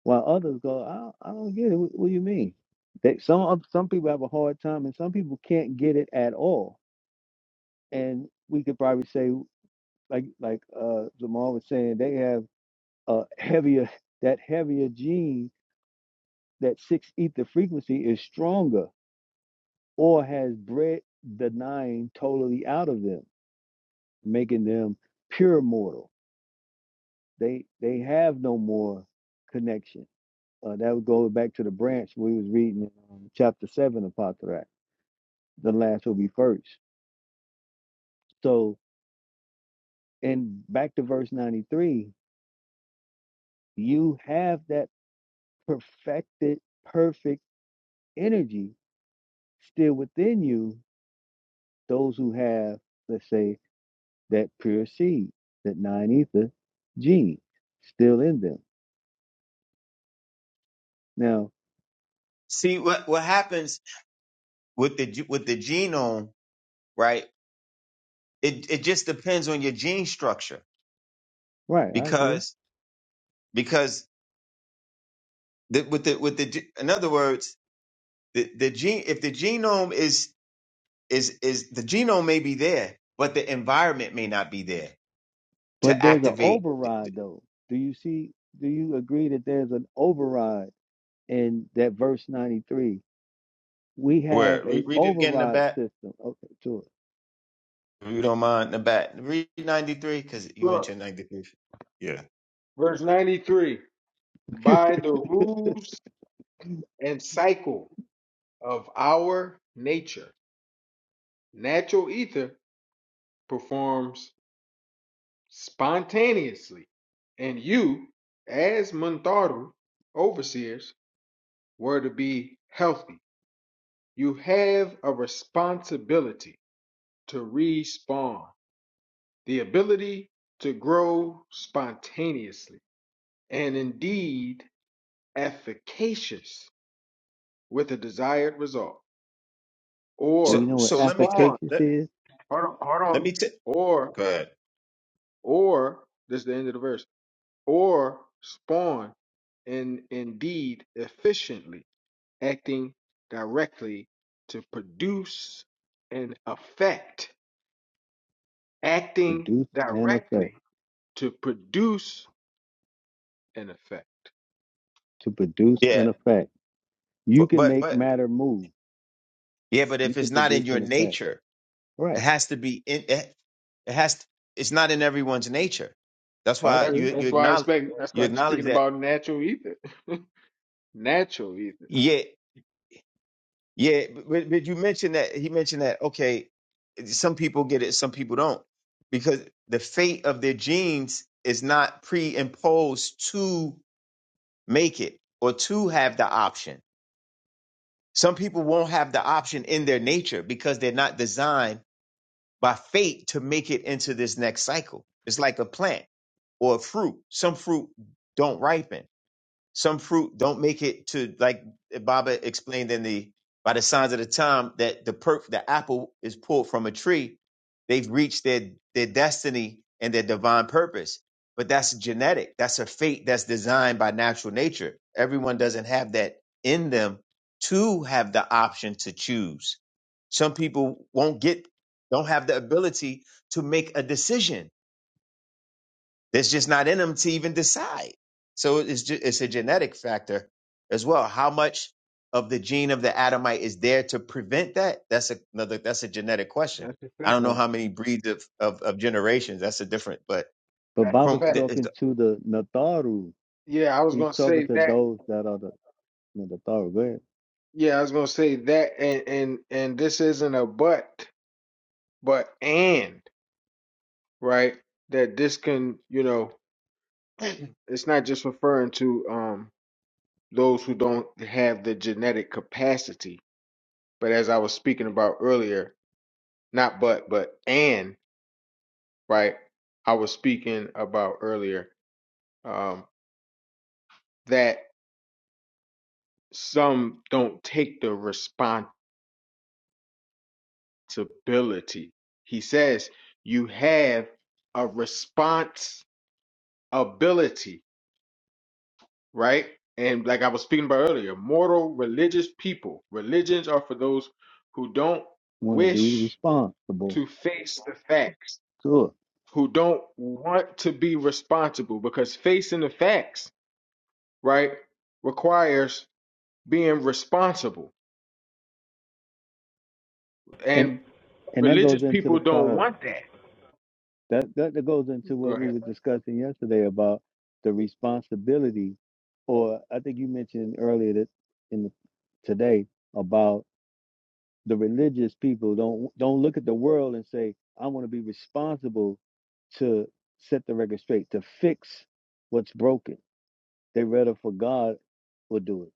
While others go, I, don't- I don't get it. What, what do you mean? That some of- some people have a hard time, and some people can't get it at all. And we could probably say, like like uh, Jamal was saying, they have a heavier that heavier gene that six ether frequency is stronger, or has bred the nine totally out of them, making them pure mortal. They they have no more connection. Uh, that would go back to the branch we was reading in um, chapter seven of Patrak the last will be first. So, and back to verse 93, you have that perfected, perfect energy still within you, those who have, let's say, that pure seed, that nine ether gene still in them. Now, See what what happens with the with the genome, right? It it just depends on your gene structure right, I agree. because because the, with the with the ge- in other words the the gene if the genome is is is the genome may be there but the environment may not be there But to there's an activate. override, though. Do you see, do you agree that there's an override in that verse 93? We have Where a read, read it again in the override back system. Okay, sure. if you don't mind in the back read ninety three because you Look, mentioned ninety three. Yeah. verse 93 by the rules and cycle of our nature, natural ether performs spontaneously, and you, as Muntaru, overseers, were to be healthy, you have a responsibility to respawn, the ability to grow spontaneously and indeed efficacious with a desired result, Do So we or know what so let me t- spawn. efficacious let is? Hold on, hold let on. me t- Or, go ahead. or this is the end of the verse. Or spawn, and indeed efficiently acting directly to produce an effect acting Produce an effect. directly to produce an effect. To produce an Yeah, effect. You but can but make but matter move. yeah, but You if it's can not produce in your an effect. nature. It Right. has to be in it, it has to, it's not in everyone's nature. That's I why That's you agree. you that's why I acknowledge expect that's you why I'm acknowledge speaking that about natural ether. natural ether. yeah yeah but, but you mentioned that he mentioned that okay some people get it some people don't because the fate of their genes is not pre-imposed to make it or to have the option. Some people won't have the option in their nature because they're not designed by fate to make it into this next cycle. It's like a plant or fruit. Some fruit don't ripen. Some fruit don't make it to like eh, Baba explained in the by the signs of the time that the per the apple is pulled from a tree, they've reached their their destiny and their divine purpose. But that's genetic. That's a fate that's designed by natural nature. Everyone doesn't have that in them to have the option to choose. Some people won't get don't have the ability to make a decision it's just not in them to even decide. So it's just, it's a genetic factor as well. How much of the gene of the Adamite is there to prevent that? That's a- another. That's a genetic question. That's a I fact. don't know Right. how many breeds of of, of generations. That's a different. But But That's a Baba's from fact. the, is- talking to the Natharu. Yeah, I was He's gonna talking say to that. those that are the Natharu. They Yeah, I was gonna say that and and and this isn't a but, but and right? That this can, you know, it's not just referring to um those who don't have the genetic capacity, but as I was speaking about earlier, not but but and right? I was speaking about earlier um, that some don't take the responsibility. He says you have a responsibility, right? And like I was speaking about earlier, mortal religious people, religions are for those who don't want to be wish responsible. to face the facts, Sure. who don't want to be responsible because facing the facts, right, requires being responsible. And And and that religious goes into the people don't call. want that. That, that that goes into Go what we ahead. were discussing yesterday about the responsibility, or I think you mentioned earlier that in the, today about the religious people don't don't look at the world and say i want to be responsible to set the record straight to fix what's broken they rather for god will do it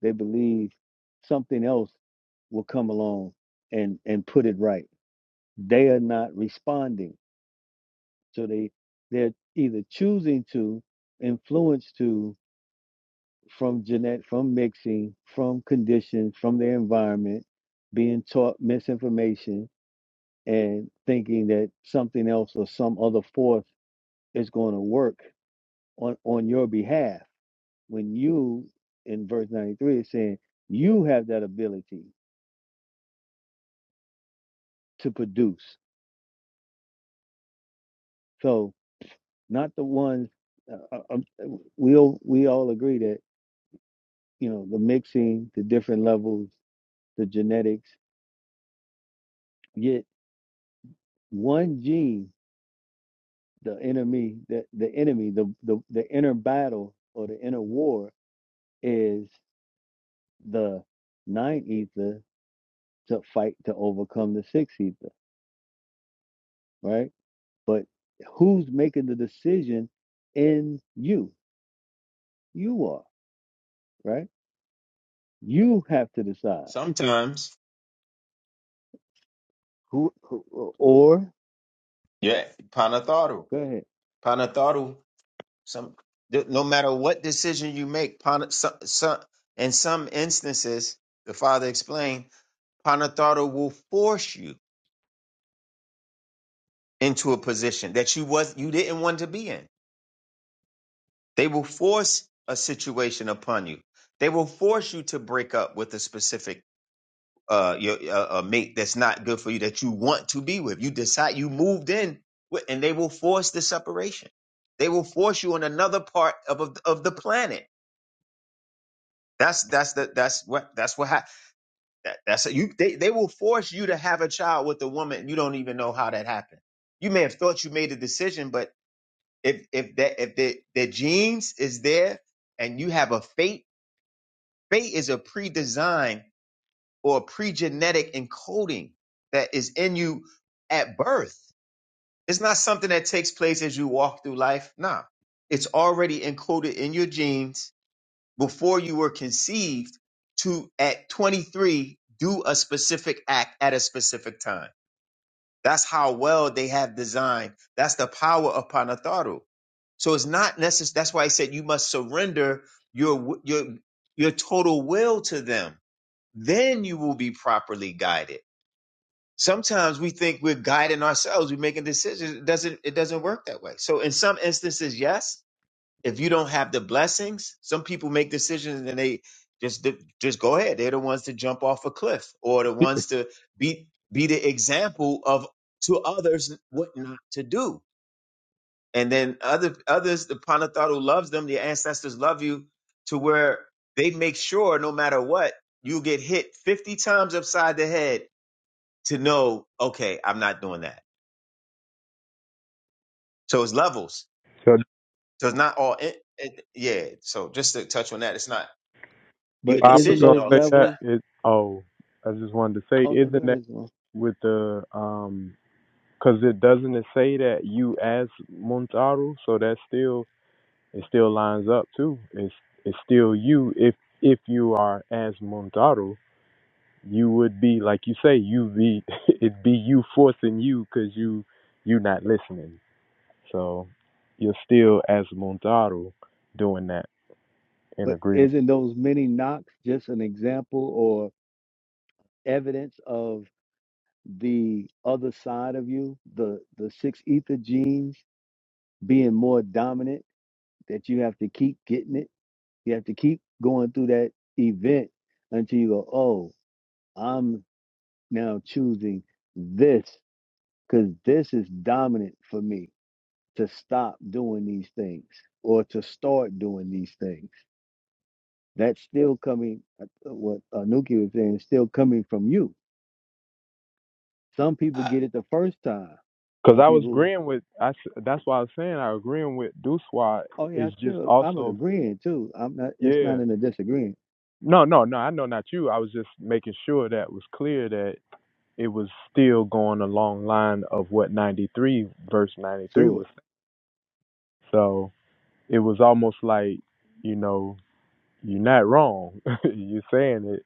they believe something else will come along and and put it right they are not responding so they they're either choosing to influence to from genetic from mixing from conditions, from their environment being taught misinformation and thinking that something else or some other force is going to work on on your behalf when you in verse 93 is saying you have that ability to produce so not the ones uh, uh, uh, we all we all agree that you know the mixing the different levels the genetics yet one gene the enemy the, the enemy the, the the inner battle or the inner war is the nine ether to fight to overcome the sixth ether, right? But who's making the decision in you? You are, right? You have to decide sometimes, who, who or yeah, panatharu, go ahead. panatharu. Some th- no matter what decision you make, pana, some, some, in some instances, the father explained, panatharu will force you. into a position that you was you didn't want to be in. They will force a situation upon you. They will force you to break up with a specific uh your uh, a mate that's not good for you that you want to be with. You decide you moved in with, and they will force the separation. They will force you on another part of of, of the planet. That's that's the that's what that's what hap that, that's you they they will force you to have a child with a woman you don't even know how that happened. You may have thought you made a decision, but if if that if the, the genes is there and you have a fate fate is a pre-design or a pre-genetic encoding that is in you at birth it's not something that takes place as you walk through life nah it's already encoded in your genes before you were conceived to at 23 do a specific act at a specific time that's how well they have designed. That's the power of Panatharu. So it's not necessary. That's why I said you must surrender your w- your your total will to them. Then you will be properly guided. Sometimes we think we're guiding ourselves. We're making decisions. It doesn't it doesn't work that way. So in some instances, yes if you don't have the blessings, some people make decisions and they just just go ahead. They're the ones to jump off a cliff or the ones to be be the example of to others what not to do. And then other others, the Panathat who loves them, the ancestors love you to where they make sure no matter what, you get hit 50 times upside the head to know, okay, I'm not doing that. So it's levels. So So it's not all, it, it, yeah. So just to touch on that, it's not your But I was isn't decision gonna those all the say time that levels? is. Oh, I just wanted to say, Oh no, go isn't that ahead. Simone. with the um? Because it doesn't it say that you as Montaru, so that still it still lines up too. It's it's still you if if you are as Montaru, you would be like you say you be it be you forcing you because you you not listening. So you're still as Muntaru doing that in But agreement. isn't those many knocks just an example or evidence of the other side of you, the the six ether genes being more dominant that you have to keep getting it? You have to keep going through that event until you go, oh, I'm now choosing this because this is dominant for me to stop doing these things or to start doing these things. That's still coming, uh, uh, what Anuki was saying, is still coming from you. Some people get it the first time. Because Some I was people, agreeing with, I, s- that's why I was saying I agreeing with Duswa oh yeah, I is just still, I'm also, agreeing too. I'm not, it's not yeah. in a disagreement. No, no, no, I know not you. I was just making sure that it was clear that it was still going along line of what 93, verse 93 Sure. was saying. So it was almost like, you know, you're not wrong. you're saying it,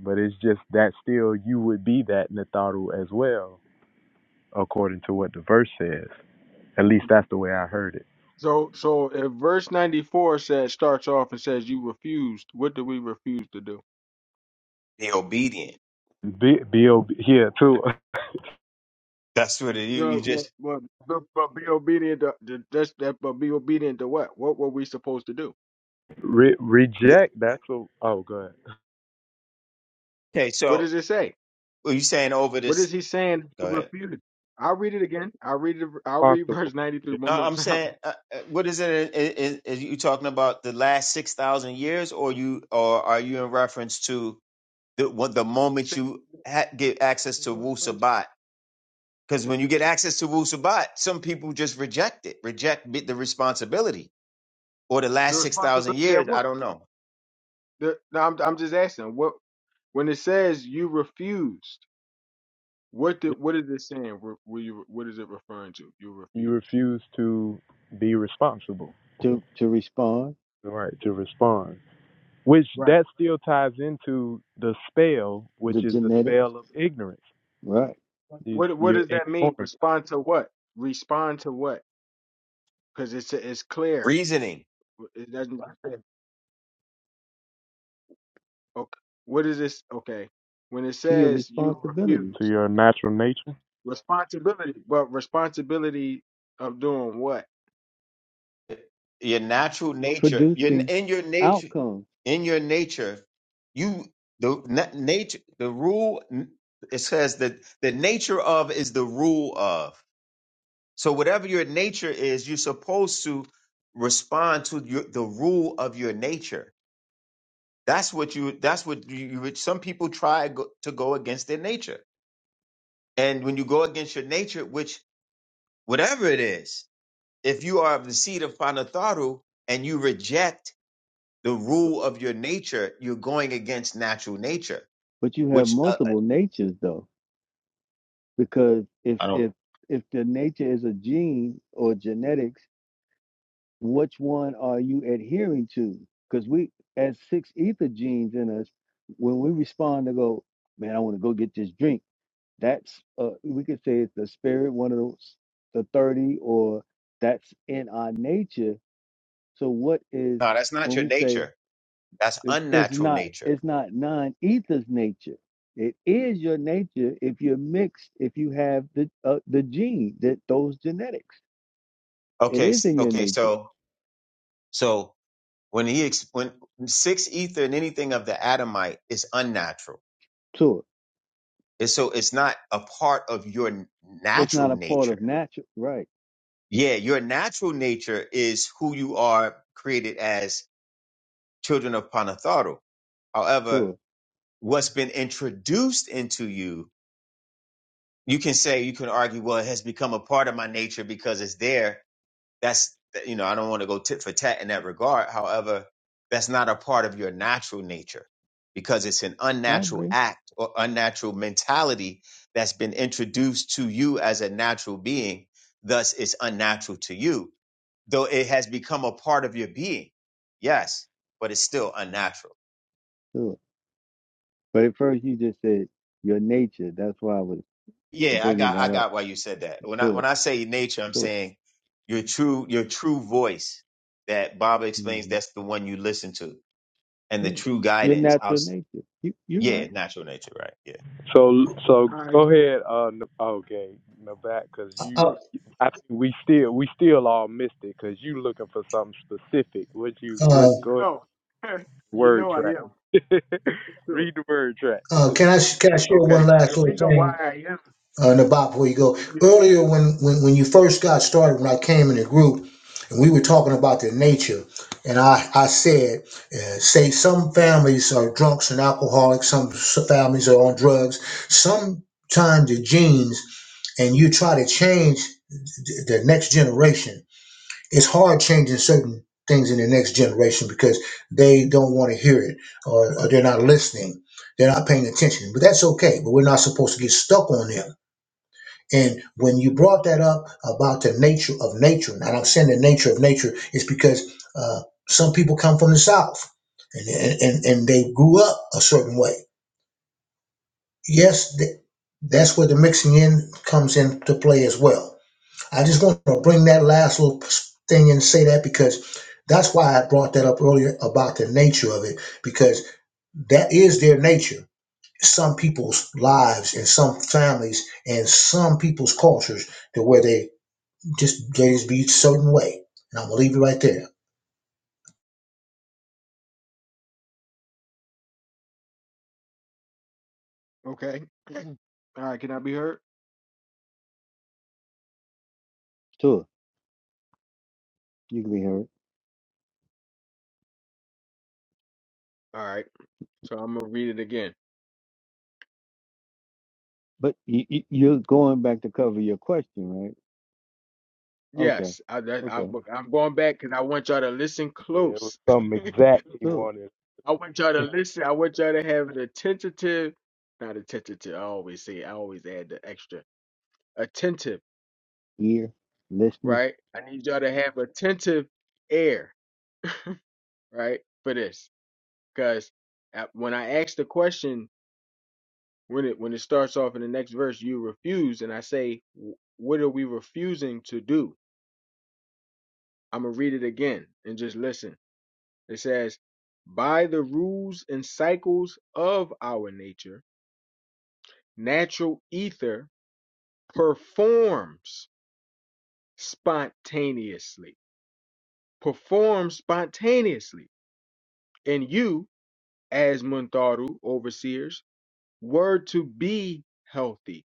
but it's just that still you would be that Natharu as well according to what the verse says. At least that's the way I heard it. So so if verse 94 says starts off and says you refused, what do we refuse to do? They obedient. B B O B here too. That's what it, you you No, what, just what, but, but be obedient to to- that's that but be obedient to what? What were we supposed to do? Re- the- reject. That's a oh good. okay. What So does it say? are you saying over What is this? he saying to Go ahead. refuse? I'll read it again. I'll read it I'll read Responsible. verse 93 Yeah. No, one more I'm saying time. uh, uh, what is it? Is, is you talking about the last six thousand years, or you, or are you in reference to the what the moment Saying you ha- get access to Wu Sabat? Because when you get access to Wu Sabat, some people just reject it, reject bi- the responsibility, or the The last six thousand responsibility of years. what? I don't know The, no, I'm I'm just asking what when it says you refused. What yeah. did what is it saying? Were, were you what is it referring to? You You refused. refuse to be responsible. To, to respond, Right to respond, which Right. that still ties into the spell, which the is the genetics, spell of ignorance. right? Is What what you're does that mean? ignoring Respond to what? Respond to what? Because it's it's clear. reasoning. It doesn't. Okay. What is this? Okay. When it To your says you responsibility refuse to your natural nature. responsibility. But responsibility of doing what? your natural nature your producing in your nature outcomes. in your nature you the na- nature the rule it says that the nature of is the rule of so whatever your nature is you're supposed to respond to your, the rule of your nature that's what you that's what you, you would- some people try go, to go against their nature and when you go against your nature which whatever it is if you are of the seed of Panatharu and you reject the rule of your nature, you're going against natural nature, But you have which uh, multiple natures though, because if I don't. if if the nature is a gene or genetics, which one are you adhering to? Because we as six ether genes in us, when we respond to go, man, I want to go get this drink. That's uh, we could say it's the spirit, one of those, the thirty, or that's in our nature. So what is no, that's not when your we say? nature. That's It- It's unnatural not nature. it's not non-ether's nature. It is your nature if you're mixed, if you have the uh, the gene that those genetics. It Okay, is s- in your okay. nature. So, so when he ex- when six ether and anything of the atomite is unnatural. Sure, It's, so it's not a part of your n- it's not natural a part of nature. natural. Right. Yeah, your natural nature is who you are created as children of Panatharu. However, Sure, what's been introduced into you you can say you can argue well it has become a part of my nature because it's there that's you know i don't want to go tit for tat in that regard however that's not a part of your natural nature because it's an I unnatural agree. act or unnatural mentality that's been introduced to you as a natural being thus it's unnatural to you though it has become a part of your being yes but it's still unnatural Sure, but at first you just said your nature. That's why I was Yeah, I bringing got I that up. got why you said that. When I when Sure, I say nature, I'm sure. saying your true your true voice that Baba explains hmm that's the one you listen to and the Yeah, true your guidance. I natural was, nature. You you're yeah, right. natural nature, right? Yeah. So so All right. go So ahead. Uh, N- okay, Nabat, because you, Uh, look. I think we still we still all missed it because you looking for something specific. What you uh, what go ahead, No. you word know I track? am. Sure. Read the word track. uh, can I can I share one Okay. The last little reason thing? why I am. uh, Nabat, before you go Yeah. earlier when, when when you first got started when I came in the group and we were talking about their nature and I I said uh, say some families are drunks and alcoholics some s- families are on drugs sometimes the genes and you try to change th- the next generation it's hard changing certain things in the next generation because they don't want to hear it or, or they're not listening they're not paying attention but that's okay but we're not supposed to get stuck on them and when you brought that up about the nature of nature, and I'm saying the nature of nature is because uh, some people come from the South and, and, and they grew up a certain way. Yes, th- that's where the mixing in comes into play as well. I just want to bring that last little thing and say that because that's why I brought that up earlier about the nature of it, because that is their nature. Some people's lives and some families and some people's cultures to where they just they just be a certain way. And I'm gonna leave it right there. Okay. All right. Can I be heard? Sure, you can hear it. All right. So I'm gonna read it again. But you, you, you're going back to cover your question, right? Okay, Yes. I, that, I, okay, but I'm going back because I want y'all to listen Yeah, it was close. something exact he sure. wanted. I want y'all to listen. I want y'all to have an attentive, not attentive. I always say. I always add the extra attentive. ear, listening. Right. I need y'all to have attentive air. Right. For this, because when I ask the question, when it when it starts off in the next verse, you refuse, and I say, "Wh- what are we refusing to do? I'm gonna read it again and just listen. It says, "By the rules and cycles of our nature, natural ether performs spontaneously. Performs spontaneously. And you, as Muntaru overseers, were to be healthy.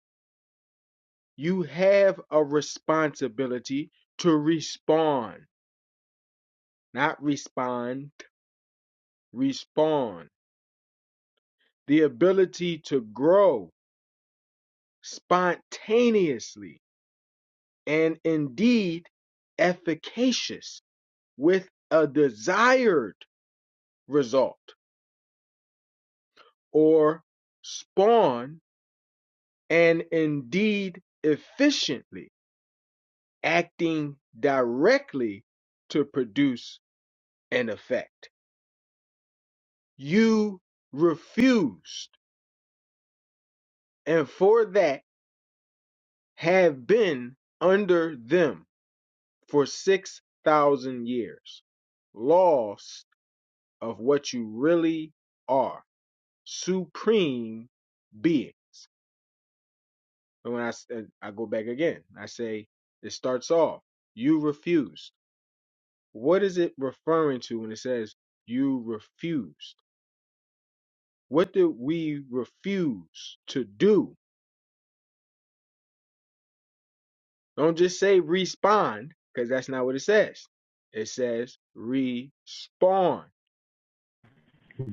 You have a responsibility to respond, not respond, respond. The ability to grow spontaneously and indeed efficacious with a desired result or spawn and indeed efficiently acting directly to produce an effect. You refused and for that have been under them for 6,000 years. Laws of what you really are supreme beings. And when I I go back again, I say it starts off you refused. What is it referring to when it says you refused? What did we refuse to do? Don't just say respond because that's not what it says. It says respond.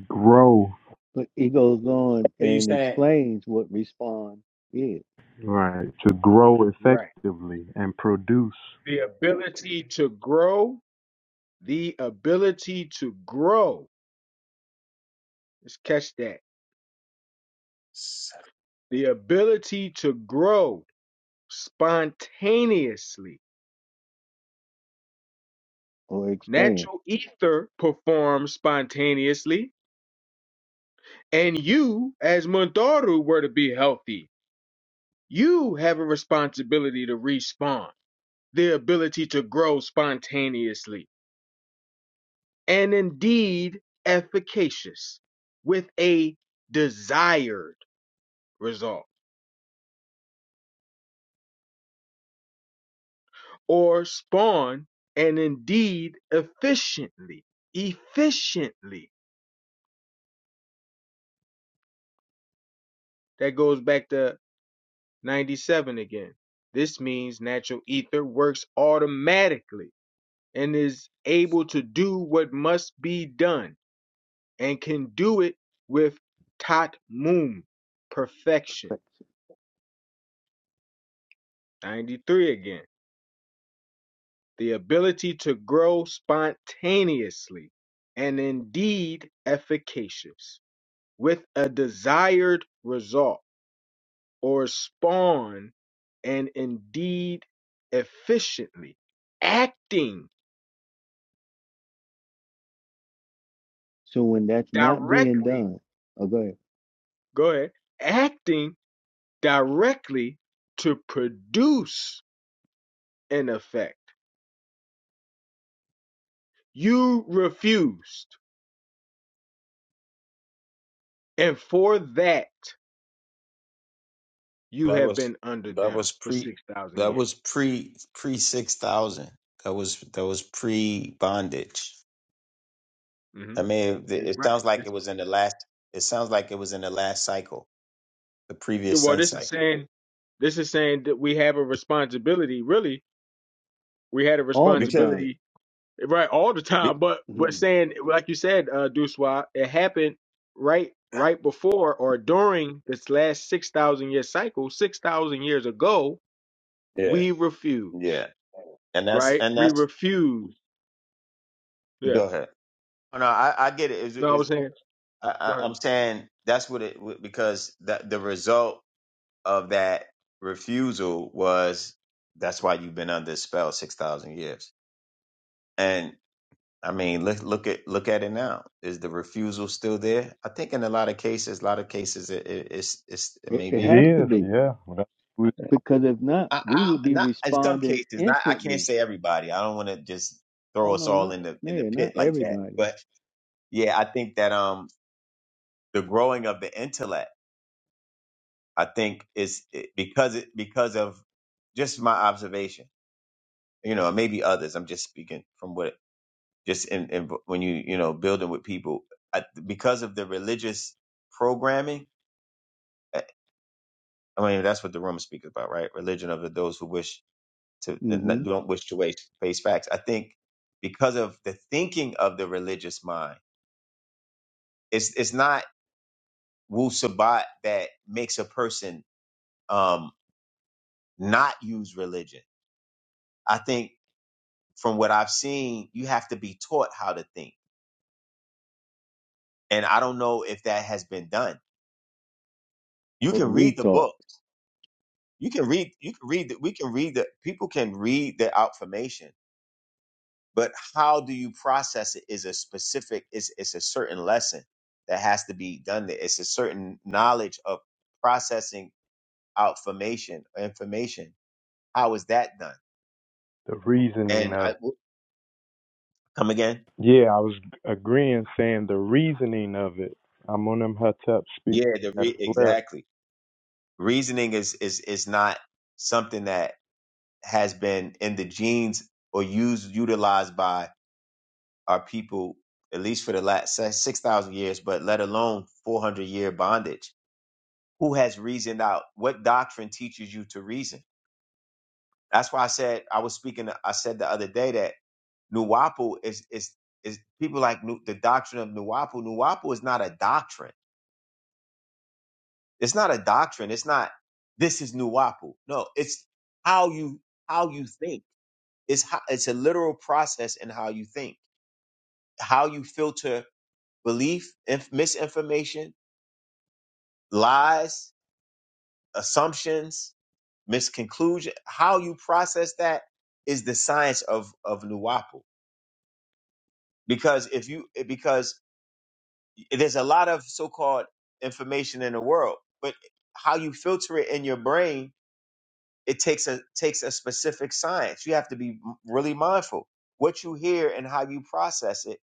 Grow, But he goes on So you and saying explains what respond is right? To grow Right. effectively and produce. The ability to grow, the ability to grow. Let's catch that s- The ability to grow spontaneously. or expand Natural ether performs spontaneously. And you, as Mundaru, were to be healthy. You have a responsibility to respawn. The ability to grow spontaneously. And indeed, efficacious with a desired result. Or spawn and indeed efficiently. Efficiently. That goes back to 97 again. This means natural ether works automatically and is able to do what must be done and can do it with tatmum, perfection. perfection. 93 again. The ability to grow spontaneously and indeed efficacious with a desired result or spawn and indeed efficiently acting So when that's not being directly, done, okay, go ahead, acting directly to produce an effect. You refused. And for that, you That have was been under that them was for pre 6,000 that years. was pre pre six thousand. That was that was pre bondage. hmm I mean, it, it right. sounds like it This, was in the last. It sounds like it was in the last cycle, the yeah, previous well, sun this is cycle. saying, this is saying that we have a responsibility. Really, we had a all the Because, time, responsibility right all the be, time. But but mhm, saying like you said, uh, Duswa, it happened right right before or during this last six thousand year cycle. Six thousand years ago, yeah, we yeah. refuse. and that's Right, and we that's refuse. Yeah. go ahead. Oh, No, I, I get it. It's, No, I it's, was saying. I, I- Right. I'm saying that's what it because that the result of that refusal was that's why you've been under a spell six thousand years. And I mean, look look at look at it now. Is the refusal still there? I think in a lot of cases, a lot of cases, it, it, it's it's it it, may it It be. has to is, be yeah. Well, that was because if not, I, we I, would be not in some responding cases, not I can't instantly. say everybody. I don't want to just throw Oh us no, all not in the no, in the yeah, pit not like that. everybody. But yeah, I think that um the growing of the intellect i think is it- because it because of just my observation you know and maybe others i'm just speaking from what just in, in when you you know building with people I, because of the religious programming eh, i mean that's what the room speaks about right religion of the, those who wish to hmm that don't wish to face face facts i think because of the thinking of the religious mind it's it's not wu sabat that makes a person um not use religion I think from what I've seen, you have to be taught how to think. And I don't know if that has been done. You Or can read the retard book. You can read, you can read, the, we can read the, people can read the information, but how do you process it is a specific, it's, it's a certain lesson that has to be done. There. It's a certain knowledge of processing out formation, information. How is that done? the reasoning And of I come again. yeah, I was agreeing, saying the reasoning of it. I'm on them hot top speak Yeah, the that as re, well. exactly. Reasoning is, is, is not something that has been in the genes or used utilized by our people at least for the last 6000 years but let alone 400 year bondage who has reasoned out what doctrine teaches you to reason that's why i said i was speaking i said the other day that nuwapu is is is people like Nu- the doctrine of nuwapu nuwapu is not a doctrine it's not a doctrine it's not this is nuwapu no it's how you how you think it's how, it's a literal process in how you think how you filter belief, inf- misinformation, lies, assumptions, misconclusion, how you process that is the science of of Nuwapu. Because if you eh, because there's a lot of so-called information in the world, but how you filter it in your brain, it takes a takes a specific science. You have to be m- really mindful. What you hear and how you process it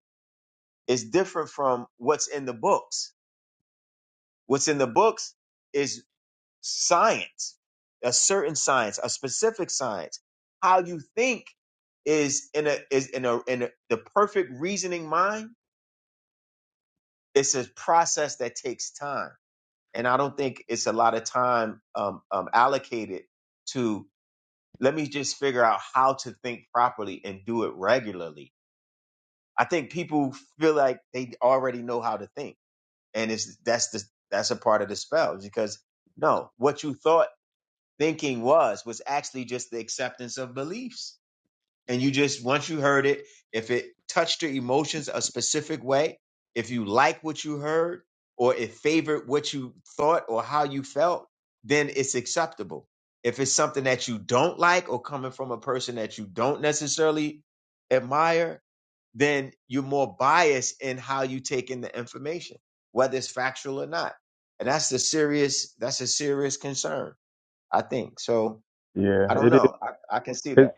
is different from what's in the books. What's in the books is. science, a certain science, a specific science. How you think is in a is in a in a, the perfect reasoning mind. It's a process that takes time, and I don't think it's a lot of time um, um, allocated to. Let me just figure out how to think properly and do it regularly. I think people feel like they already know how to think, and it's that's the that's a part of the spell because no, what you thought thinking was was actually just the acceptance of beliefs and you just once you heard it if it touched your emotions a specific way if you like what you heard or it favored what you thought or how you felt then it's acceptable if it's something that you don't like or coming from a person that you don't necessarily admire then you're more biased in how you take in the information whether it's factual or not and that's a serious that's a serious concern I think so. Yeah, I don't it is. know. I, I can see It, that.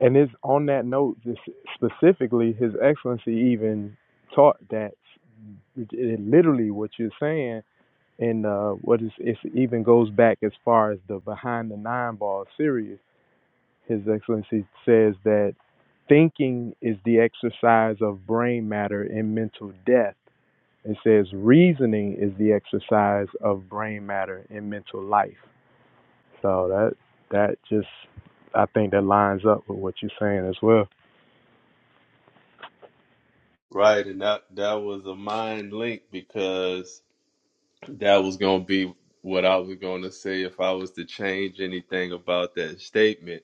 and it's on that note, just specifically, His Excellency even taught that it, it literally what you're saying, and uh, what is it even goes back as far as the Behind the Nine Ball series. His Excellency says that thinking is the exercise of brain matter in mental death. It says reasoning is the exercise of brain matter in mental life. So that that just I think that lines up with what you're saying as well. Right, and that that was a mind link because that was gonna be what I was gonna say if I was to change anything about that statement.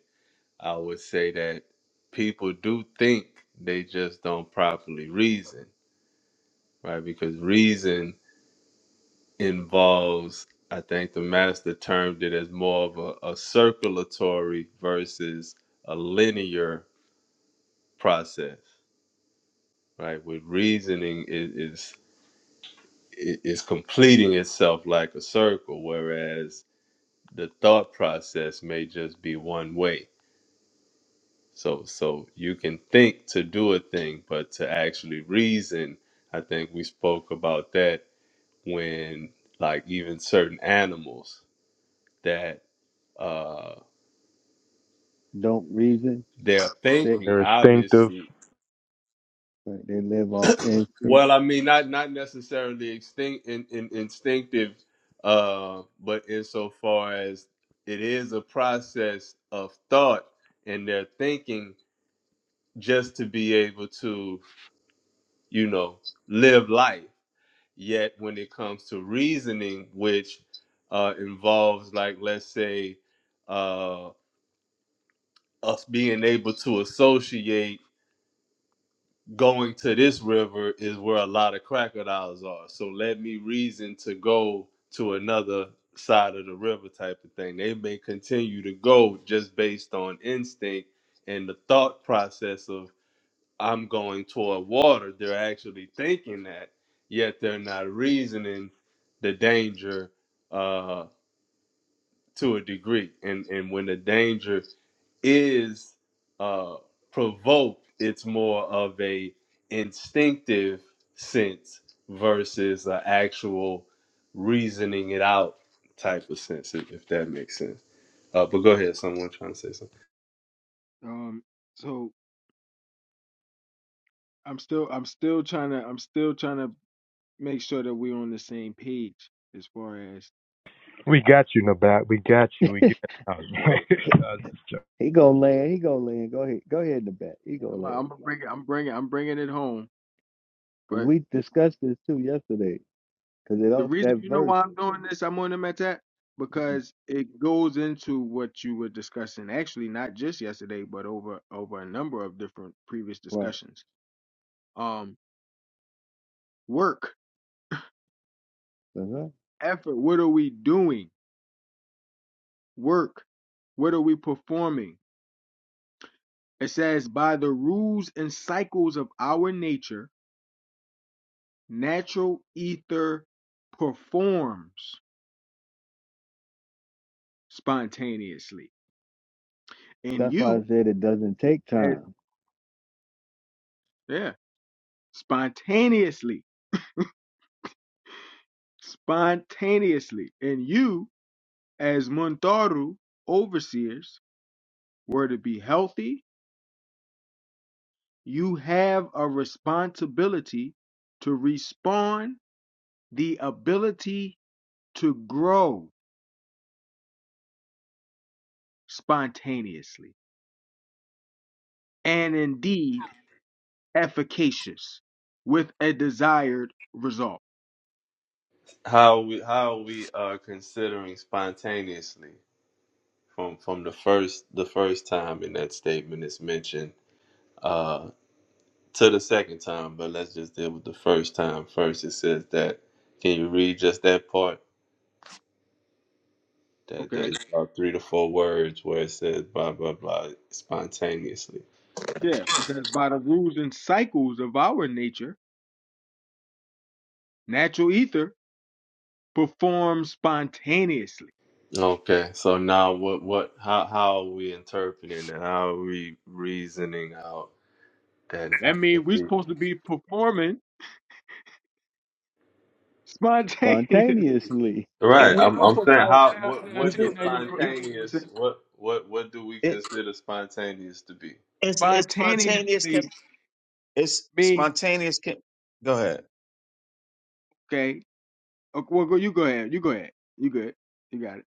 I would say that people do think they just don't properly reason, right? Because reason involves i think the master termed it as more of a, a circulatory versus a linear process right with reasoning is is is completing itself like a circle whereas the thought process may just be one way so so you can think to do a thing but to actually reason i think we spoke about that when like even certain animals that uh. don't reason. their They thinking They're instinctive. obviously right, they live off well instinct. i mean not not necessarily extinct in, in instinctive uh but insofar as it is a process of thought and their thinking just to be able to you know live life yet when it comes to reasoning which uh involves like let's say uh us being able to associate going to this river is where a lot of crocodiles are. So let me reason to go to another side of the river type of thing. They may continue to go just based on instinct and the thought process of I'm going toward water. They're actually thinking that, yet they're not reasoning the danger uh, to a degree, and and when the danger is uh, provoked, it's more of a instinctive sense versus an actual reasoning it out type of sense, if, if that makes sense. Uh, but go ahead, someone trying to say something. Um, so I'm still I'm still trying to I'm still trying to make sure that we're on the same page as far as We got you, Nabat. We got you. We get I He he gonna land. He gonna land. Go ahead. Go ahead in the back. He Yeah, gonna land. I'm I'm bringing I'm bringing I'm bringing it home. Because but. we discussed this too yesterday. Because it The also, reason that you know verse, why I'm doing this, I'm on them at that, because it goes into what you were discussing. Actually, not just yesterday, but over over a number of different previous right? discussions. Um, work, uh-huh. effort. What are we doing? Work. What are we performing? It says by the rules and cycles of our nature, natural ether performs spontaneously, and That's why I you, said it doesn't take as- time. yeah, spontaneously. spontaneously, and you, as Muntaru overseers, were to be healthy, you have a responsibility to respond the ability to grow spontaneously and indeed efficacious with a desired result. How are we how are we uh, considering spontaneously from from the first the first time in that statement is mentioned uh, to the second time, but let's just deal with the first time first. It says that. Can you read just that part? That that Okay. is about three to four words where it says blah blah blah spontaneously. Yeah, because by the rules and cycles of our nature, natural ether performs spontaneously Okay, so now what what how how are we interpreting that? How are we reasoning out that That natural means we are reason? supposed to be performing spontaneously. Spontaneously, But Right. right? You I'm do I'm saying perform. how Now, what now, You what to does do. you, now you, I You think you were spontaneous saying what what what do we it consider spontaneous to be? it's, it's spontaneous. Can spontaneously it's means spontaneous. Can go ahead. okay. okay well, go, you go ahead. You go ahead. You good. You got it.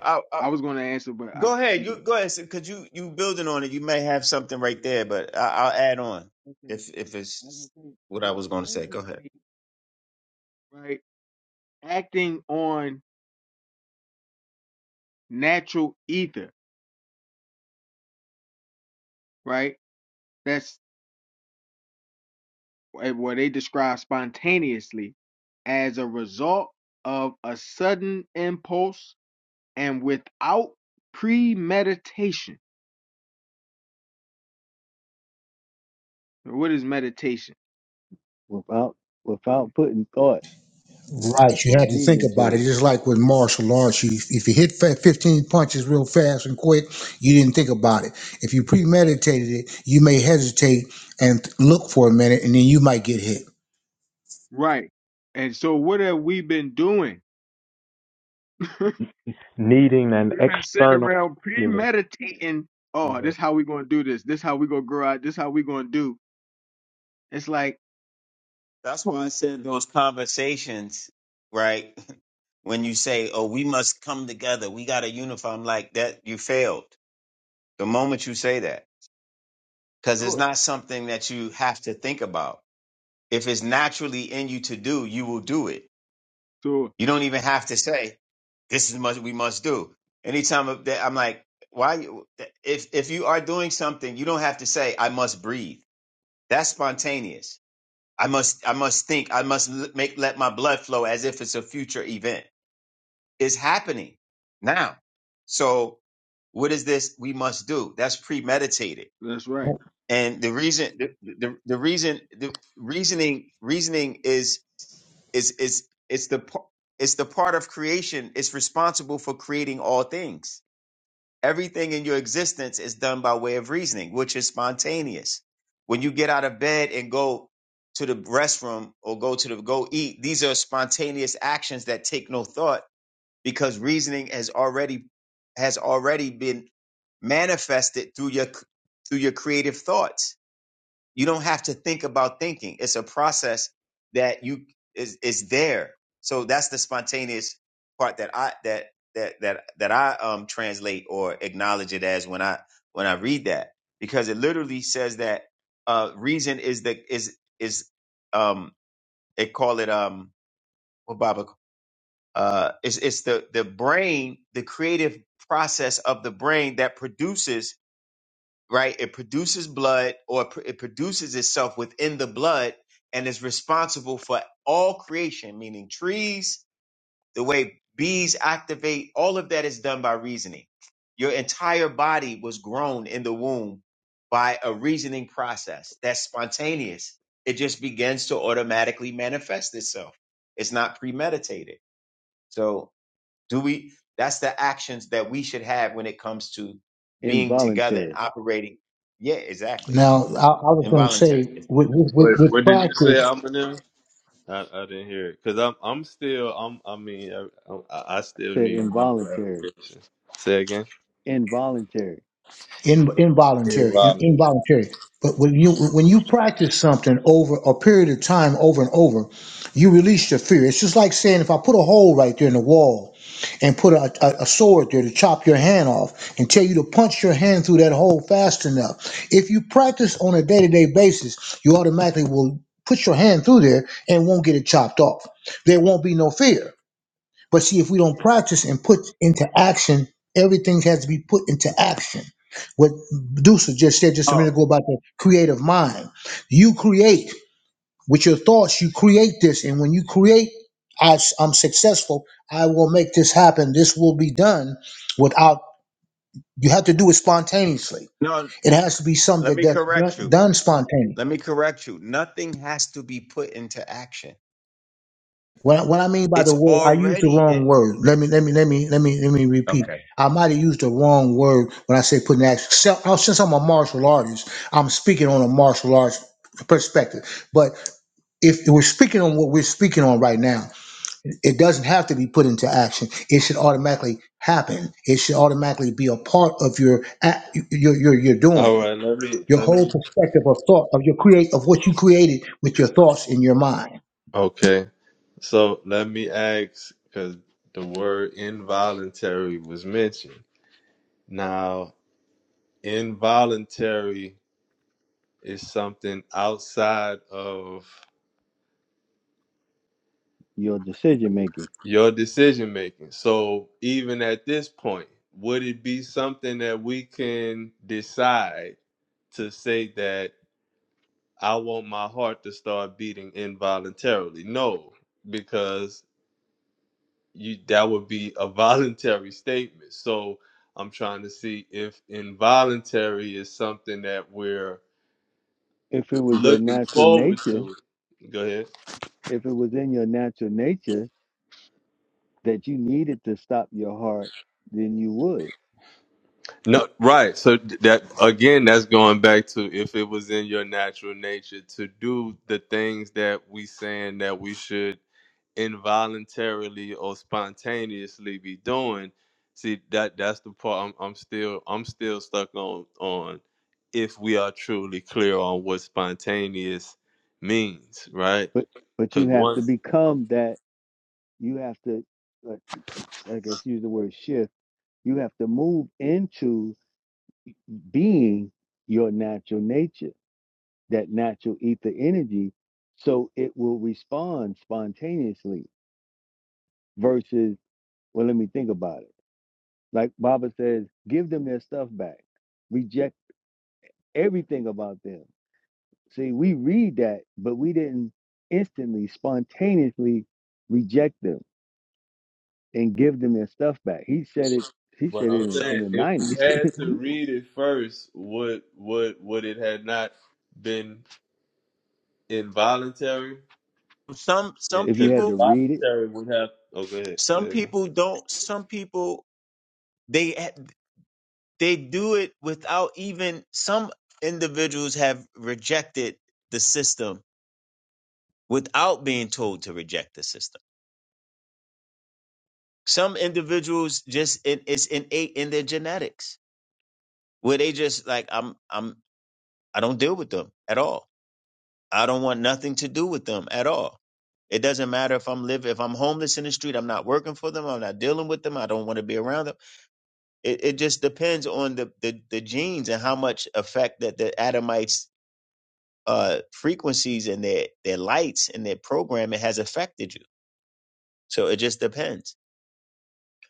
I, I, I was going to answer, but I go ahead. you You good. go ahead because you you building on it. You may have something right there, but I, I'll add on Okay. if if I was gonna it's say what I was going to say. Go ahead. spontaneously, right? Acting on natural ether, right? That's what what they describe spontaneously as a result of a sudden impulse and without premeditation. What is meditation? Without without putting thought Right, you or had to think reason about to it. Just like with martial arts, you, if you hit fa- 15 punches real fast and quick, you didn't think about it. If you premeditated it, you may hesitate and th- look for a minute, and then you might get hit. Right. And so what have we been doing? needing an We've been sitting external around stimulus. premeditating. Oh, Yeah. this how we gonna do this. This how we gonna grow out. This how we gonna do. It's like That's why I said those conversations, right? When you say, "Oh, we must come together. We got to unify," I'm like that. You failed the moment you say that. because it's Sure. not something that you have to think about. If it's naturally in you to do, you will do it. so. You don't even have to say, "This is what we must do." Anytime of that, I'm like, "Why?" you- If if you are doing something, you don't have to say, "I must breathe." That's spontaneous. I must I must think. I must l- make let my blood flow as if it's a future event. It's happening now. So, what is this we must do? That's premeditated That's right. and the reason the, the, the reason the reasoning reasoning is is is it's the par- it's the part of creation it's responsible for creating all things everything in your existence is done by way of reasoning which is spontaneous when you get out of bed and go to the restroom or go to the go eat these are spontaneous actions that take no thought because reasoning has already has already been manifested through your through your creative thoughts you don't have to think about thinking. It's a process that you is is there. So that's the spontaneous part that I that that that that I um translate or acknowledge it as when I when I read that because it literally says that uh reason is the is is um they call it um what Baba uh it's it's the the brain the creative process of the brain that produces right? It produces blood or it pr- it produces itself within the blood and is responsible for all creation, meaning trees, the way bees activate, all of that is done by reasoning. Your entire body was grown in the womb by a reasoning process that's spontaneous. It just begins to automatically manifest itself. It's not premeditated. So do we? That's the actions that we should have when it comes to it. being together and Involuntary. operating. Yeah, exactly. Now, I, I was going to Involuntary. say, It's- with, with, with What with what did you say, practice, Eminem? I, I didn't hear it because I'm I'm still I'm I mean I, i I still Said need more involuntary. clarification. Say again. Involuntary. in, Hey, involuntary, in, Ron. involuntary. But when you when you practice something over a period of time, over and over, you release your fear. It's just like saying, if I put a hole right there in the wall, and put a, a, a sword there to chop your hand off, and tell you to punch your hand through that hole fast enough. If you practice on a day to day basis, you automatically will put your hand through there and won't get it chopped off. There won't be no fear but see, if we don't practice and put into action, everything has to be put into action. What Medusa just said just a Oh minute ago about the creative mind. You create with your thoughts, you create this. And when you create, I, am successful, I will make this happen. This will be done without, you have to do it spontaneously. no, It has to be let something me that's correct done, you. done spontaneously. Let me correct you. Nothing has to be put into action. What what I mean by the It's word, I used the already wrong it. word. Let me let me let me let me let me repeat. Okay. I might have used the wrong word when I say putting action. So, oh, since I'm a martial artist, I'm speaking on a martial arts perspective. But if we're speaking on what we're speaking on right now, it doesn't have to be put into action. It should automatically happen. It should automatically be a part of your a- your your, your All doing. right, let me Your let whole me. perspective of thought of your create of what you created with your thoughts in your mind. Okay, so let me ask because the word involuntary was mentioned. Now, involuntary is something outside of Your decision making. your decision making. So even at this point, would it be something that we can decide to say that? I want my heart to start beating involuntarily. No, because you that would be a voluntary statement. So I'm trying to see if involuntary is something that we're If it was your looking natural forward nature, to. Go ahead. if it was in your natural nature that you needed to stop your heart, then you would. No, right. So that again, that's going back to if it was in your natural nature to do the things that we saying that we should involuntarily or spontaneously be doing. See that that's the part I'm, I'm still I'm still stuck on on if we are truly clear on what spontaneous means, right? But but you Because have to once become that. You have to. I guess use the word shift, you have to move into being your natural nature, that natural ether energy, so it will respond spontaneously versus, well, let me think about it. Like Baba says, give them their stuff back, reject everything about them. See, we read that, but we didn't instantly, spontaneously reject them and give them their stuff back. He said it. He said but it I'm in, Some saying in the if 90s. we had to read it first, would would would it had not been involuntary? some some if you Because had to people read it involuntary would have. Oh, go ahead. Say some it again. people don't. Some people they they do it without even. Some individuals have rejected the system without being told to reject the system Some individuals just it, it's innate in their genetics where they just like I'm I'm I don't deal with them at all. I don't want nothing to do with them at all. It doesn't matter if I'm living if I'm homeless in the street. I'm not working for them. I'm not dealing with them. I don't want to be around them. It it just depends on the the, the genes and how much effect that the Adamites uh frequencies and their their lights and their programming has affected you. So it just depends.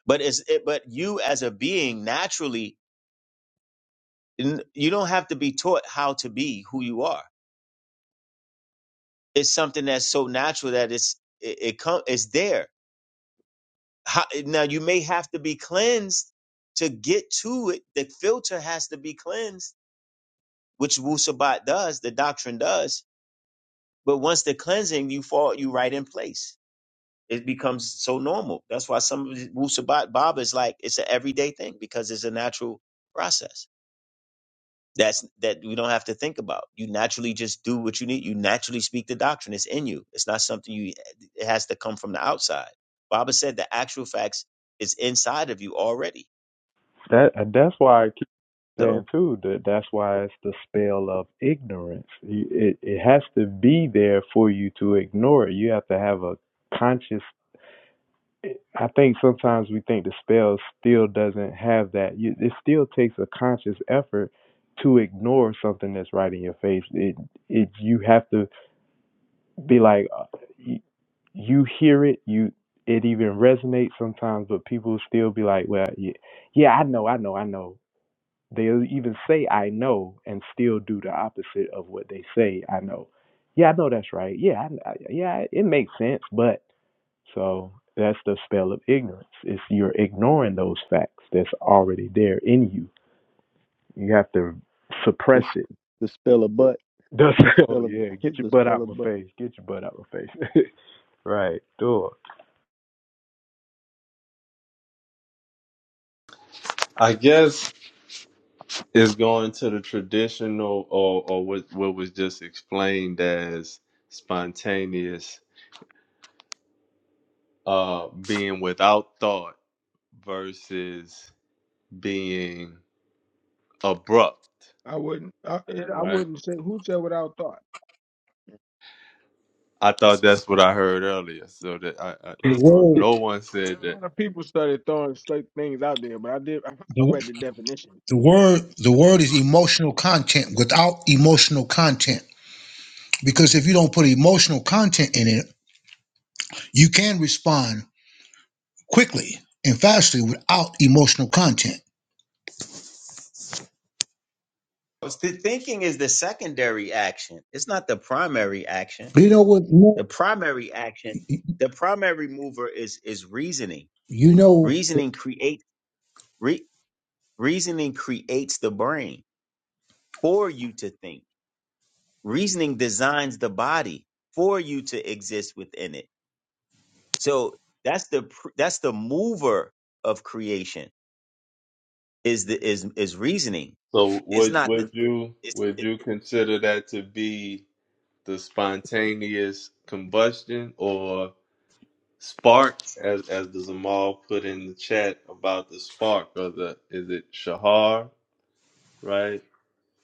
But it's it, but you as a being naturally n- you don't have to be taught how to be who you are. It's something that's so natural that it's it, it come it's there. How, now you may have to be cleansed to get to it. The filter has to be cleansed, which Wu Sabat does, the doctrine does. But once the cleansing, you fall you right in place. It becomes so normal. That's why some of the Wu Sabat Baba is like it's an everyday thing because it's a natural process. That's that we don't have to think about. You naturally just do what you need. You naturally speak the doctrine. It's in you. It's not something you it has to come from the outside. Baba said the actual facts is inside of you already. That that's why I keep saying So too that that's why it's the spell of ignorance. It it has to be there for you to ignore it. You have to have a conscious I think sometimes we think the spell still doesn't have that. You, it still takes a conscious effort to ignore something that's right in your face. It, it you have to be like, uh, you, you hear it, you it even resonates sometimes, but people still be like, well, yeah, yeah, I know, I know, I know. They'll even say I know and still do the opposite of what they say. I know. Yeah, I know that's right. Yeah, I, I- yeah, it makes sense, but so that's the spell of ignorance. It's you're ignoring those facts that's already there in you. You have to The suppress s- it. the spell of butt. That's, The oh spell of yeah, get your the butt spell out my of butt. face. Get your butt out my face. right, door. I guess it's going to the traditional or, or what, what was just explained as spontaneous uh, being without thought versus being abrupt, I wouldn't. I, and I right? wouldn't say who said without thought. I thought that's what I heard earlier. So that I, I The so if word. It's no one said A that, lot of people started throwing slick things out there, but I did. I, I read the definition. The word the word is emotional content without emotional content. Because if you don't put emotional content in it, you can respond quickly and fastly without emotional content. the thinking is the secondary action. It's not the primary action. You know what? no, The primary action, the primary mover is is reasoning. You know, Reasoning create re, reasoning creates the brain for you to think. Reasoning designs the body for you to exist within it So that's the pr- that's the mover of creation is the is is reasoning. so It's would not the would you it's would it, you consider that to be the spontaneous combustion or spark, as as the Zamal put in the chat about the spark or the is it Shahar, right?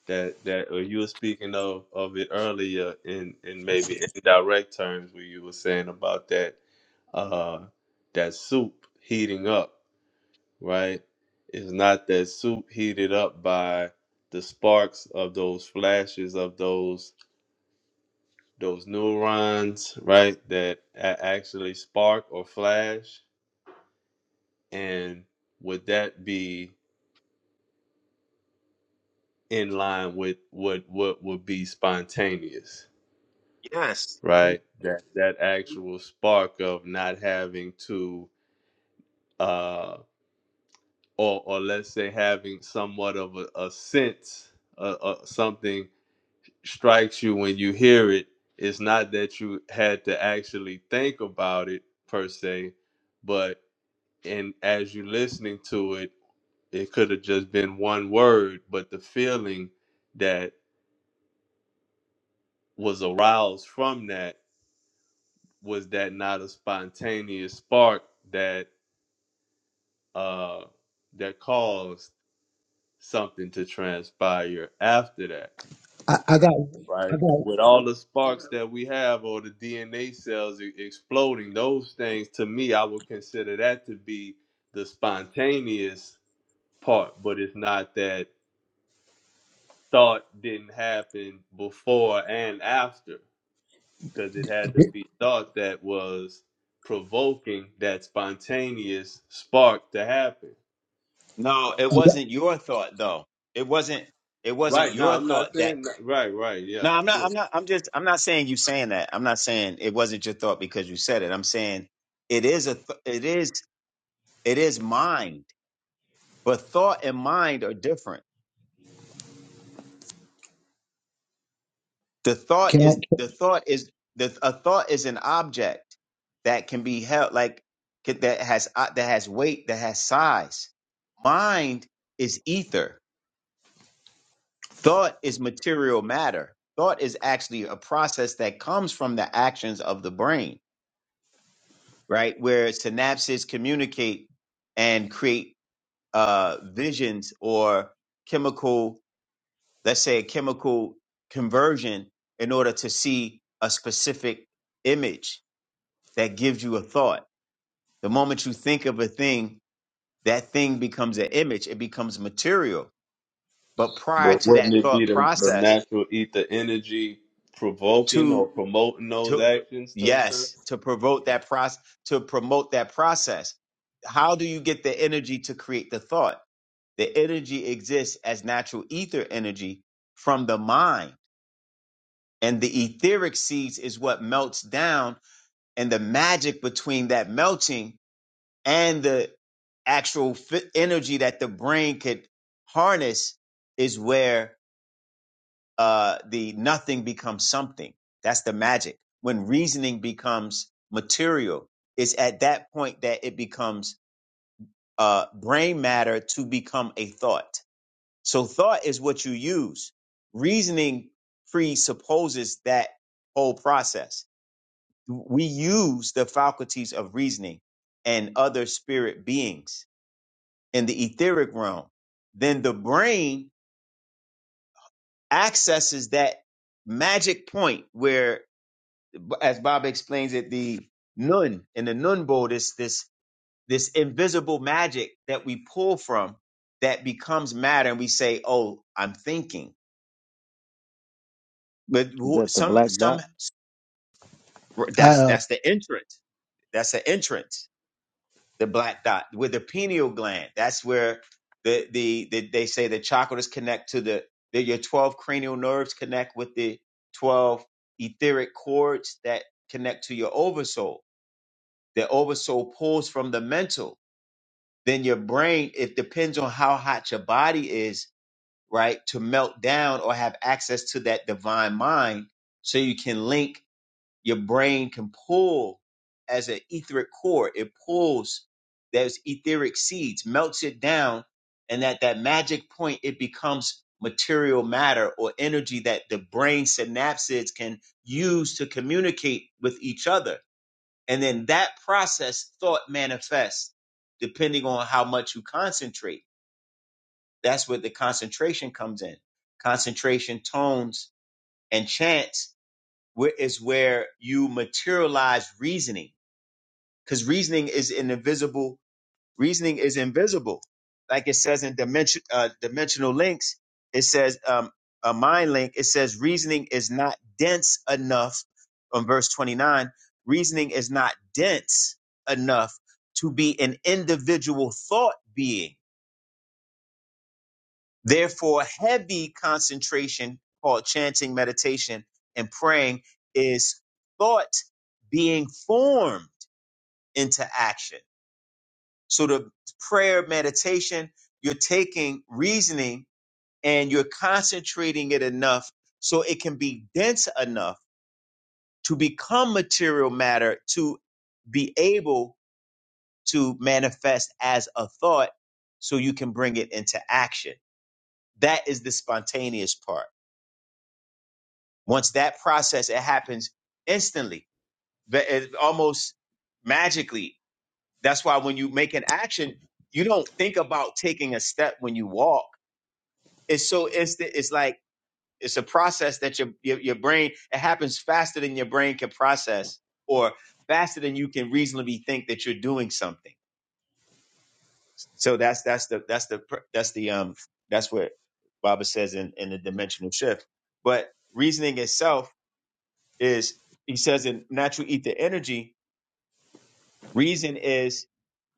That that or you were speaking of of it earlier in in maybe indirect terms where you were saying about that uh that soup heating up, right? It's not that soup heated up by the sparks of those flashes of those those neurons, right, that a- actually spark or flash? And would that be in line with what what would be spontaneous, yes. right? That that actual spark of not having to uh or or let's say having somewhat of a, a sense uh, uh, something strikes you when you hear it it's not that you had to actually think about it per se, but. and as you're listening to it, it could have just been one word, but the feeling that was aroused from that was that not a spontaneous spark that uh that caused something to transpire after that, I, I got, I right? got. With all the sparks that we have or the DNA cells e- exploding, those things to me, I would consider that to be the spontaneous part, but it's not that thought didn't happen before and after because it had to be thought that was provoking that spontaneous spark to happen. No, it I got wasn't your thought though. It wasn't it wasn't Right now, your I'm not thought that saying that. Right, right, yeah. No, I'm not sure. I'm not I'm just I'm not saying you saying that. I'm not saying it wasn't your thought because you said it. I'm saying it is a th- it is it is mind. But thought and mind are different the thought can is the thought is the a thought is an object that can be held like ca- that has uh, that has weight that has size mind is ether thought is material matter thought is actually a process that comes from the actions of the brain right where synapses communicate and create uh visions or chemical let's say a chemical conversion in order to see a specific image that gives you a thought. The moment you think of a thing, that thing becomes an image, it becomes material. But prior But to wouldn't that it be thought the, the process, natural ether energy provoking or to promoting those to actions to occur? yes, to provoke that process, to promote that process, how do you get the energy to create the thought? The energy exists as natural ether energy from the mind. And the etheric seeds is what melts down, and the magic between that melting and the actual fi- energy that the brain could harness is where uh, the nothing becomes something. That's the magic. When reasoning becomes material, it's at that point that it becomes uh, brain matter to become a thought. So thought is what you use. Reasoning presupposes that whole process. We use the faculties of reasoning and other spirit beings in the etheric realm. Then the brain accesses that magic point where, as Bob explains it, the nun in the nun bowl, this this this invisible magic that we pull from that becomes matter, and we say, "Oh, I'm thinking." But Is who- that the some black some dot? I? I, that's uh, that's the entrance. That's the entrance. the black dot with the pineal gland. That's where the the, the they say the chakras connect to the, the your twelve cranial nerves connect with the twelve etheric cords that connect to your oversoul. The oversoul pulls from the mental. Then your brain, it depends on how hot your body is, right, to melt down or have access to that divine mind, so you can link your brain can pull as an etheric core. It pulls those etheric seeds, melts it down, and at that magic point, it becomes material matter or energy that the brain synapses can use to communicate with each other. And then that process, thought manifests depending on how much you concentrate. That's where the concentration comes in. Concentration, tones, and chants where is where you materialize reasoning because reasoning is an invisible reasoning is invisible like it says in dimension uh, dimensional links it says um, a mind link it says reasoning is not dense enough on verse 29 reasoning is not dense enough to be an individual thought being Therefore, heavy concentration called chanting, meditation, and praying is thought being formed into action. So the prayer meditation, you're taking reasoning and you're concentrating it enough so it can be dense enough to become material matter to be able to manifest as a thought so you can bring it into action. That is the spontaneous part Once that process, it happens instantly, but it almost magically. That's why when you make an action, you don't think about taking a step when you walk. It's so instant. It's like it's a process that your your, your brain it happens faster than your brain can process, or faster than you can reasonably think that you're doing something. So that's that's the that's the pr- that's the um that's what Baba says in in the dimensional shift. But reasoning itself is he says in natural ether energy, reason is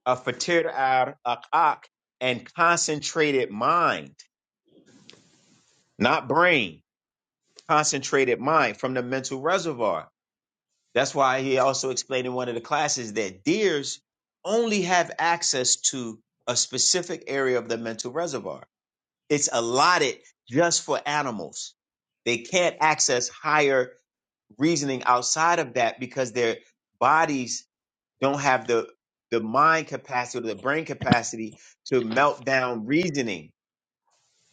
a fatir ar akak and concentrated mind, not brain, concentrated mind from the mental reservoir. That's why he also explained in one of the classes that deers only have access to a specific area of the mental reservoir. It's allotted just for animals. They can't access higher reasoning outside of that because their bodies don't have the the mind capacity or the brain capacity to melt down reasoning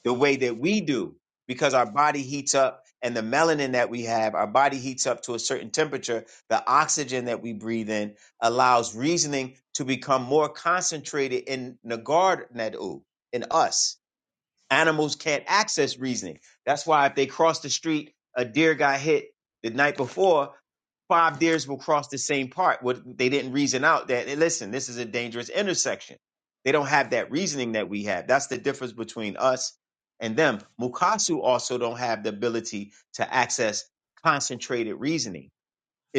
the way that we do because our body heats up and the melanin that we have our body heats up to a certain temperature the oxygen that we breathe in allows reasoning to become more concentrated in nagard nadu in us Animals can't access reasoning. That's why if they cross the street, a deer got hit the night before, five deers will cross the same part. What they didn't reason out that hey, listen, this is a dangerous intersection. They don't have that reasoning that we have. That's the difference between us and them. Mukasu also don't have the ability to access concentrated reasoning.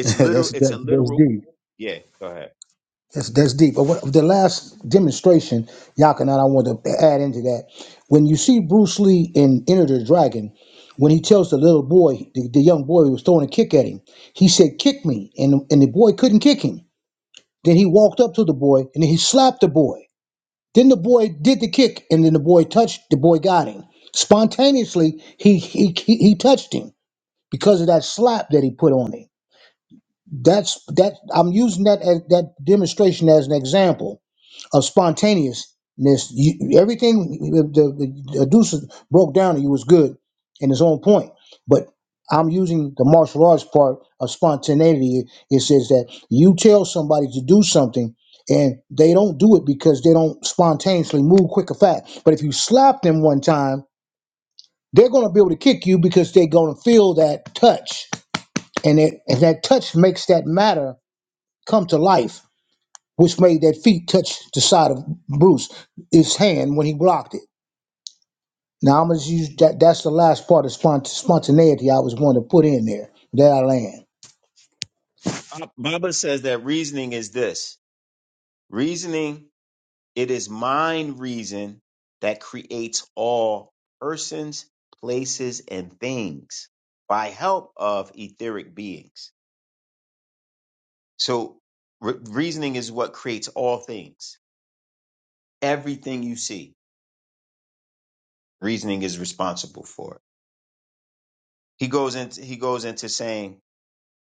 that's literal. that's It's a that's literal. deep. Yeah, go ahead. That's, that's deep. But what, the last demonstration, Yakin, and I want to add into that. When you see Bruce Lee in Enter the Dragon, when he tells the little boy, the, the young boy who was throwing a kick at him, he said, kick me. And, and the boy couldn't kick him. Then he walked up to the boy and he slapped the boy. Then the boy did the kick and then the boy touched, the boy got him. Spontaneously, he, he, he, he touched him because of that slap that he put on him. That's that I'm using that as that demonstration as an example of spontaneousness. You, everything the, the, the Deuce broke down to you was good in his own point, but I'm using the martial arts part of spontaneity. It says that you tell somebody to do something and they don't do it because they don't spontaneously move quick or fast. But if you slap them one time, they're going to be able to kick you because they're going to feel that touch. And, it, and that touch makes that matter come to life which made that feet touch the side of Bruce, his hand when he blocked it. Now I'm gonna use that. That's the last part of spont- spontaneity I was going to put in there. That I land. Bab- Baba says that reasoning is this. Reasoning It is mind reason that creates all persons, places, and things by help of etheric beings. So, re- reasoning is what creates all things. Everything you see, reasoning is responsible for. it. He goes into he goes into saying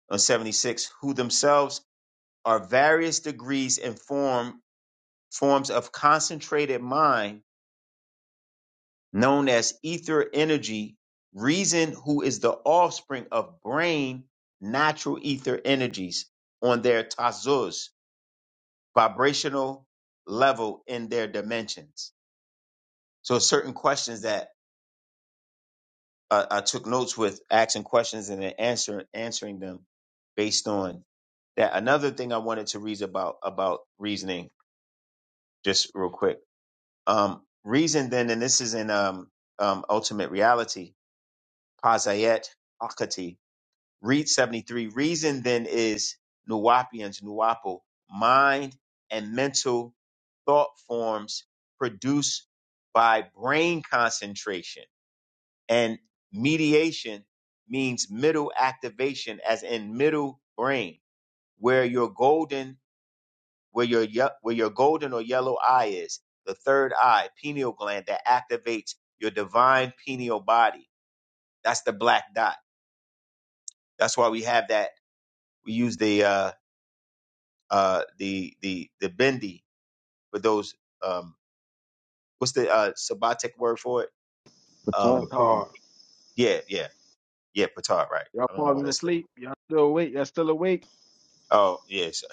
on seventy six, who themselves are various degrees and form forms of concentrated mind known as ether energy, reason, who is the offspring of brain, natural ether energies on their tazuz vibrational level in their dimensions. So certain questions that uh, I took notes with, asking questions and then answer, answering them based on that. Another thing I wanted to read about about reasoning, just real quick. Um, reason then, and this is in um, um, Ultimate Reality, Pazayet Akati, Read 73. Reason then is Nuwapians, Nuwapo, mind and mental thought forms produced by brain concentration. And mediation means middle activation, as in middle brain, where your golden, where your ye- where your golden or yellow eye is, the third eye, pineal gland that activates your divine pineal body. That's the black dot. That's why we have that. We use the uh, uh, the the the bendy for those. Um, what's the uh, sabbatic word for it? I Batar. Um, thought hard. yeah, yeah, yeah. Petard, right? y'all I don't know why they falling that's. asleep. Y'all still awake. Y'all still awake. Oh yeah, sir.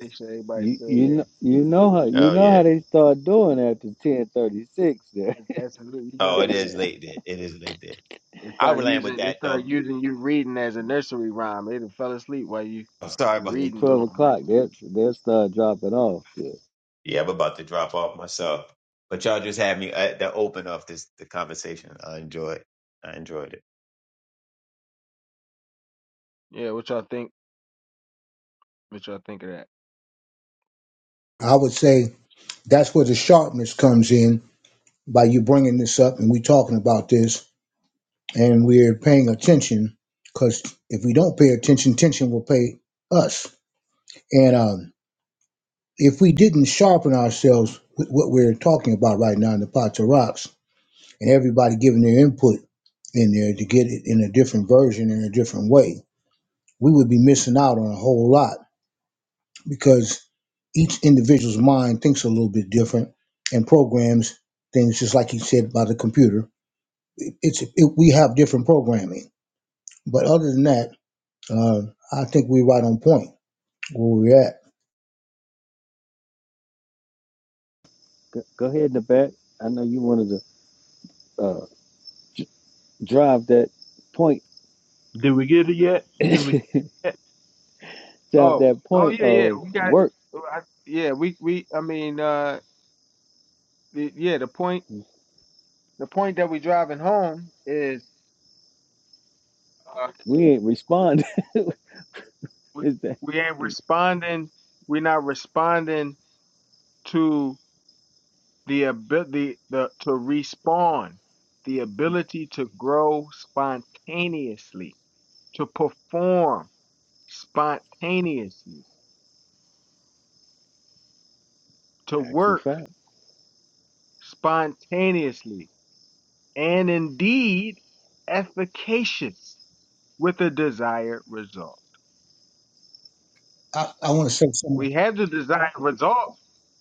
They said everybody's You still you there. know you know how you oh know yeah. how they start doing after ten thirty six there. Absolutely Oh, not. it is Yeah. late there. It is late there. They I'll start land with using they that start though. using you reading as a nursery rhyme. They done fell asleep while you I'm sorry about Yeah, that. reading to twelve them. Like, o'clock. They'll they'll start dropping off. Yeah. Yeah, I'm about to drop off myself. But y'all just had me uh, that open up this the conversation. I enjoyed. I enjoyed it. yeah, what y'all think? What y'all think of that? I would say that's where the sharpness comes in by you bringing this up and we talking about this and we're paying attention because if we don't pay attention, tension will pay us. And um, if we didn't sharpen ourselves with what we're talking about right now in the pots of rocks, and everybody giving their input in there to get it in a different version in a different way, we would be missing out on a whole lot because each individual's mind thinks a little bit different and programs things just like you said by the computer. It- It's it, we have different programming, but other than that, uh, I think we're right on point where we're at. Go, go ahead, Nabat. I know you wanted to uh, drive that point. Did we get it yet? Did we drive get Oh, that oh point yeah, yeah. of We got, work. oh, I, yeah, we we. I mean, uh, the, yeah. The point the point that we driving home is uh, We ain't responding. we Is that we ain't responding. We're not responding to the ability the to respawn, the ability to grow spontaneously to perform spontaneously, to actual work fact? spontaneously, and indeed efficacious with the desired result. I, I want to say something. We have the desired result.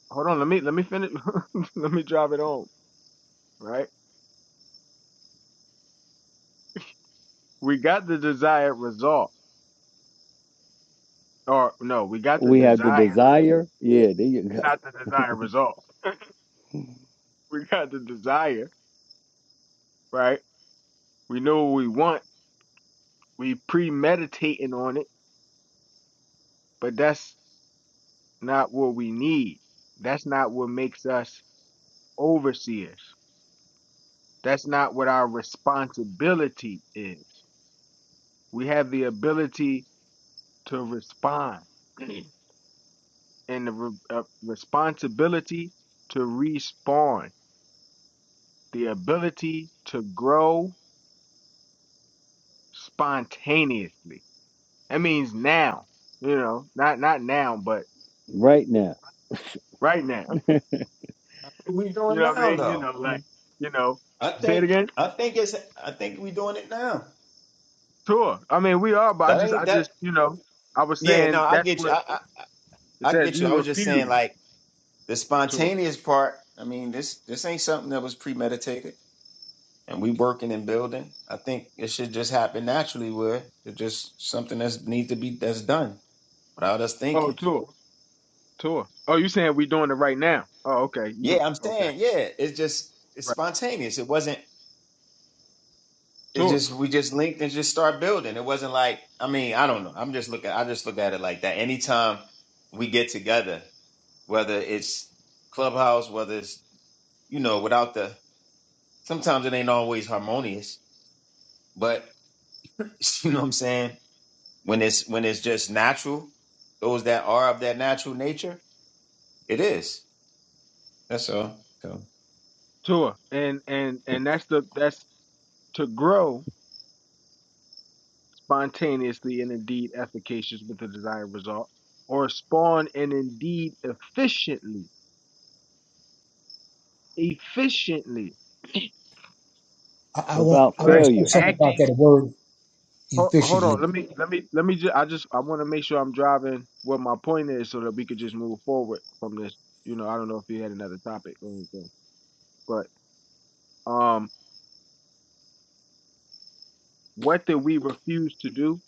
Hold on, let me let me finish let me drop it on, right? We got the desired result. Or no, we got the We have the desire, desire. Yeah, there you go. not the desired result. We got the desire, right? We know what we want. We premeditating on it, but that's not what we need. That's not what makes us overseers. That's not what our responsibility is. We have the ability to respond and the re- uh, responsibility to respawn, the ability to grow spontaneously. That means now, you know, not not now, but Right now. right now. What we You doing know what now I mean? You though? know, like, you know, I say it think again. I think it's I think we doing it now. Sure. I mean, we are, but I That just, ain't I that. just, you know, I was Yeah, no, saying I that's get you. what I, it I says. get you. You I was just saying, refuse like the tour. spontaneous part. I mean, this this ain't something that was premeditated, and we working and building. I think it should just happen naturally. Where it's just something that's needs to be that's done without us Oh, thinking. tour, tour. Oh, you saying we doing it right now? Oh, okay. You can, Yeah, I'm okay, saying. Yeah, it's just it's right. spontaneous. It wasn't. It's Tour, just we just linked and just start building. It wasn't like I mean I don't know. I'm just looking. I just look at it like that. Anytime we get together, whether it's clubhouse, whether it's you know without the sometimes it ain't always harmonious, but you know what I'm saying? When it's when it's just natural, those that are of that natural nature, it is. That's all. So tour, and and and that's the that's to grow spontaneously and indeed efficacious with the desired result, or spawn and indeed efficiently, efficiently, I, I want without I right? want to say failure. something about Acting that word Hold, hold efficiently. on. Let me let me let me just I just I want to make sure I'm driving what my point is so that we could just move forward from this. You know, I don't know if you had another topic or anything. But um what did we refuse to do?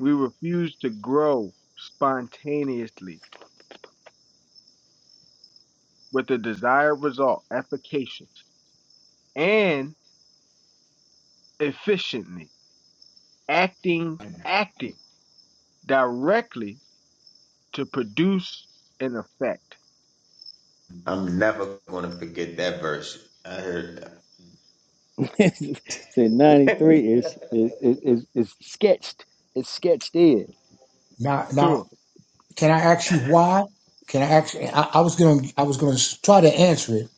We refuse to grow spontaneously with the desired result, efficacious and efficiently, acting acting directly to produce an effect. I'm never gonna forget that verse. I heard so that. 93 is is is is sketched. It's sketched in. now now. Sure. Can I ask you why? Can I ask? I, I was gonna I was gonna s- try to answer it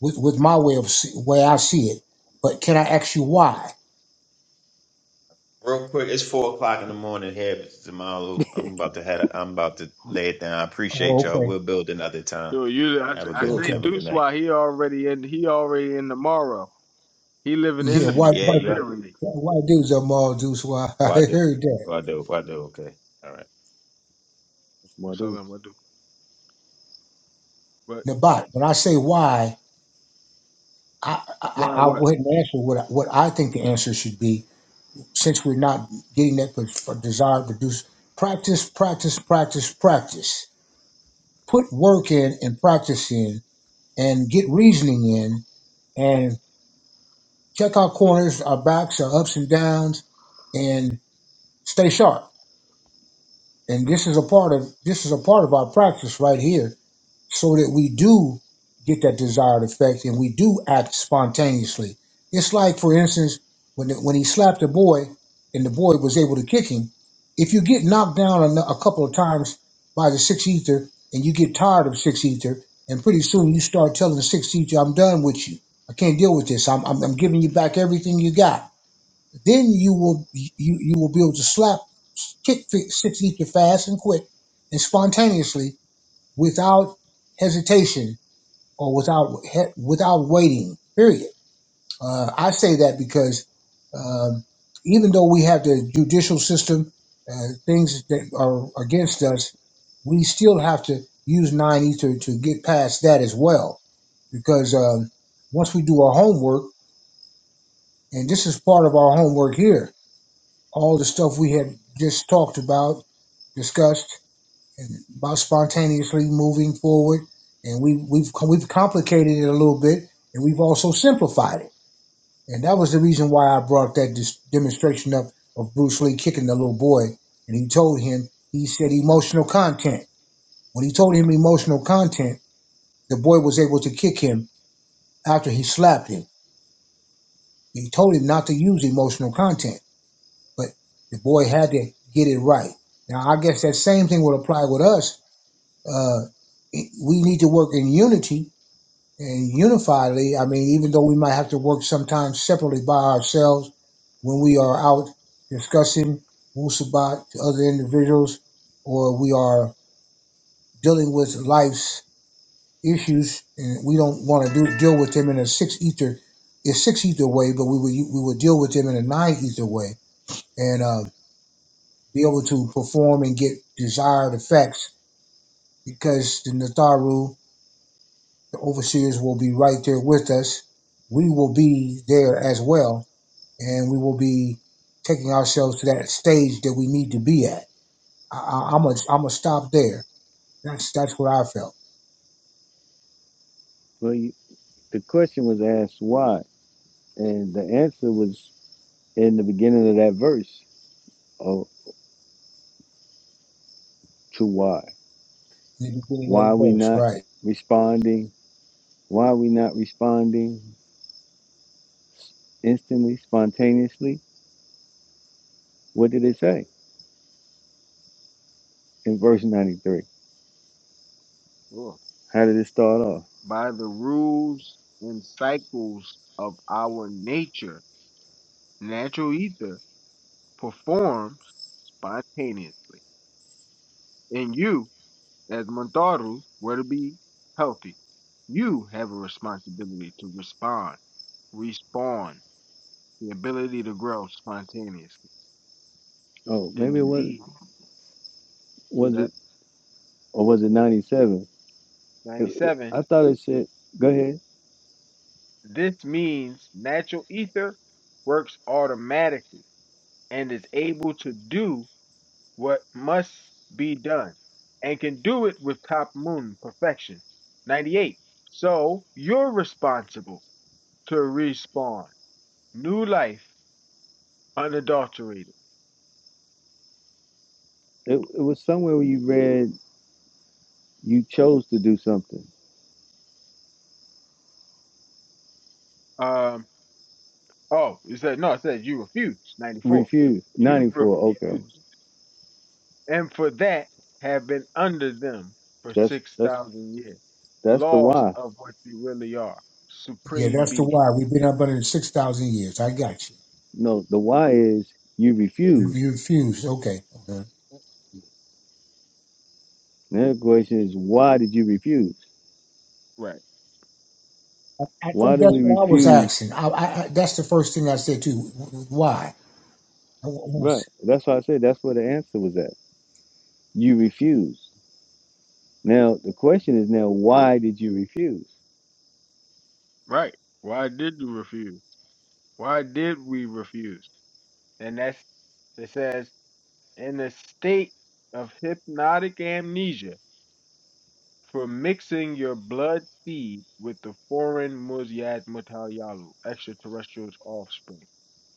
with, with my way of see, way I see it, but can I ask you why? Real quick, it's four o'clock in the morning here, Mr. I'm about to head I'm about to lay it down. I appreciate Oh, y'all. okay, We'll build another time. So you, I, Have a I good So say have okay, a good Deuce, night. why he already in? He already in tomorrow. He living yeah. in the Why mm, Yeah, future, you why are. literally. why do Jamal Deuce? Why I Well I do. heard that Well I do. Well I do. Okay. All right. well, What's up, dude, man? What do? What? Nabat. When I say why, I I, Why? I will What? go ahead and answer what I, what I think the answer should be. Since we're not getting that pro- for desired produce, practice, practice, practice, practice. Put work in and practice in, and get reasoning in, and. check our corners, our backs, our ups and downs, and stay sharp. And this is a part of this is a part of our practice right here, so that we do get that desired effect and we do act spontaneously. It's like, for instance, when the, when he slapped the boy and the boy was able to kick him. If you get knocked down a, a couple of times by the six ether and you get tired of six ether, and pretty soon you start telling the six ether, "I'm done with you. I can't deal with this. I'm I'm, I'm giving you back everything you got." Then you will you, you will be able to slap kick fi- six ether fast and quick and spontaneously without hesitation or without he- without waiting. Period. Uh, I say that because um, even though we have the judicial system, uh, things that are against us, we still have to use nine ether to get past that as well. Because um, once we do our homework, and this is part of our homework here, all the stuff we had just talked about, discussed, and about spontaneously moving forward. And we, we've co- we've complicated it a little bit, and we've also simplified it. And that was the reason why I brought that dis- demonstration up of Bruce Lee kicking the little boy. And he told him, he said emotional content. When he told him emotional content, the boy was able to kick him after he slapped him. He told him not to use emotional content. but the boy had to get it right. Now, I guess that same thing would apply with us. Uh, it- we need to work in unity and unifiedly. I mean, even though we might have to work sometimes separately by ourselves when we are out discussing Wusabat to other individuals, or we are dealing with life's issues, and we don't want to do, deal with them in a six ether, a six ether way, but we would we would deal with them in a nine ether way. And uh, be able to perform and get desired effects because the Nataru, the overseers, will be right there with us. We will be there as well, and we will be taking ourselves to that stage that we need to be at. I, I, I'm gonna I'm gonna stop there. That's that's what I felt well, the question was asked why, and the answer was in the beginning of that verse. Oh, to why? in the beginning Why are of we the verse, not right? responding? Why are we not responding instantly, spontaneously? What did it say in verse 93? Sure. How did it start off? By the rules and cycles of our nature, natural ether performs spontaneously. And you, as Montaru, were to be healthy. You have a responsibility to respond, respawn, the ability to grow spontaneously. Oh, And maybe it was indeed, is was that. it or was it 97? It, 97. I thought it said, go ahead. This means natural ether works automatically and is able to do what must be done and can do it with top moon perfection. 98. So you're responsible to respawn new life unadulterated. It, it was somewhere where you read you chose to do something. Um, oh, it said, no, it says you refuse. 94. Refuse. You 94. Okay. refuse. and for that have been under them for That's that's 6,000 years, that's the lost why. of what you really are, Yeah, supreme that's the being. why. We've been up under six thousand years. I got you. No, the why is you You, refused. you refused. Okay. Okay. Now the question is why did you refuse? Right, I Why think do that's we what I was refuse? asking. I, I, I that's the first thing I said too. Why? Right. That's why I said that's where the answer was at. You refused. Now the question is now why did you refuse? right. Why did you refuse? Why did we refuse? And that's, it says, in a state of hypnotic amnesia for mixing your blood seed with the foreign Muziad Mutayalu, extraterrestrial's offspring,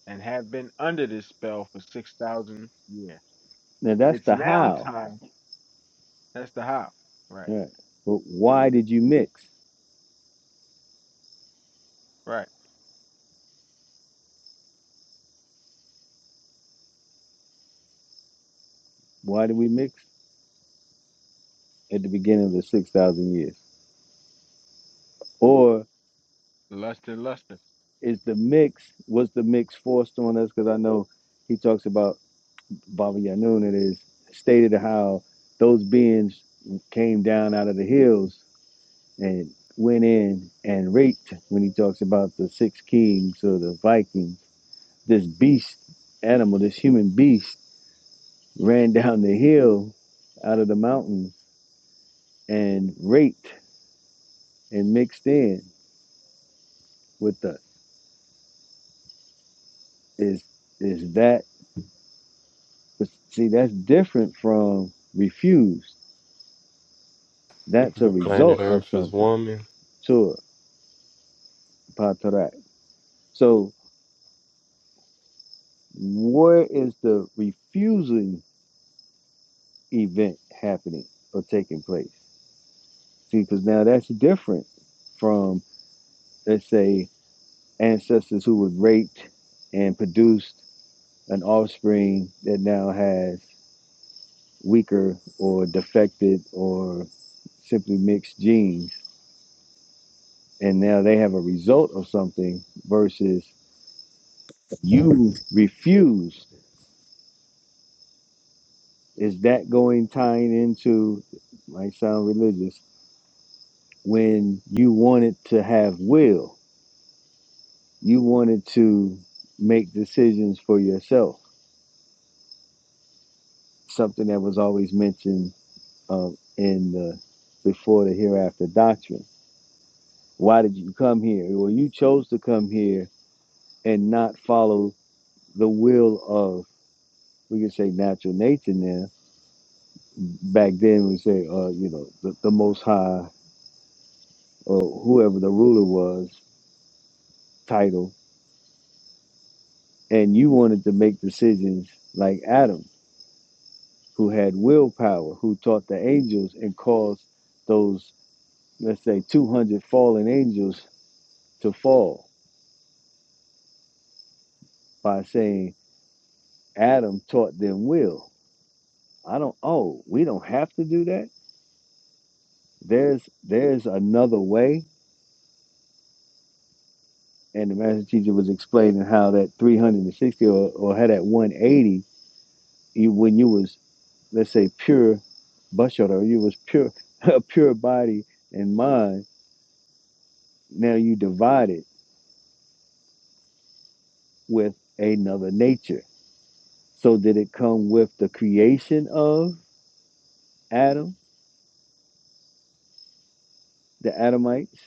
and have been under this spell for 6,000 years. Now that's It's the now how. time That's the how. Right. Right. But why did you mix? Right. Why did we mix at the beginning of the six thousand years? or Luster, luster. is the mix was the mix forced on us? Because I know he talks about Baba Yanun. It is stated how those beings came down out of the hills and went in and raped. When he talks about the six kings or the Vikings, this beast animal, this human beast, ran down the hill out of the mountains and raped and mixed in with the is is that But see, that's different from refused. That's a The planet result of Earth is something. woman, Sure, patarak. So where is the refusing event happening or taking place? See, because now that's different from, let's say, ancestors who was raped and produced an offspring that now has weaker or defected or simply mixed genes and now they have a result of something versus You refuse. Is that going tying into might sound religious when you wanted to have will? You wanted to make decisions for yourself. Something that was always mentioned um, in the before the hereafter doctrine. Why did you come here? Well, you chose to come here and not follow the will of we could say natural nature now back then we say uh you know the, the most high or whoever the ruler was title and you wanted to make decisions like adam who had willpower who taught the angels and caused those let's say 200 fallen angels to fall by saying adam taught them will i don't oh we don't have to do that there's there's another way and the master teacher was explaining how that 360 or, or had that 180 you, when you was let's say pure bashara, you was pure a pure body and mind. Now you divide it with another nature. So did it come with the creation of Adam, the Adamites,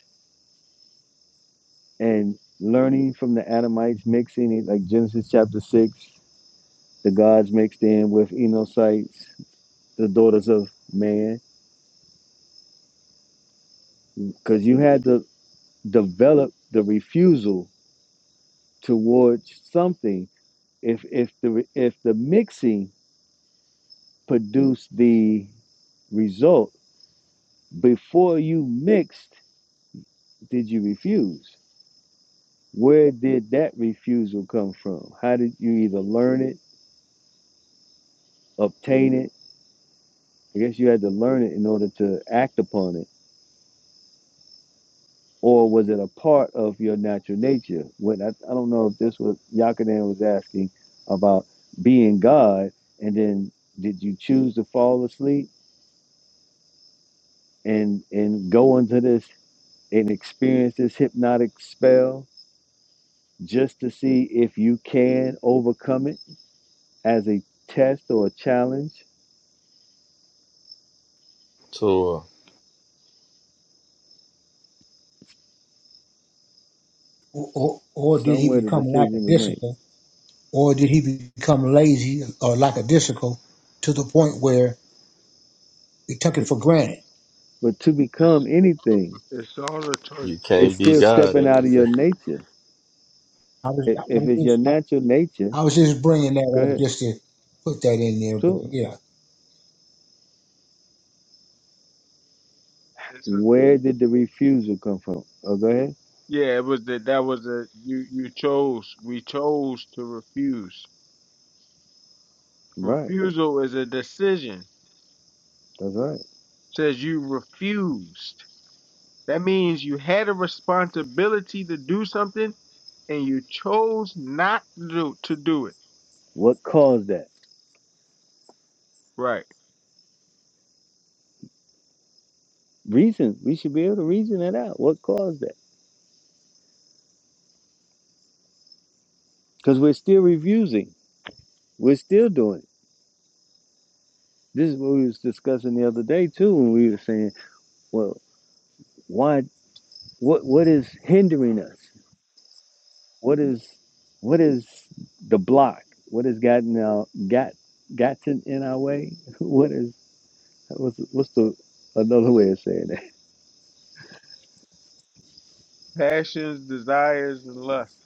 and learning from the Adamites, mixing it like Genesis chapter six, the gods mixed in with Enosites, the daughters of man, because you had to develop the refusal towards something. If if the if the mixing produce the result. Before you mixed, did you refuse? Where did that refusal come from? How did you either learn it, obtain it? I guess you had to learn it in order to act upon it. Or was it a part of your natural nature? When I, I don't know if this was Yakanan was asking about being God, and then did you choose to fall asleep and and go into this and experience this hypnotic spell? just to see if you can overcome it as a test or a challenge. so or, or, or did he Somewhere the become decision was made. lackadaisical, or did he become lazy or lackadaisical to the point where he took it But, for granted? but to It's become anything, it's all a choice. you it's can't be still God stepping at out the of same. your nature. I was, I If was it's your just, I, natural nature, I was just bringing go that up ahead. just to put that in there. But Sure. yeah, It's a, Where did the refusal come from? Oh, go ahead. Yeah, it was that. That was a you. You chose. We chose to refuse. Right. Refusal is a decision. That's right. Says you refused. That means you had a responsibility to do something and you chose not to do, to do it. What caused that? Right. Reason. We should be able to reason that out. What caused that? Because we're still refusing. We're still doing it. This is what we was discussing the other day too, when we were saying, well, why? what what is hindering us what is what is the block what has gotten our got gotten in our way what is what's, what's the another way of saying that Passions, desires, and lust.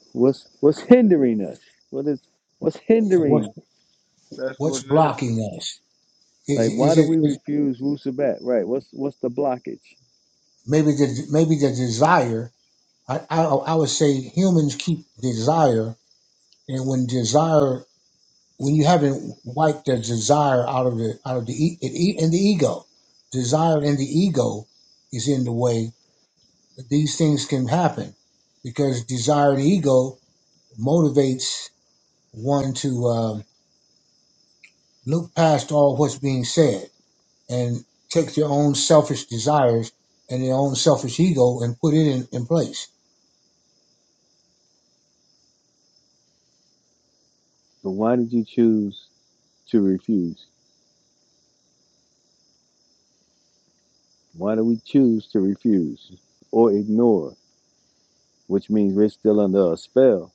what's what's hindering us what is what's so what's hindering That's what's what it is. blocking us? Is like why is do it we is refuse Wusabat? right what's what's the blockage maybe the maybe the desire? I, I I would say humans keep desire, and when desire when you haven't wiped the desire out of the out of the e- it e- and the ego desire and the ego is in the way that these things can happen because desire and ego motivates one to um, look past all what's being said and take their own selfish desires and their own selfish ego and put it in, in place but why did you choose to refuse why do we choose to refuse or ignore which means we're still under a spell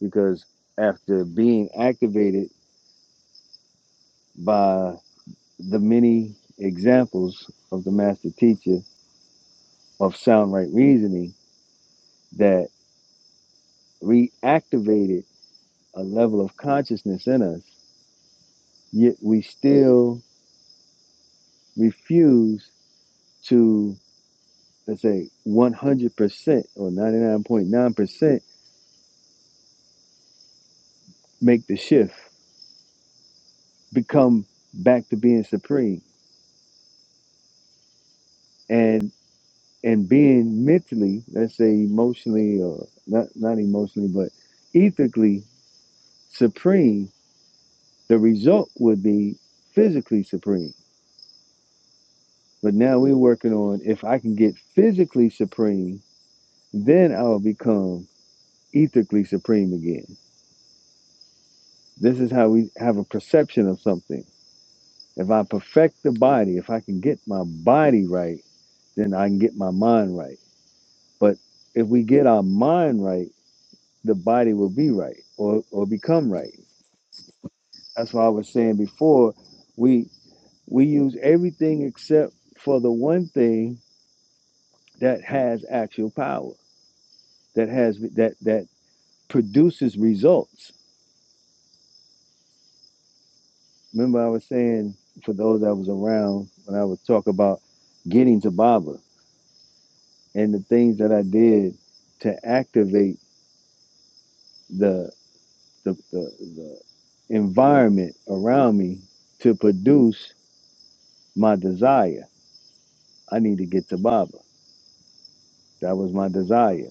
because after being activated by the many examples of the master teacher of sound right reasoning that reactivated a level of consciousness in us, yet we still refuse to, let's say, 100% or 99.9% make the shift, become back to being supreme. And and being mentally, let's say emotionally or not not emotionally, but ethically supreme The result would be physically supreme. But now we're working on if I can get physically supreme, then I'll become ethically supreme again. This is how we have a perception of something. If I perfect the body, if I can get my body right, then I can get my mind right. But if we get our mind right, the body will be right or, or become right. That's why I was saying before, we we use everything except for the one thing that has actual power, that has that that produces results. Remember, I was saying for those that was around when I would talk about getting to Baba and the things that I did to activate the the, the, the environment around me to produce my desire. I need to get to Baba. That was my desire.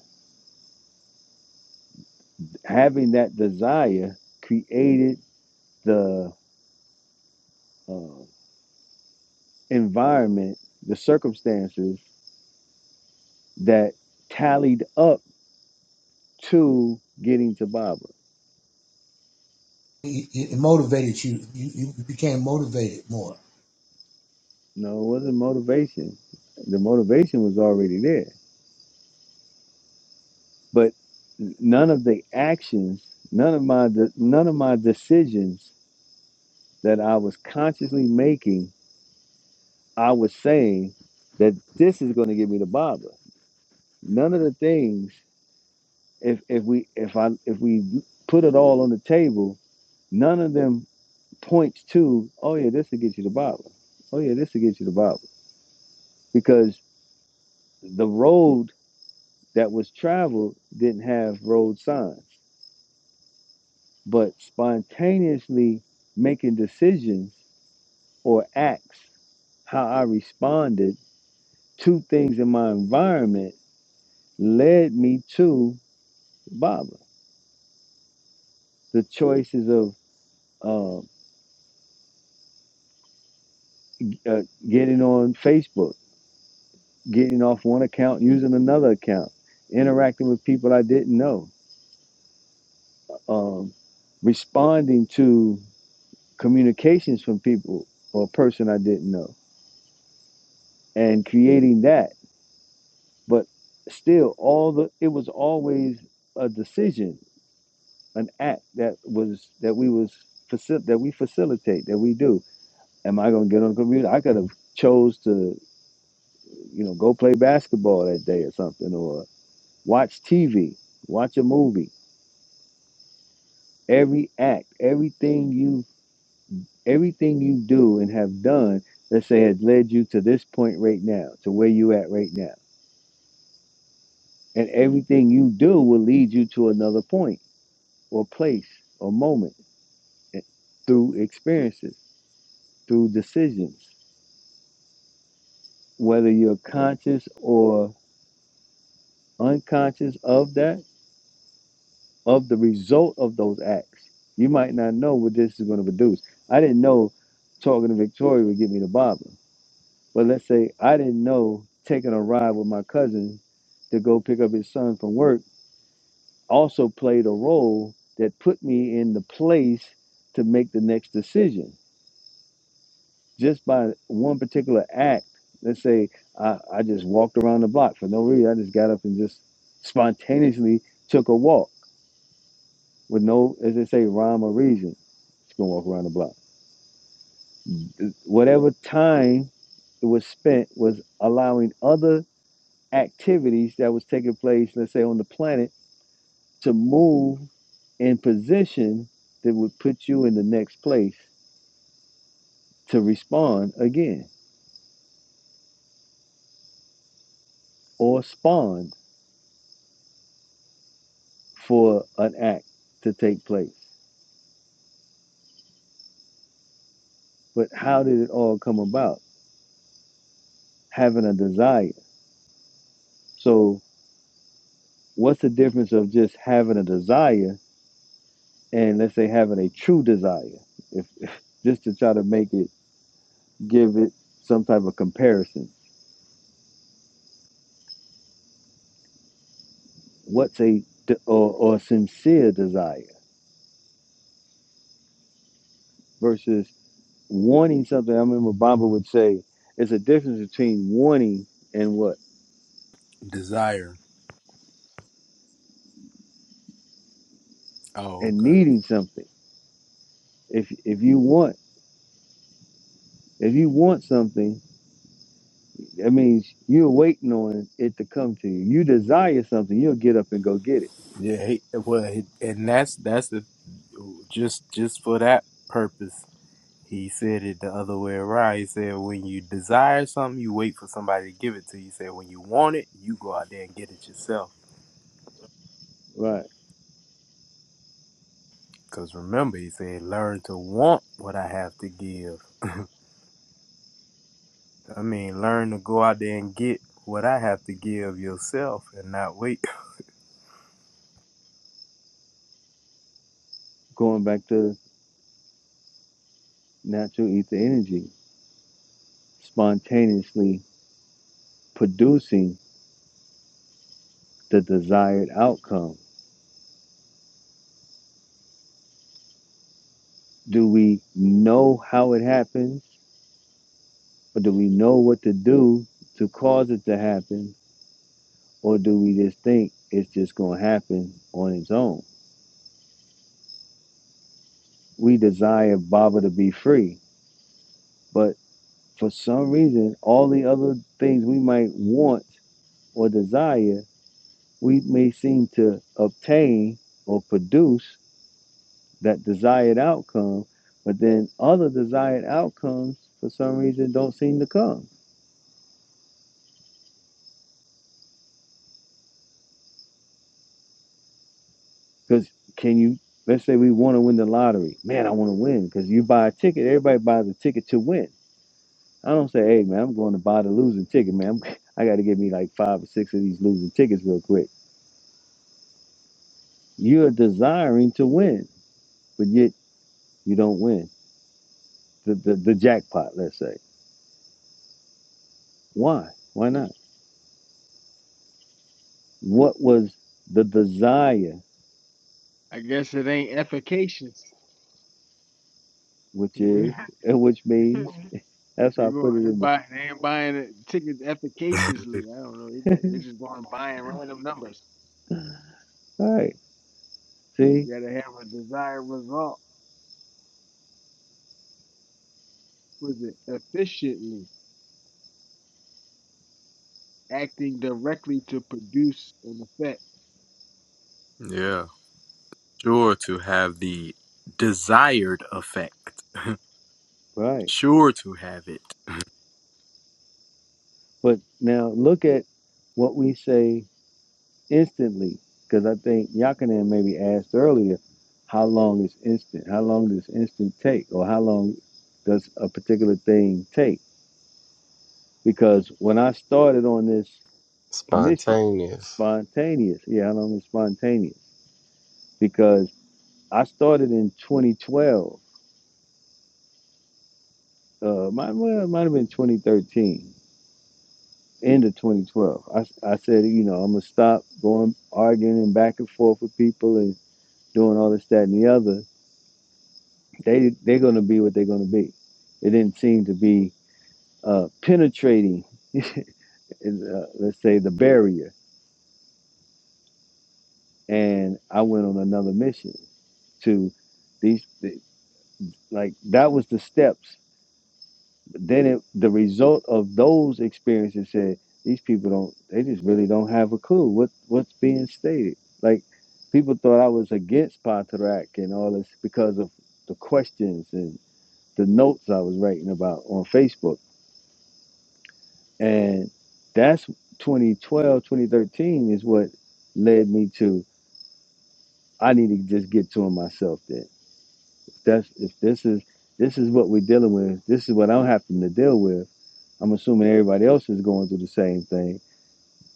Having that desire created the uh, environment, the circumstances that tallied up to getting to Baba. it, it motivated you. you you became motivated more No, it wasn't motivation. The motivation was already there, but none of the actions, none of my de- none of my decisions that I was consciously making, I was saying that this is going to get me to Baba. None of the things, if if we if I if we put it all on the table, none of them points to, oh yeah, this will get you to Baba. Oh yeah, this will get you to Baba the road that was traveled didn't have road signs, but spontaneously making decisions or acts, how I responded to things in my environment led me to Baba. The choices of uh, uh, getting on Facebook, getting off one account, using another account, interacting with people I didn't know, um, responding to communications from people or a person I didn't know and creating that. But still, all the it was always a decision, an act that was that we was facil- that we facilitate that we do. Am I going to get on the computer? I could have chose to, you know, go play basketball that day or something, or watch TV, watch a movie. Every act, everything you everything you do and have done, let's say, has led you to this point right now, to where you at right now, and everything you do will lead you to another point or place or moment eh, through experiences, through decisions, whether you're conscious or unconscious of that, of the result of those acts. You might not know what this is going to produce. I didn't know talking to Victoria would get me to Bible. But let's say I didn't know taking a ride with my cousin to go pick up his son from work also played a role that put me in the place to make the next decision just by one particular act. Let's say I, I just walked around the block for no reason. I just got up and just spontaneously took a walk with no, as they say, rhyme or reason. Just gonna walk around the block. Whatever time it was spent was allowing other activities that was taking place, let's say on the planet, to move in position that would put you in the next place to respond again or spawn for an act to take place. But how did it all come about? Having a desire. So, what's the difference of just having a desire and let's say having a true desire? If, if just to try to make it give it some type of comparison, what's a de- or, or sincere desire versus wanting something? I remember Baba would say, "It's a difference between wanting and what it? Desire. Oh, and okay. needing something. If if you want if you want something." That means you're waiting on it to come to you. You desire something, you'll get up and go get it. Yeah. He, well, he, and that's that's the just just for that purpose. He said it the other way around. He said, when you desire something, you wait for somebody to give it to you. He said, when you want it, you go out there and get it yourself. Right. Because remember, he said, learn to want what I have to give. I mean, learn to go out there and get what I have to give yourself and not wait. Going back to natural ether energy, spontaneously producing the desired outcome. Do we know how it happens, or do we know what to do to cause it to happen, or do we just think it's just going to happen on its own? We desire Baba to be free, but for some reason, all the other things we might want or desire, we may seem to obtain or produce that desired outcome, but then other desired outcomes for some reason don't seem to come. Because can you, let's say we want to win the lottery. Man, I want to win because you buy a ticket, everybody buys a ticket to win. I don't say, hey, man, I'm going to buy the losing ticket, man. I got to get me like five or six of these losing tickets real quick. You're desiring to win, but yet you don't win the, the, the jackpot, let's say. Why? Why not? What was the desire, I guess it ain't efficacious. which is, and which means, that's They how I put go, it they in buy, they ain't buying the tickets efficaciously. I don't know. They, the bu- they just going buying random numbers. right. See, You gotta have a desired result with it efficiently, acting directly to produce an effect. Yeah. Sure to have the desired effect. right. Sure to have it. But now look at what we say instantly, because I think Yakanan maybe asked earlier, how long is instant? How long does instant take, or how long does a particular thing take? Because when I started on this mission, Spontaneous. spontaneous. Yeah, I don't know, spontaneous. Because I started in 2012 uh, might, well, it might have been 2013, end of 2012. I, I said, you know, I'm going to stop going arguing and back and forth with people and doing all this, that, and the other. They, they're going to be what they're going to be. It didn't seem to be uh, penetrating, uh, let's say, the barrier. And I went on another mission to these, like, that was the steps then it, the result of those experiences said these people don't they just really don't have a clue what what's being stated like people thought i was against Pontarac and all this because of the questions and the notes i was writing about on facebook and that's 2012 2013 is what led me to i need to just get to him myself then that's if this is this is what we're dealing with this is what i'm having to deal with i'm assuming everybody else is going through the same thing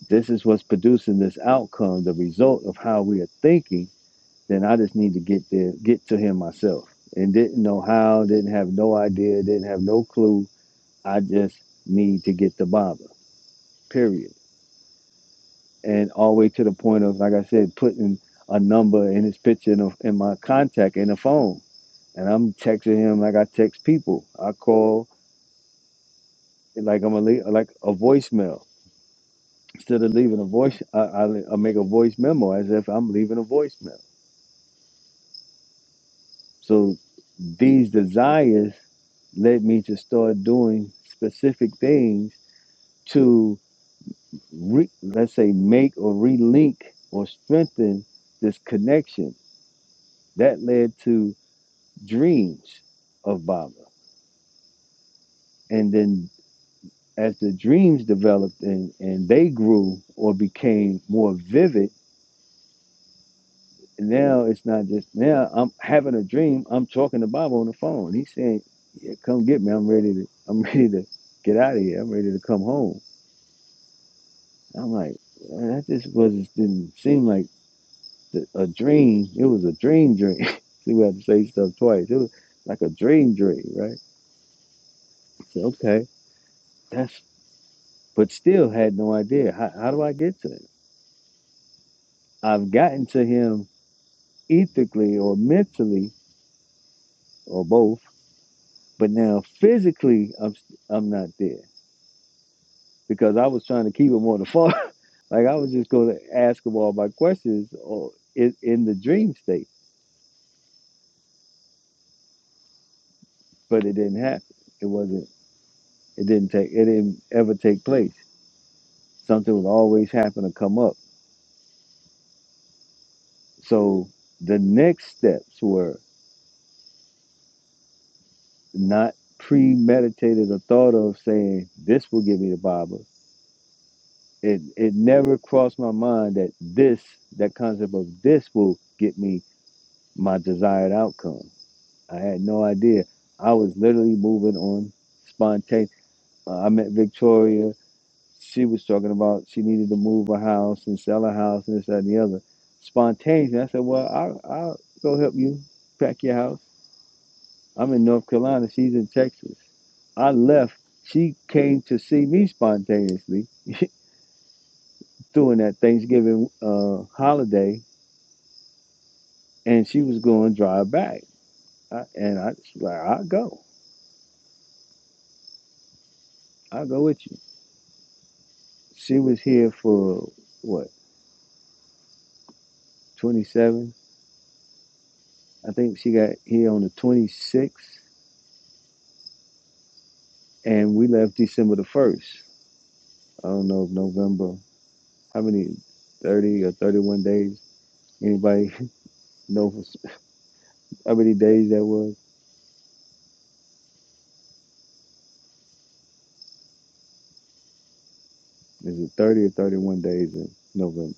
this is what's producing this outcome, the result of how we are thinking, then I just need to get there, get to him myself. And didn't know how, didn't have no idea, didn't have no clue. I just need to get the Baba, period. And all the way to the point of, like I said, putting a number in his picture in, a, in my contact in the phone. And I'm texting him like I text people. I call like I'm a lea- like a voicemail. Instead of leaving a voice, I, I, I make a voice memo as if I'm leaving a voicemail. So These desires led me to start doing specific things to, re, let's say, make or relink or strengthen this connection. That led to dreams of Baba. And then as the dreams developed and, and they grew or became more vivid, now it's not just now I'm having a dream. I'm talking to Baba on the phone. He's saying, yeah, "Come get me. I'm ready to. I'm ready to get out of here. I'm ready to come home." I'm like, that just wasn't didn't seem like the, a dream. It was a dream dream. See, we have to say stuff twice. It was like a dream dream, right? So okay, that's but still had no idea. How, how do I get to him? I've gotten to him ethically or mentally or both, but now physically, I'm i I'm not there because I was trying to keep him on the phone. like I was just going to ask him all my questions or in, in the dream state, but it didn't happen. It wasn't. It didn't take it didn't ever take place. Something would always happen to come up. So the next steps were not premeditated or thought of saying this will give me the Bible. It it never crossed my mind that this that concept of this will get me my desired outcome. I had no idea. I was literally moving on spontaneous. Uh, I met Victoria she was talking about she needed to move a house and sell a house and this that and the other spontaneously i said well i'll, I'll go help you pack your house i'm in north carolina she's in texas i left she came to see me spontaneously during that thanksgiving uh, holiday and she was going to drive back I, and i was like i'll go i'll go with you she was here for what 27 i think she got here on the 26th and we left December the first. I don't know if November, how many, thirty or thirty-one days. Anybody know how many days that was? Is it thirty or thirty-one days in November?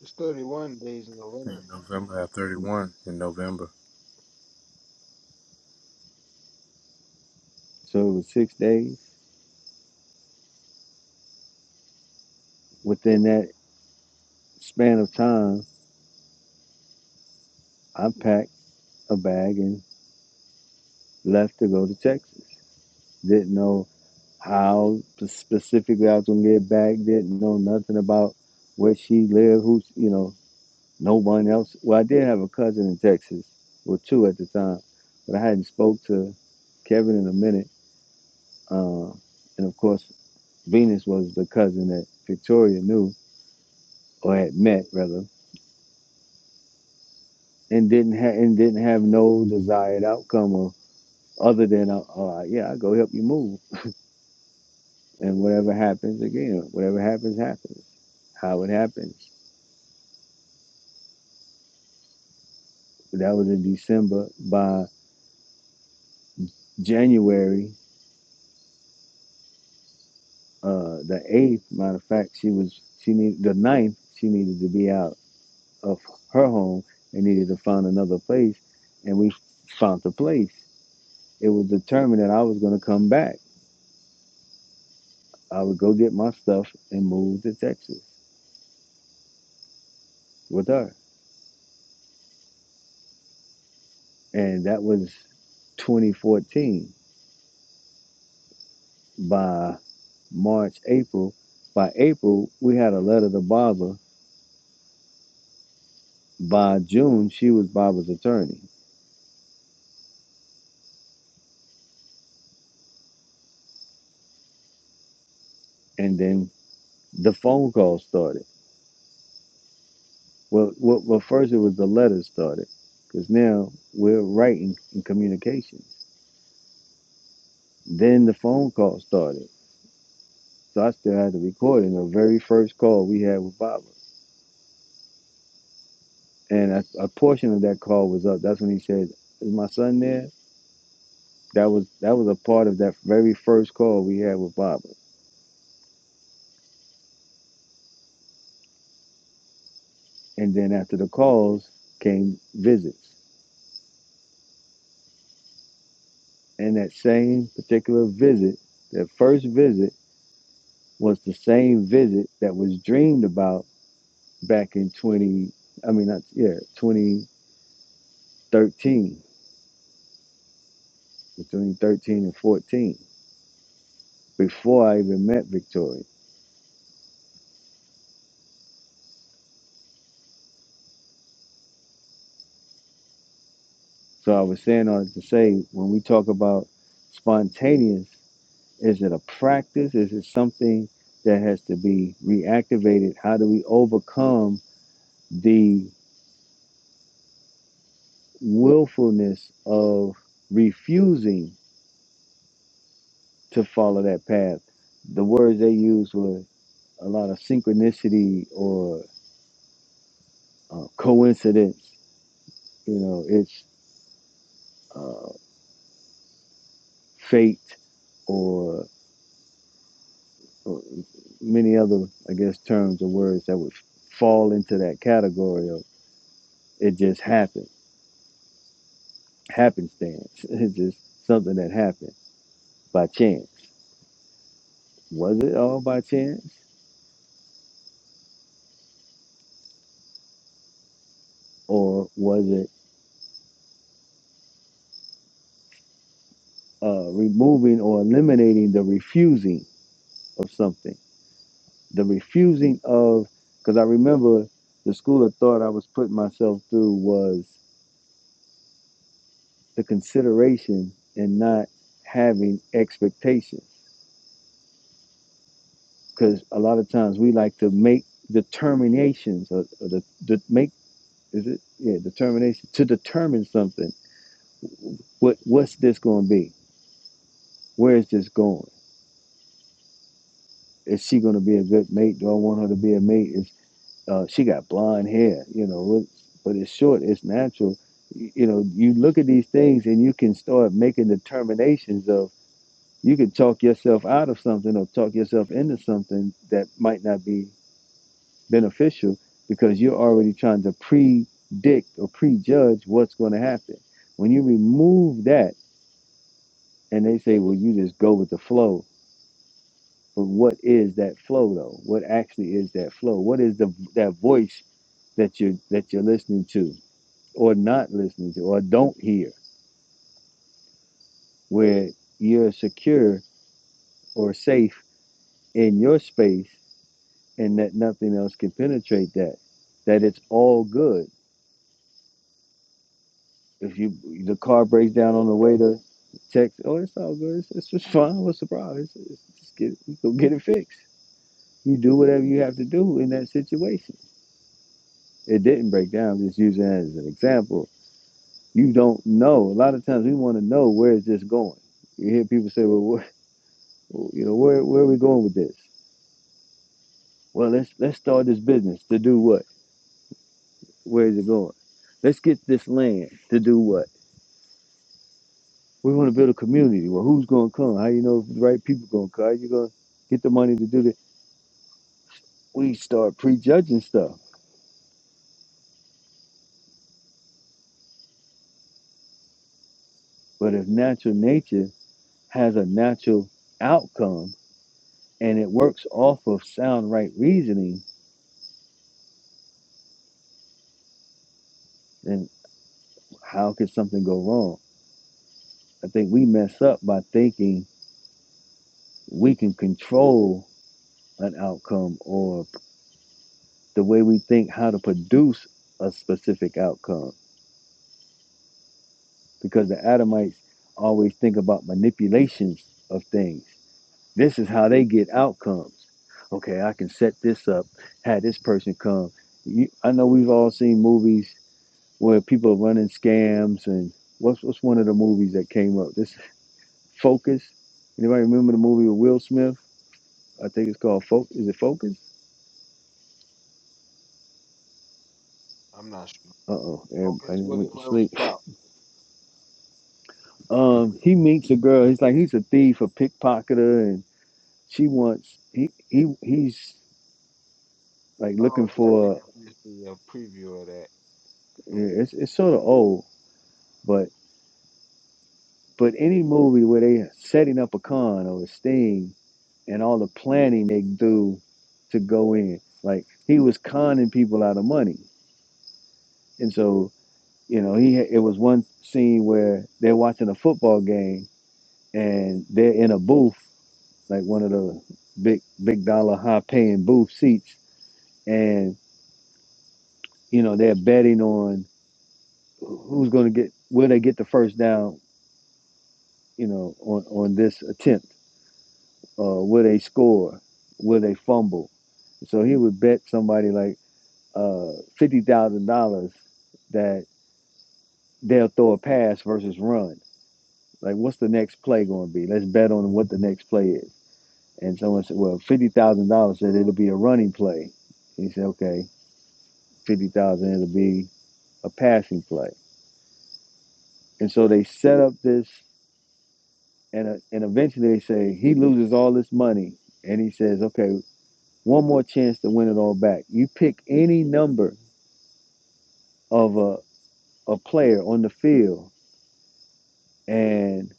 It's 31 days in November. In November at 31 in November. So it was six days. Within that span of time, I packed a bag and left to go to Texas. Didn't know how specifically I was gonna get back. Didn't know nothing about where she lived. Who you know? No one else. Well, I did have a cousin in Texas, or two at the time, but I hadn't spoke to Kevin in a minute. Uh, and of course, Venus was the cousin that Victoria knew or had met rather, and didn't have and didn't have no desired outcome of other than uh, uh, yeah, I go help you move, and whatever happens again, whatever happens happens, how it happens. That was in December. By January, uh the eighth matter of fact she was she needed the ninth she needed to be out of her home and needed to find another place and we found the place it was determined that i was going to come back i would go get my stuff and move to texas with her and that was 2014 by march april by april we had a letter to barbara by june she was barbara's attorney and then the phone call started Well, well, well first it was the letters started, because now we're writing in communications. Then the phone call started. So I still had the recording, the very first call we had with Baba. And a, a portion of that call was up. That's when he said, Is my son there? That was that was a part of that very first call we had with Baba. And then after the calls came visits. And that same particular visit, that first visit was the same visit that was dreamed about back in 20, I mean, not yeah, 2013, between 13 and 14, before I even met Victoria. So I was saying all that to say, when we talk about spontaneous, is it a practice? Is it something that has to be reactivated? How do we overcome the willfulness of refusing to follow that path? The words they used were a lot of synchronicity or uh, coincidence You know, it's uh, fate or, or many other, I guess, terms or words that would fall into that category of it just happened, happenstance. It's just something that happened by chance. Was it all by chance? Or was it uh, removing or eliminating the refusing of something? The refusing of, because I remember the school of thought I was putting myself through was. the consideration and not having expectations. Because a lot of times we like to make determinations or, or the, the make is it yeah determination to determine something. What what's this going to be? Where is this going? Is she going to be a good mate? Do I want her to be a mate? Is uh, she got blonde hair? You know, but it's short. It's natural. you know, you look at these things and you can start making determinations of you could talk yourself out of something or talk yourself into something that might not be beneficial because you're already trying to predict or prejudge what's going to happen. When you remove that and they say, well, you just go with the flow. But what is that flow though? What actually is that flow? What is the that voice that you're that you're listening to or not listening to or don't hear where you're secure or safe in your space and that nothing else can penetrate that. That it's all good. If you the car breaks down on the way to text, oh, it's all good. It's, it's just fine. What's the problem? It's, it's just get it, go get it fixed. You do whatever you have to do in that situation. It didn't break down. I'm just using that as an example. You don't know. A lot of times we want to know where is this going. You hear people say, well, where, well, you know, where where are we going with this? Well, let's let's start this business to do what? Where is it going? Let's get this land to do what? We want to build a community. Well, who's going to come? How you know if the right people going to come? How you going to get the money to do that? We start prejudging stuff. But if natural nature has a natural outcome and it works off of sound right reasoning, then how could something go wrong? I think we mess up by thinking we can control an outcome or the way we think how to produce a specific outcome because the Adamites always think about manipulations of things. This is how they get outcomes. Okay, I can set this up, have this person come. You, I know we've all seen movies where people are running scams and what's what's one of the movies that came up? This Focus. Anybody remember the movie with Will Smith? I think it's called Focus. Is it Focus? I'm not sure. Uh oh, everybody Focus with went it. to What it was sleep. about? Um, he meets a girl. He's like he's a thief, a pickpocketer, and she wants he he he's like looking Oh yeah, I think for. I did see a preview of that. It's it's sort of old, but. But any movie where they setting up a con or a sting and all the planning they do to go in, like he was conning people out of money, and so you know he it was one scene where they're watching a football game and they're in a booth, like one of the big big dollar high paying booth seats, and you know they're betting on who's going to get will they get the first down, you know, on on this attempt, uh, will they score, will they fumble So he would bet somebody like uh, fifty thousand dollars that they'll throw a pass versus run. Like, what's the next play going to be? Let's bet on what the next play is. And someone said, "Well, fifty thousand dollars said it'll be a running play." And He said, "Okay, fifty thousand dollars, it'll be a passing play." And so they set up this, and uh, and eventually they say he loses all this money, and he says, "Okay, one more chance to win it all back. You pick any number of a a player on the field and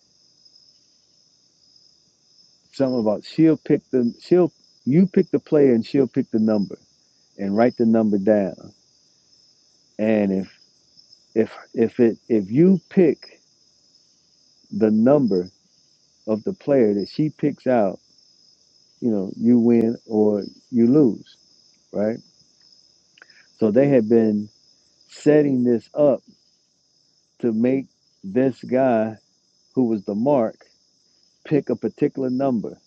something about she'll pick the she'll you pick the player and she'll pick the number and write the number down. And if if if it if you pick the number of the player that she picks out, you know, you win or you lose, right? So they had been setting this up to make this guy who was the mark pick a particular number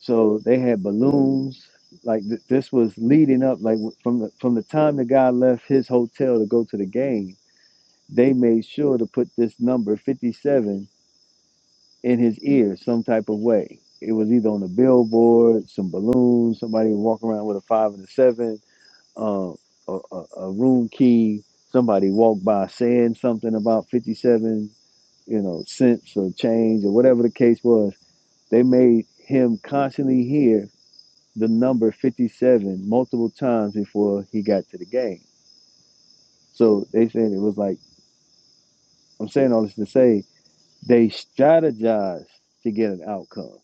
So they had balloons. Like th- this was leading up. Like w- from the from the time the guy left his hotel to go to the game, they made sure to put this number fifty seven in his ear some type of way. It was either on a billboard, some balloons, somebody walking around with a five and a seven, uh, a, a, a room key. Somebody walked by saying something about fifty seven, you know, cents or change or whatever the case was. They made him constantly hear the number 57 multiple times before he got to the game. So they said it was like, I'm saying all this to say they strategized to get an outcome.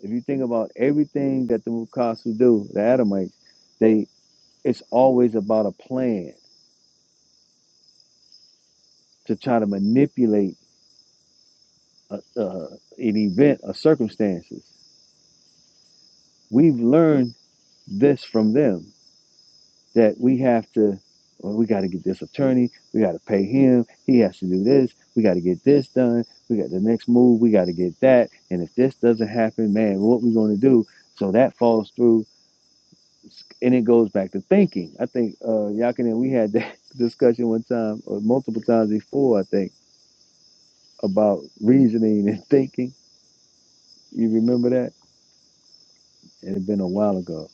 If you think about everything that the Mukasu do, the Adamites, they it's always about a plan to try to manipulate a, uh, an event or circumstances. We've learned this from them. that we have to, well, we got to get this attorney, we got to pay him, he has to do this, we got to get this done, we got the next move, we got to get that, and if this doesn't happen, man, what we going to do? So that falls through, and it goes back to thinking. I think uh, Yakin and we had that discussion one time, or multiple times before, I think, about reasoning and thinking. You remember that? It had been a while ago,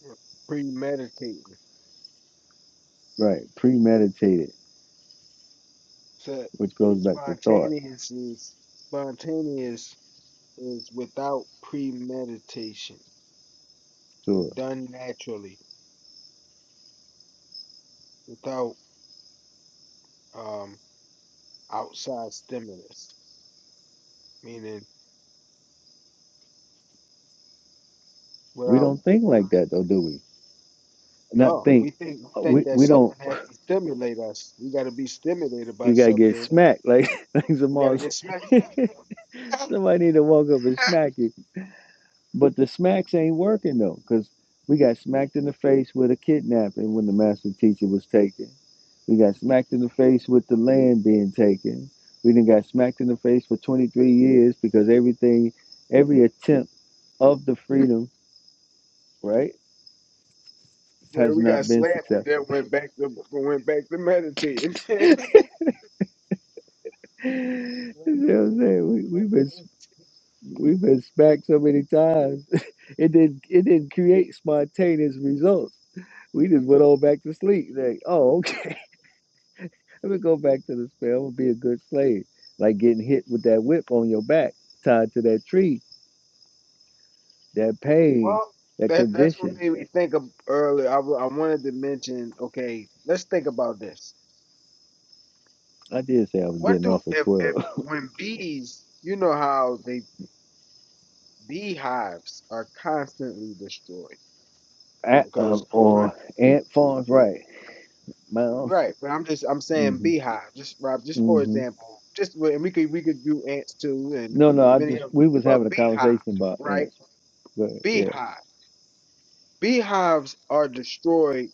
Yeah. Premeditating. right? Premeditated, So which goes back to thought. spontaneous is spontaneous is without premeditation. Sure. done naturally without um outside stimulus meaning We without don't think like that, though, do we? not no think we think we uh, think we that we something don't has to stimulate us we got to be stimulated by you gotta get something smacked like like we got to Zamal get smacked said. somebody need to walk up and smack you. But the smacks ain't working though, because we got smacked in the face with a kidnapping when the master teacher was taken. We got smacked in the face with the land being taken. We then got smacked in the face for 23 years because everything, every attempt of the freedom, right, man has we got not been slapped and successful. then went back to went back to meditating you know what I'm saying? We, we've been we've been smacked so many times It didn't it didn't create spontaneous results. We just went on back to sleep. Like, oh, okay, let me go back to the spell and be a good slave. Like getting hit with that whip on your back, tied to that tree, that pain, well that that that's what condition. made me think of earlier I, wa- I wanted to mention okay let's think about this I did say I was What getting do off at if if twelve. when bees, you know how they beehives are constantly destroyed At, because um, of honey. or Ant Farms, right? Miles. Right, but I'm just I'm saying hmm beehive. Just Rob, just for hmm example, just well, and we could we could do ants too and No, no, I many just other, we was having but a beehive, conversation about right? ants. Go ahead. Yeah. Beehive, beehives are destroyed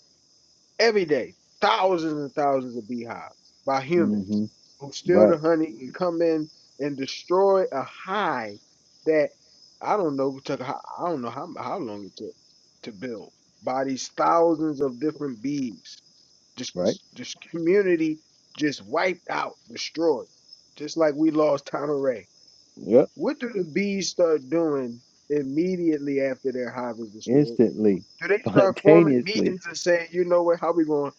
every day, thousands and thousands of beehives by humans hmm who steal Right. the honey and come in and destroy a hive that I don't know took ho- I don't know how how long it took to build by these thousands of different bees. Just Right. just just community just wiped out, destroyed, just like we lost Ray. Yep. What do the bees start doing immediately after their hive is destroyed? Instantly, Do they start forming spontaneously. meetings and saying, you know what, how we going?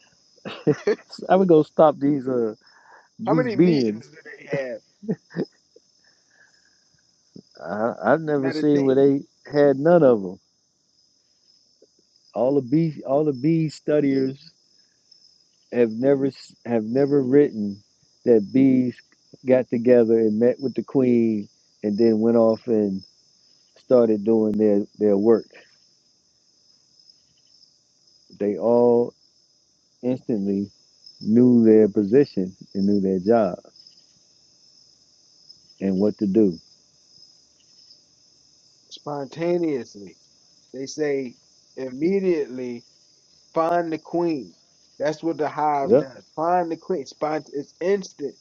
I would go stop these uh How these many beans. meetings do they have? I, I've never seen where Meditation. they had none of them. All the bee all the bee studiers have never s- have never written that bees got together and met with the queen and then went off and started doing their their work. They all instantly knew their position and knew their job and what to do. Spontaneously. They say immediately find the queen. That's what the hive Yep, does. Find the queen. Spont- it's instant.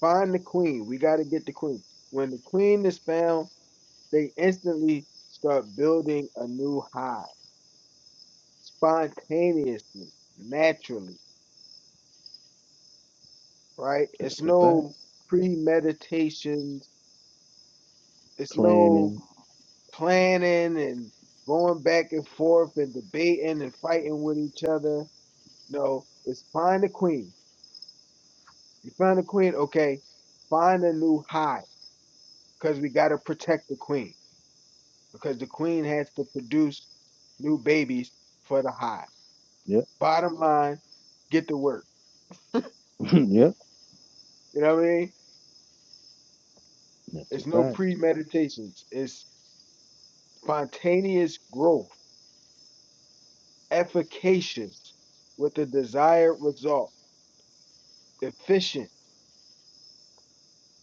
Find the queen. We got to get the queen. When the queen is found, they instantly start building a new hive spontaneously, naturally, right? It's that's a fact. no premeditation It's no Planning. planning and going back and forth and debating and fighting with each other. No, it's find the queen. You find the queen, okay, find a new hive because we got to protect the queen because the queen has to produce new babies for the hive. Yep, Bottom line, get to work. yep, You know what I mean? that's a It's no fact. premeditations, it's spontaneous growth, efficacious with the desired result, efficient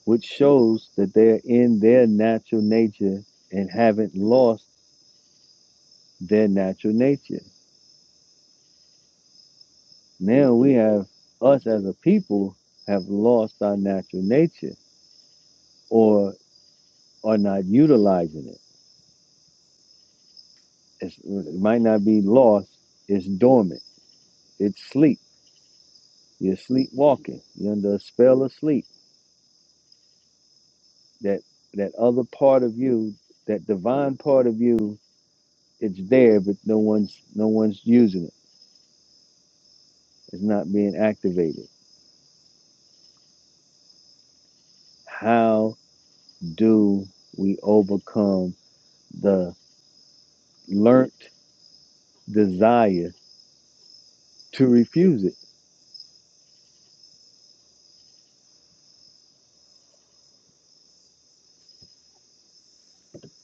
which shows that they're in their natural nature and haven't lost their natural nature. Now we have us as a people have lost our natural nature or are not utilizing it. It's, it might not be lost, it's dormant, it's sleep. You're sleepwalking, you're under a spell of sleep. That, that other part of you, that divine part of you, it's there, but no one's no one's using it. It's not being activated. How do we overcome the learnt desire to refuse it?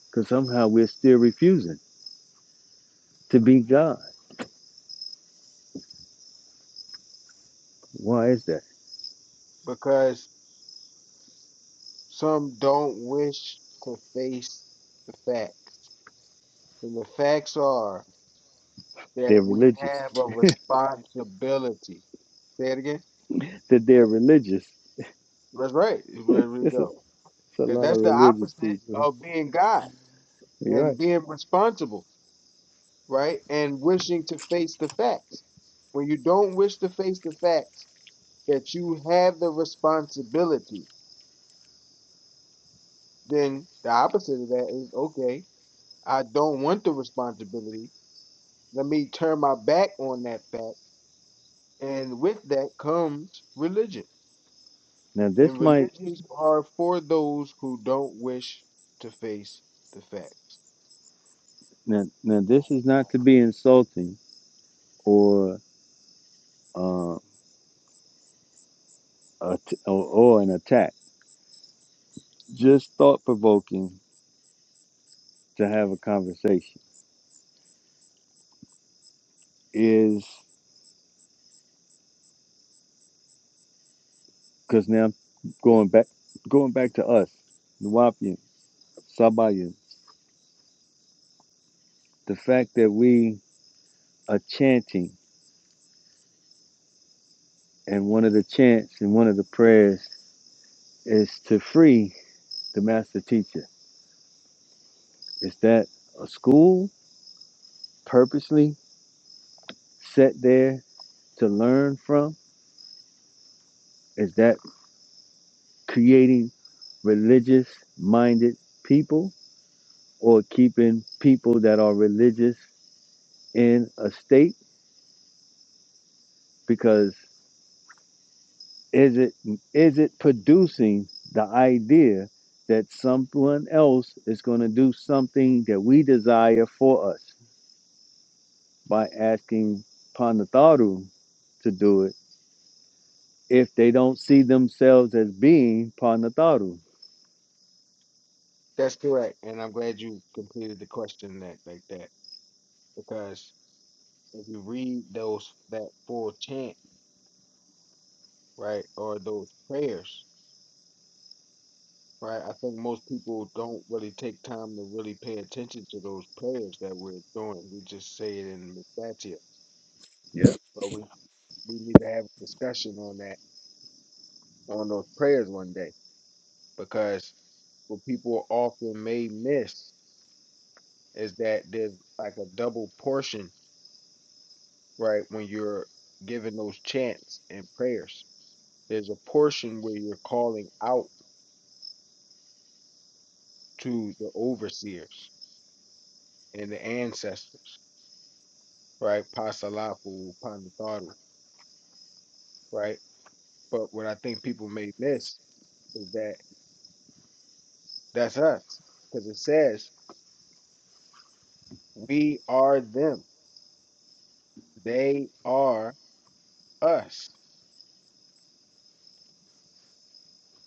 Because somehow we're still refusing to be God. Why is that? because some don't wish to face the facts. And the facts are They're that we religious. have a responsibility. Say it again. That they're religious. That's right. is Where we it's, a, go. it's a Because lot of that's the religious opposite people. of being God You're and right. being responsible, right? And wishing to face the facts. When you don't wish to face the facts that you have the responsibility, then the opposite of that is okay, I don't want the responsibility. Let me turn my back on that fact. And with that comes religion. Now this And might religions are for those who don't wish to face the facts. now, now this is not to be insulting or uh, a t- or, or an attack. Just thought provoking to have a conversation. Is Because now going back going back to us, Nuwapian, Sabayan, the fact that we are chanting and one of the chants and one of the prayers is to free the master teacher. Is that a school purposely set there to learn from? Is that creating religious minded people or keeping people that are religious in a state? Because Is it is it producing the idea that someone else is going to do something that we desire for us by asking Panataru to do it if they don't see themselves as being Panataru? That's correct. And I'm glad you completed the question that like that. Because if you read those that full chant, right, or those prayers, right, I think most people don't really take time to really pay attention to those prayers that we're doing. We just say it in Mestatia. Yep. But we we need to have a discussion on that on those prayers one day because what people often may miss is that there's like a double portion, right? When you're giving those chants and prayers, there's a portion where you're calling out to the overseers and the ancestors, right? Pasalapu, Panataru, right? But what I think people may miss is that that's us because it says we are them, they are us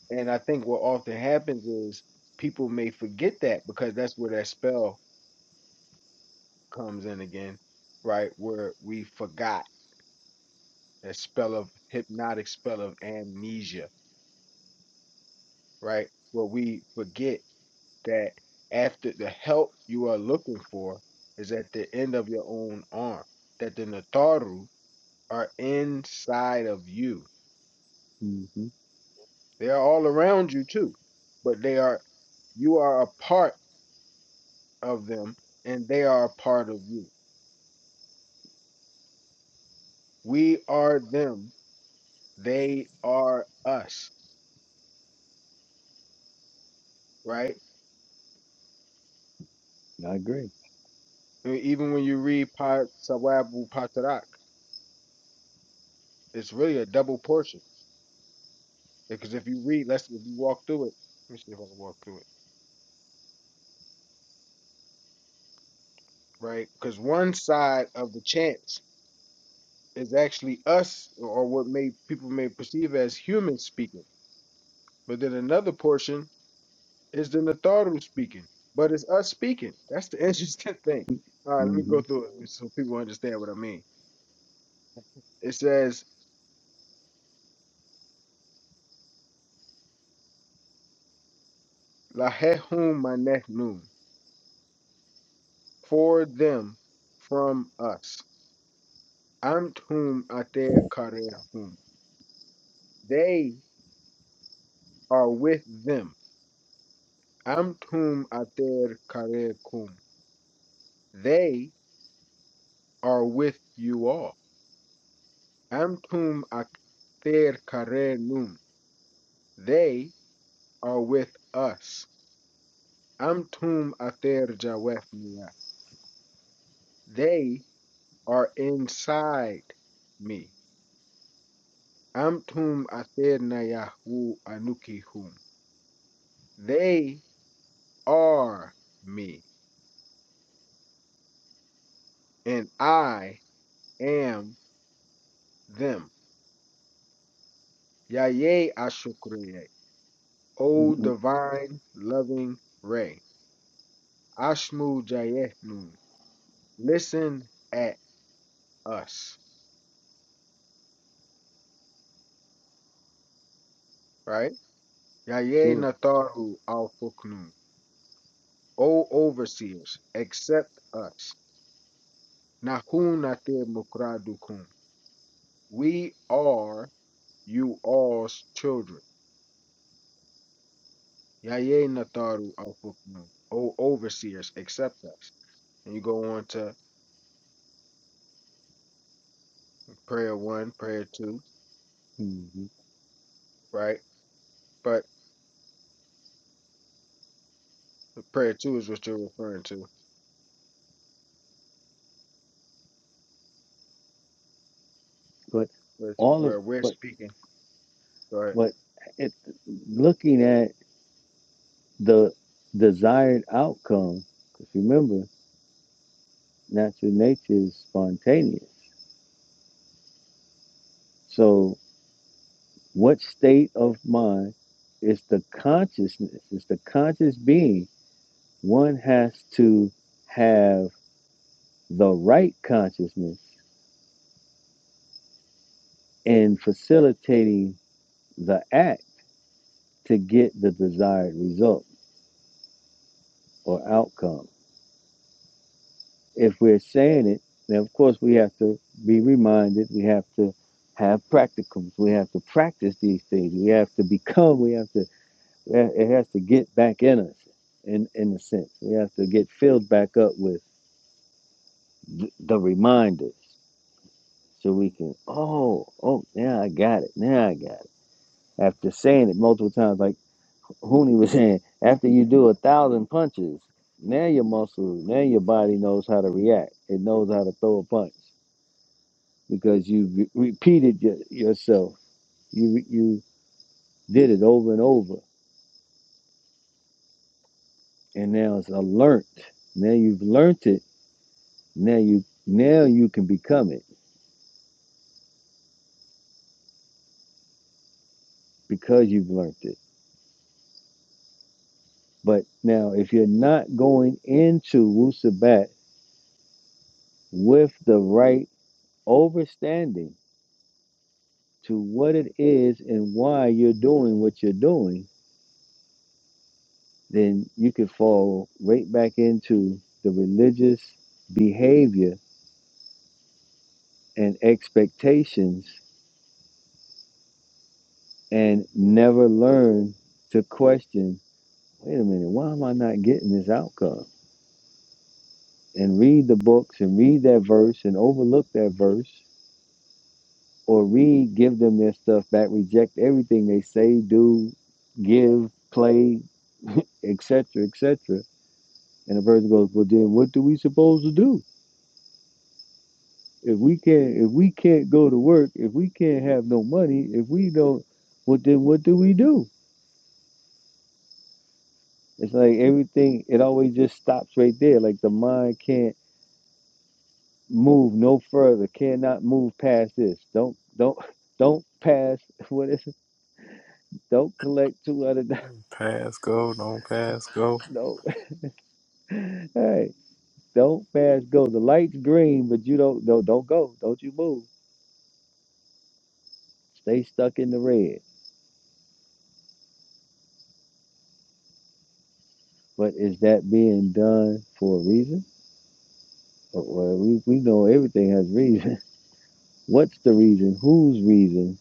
And I think what often happens is people may forget that because that's where that spell comes in again, right? Where we forgot that spell of hypnotic spell of amnesia, right? Where we forget that after the help you are looking for is at the end of your own arm, that the Nataru are inside of you. hmm They are all around you too, but they are, you are a part of them and they are a part of you We are them. They are us, right? I agree. I mean, even when you read Pat Sawabu Patarak, it's really a double portion. Because if you read, let's if you walk through it, let me see if I can walk through it, right? Because one side of the chants is actually us, or what may people may perceive as humans speaking, but then another portion is the Natharu speaking, but it's us speaking. That's the interesting thing. All right, let me hmm go through it so people understand what I mean. It says Lahehum manehnu, for them from us. Amtum ater karehum, they are with them. Amtum ater karekum, they are with you all. Amtum ater karenum, they are with us. Amtum ater jawefnia, they are inside me. Amtum ater nayahu anukihum. They are me, and I am them. Yaye Ashukriye, O hmm divine loving ray. Ashmu Jayetnun, listen at us, right? Yaye Sure. Nataru Al Fuknun, O overseers, accept us. Nahun Natir Mukradukum, we are you all's children. Yaye Nataru Al Fuknun, O overseers, accept us. and you go on to prayer one, prayer two, hmm right? But prayer two is what you're referring to, But which all of where we're but speaking, right? but it looking at the desired outcome because remember. Natural nature is spontaneous. So, what state of mind is the consciousness, is the conscious being? One has to have the right consciousness in facilitating the act to get the desired result or outcome. If we're saying it, then of course we have to be reminded, we have to have practicums, we have to practice these things, we have to become, we have to it it has to get back in us in in a sense we have to get filled back up with th- the reminders so we can oh oh now i got it now i got it after saying it multiple times like Hooney was saying after you do a thousand punches now your muscle now your body knows how to react it knows how to throw a punch because you re- repeated your, yourself you you did it over and over and now it's alert now you've learned it Now you now you can become it because you've learned it. But now if you're not going into Wusabat with the right overstanding to what it is and why you're doing what you're doing, then you could fall right back into the religious behavior and expectations and never learn to question, wait a minute, why am I not getting this outcome? and read the books and read that verse and overlook that verse or read, give them their stuff back, reject everything they say, do, give, play, etc., etc. And the person goes, well, then what do we supposed to do if we can't if we can't go to work, if we can't have no money, if we don't, well, then what do we do? It's like everything. It always just stops right there. Like the mind can't move no further, cannot move past this. Don't don't don't pass what is Don't collect two hundred dollars. Pass go, don't pass go. No, hey, don't pass go. The light's green, but you don't. No, don't go. Don't you move. Stay stuck in the red. But is that being done for a reason? Well, well, we we know everything has reason. What's the reason? Whose reason?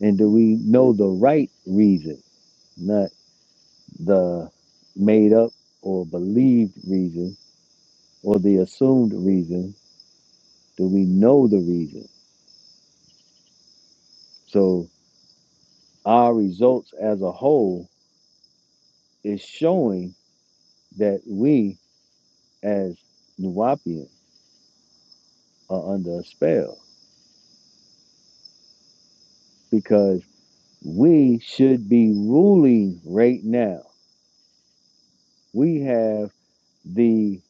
And do we know the right reason, not the made up or believed reason or the assumed reason? Do we know the reason? So our results as a whole It's showing that we as Nuwapians are under a spell because we should be ruling right now. We have the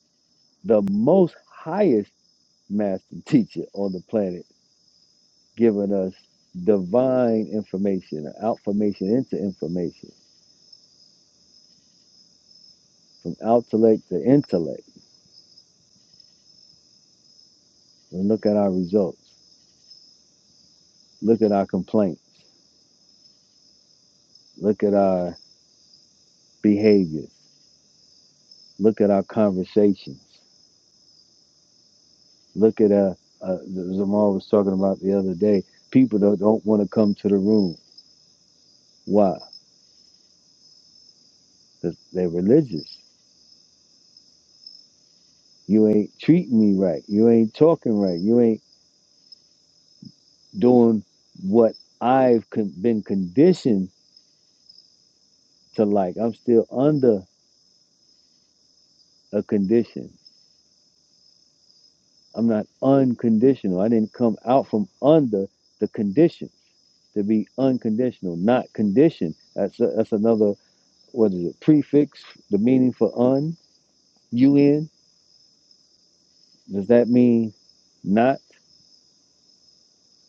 the most highest master teacher on the planet giving us divine information, out formation into information, from intellect to intellect. And look at our results. Look at our complaints. Look at our behaviors. Look at our conversations. Look at uh, uh Zamal was talking about the other day. People that don't want to come to the room. Why? 'Cause they're religious. You ain't treating me right. You ain't talking right. You ain't doing what I've con- been conditioned to like. I'm still under a condition. I'm not unconditional. I didn't come out from under the condition to be unconditional, not conditioned. That's a, that's another what is it? Prefix. The meaning for un. Un. Does that mean? Not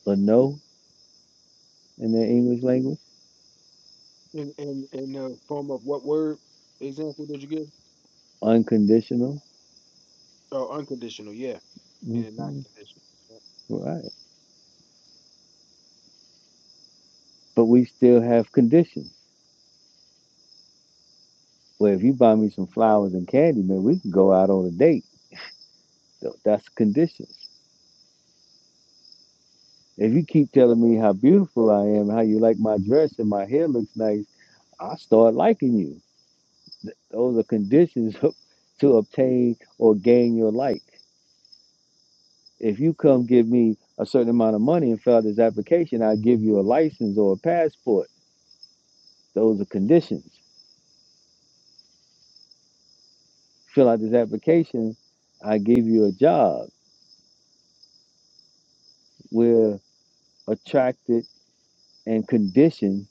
a no in the English language. In in in the form of what word example did you give? Unconditional. Oh, unconditional, yeah, meaning not hmm conditional. yeah. Right. But we still have conditions. Well, if you buy me some flowers and candy, man, we can go out on a date. So That's conditions. If you keep telling me how beautiful I am, how you like my dress and my hair looks nice, I start liking you. Those are conditions to obtain or gain your like. If you come give me a certain amount of money and fill out this application, I give you a license or a passport. Those are conditions. fill out this application, I give you a job. We're attracted and conditioned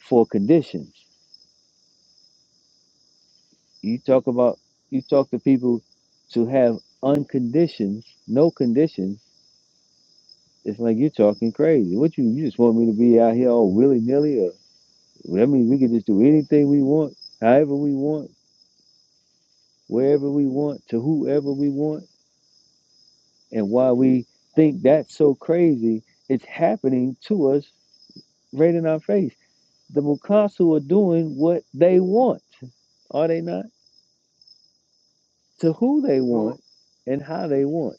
for conditions. You talk about you talk to people to have unconditioned, no conditions. It's like you're talking crazy. What you you just want me to be out here all willy nilly, or I mean we can just do anything we want, however we want, wherever we want, to whoever we want, and why we think that's so crazy. It's happening to us right in our face the Mukasu are doing what they want, are they not? To who they Cool. want and how they want.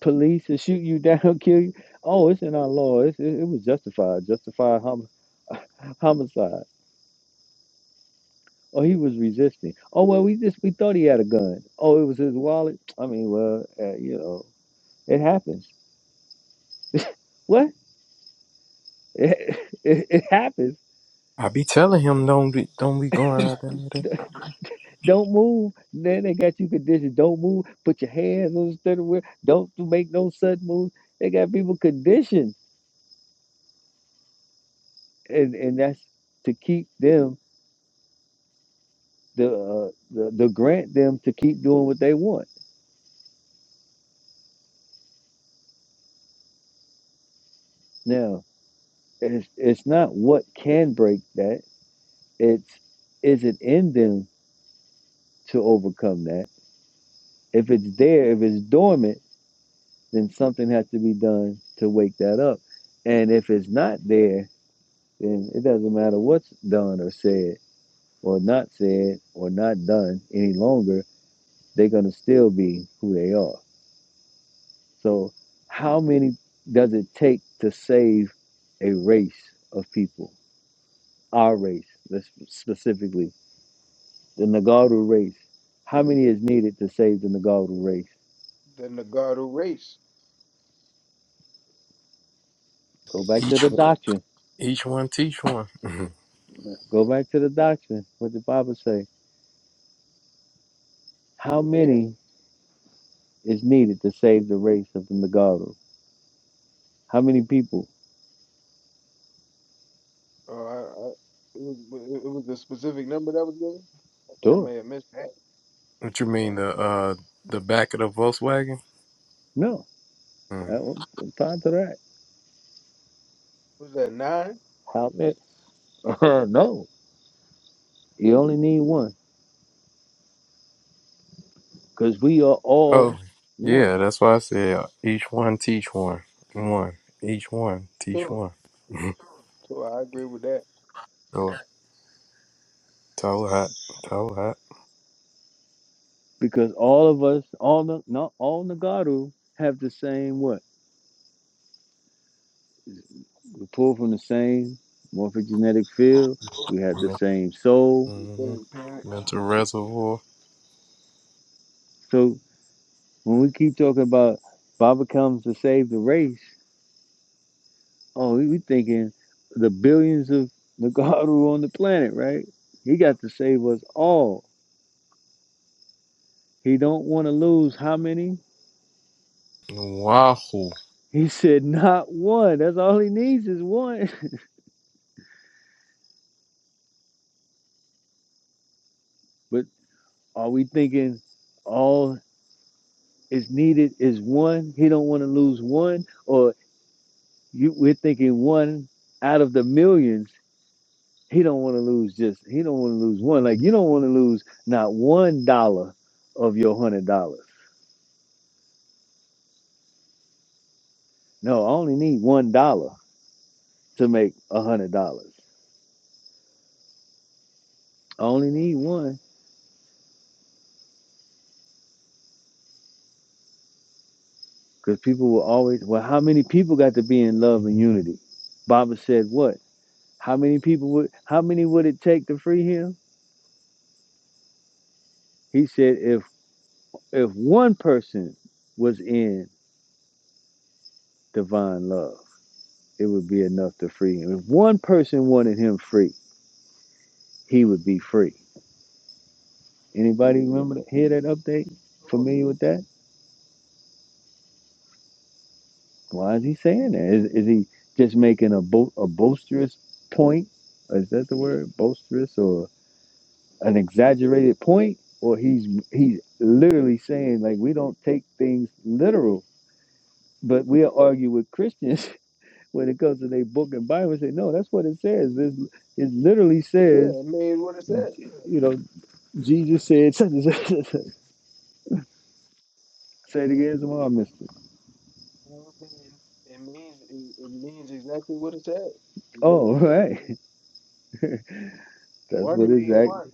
Police to shoot you down, kill you. Oh, it's in our law. It's, it, it was justified. Justified hom- homicide. Oh, he was resisting. Oh well, we just we thought he had a gun. Oh, it was his wallet. I mean, well, uh, you know, it happens. What? It, it, happens. I be telling him don't be don't be going out there. with it. Don't move. Then they got you conditioned. Don't move. Put your hands on the steering wheel. Don't do- make no sudden moves. They got people conditioned, and and that's to keep them the uh, the, the grant them to keep doing what they want. Now it's it's not what can break that. It's is it in them to overcome that. If it's there, if it's dormant, then something has to be done to wake that up. And if it's not there, then it doesn't matter what's done or said or not said or not done any longer, they're going to still be who they are. So, how many does it take to save a race of people? Our race, let's specifically, the Nagaru race. How many is needed to save the Nagaru race? Then the God who race, Go back to the Each one, doctrine. each one teach one. Mhm. Go back to the doctrine. What the Bible say? How yeah. many is needed to save the race of the Nagaru? How many people? Oh, I, I it was it was a specific number that was given. I think I Sure. may have missed that. what you mean Yeah, the uh the back of the Volkswagen? No. I Mm. don't- I'm fine to that. was that nine? How many? no, you only need one because we are all Oh one. yeah, that's why I said uh, each one teach one. One each one teach Sure, one. Mhm. sure. I agree with that. so toe hot, toe hot. Because all of us, all the not all Nagaru have the same what? We pull from the same morphogenetic field. Sure. We have the same soul. Your Mm-hmm. third parent. Mental reservoir. So when we keep talking about Baba comes to save the race, oh, we we thinking the billions of Nagaru on the planet, right? He got to save us all. He don't want to lose how many? Wahoo. He said, not one. That's all he needs is one. But are we thinking all is needed is one? He don't want to lose one, or you, we're thinking one out of the millions. He don't want to lose just. He don't want to lose one. Like you don't want to lose not one dollar of your hundred dollars. No, I only need one dollar to make a hundred dollars. I only need one because people will always. Well, how many people got to be in love and unity? Baba said what? How many people would how many would it take to free him? He said if if one person was in divine love, it would be enough to free him. If one person wanted him free, he would be free. Anybody remember to hear that update? Sure. Familiar with that? Why is he saying that? Is, is he just making a bo- a boisterous point? Is that the word boisterous or an exaggerated point? Or he's he's literally saying like we don't take things literal But we'll argue with Christians when it comes to their book and Bible and say, no, that's what it says. This it literally says, Yeah, it made what it said. you know, Jesus said such and such. and such. Say it again, tomorrow, Mister. Everything it means it, it means exactly what it said. It means Oh, right. exactly- That's one what mean one. exactly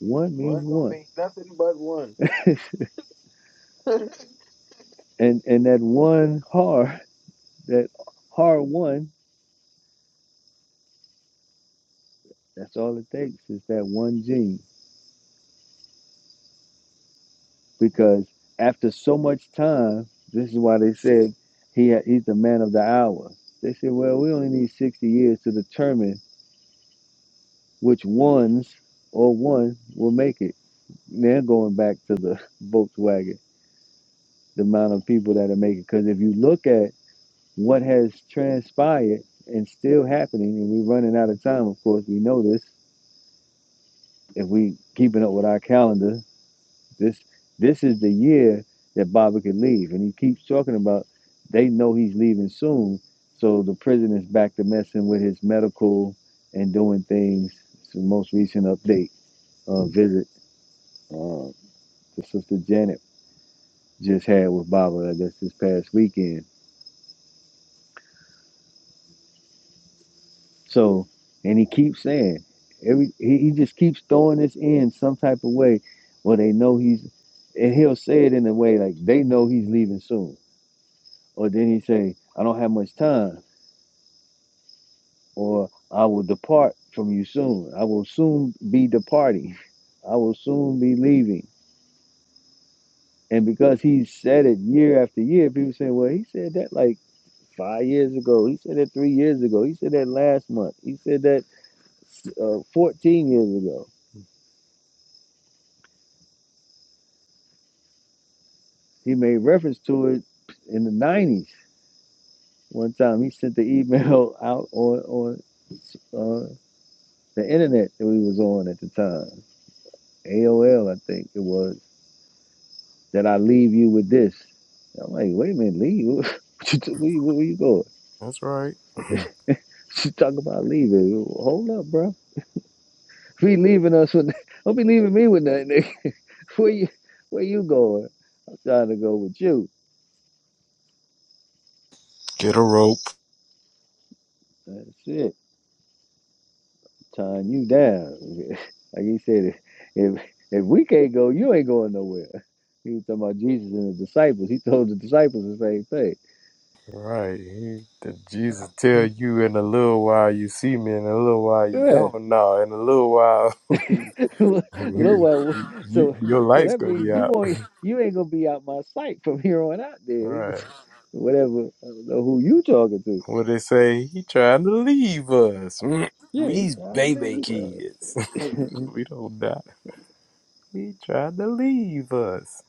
one means One don't one. mean nothing but one. And and that one har, that har one, that's all it takes is that one gene. because after so much time, this is why they said he ha- he's the man of the hour. They said, well, we only need 60 years to determine which ones or one will make it. They're going back to the Volkswagen, the amount of people that are making. Because if you look at what has transpired and still happening, and we're running out of time, of course, we know this. If we keeping up with our calendar, This this is the year that Baba could leave, and he keeps talking about they know he's leaving soon. So the prison is back to messing with his medical and doing things. It's the most recent update uh, visit uh, the sister Janet just had with Baba, I guess this past weekend. So and he keeps saying every he, he just keeps throwing this in some type of way. where they know he's and he'll say it in a way like they know he's leaving soon, or then he say I don't have much time or I will depart from you soon. I will soon be departing. I will soon be leaving. And because he said it year after year, people say, well, he said that like five years ago. He said that three years ago. He said that last month. He said that uh, 14 years ago. He made reference to it in the 90s. One time he sent the email out on, on uh, the internet that we was on at the time. AOL, I think it was. that I leave you with this. I'm like, wait a minute, leave? What you t- where, you- where you going? That's right. Mhm. She talking about leaving. Hold up, bro. Be leaving us with, don't be leaving me with nothing. nigga. Where you, where you going? I'm trying to go with you. Get a rope. That's it. Tying you down. Like he said, if if we can't go, you ain't going nowhere. He was talking about Jesus and the disciples. He told the disciples the same thing. Right. He, did Jesus tell you in a little while you see me, in a little while you Yeah. don't? No, in a little while look look you, what so your so light's that gonna be means you out. won't you ain't gonna be out my sight from here on out All there. We right. just whatever I don't know who you talking to. What they say? He trying to leave us. Mm, Yeah, he We's trying to baby leave us. kids. we don't die. He tried to leave us.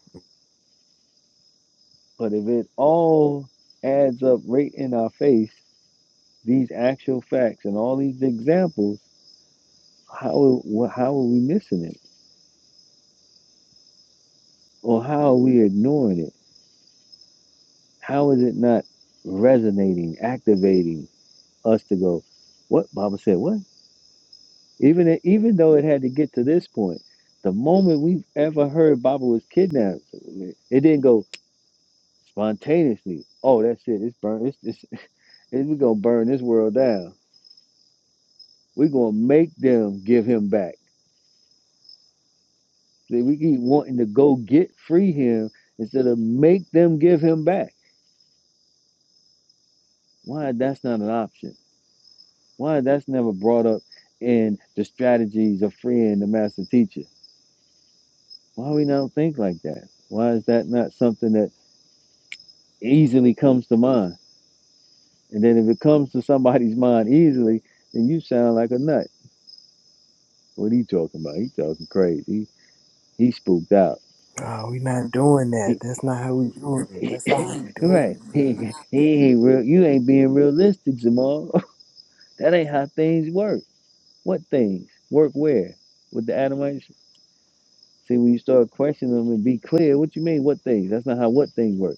but if it all adds up right in our face, these actual facts and all these examples, how wha- how are we missing it? Or how are we ignoring it? How is it not resonating, activating us to go, what Baba said, What? Even it- even though it had to get to this point, the moment we've ever heard Baba was kidnapped, it didn't go spontaneously. Oh, that's it. It's burn. It's, it's, it's we're gonna burn this world down. We're gonna make them give him back. See, we keep wanting to go get free him instead of make them give him back. Why that's not an option? Why that's never brought up in the strategies of freeing the master teacher? Why we don't think like that? Why is that not something that easily comes to mind? And then if it comes to somebody's mind easily, then you sound like a nut. What he talking about? He talking crazy. He, he spooked out. Oh, we not doing that. He, That's not how we doing it. he That's not how we doing right. it, man. He, he ain't real. You ain't being realistic, Jamal. that ain't how things work. What things? Work where? With the Adamites? See, when you start questioning them and be clear, what you mean, what things? That's not how what things work.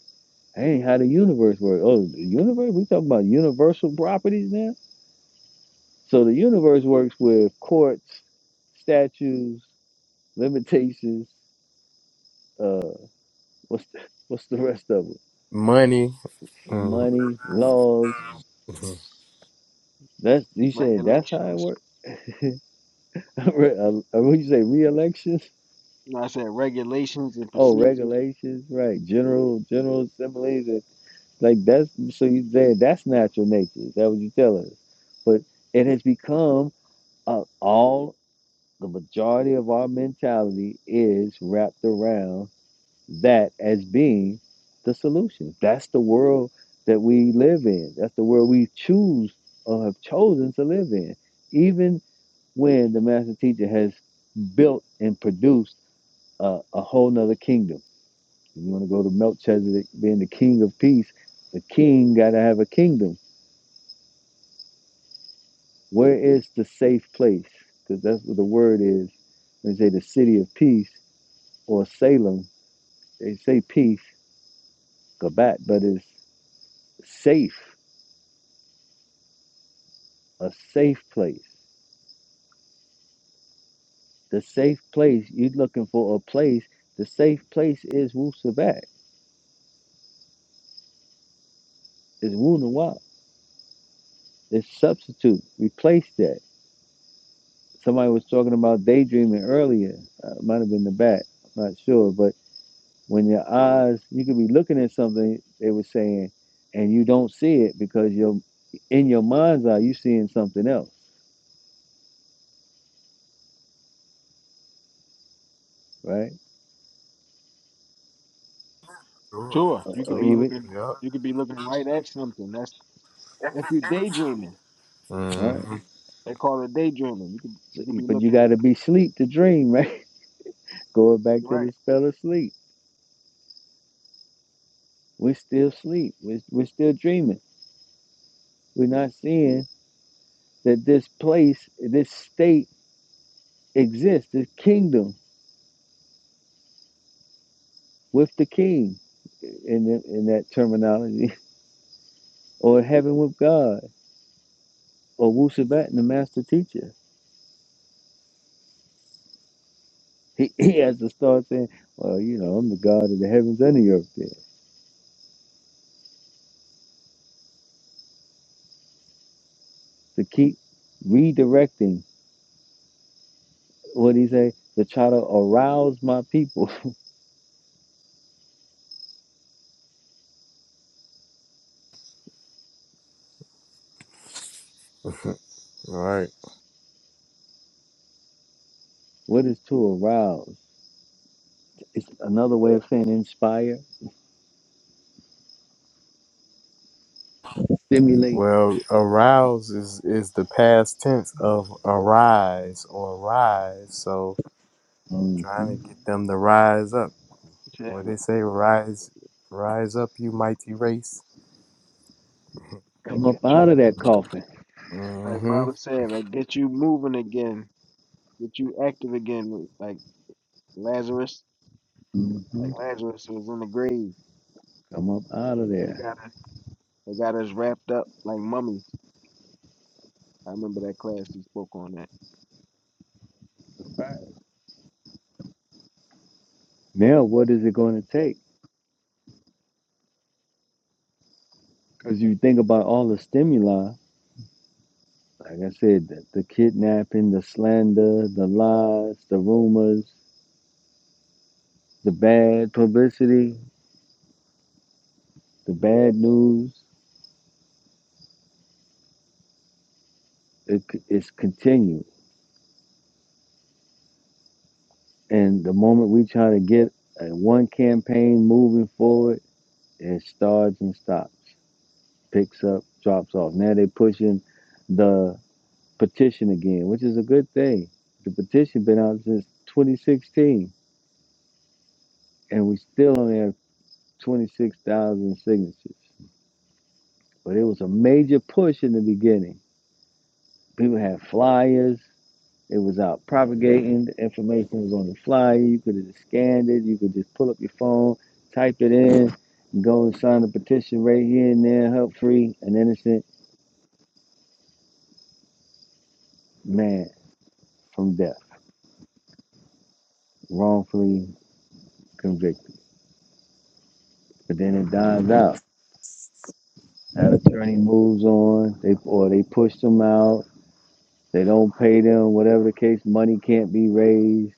That ain't how the universe works. Oh, the universe? We talking about universal properties now? So the universe works with courts, statues. limitations. Uh, what's the, what's the rest of it? Money. Mm-hmm. Money, laws. That's you saying that's how it regulations. works. Re- uh, uh, what you say? Re-elections? You know, I said regulations and Oh, procedures. regulations, right? General general assemblies and like that's so you saying that's natural nature. Is that what you telling us? But it has become uh, all the majority of our mentality is wrapped around. that as being the solution. That's the world that we live in. That's the world we choose or have chosen to live in. Even when the master teacher has built and produced a, a whole nother kingdom. If you want to go to Melchizedek being the king of peace, the king got to have a kingdom. Where is the safe place? Because that's what the word is. When they say the city of peace or Salem, they say peace, Gabat, but it's safe a safe place. The safe place, you're looking for a place. The safe place is Wu Sabat, is Wu Nawab, it's substitute. Replace that. Somebody was talking about daydreaming earlier. Uh, it might have been the back, I'm not sure. But when your eyes, you could be looking at something, they were saying, and you don't see it because you're in your mind's eye, you seeing something else, right? Sure. Sure, Uh, you uh, could be Sure. even, looking you could be looking right at something. That's if you're daydreaming. all Yep. right. They call it daydreaming. You could So, you could be But you looking got to be sleep to dream, right? Going back to right. the spell of sleep We're still asleep. We're, we're still dreaming. We're not seeing that this place, this state exists, this kingdom with the king in, the, in that terminology, or heaven with God, or Wusabat, the master teacher. He, he has to start saying, well, you know, I'm the God of the heavens and the earth there. To keep redirecting, what he say? To try to arouse my people. hmm All right. what is to arouse? It's another way of saying inspire, stimulate. Well, arouse is is the past tense of arise or rise. So Mhm. trying to get them to rise up. Yeah, What they but say, rise, rise up, you mighty race. I Come up get you. out of that coffin. Like Mm-hmm. Bob was saying, like get you moving again, get you active again. Like Lazarus, hmm like Lazarus was in the grave. Come up out of They there. got us. They got us wrapped up like mummies. I remember that class you spoke on that. Right. Now, what is it going to take? Because you think about all the stimuli, like I said, the, the kidnapping, the slander, the lies, the rumors, the bad publicity, the bad news. It, it's continued. And the moment we try to get uh, one campaign moving forward, it starts and stops, picks up, drops off. Now they're pushing. the. petition again, which is a good thing. The petition been out since 2016, and we still only have 26,000 signatures. But it was a major push in the beginning. People had flyers. It was out propagating. The information was on the flyer. You could have just scanned it. You could just pull up your phone, type it in, and go and sign the petition right here and there. Help free an innocent man from death, wrongfully convicted. But then it dies out That attorney moves on, they or they push them out, they don't pay them, whatever the case, money can't be raised.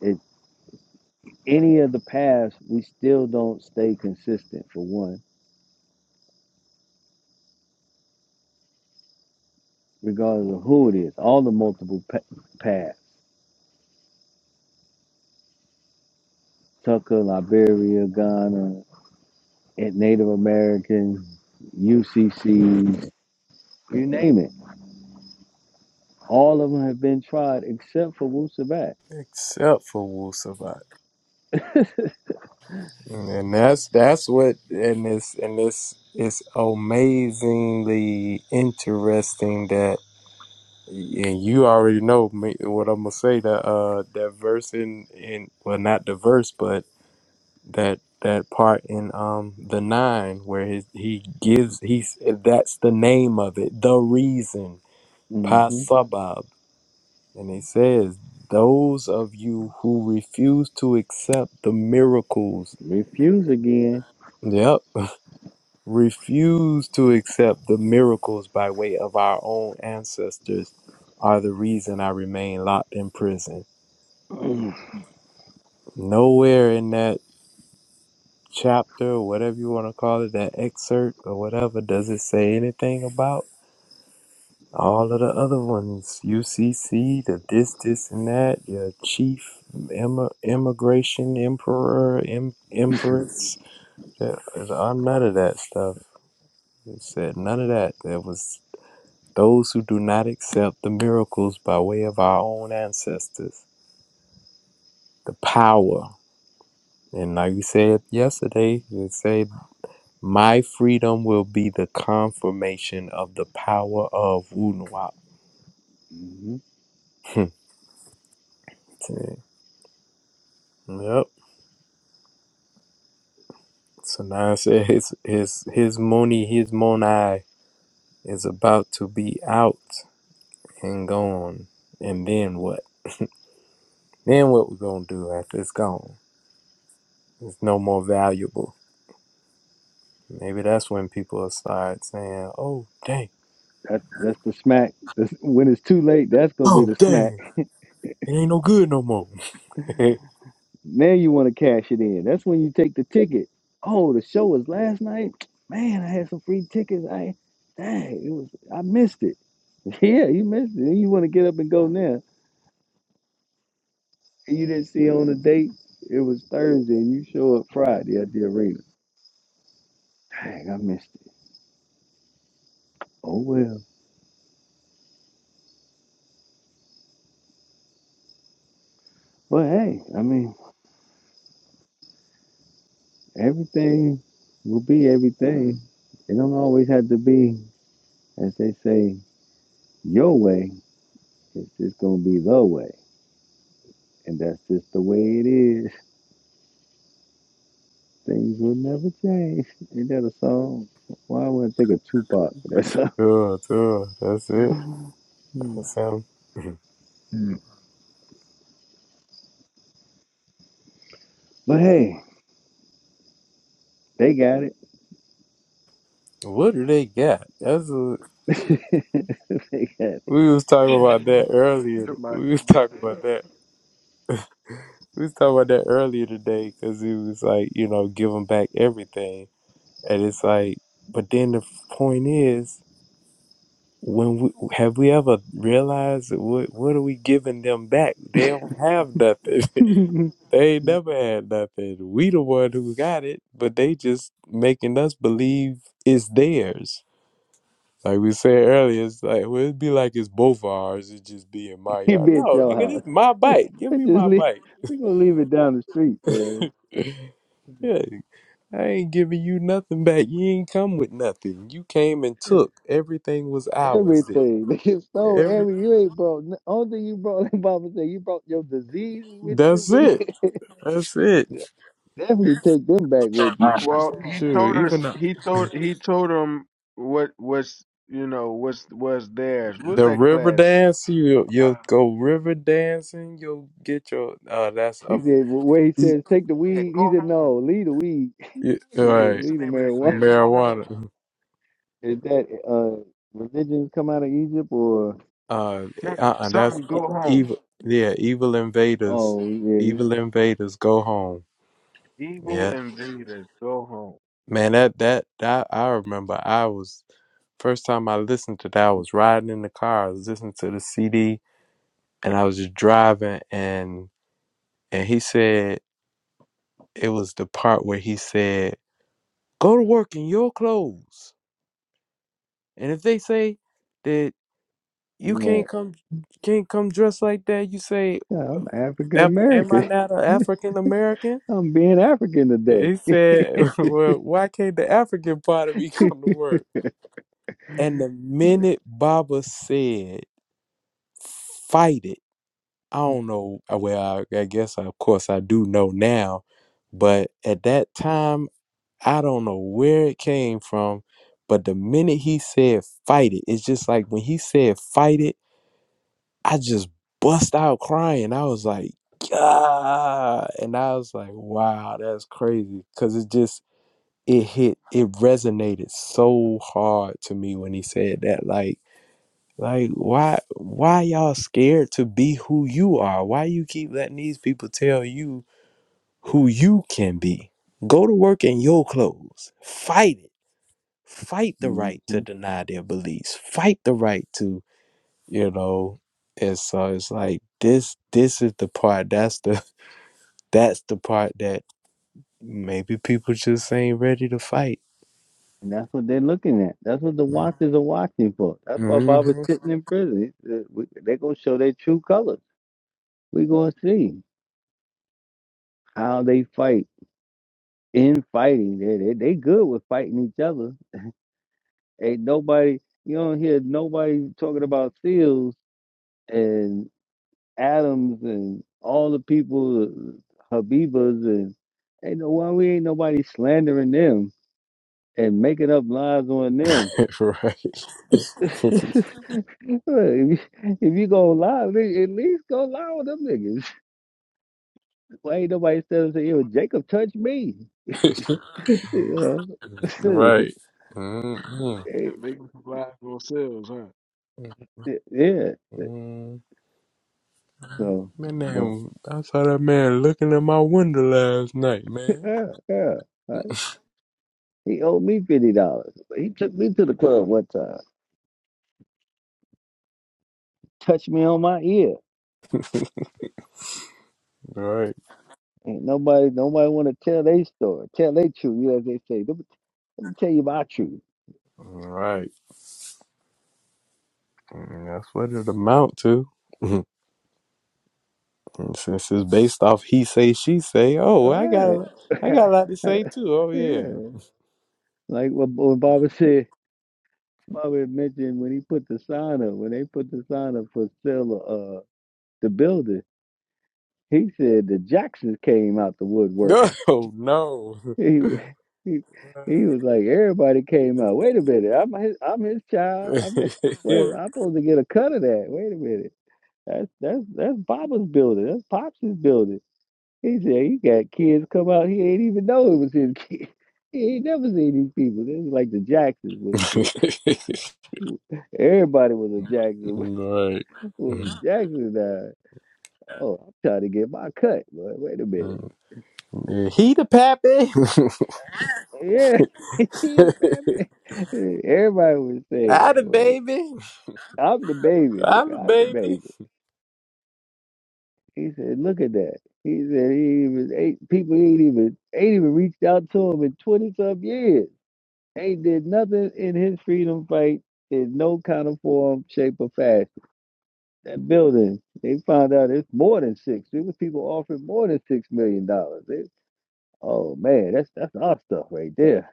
It, any of the paths, we still don't stay consistent for one, regardless of who it is. All the multiple pa- paths, Tucker, Liberia, Ghana, and Native American, UCC, you name it. All of them have been tried except for Wusabat. Except for Wusabat, and that's that's what and this and this it's amazingly interesting that and you already know me, what I'm gonna say that uh that verse in in well not the verse but that that part in um the nine where his, he gives he's that's the name of it the reason hmm pasabab and he says those of you who refuse to accept the miracles Refuse again. yep refuse to accept the miracles by way of our own ancestors are the reason i remain locked in prison Mhm. nowhere in that chapter whatever you want to call it that excerpt or whatever does it say anything about All of the other ones, UCC, the this, this, and that, your chief, em- immigration, emperor, em- empress. Yeah, I'm none of that stuff. It said none of that. There was those who do not accept the miracles by way of our own ancestors. The power. And like we said yesterday, it said, My freedom will be the confirmation of the power of Wunwap. yep. So now I said his his his money, his monai is about to be out and gone. And then what? Then what we gonna do after it's gone? It's no more valuable. Maybe that's when people will start saying, Oh dang, That's that's the smack. That's, when it's too late, that's gonna be oh the smack. dang, it ain't no good no more. now you want to cash it in. That's when you take the ticket. Oh, the show was last night. Man, I had some free tickets. I dang, it was. I missed it. Yeah, you missed it. And you want to get up and go now. And you didn't see on the date. It was Thursday, and you show up Friday at the arena. Dang, I missed it. Oh well. But hey, I mean, everything will be everything. It don't always have to be, as they say, your way It's just gonna be the way, and that's just the way it is. Things will never change. Ain't that a song? Why would I think of Tupac for that song? Duh, duh, that's it. Yep. Hmm. That's him. Yeah. but hey, they got it. What do they got? That's a, they got it. we was talking about that earlier. Somebody, We was yeah. talking about that We was talking about that earlier today because it was like, you know, give them back everything. And it's like, but then the point is, when we have we ever realized what what are we giving them back? They don't have nothing. they ain't never had nothing. We the one who got it, but they just making us believe it's theirs. Like we said earlier, it's like well, it'd be like it's both ours. It just be in my You yard. be at No, your nigga, this house. my just bike. Give me my leave. bike. We gonna leave it down the street, man. yeah, I ain't giving you nothing back. You ain't come with nothing. You came and took. Everything was ours. The- Everything they just stole. Every Every you ain't brought. Only thing you brought. Like Baba said, you brought your diseases with you. that's it. nigga. That's it. Definitely take them back with you. Well, he Sure. told Even us. the, He told. He told him what was. You know what's was theirs. What was the that river class? dance, you Uh, you'll go river dancing. You'll get your. Uh, that's He a. said, well, where he e- says, take the yeah, weed. He go said, home. no, leave the weed. e- All He said, right, What's the leave the name of that marijuana. class? Go home. marijuana. Is that uh, religions come out of Egypt or? Uh, Something. uh-uh, that's Something. e- Go home. evil. Yeah, evil invaders. Oh, yeah. you- Evil Right. invaders, go home. Yeah. Evil invaders. Go home. Man, that that that I remember. I was first time I listened to that. I was riding in the car. I was listening to the CD, and I was just driving. And and he said it was the part where he said, "Go to work in your clothes." And if they say that you can't Right. come can't come dressed like that, you say, Yeah, I'm African "Am am I American. not an African American?" I'm being African today. He said, "Well, why can't the African part of me come to work?" And the minute Baba said. fight it. I don't know. uh, Well, I, I guess, I, of course, I do know now, but at that time, I don't know where it came from. But the minute he said fight it, it's just like when he said fight it, I just bust out crying. I was like, God. And I was like, wow, that's crazy. Cause it just, it hit, it resonated so hard to me when he said that. Like, like why why y'all scared to be who you are? Why you keep letting these people tell you who you can be? Go to work in your clothes. Fight it. Fight the hmm right And to deny their beliefs. Fight the right to, you know, and so it's like this this is the part that's the that's the part that maybe people just ain't ready to fight. that's what they're looking at. That's what the watchers are watching for. That's why hmm Bob is sitting in prison. He said, "We- They're going to show their true colors. We're going to see how they fight in fighting. They, they, they good with fighting each other Ain't nobody you don't hear nobody talking about Seals and Adams and all the people Habibas and ain't no why we ain't nobody slandering them and making up lies on them. right. Look, if you, if gonna lie, li- at least go lie with them niggas. Why ain't nobody still and "Yo, Jacob touched me"? You know? right. Yeah, Eh, make them fly for themselves, huh? eh, yeah. hmm So, Man, but damn, I saw that man looking at my window last night, man. yeah, yeah. He owed me fifty dollars. He took me to the club one time, touched me on my ear. Right, Ain't nobody, nobody want to tell their story, tell their truth. You know, as they say, let me tell you my truth. right. And That's what it amount to. And Since it's based off he say, she say, oh, All I right, got, I got a lot to say too. Oh yeah. yeah. Like what, what Bobby said. Bobby had mentioned when he put the sign up, when they put the sign up for sale, uh, the building. He said the Jacksons came out the woodwork. Oh no. He, he, he was like, everybody came out. Wait a minute, I'm his, I'm his child. I'm his, where's I'm supposed to get a cut of that? Wait a minute, that's that's that's Baba's building. That's Pops' building. He said he got kids come out. He ain't even know it was his kid. He ain't never seen these people. This is like the Jacksons. With, with, everybody was a Jackson. right. When Jackson died. Oh, I'm trying to get my cut. Boy, wait a Yeah, minute. He the pappy. Yeah, he the Batman. Everybody was saying I it. the Boy. baby. I'm the baby, I'm the nigga. I'm the baby. baby. He said, look at that. He said he was eight people ain't even ain't even reached out to him in twenty some years. Ain't did nothing in his freedom fight in no kind of form, shape, or fashion. That building, they found out it's more than six. There was people offering more than six million dollars. They- Oh man, that's that's our stuff right there.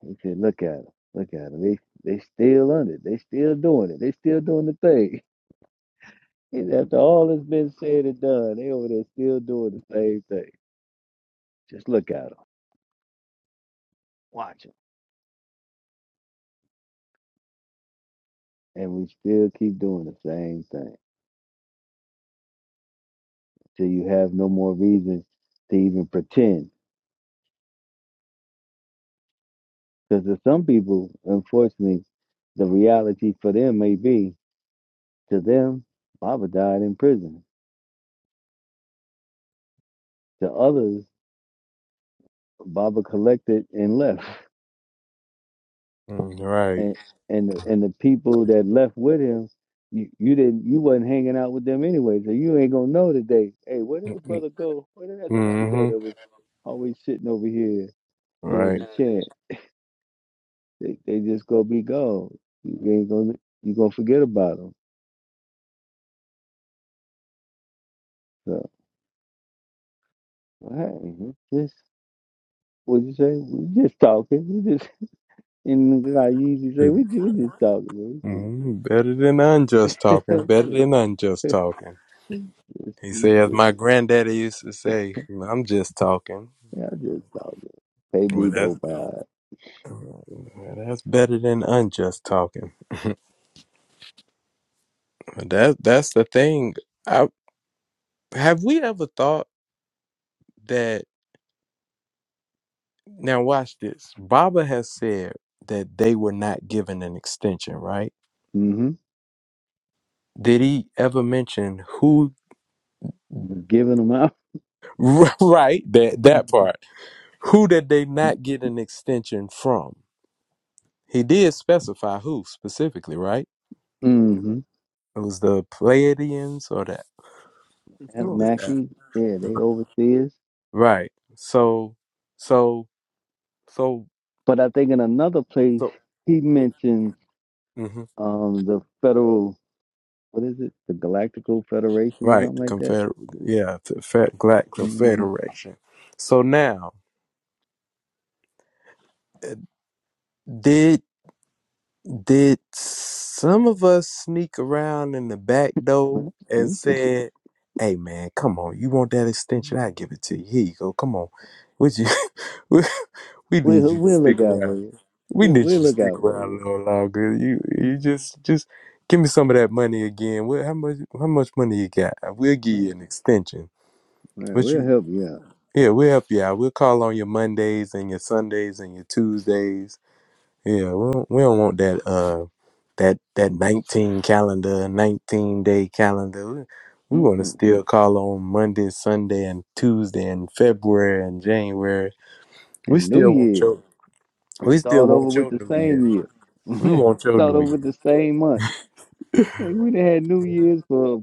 He said, look at them, look at them. They they still on it. They still doing it. They still doing the thing. And after all that's been said and done, they over there still doing the same thing. Just look at them, watch them, and we still keep doing the same thing till you have no more reason to even pretend. Because to some people, unfortunately, the reality for them may be to them, Baba died in prison. To others, Baba collected and left. Mm, Right. and and the, and the people that left with him, you, you didn't you wasn't hanging out with them anyway, so you ain't gonna know today. Hey, where did Mm, the mm, brother go? Where did that sister go? That Mm-hmm. was always sitting over here doing Right. the chant. They they just gonna be gone. You ain't gonna you gonna forget about them. So hey, just what you say? We just talking. We just and like you usually say, we just, we just talking. Man. We just, mm Better than unjust talking. Better than unjust talking. just, He we says, just, my granddaddy used to say, I'm just talking. yeah, just talking. Pay Well, me that's, no mind. well, that's better than unjust talking. That That's the thing. I, have we ever thought that? Now, watch this. Baba has said that they were not given an extension, right? hmm Did he ever mention who? Giving them out. Right, that that part. Who did they not get an extension from? He did specify who specifically, right? hmm It was the Pleiadians or that, Sure. the, uh, Anunnaki, yeah, they overseers. right? So, so, so, But I think in another place so, he mentions hmm um the federal, what is it, the Galactical Federation or right? something The like that. Confederate, yeah, the Fe- Black hmm Confederation. So now, eh, did. Did some of us sneak around in the back door and said, "Hey man, come on, you want that extension? I give it to you. Here you go. Come on, would you? we we need We'll you to we'll look stick out for around. you. We We'll, need we'll you to look stick out for around a you. little longer. You you Mhm. just just give me some of that money again. What how much how much money you got? We'll give All you an extension. right, But we'll you help you out. yeah, we'll help you out. We'll call on your Mondays and your Sundays and your Tuesdays yeah, we don't, we don't want that uh that that nineteen calendar, nineteen day calendar. We, we want to Mm-mm. still call on Monday, Sunday, and Tuesday, and February and January. We And New still want Year's your to we still start over want with your the New same Year. year. We want your start New over with the Year. same month. Like, we done had New Year's for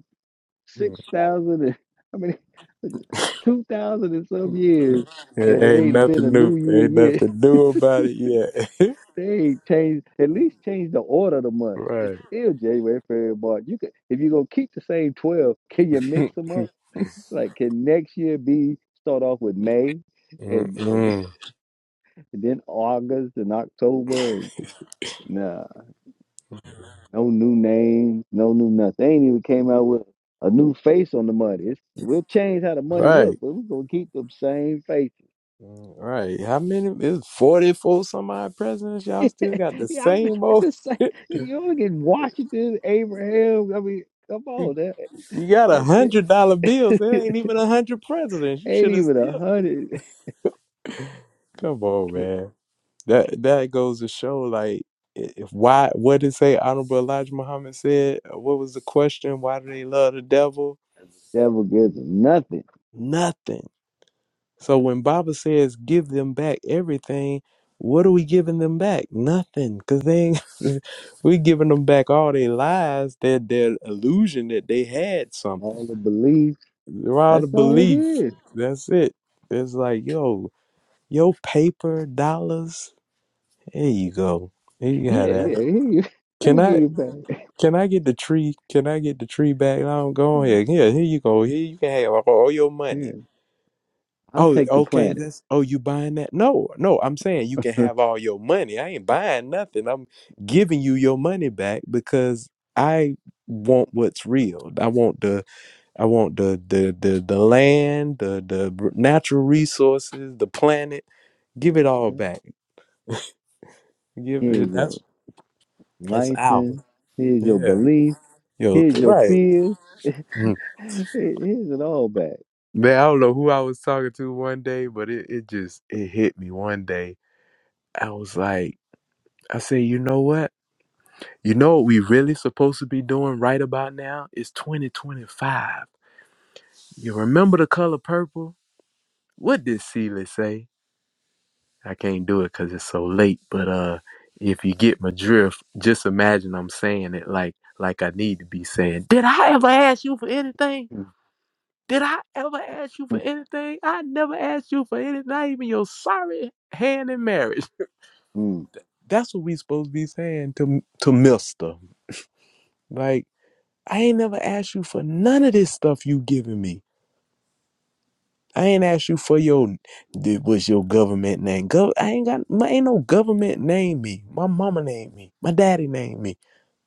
six thousand and I mean two thousand and some years, It ain't and it ain't ain't been a nothing new new. year Ain't yet. nothing new about it yet. They ain't changed at least change the order of the months. It's right. still January, February, March. You could if you gonna keep the same twelve, can you mix them up? Like can next year be start off with May and, Mm-mm. and then August and October and nah, no new names, no new nothing. They ain't even came out with a new face on the money. It's, we'll change how the money Right. look, but we're gonna keep them same faces. All right. How many is 44 some odd presidents? Y'all still got the Yeah, I'm same old just saying, you, you look at Washington, Abraham. I mean, come on, that, you got a that's it. hundred dollar bills. It ain't even a hundred presidents. You Ain't should have even a still hundred. come on, Can't- man. That that goes to show like i- if why what did say Honorable Elijah Muhammad said? Uh, What was the question? Why do they love the devil? Devil gives him nothing. Nothing. So when Baba says give them back everything, what are we giving them back? Nothing, cause they ain't, we giving them back all their lies, their their illusion that they had something. All the beliefs, They're out that's of all it belief. is. That's it. It's like yo, yo paper dollars. There you go. There you got Yeah, that. yeah, here you. Let Can me give I you back. can I get the tree? Can I get the tree back? I don't go No, ahead. Yeah, here you go. Here you can have all your money. Here, I'll Oh, take the okay. planet. That's oh, you buying that? No, no. I'm saying you can Here's have all your money. I ain't buying nothing. I'm giving you your money back because I want what's real. I want the I want the the the, the land, the the r- natural resources, the planet. Give it all back. Give it. your That's that's ours. license. Here's your Yeah. beliefs. Yo. Here's your Right. fears. Mm. Here- Here's it all back. Man, I don't know who I was talking to one day, but it, it just it hit me one day. I was like, I said, you know what? You know what we really supposed to be doing right about now? It's 2025. You remember the color purple? What did Celia say? I can't do it because it's so late, but uh if you get my drift, just imagine I'm saying it like like I need to be saying, Did I ever ask you for anything? Did I ever ask you for anything? I never asked you for anything, not even your sorry hand in marriage. mm, That's what we supposed to be saying to to Mister. Like. I ain't never asked you for none of this stuff you giving me. I ain't asked you for your th- what's your government name. Gov- I ain't got my ain't no government name me. My mama named me. My daddy named me.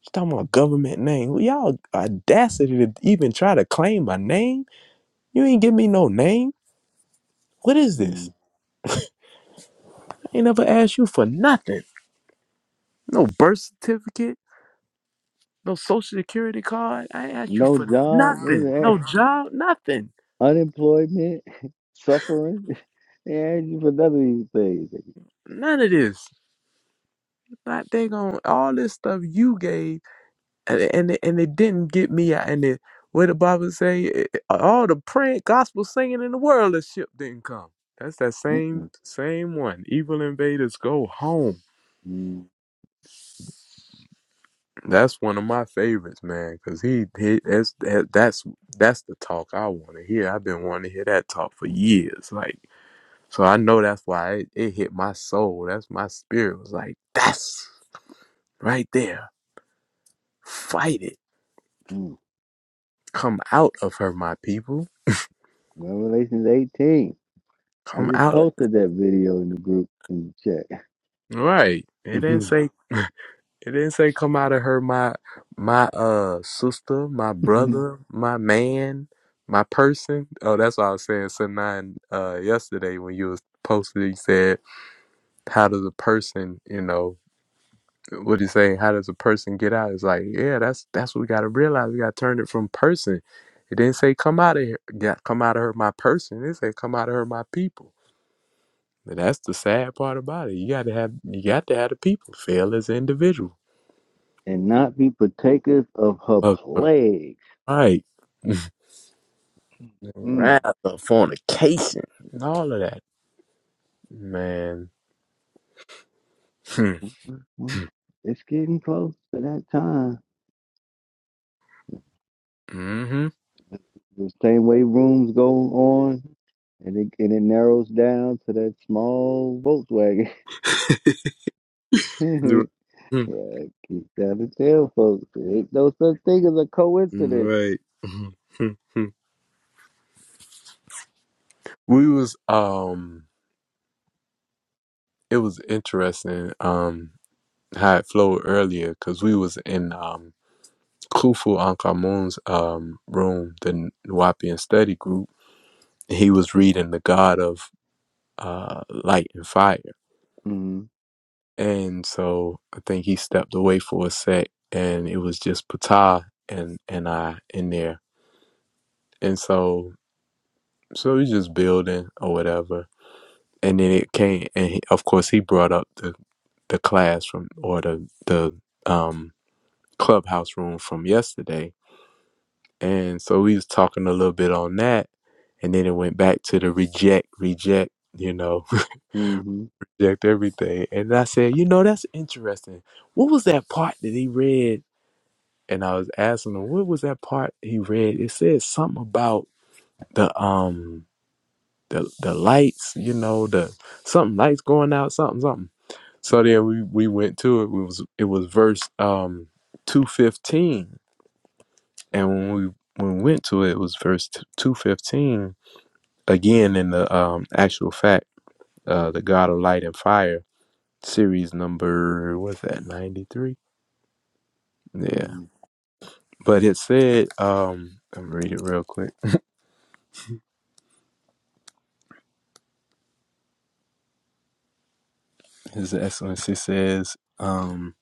She's talking about government name. Well, y'all audacity to even try to claim my name. You ain't give me no name. What is this? mm. I ain't never asked you for nothing. No birth certificate. No social security card. I ain't asked you No for job. nothing. No job. Nothing. unemployment, suffering, and for none of these things. None of this. not they on all this stuff you gave, and and it, and it didn't get me out. And it, what the Bible say, it- it- all the praying, gospel singing in the world, the ship didn't come. That's that same Mm-mm, same one. Evil invaders go home. mm, That's one of my favorites, man. Cause he, he that's that, that's that's the talk I want to hear. I've been wanting to hear that talk for years. Like, so I know that's why it, it hit my soul. That's my spirit was like, that's right there. Fight it mm. come out of her, my people. Revelations 18. I Come just out. posted that video in the group in the chat. Right. It didn't say it didn't say come out of her, my my uh sister, my brother, my man, my person. Oh, that's what I was saying Sanine uh yesterday when you was posted you said, How does a person, you know, what you saying, how does a person get out? It's like, yeah, that's that's what we gotta realize. We gotta turn it from person. It didn't say come out of here, yeah, come out of her, my person. It said come out of her, my people. And that's the sad part about it. You got to have you got to have the people fail as an individual. and not be partakers of her Uh, uh, plagues. Right. Mm. Wrath of fornication and all of that. Man. What? It's getting close to that time. Hmm. mm-hmm. The same way rooms go on and it, and it narrows down to that small Volkswagen. You're- hmm. Yeah, keep down to tell folks. There ain't no such thing as a coincidence. Right. Hmm. we was um it was interesting um how it flowed earlier because we was in um Kufu Ankamun's um room, the Nuwapian study group. He was reading the God of uh, light and fire. Mm-hmm. And so I think he stepped away for a sec and it was just Patah and, and I in there. And so, so we just building or whatever. And then it came, and he, of course he brought up the, the class from, or the, the, um, clubhouse room from yesterday. And so we was talking a little bit on that. And then it went back to the reject, reject, you know, Mm-hmm. reject everything. And I said, you know, that's interesting. What was that part that he read? And I was asking him, what was that part he read? It said something about the um the the lights, you know, the something lights going out, something, something. So then we we went to it. It was it was verse um two fifteen. And when we when we went to it, it was verse two fifteen again in the um actual fact, uh the God of light and fire series number what's that 93 Yeah. Mm-hmm. But it said, um, I'm read it real quick. His Excellency says, um,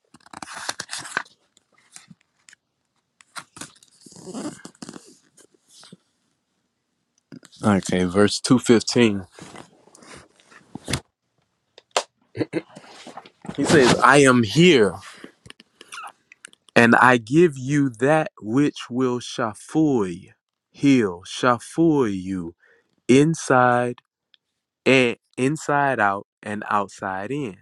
okay, verse 215. He says, I am here, and I give you that which will shafoy, heal, shafoy you inside and inside out and outside in.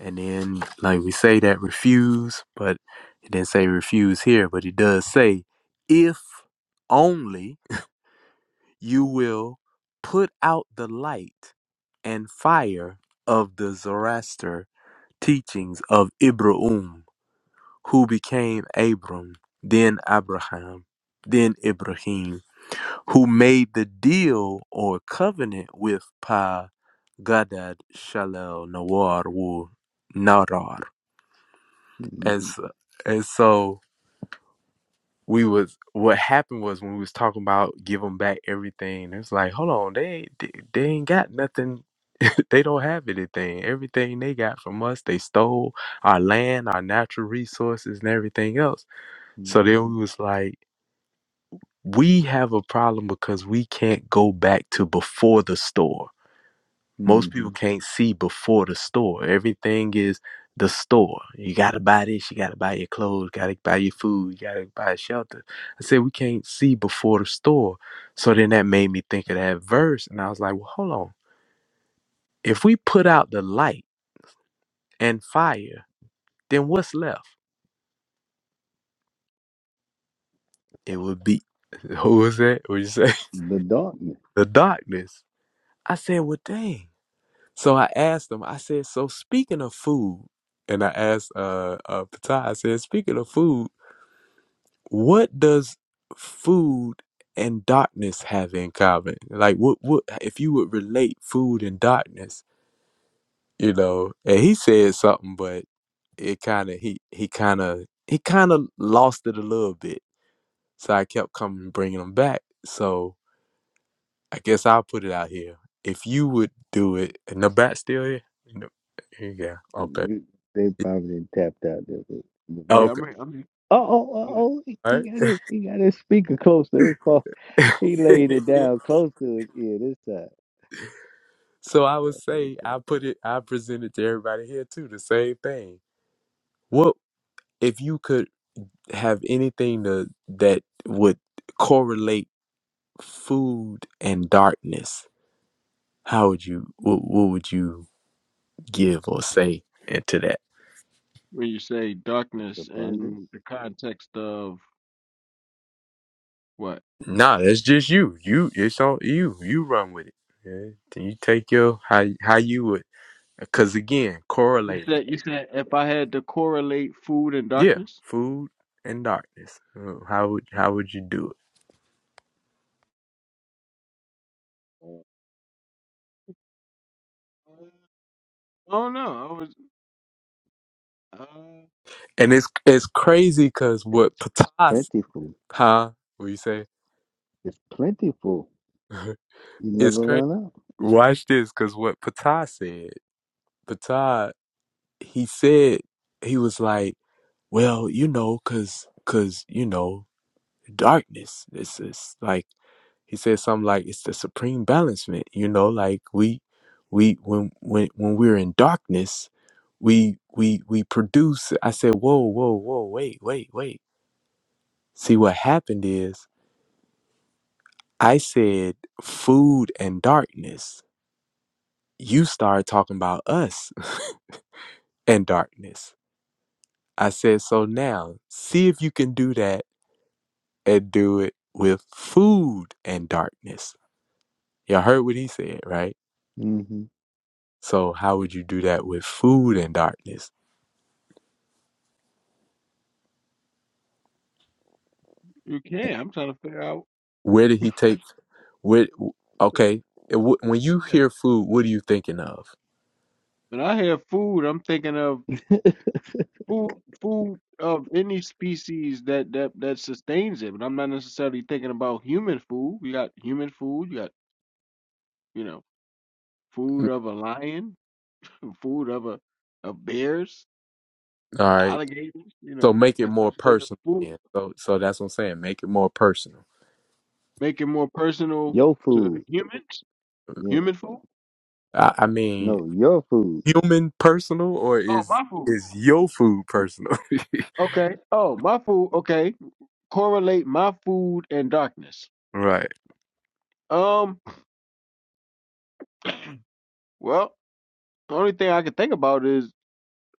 And then, like we say that refuse, but it didn't say refuse here, but it does say if only you will put out the light and fire of the Zoroaster teachings of Ibrahim, who became Abram, then Abraham, then Ibrahim, who made the deal or covenant with Pa Gadad Shalel Nawar Wu Narar. Mm-hmm. As, and so we was what happened was when we was talking about give them back everything it's like hold on they ain't they, they ain't got nothing they don't have anything everything they got from us they stole our land our natural resources and everything else so Mm-hmm. then we was like we have a problem because we can't go back to before the store most people mm-hmm. can't see before the store. Everything is the store. You gotta buy this, you gotta buy your clothes, gotta buy your food, you gotta buy shelter. I said we can't see before the store. So then that made me think of that verse and I was like, well hold on. If we put out the light and fire, then what's left? It would be who was that? What you say? The darkness. The darkness. I said, well dang. So I asked him, I said, so speaking of food, and I asked uh, uh Patah, I said, speaking of food, what does food and darkness have in common? Like what what if you would relate food and darkness, you know? And he said something, but it kind of he he kind of he kind of lost it a little bit. So I kept coming bringing him back. So I guess I'll put it out here. If you would do it, and the bat still here. No. Yeah. Okay. Mhm. They probably tapped out there. But the back. Yeah, I Okay. mean, I mean. Oh, oh, oh, yeah. oh. He All he got his, he got his speaker close to his phone. right. He laid it down close to his ear this time. so I would That's what's say up. I put it. I presented to everybody here too the same thing What if you could have anything to, that would correlate food and darkness? How would you? What, what would you give or say into that? When you say It's darkness abundant. in the context of what? Nah, that's just you. You, it's on you. You run with it. Yeah, Then you take your how how you would. Because again, You correlating. said you said if I had to correlate food and Yeah, darkness? food and darkness. Uh, How would how would you do it? Oh no, I was uh And it's it's crazy because It's what Patas, plentiful. huh? What you say? It's plentiful. You it's never crazy. run out. Watch this, because what Patah said, Patah, he said, he was like, well, you know, because, cause you know, darkness. It's, it's like, he said something like, it's the supreme balancement, you know, like we, we, when, when, when we're in darkness, we, we, we produce. I said, whoa, whoa, whoa, wait, wait, wait. See, what happened is I said food and darkness. You started talking about us and darkness. I said, so now see if you can do that and do it with food and darkness. You all heard what he said, right? hmm So how would you do that with food and darkness? you can. I'm trying to figure out Where did he yeah. take? Where? Okay, it w- when you hear food, what are you thinking of? When I hear food, I'm thinking of food food of any species that that that sustains it, but I'm not necessarily thinking about human food. You got human food, you got, you know, food Mm, of a lion, food of a of bears. All right, alligators, you so know, make i it type more of thing. personal. Food, Then. So, so that's what I'm saying. Make it more personal. make it more personal Your to food. humans. Yeah. Human food. I, I mean, No, your food. human personal, or Oh, is my food. is your food personal? Okay. Oh, my food. Okay. Correlate my food and darkness. right. Um. Well, the only thing I can think about is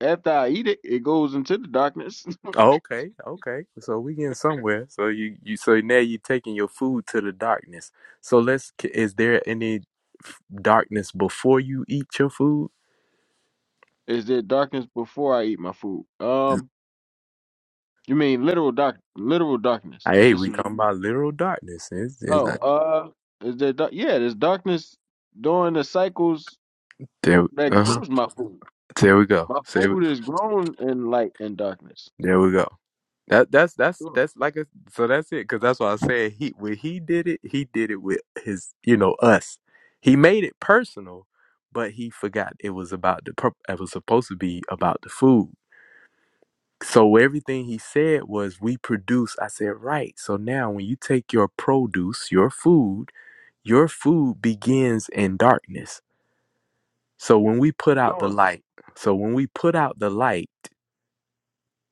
after I eat it, it goes into the darkness. Oh, okay, okay. So we getting somewhere. So you you so now you're taking your food to the darkness. So let's. Is there any f- darkness before you eat your food? is there darkness before I eat my food? Um. You mean literal dark, literal darkness? Like, Is Hey, this? we talking about literal darkness. It's, it's Oh. not, Uh. Is there? Dark, yeah. There's darkness during the cycles there. that Uh-huh. grows my food. There we go. My Say we- food is grown in light and darkness. there we go. That that's that's Sure, that's like a so that's it because that's why I said he when he did it he did it with his you know us he made it personal but he forgot it was about the pur- it was supposed to be about the food So everything he said was, we produce. I said, right. So now when you take your produce, your food, your food begins in darkness. So when we put out the sure, light, so when we put out the light,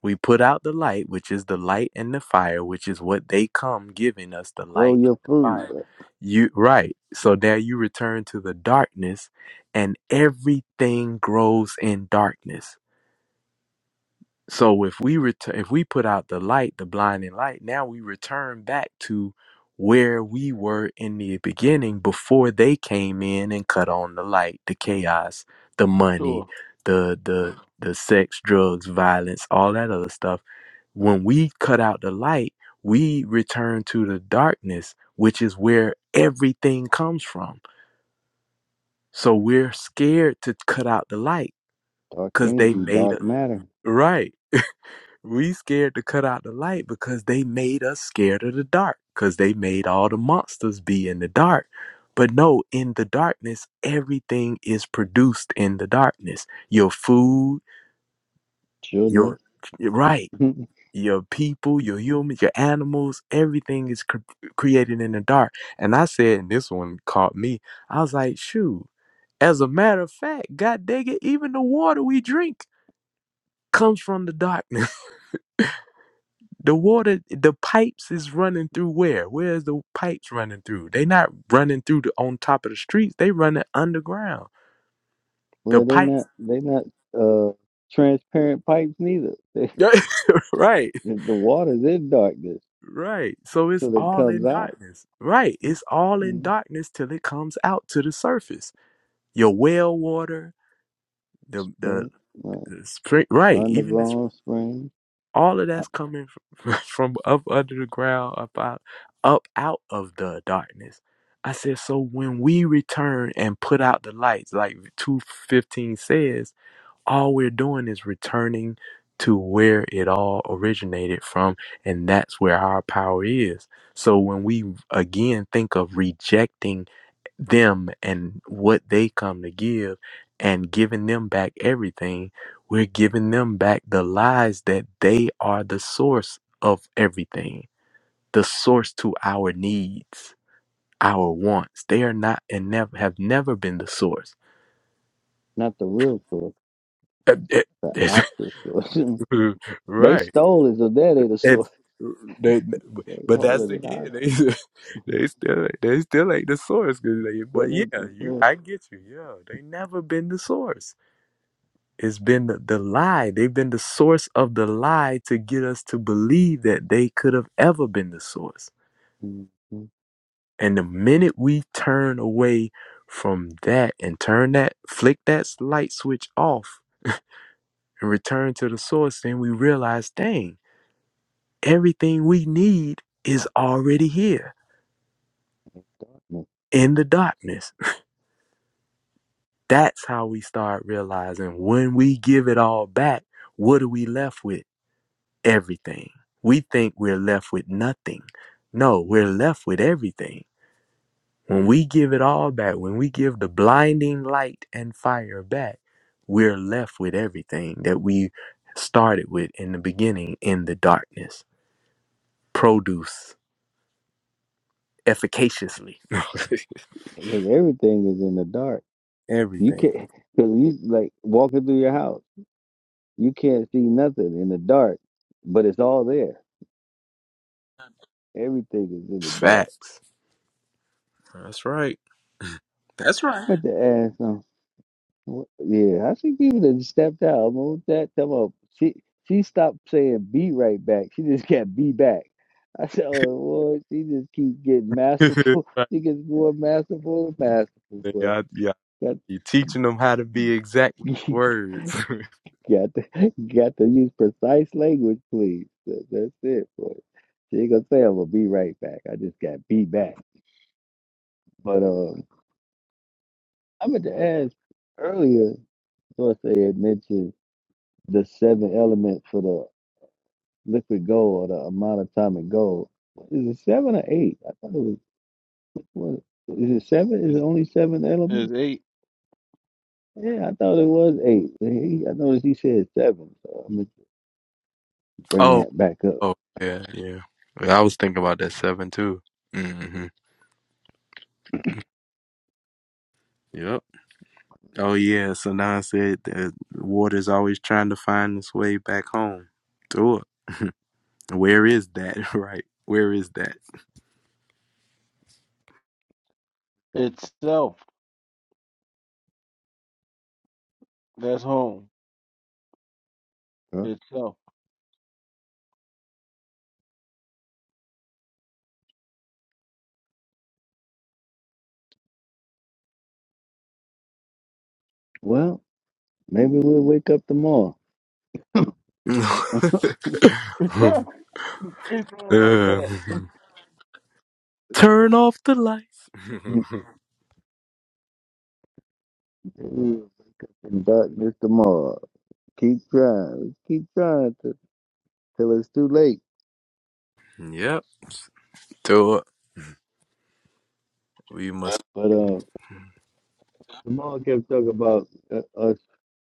we put out the light, which is the light and the fire, which is what they come giving us the Grow light and your the food. fire. uh, You right. So now you return to the darkness and everything grows in darkness. So if we return, if we put out the light, the blinding light, now we return back to where we were in the beginning before they came in and cut on the light, the chaos, the money, sure. the the the sex, drugs, violence, all that other stuff. When we cut out the light, we return to the darkness, which is where everything comes from. So we're scared to cut out the light Dark because they energy, made dark us matter. right we scared to cut out the light because they made us scared of the dark, because they made all the monsters be in the dark. But no, in the darkness, everything is produced in the darkness. Your food, Children. your right, your people, your humans, your animals, everything is cr- created in the dark. And I said, and this one caught me. I was like, shoot. As a matter of fact, God dang it, even the water we drink comes from the darkness. The water, the pipes is running through where? Where is the pipes running through? They not running through the on top of the streets. They running underground. The well, they not pipes, they not uh transparent pipes neither. right, They, the water's in darkness right. So it's till it all in comes out. darkness. Right, it's all in Mm, darkness till it comes out to the surface. Your well water, the the, Spring, right? the spring, right? Even the Underground spring. all of Uh, that's coming from, from up under the ground up out, up out of the darkness i said so when we return and put out the lights like 215 says all we're doing is returning to where it all originated from and that's where our power is so when we again think of rejecting them and what they come to give and giving them back everything, we're giving them back the lies that they are the source of everything, the source to our needs, our wants. They are not and never have never been the source. not the real source, Uh, uh, the that's- actual source. they right. stole it, so that ain't the And source. they, They but that's holding it again, they, hostage. they still they still ain't the source. 'cause they- That But ain't yeah, the you source. I get you. Yeah, they never been the source It's been the, the lie. They've been the source of the lie to get us to believe that they could have ever been the source. Mhm. And the minute we turn away from that and turn that, flick that light switch off and return to the source, then we realize, dang, everything we need is already here Darkness. in the darkness. That's how we start realizing when we give it all back, what are we left with? everything. We think we're left with nothing. No, we're left with everything. When we give it all back, when we give the blinding light and fire back, we're left with everything that we started with in the beginning in the darkness. Produce efficaciously. Because everything is in the dark. You everything. can't because you like walking through your house, you can't see nothing in the dark, but it's all there. Everything is in the dark. Facts. That's right. That's right. But the ass, um, wh- yeah, I see people that stepped out, moved that. Come up, she she stopped saying "be right back." She just kept "be back." I said, "Oh Lord," she just keep getting masterful. right. She gets more masterful and masterful. Boy. Y'all, y'all, you teaching them how to be exact with That words. Got to got to use precise language, please. That, that's it, boy. She ain't gonna say I'm gonna be right back. I just got be back. But um, I meant to ask earlier. Source had mentioned the seven elements for the liquid gold or the monatomic gold. Is it seven or eight? I thought it was. What, is it seven? Is it Is only seven elements? is eight Yeah, I thought it was eight. He, I noticed he said seven, so I'm gonna Oh, bring that back up. Oh yeah, yeah. Yeah, I was thinking about that seven too. hmm Yep. Oh yeah. Sanan said that water's always trying to find its way back home through it. Where is that? Right. Where is that? So, itself? That's home uh, itself. well, maybe we'll wake up tomorrow. Conduct You can't say it like that. Um, Turn off the lights. Mr. Maul Keep trying. Keep trying to, till it's too late. yep. Through it. We must. But uh, Mr. Maul kept talking about uh, us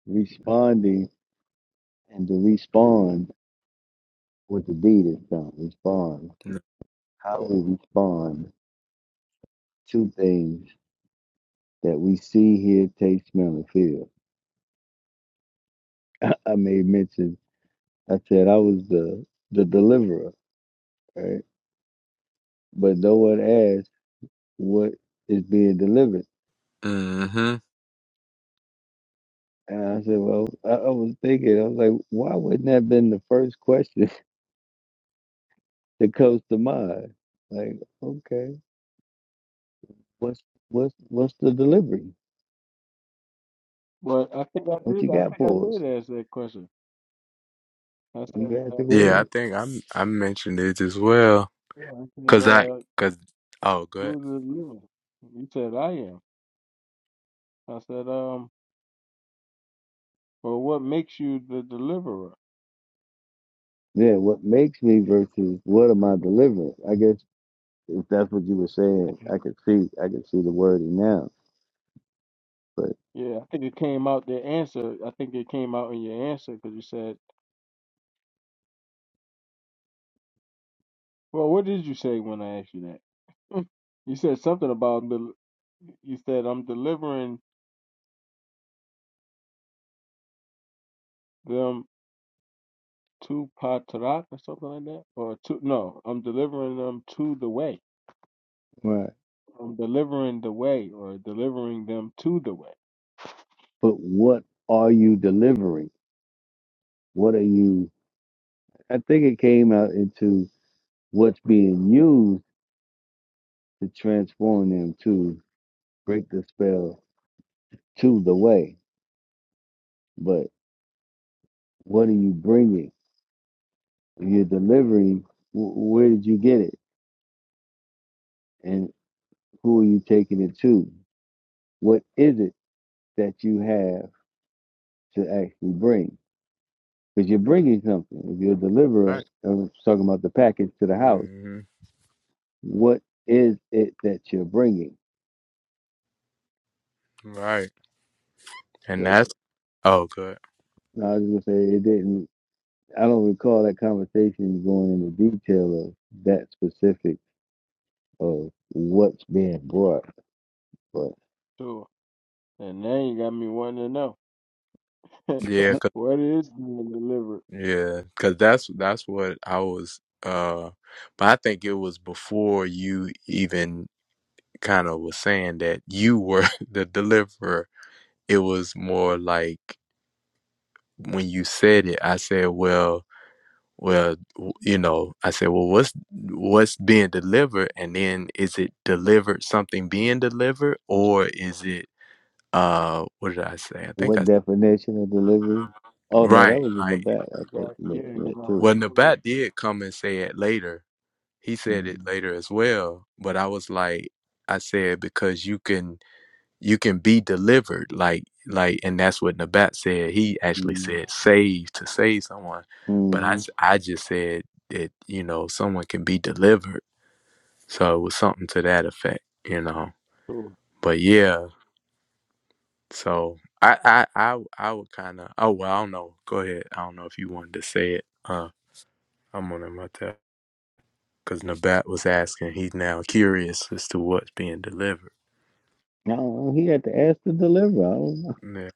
responding and to respond with the deed is done. Respond. How we respond to things that we see, hear, taste, smell, and feel. I, I made mention. I said I was the the deliverer, right? But no one asked what is being delivered hmm And I said, well, I, I was thinking, I was like, why wouldn't that have been the first question that comes to mind? Like, okay, what's what's what's the delivery? But I think I What you did. I got think I for us? did ask that question. I said, You asked uh, the Yeah, I question. think I I mentioned it as well. yeah. I said, Cause I uh, cause oh good. who's the deliverer? You said I am. I said, um, well, what makes you the deliverer? Yeah, what makes me versus what am I delivering? I guess if that's what you were saying, I could see I could see the wording now. But Yeah, I think it came out the answer. I think it came out in your answer because you said, well, what did you say when I asked you that? Hmm. You said something about the. You said I'm delivering them to Patrak or something like that, or to no, I'm delivering them to the way. right. I'm delivering the way, or delivering them to the way. But what are you delivering? What are you? I think it came out into what's being used to transform them to break the spell, to the way. But what are you bringing? If you're delivering, wh- where did you get it? And who are you taking it to? What is it that you have to actually bring? Because you're bringing something. If you're a All deliverer, right. I was talking about the package to the house, Mm-hmm. what is it that you're bringing? Right. And But that's oh good. no, I was going to say it didn't. I don't recall that conversation going into detail of that specific of what's being brought. but. So, and now you got me wanting to know Yeah, 'cause- what is being delivered. yeah, cuz that's that's what I was uh but I think it was before you even kind of was saying that you were the deliverer. It was more like when you said it, I said, "Well, well, w- you know, I said, "Well, what's what's being delivered?" And then is it delivered something being delivered or is it uh what did I say? I think What I definition of delivery? Oh no, that Right, was in the like back. I You think got yeah, Mitch 'cause meant I'm too. Well, feeling Nabat like- did come and say it later. He said it Mm-hmm. later as well. But I was like, I said because you can you can be delivered, like like, and that's what Nabat said. He actually said save to save someone, but I hmm s- I just said that you know someone can be delivered. So it was something to that effect, you know. so- But yeah, so I I I, w- I would kind of oh well I don't know. Go ahead. I don't know if you wanted to say it. Uh, I'm on my because Nabat was asking. He's now curious as to what's being delivered. No, he had to ask the deliverer. I don't know. Yeah.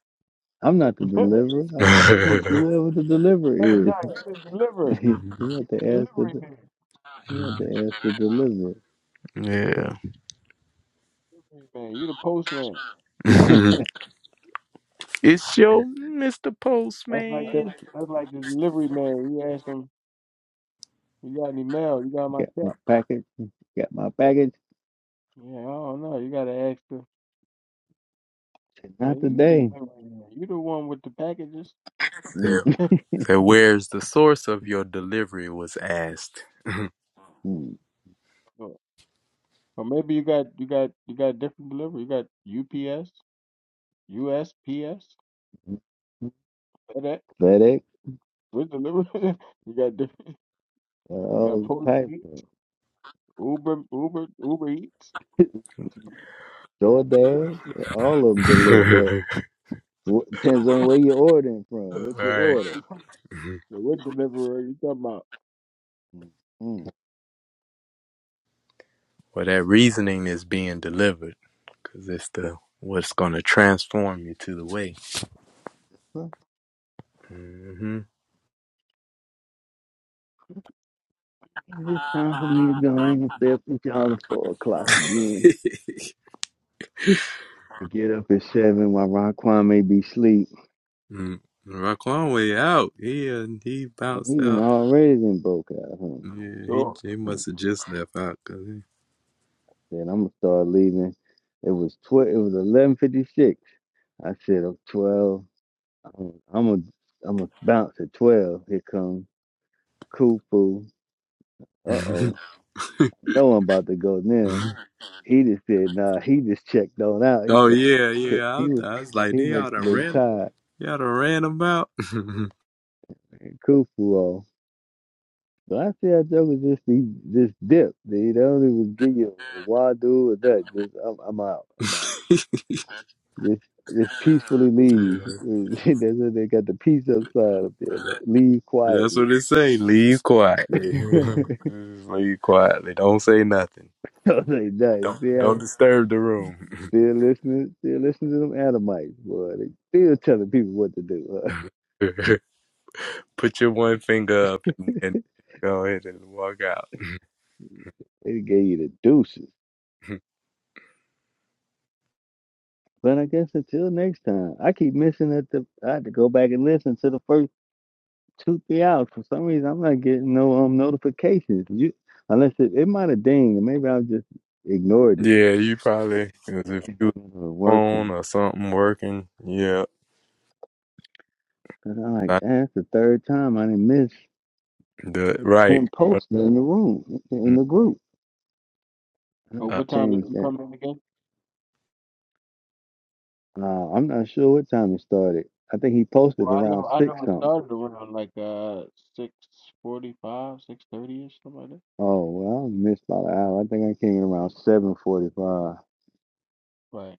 I'm not the deliverer. I don't know who- whoever the deliverer hey, is. nah, you the deliverer. he You had to the ask the. delivery de- man. He had to ask the deliverer. yeah. Delivery man, you the postman. it's your Mr. That's like that. Postman. That's like the delivery man. You ask him. You got any mail? You got my got check? my package. Got my package. Yeah, I don't know. You gotta ask her. Not Like, you today. just you the one with the packages. Yeah. So where's the source of your delivery was asked. Mm-hmm. or, or maybe you got you got you got different delivery. You got UPS, USPS, FedEx. FedEx. With delivery, you got different. You got All types. Postmates, Of, Uber, Uber, Uber Eats. DoorDash. All of them All deliver. Wh- Depends on where you're ordering from. What's your right. order? So what deliverer you talking about? Mm. Well, that reasoning is being delivered because it's the what's going to transform you to the way. Well, hmm I guess It's time for me to go. I ain't gonna stay up with y'all at four o'clock again. I get up at seven while Ron Kwame be asleep. Mm, Raquan way out. He uh, he Oh, he bounced done out. already done broke out, huh? Yeah, he So he Hmm. must have just left out. 'Cause Then I'm gonna start leaving. It was tw- it was eleven fifty six. I said I'm twelve. I'm I'm gonna I'm gonna bounce at twelve. Here comes Kufu. Uh he... oh. No one about to go near. He just said, nah, he just checked on out. He oh said, yeah, yeah. "Ki- I he was, was, I was like, he they must oughta have been ran. tired They oughta ran about. yeah, and kufu on. So I see how jokers just be just dip. They don't even give you a wadu or that. Just I'm, I'm out. I'm out. Just just peacefully leave. That's what they got the peace outside up there. Leave that's what quietly. they say. Leave quietly. so Just Leave quietly. Don't say nothing. they Don't nice. See don't how disturb the room. still listening, still listening to them Adamites, boy. They still telling people what to do. Huh? Put your one finger up and, and go ahead and walk out. They gave you the deuces. But I guess until next time, I keep missing at the. I had to go back and listen to the first two, three hours. For some reason, I'm not getting no um notifications. You, unless it, it might have dinged, and maybe i just ignored it. Yeah, you probably because if you was It was on working, or something working, yeah, but I like I, "Ah, that's the third time I didn't miss the right. him posting in the room in Mm, the group. I uh, had Uh, to what time did change you that. come in again? Uh, I'm not sure what time it started. I think he posted Well, I around know I know six it something. started around like uh six forty five, six thirty ish, something like that. Oh well, I missed about an hour. I think I came in around seven forty-five. I Right.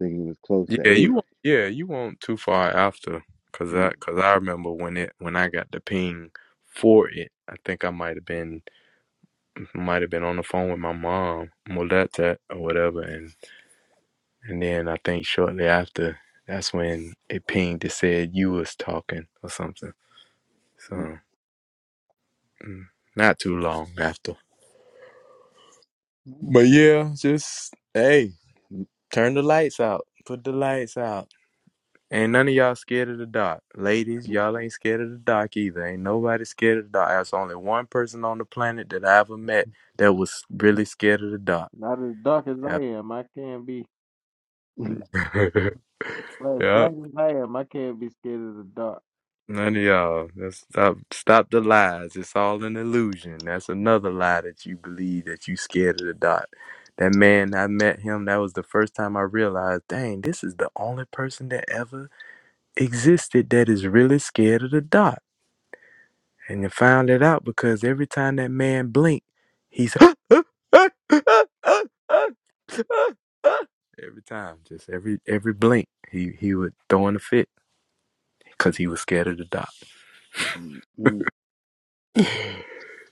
think it was close to yeah, you eight. won't- yeah you won't too far after because Hmm. I because I remember when it when I got the ping for it. I think I might have been might have been on the phone with my mom, Moletta or whatever, and and then I think shortly after that's when it pinged. It said you was talking or something. Mm, So mm, not too long after. mm, But yeah, just hey, mm, turn the lights out. Put the lights out. Ain't none of y'all scared of the dark. Ladies, y'all ain't scared of the dark either. Ain't nobody scared of the dark. There's only one person on the planet that I ever met that was really scared of the dark. Not as dark as I Yep. am. I can't be. mm, But as black yep. as I am, I can't be scared of the dark. None of y'all. Let's stop stop the lies. It's all an illusion. That's another lie that you believe that you scared of the dark. That man, I met him. That was the first time I realized, dang, this is the only person that ever existed that is really scared of the dark. And you found it out because every time that man blinked, he's every time, just every every blink, he he would throw in a fit because he was scared of the dark. mm, mm,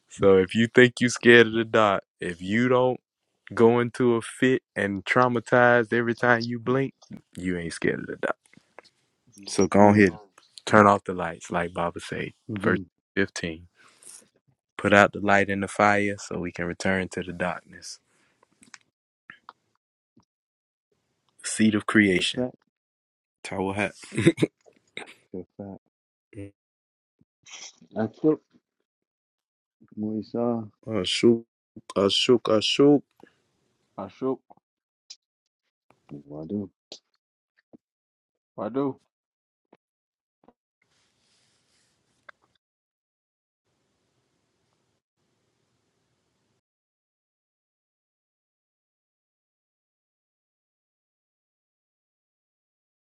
So if you think you scared of the dark, if you don't go into a fit and traumatized every time you blink, you ain't scared of the dark. So go mm, ahead, turn off the lights, like Baba said, verse mhm. fifteen. Put out the light in the fire so we can return to the darkness. The Seed of That's a creation. fact. Tawahat. That's a fact. That's it. what you saw. Ashuk. Ashuk. I shook. What I do? I do.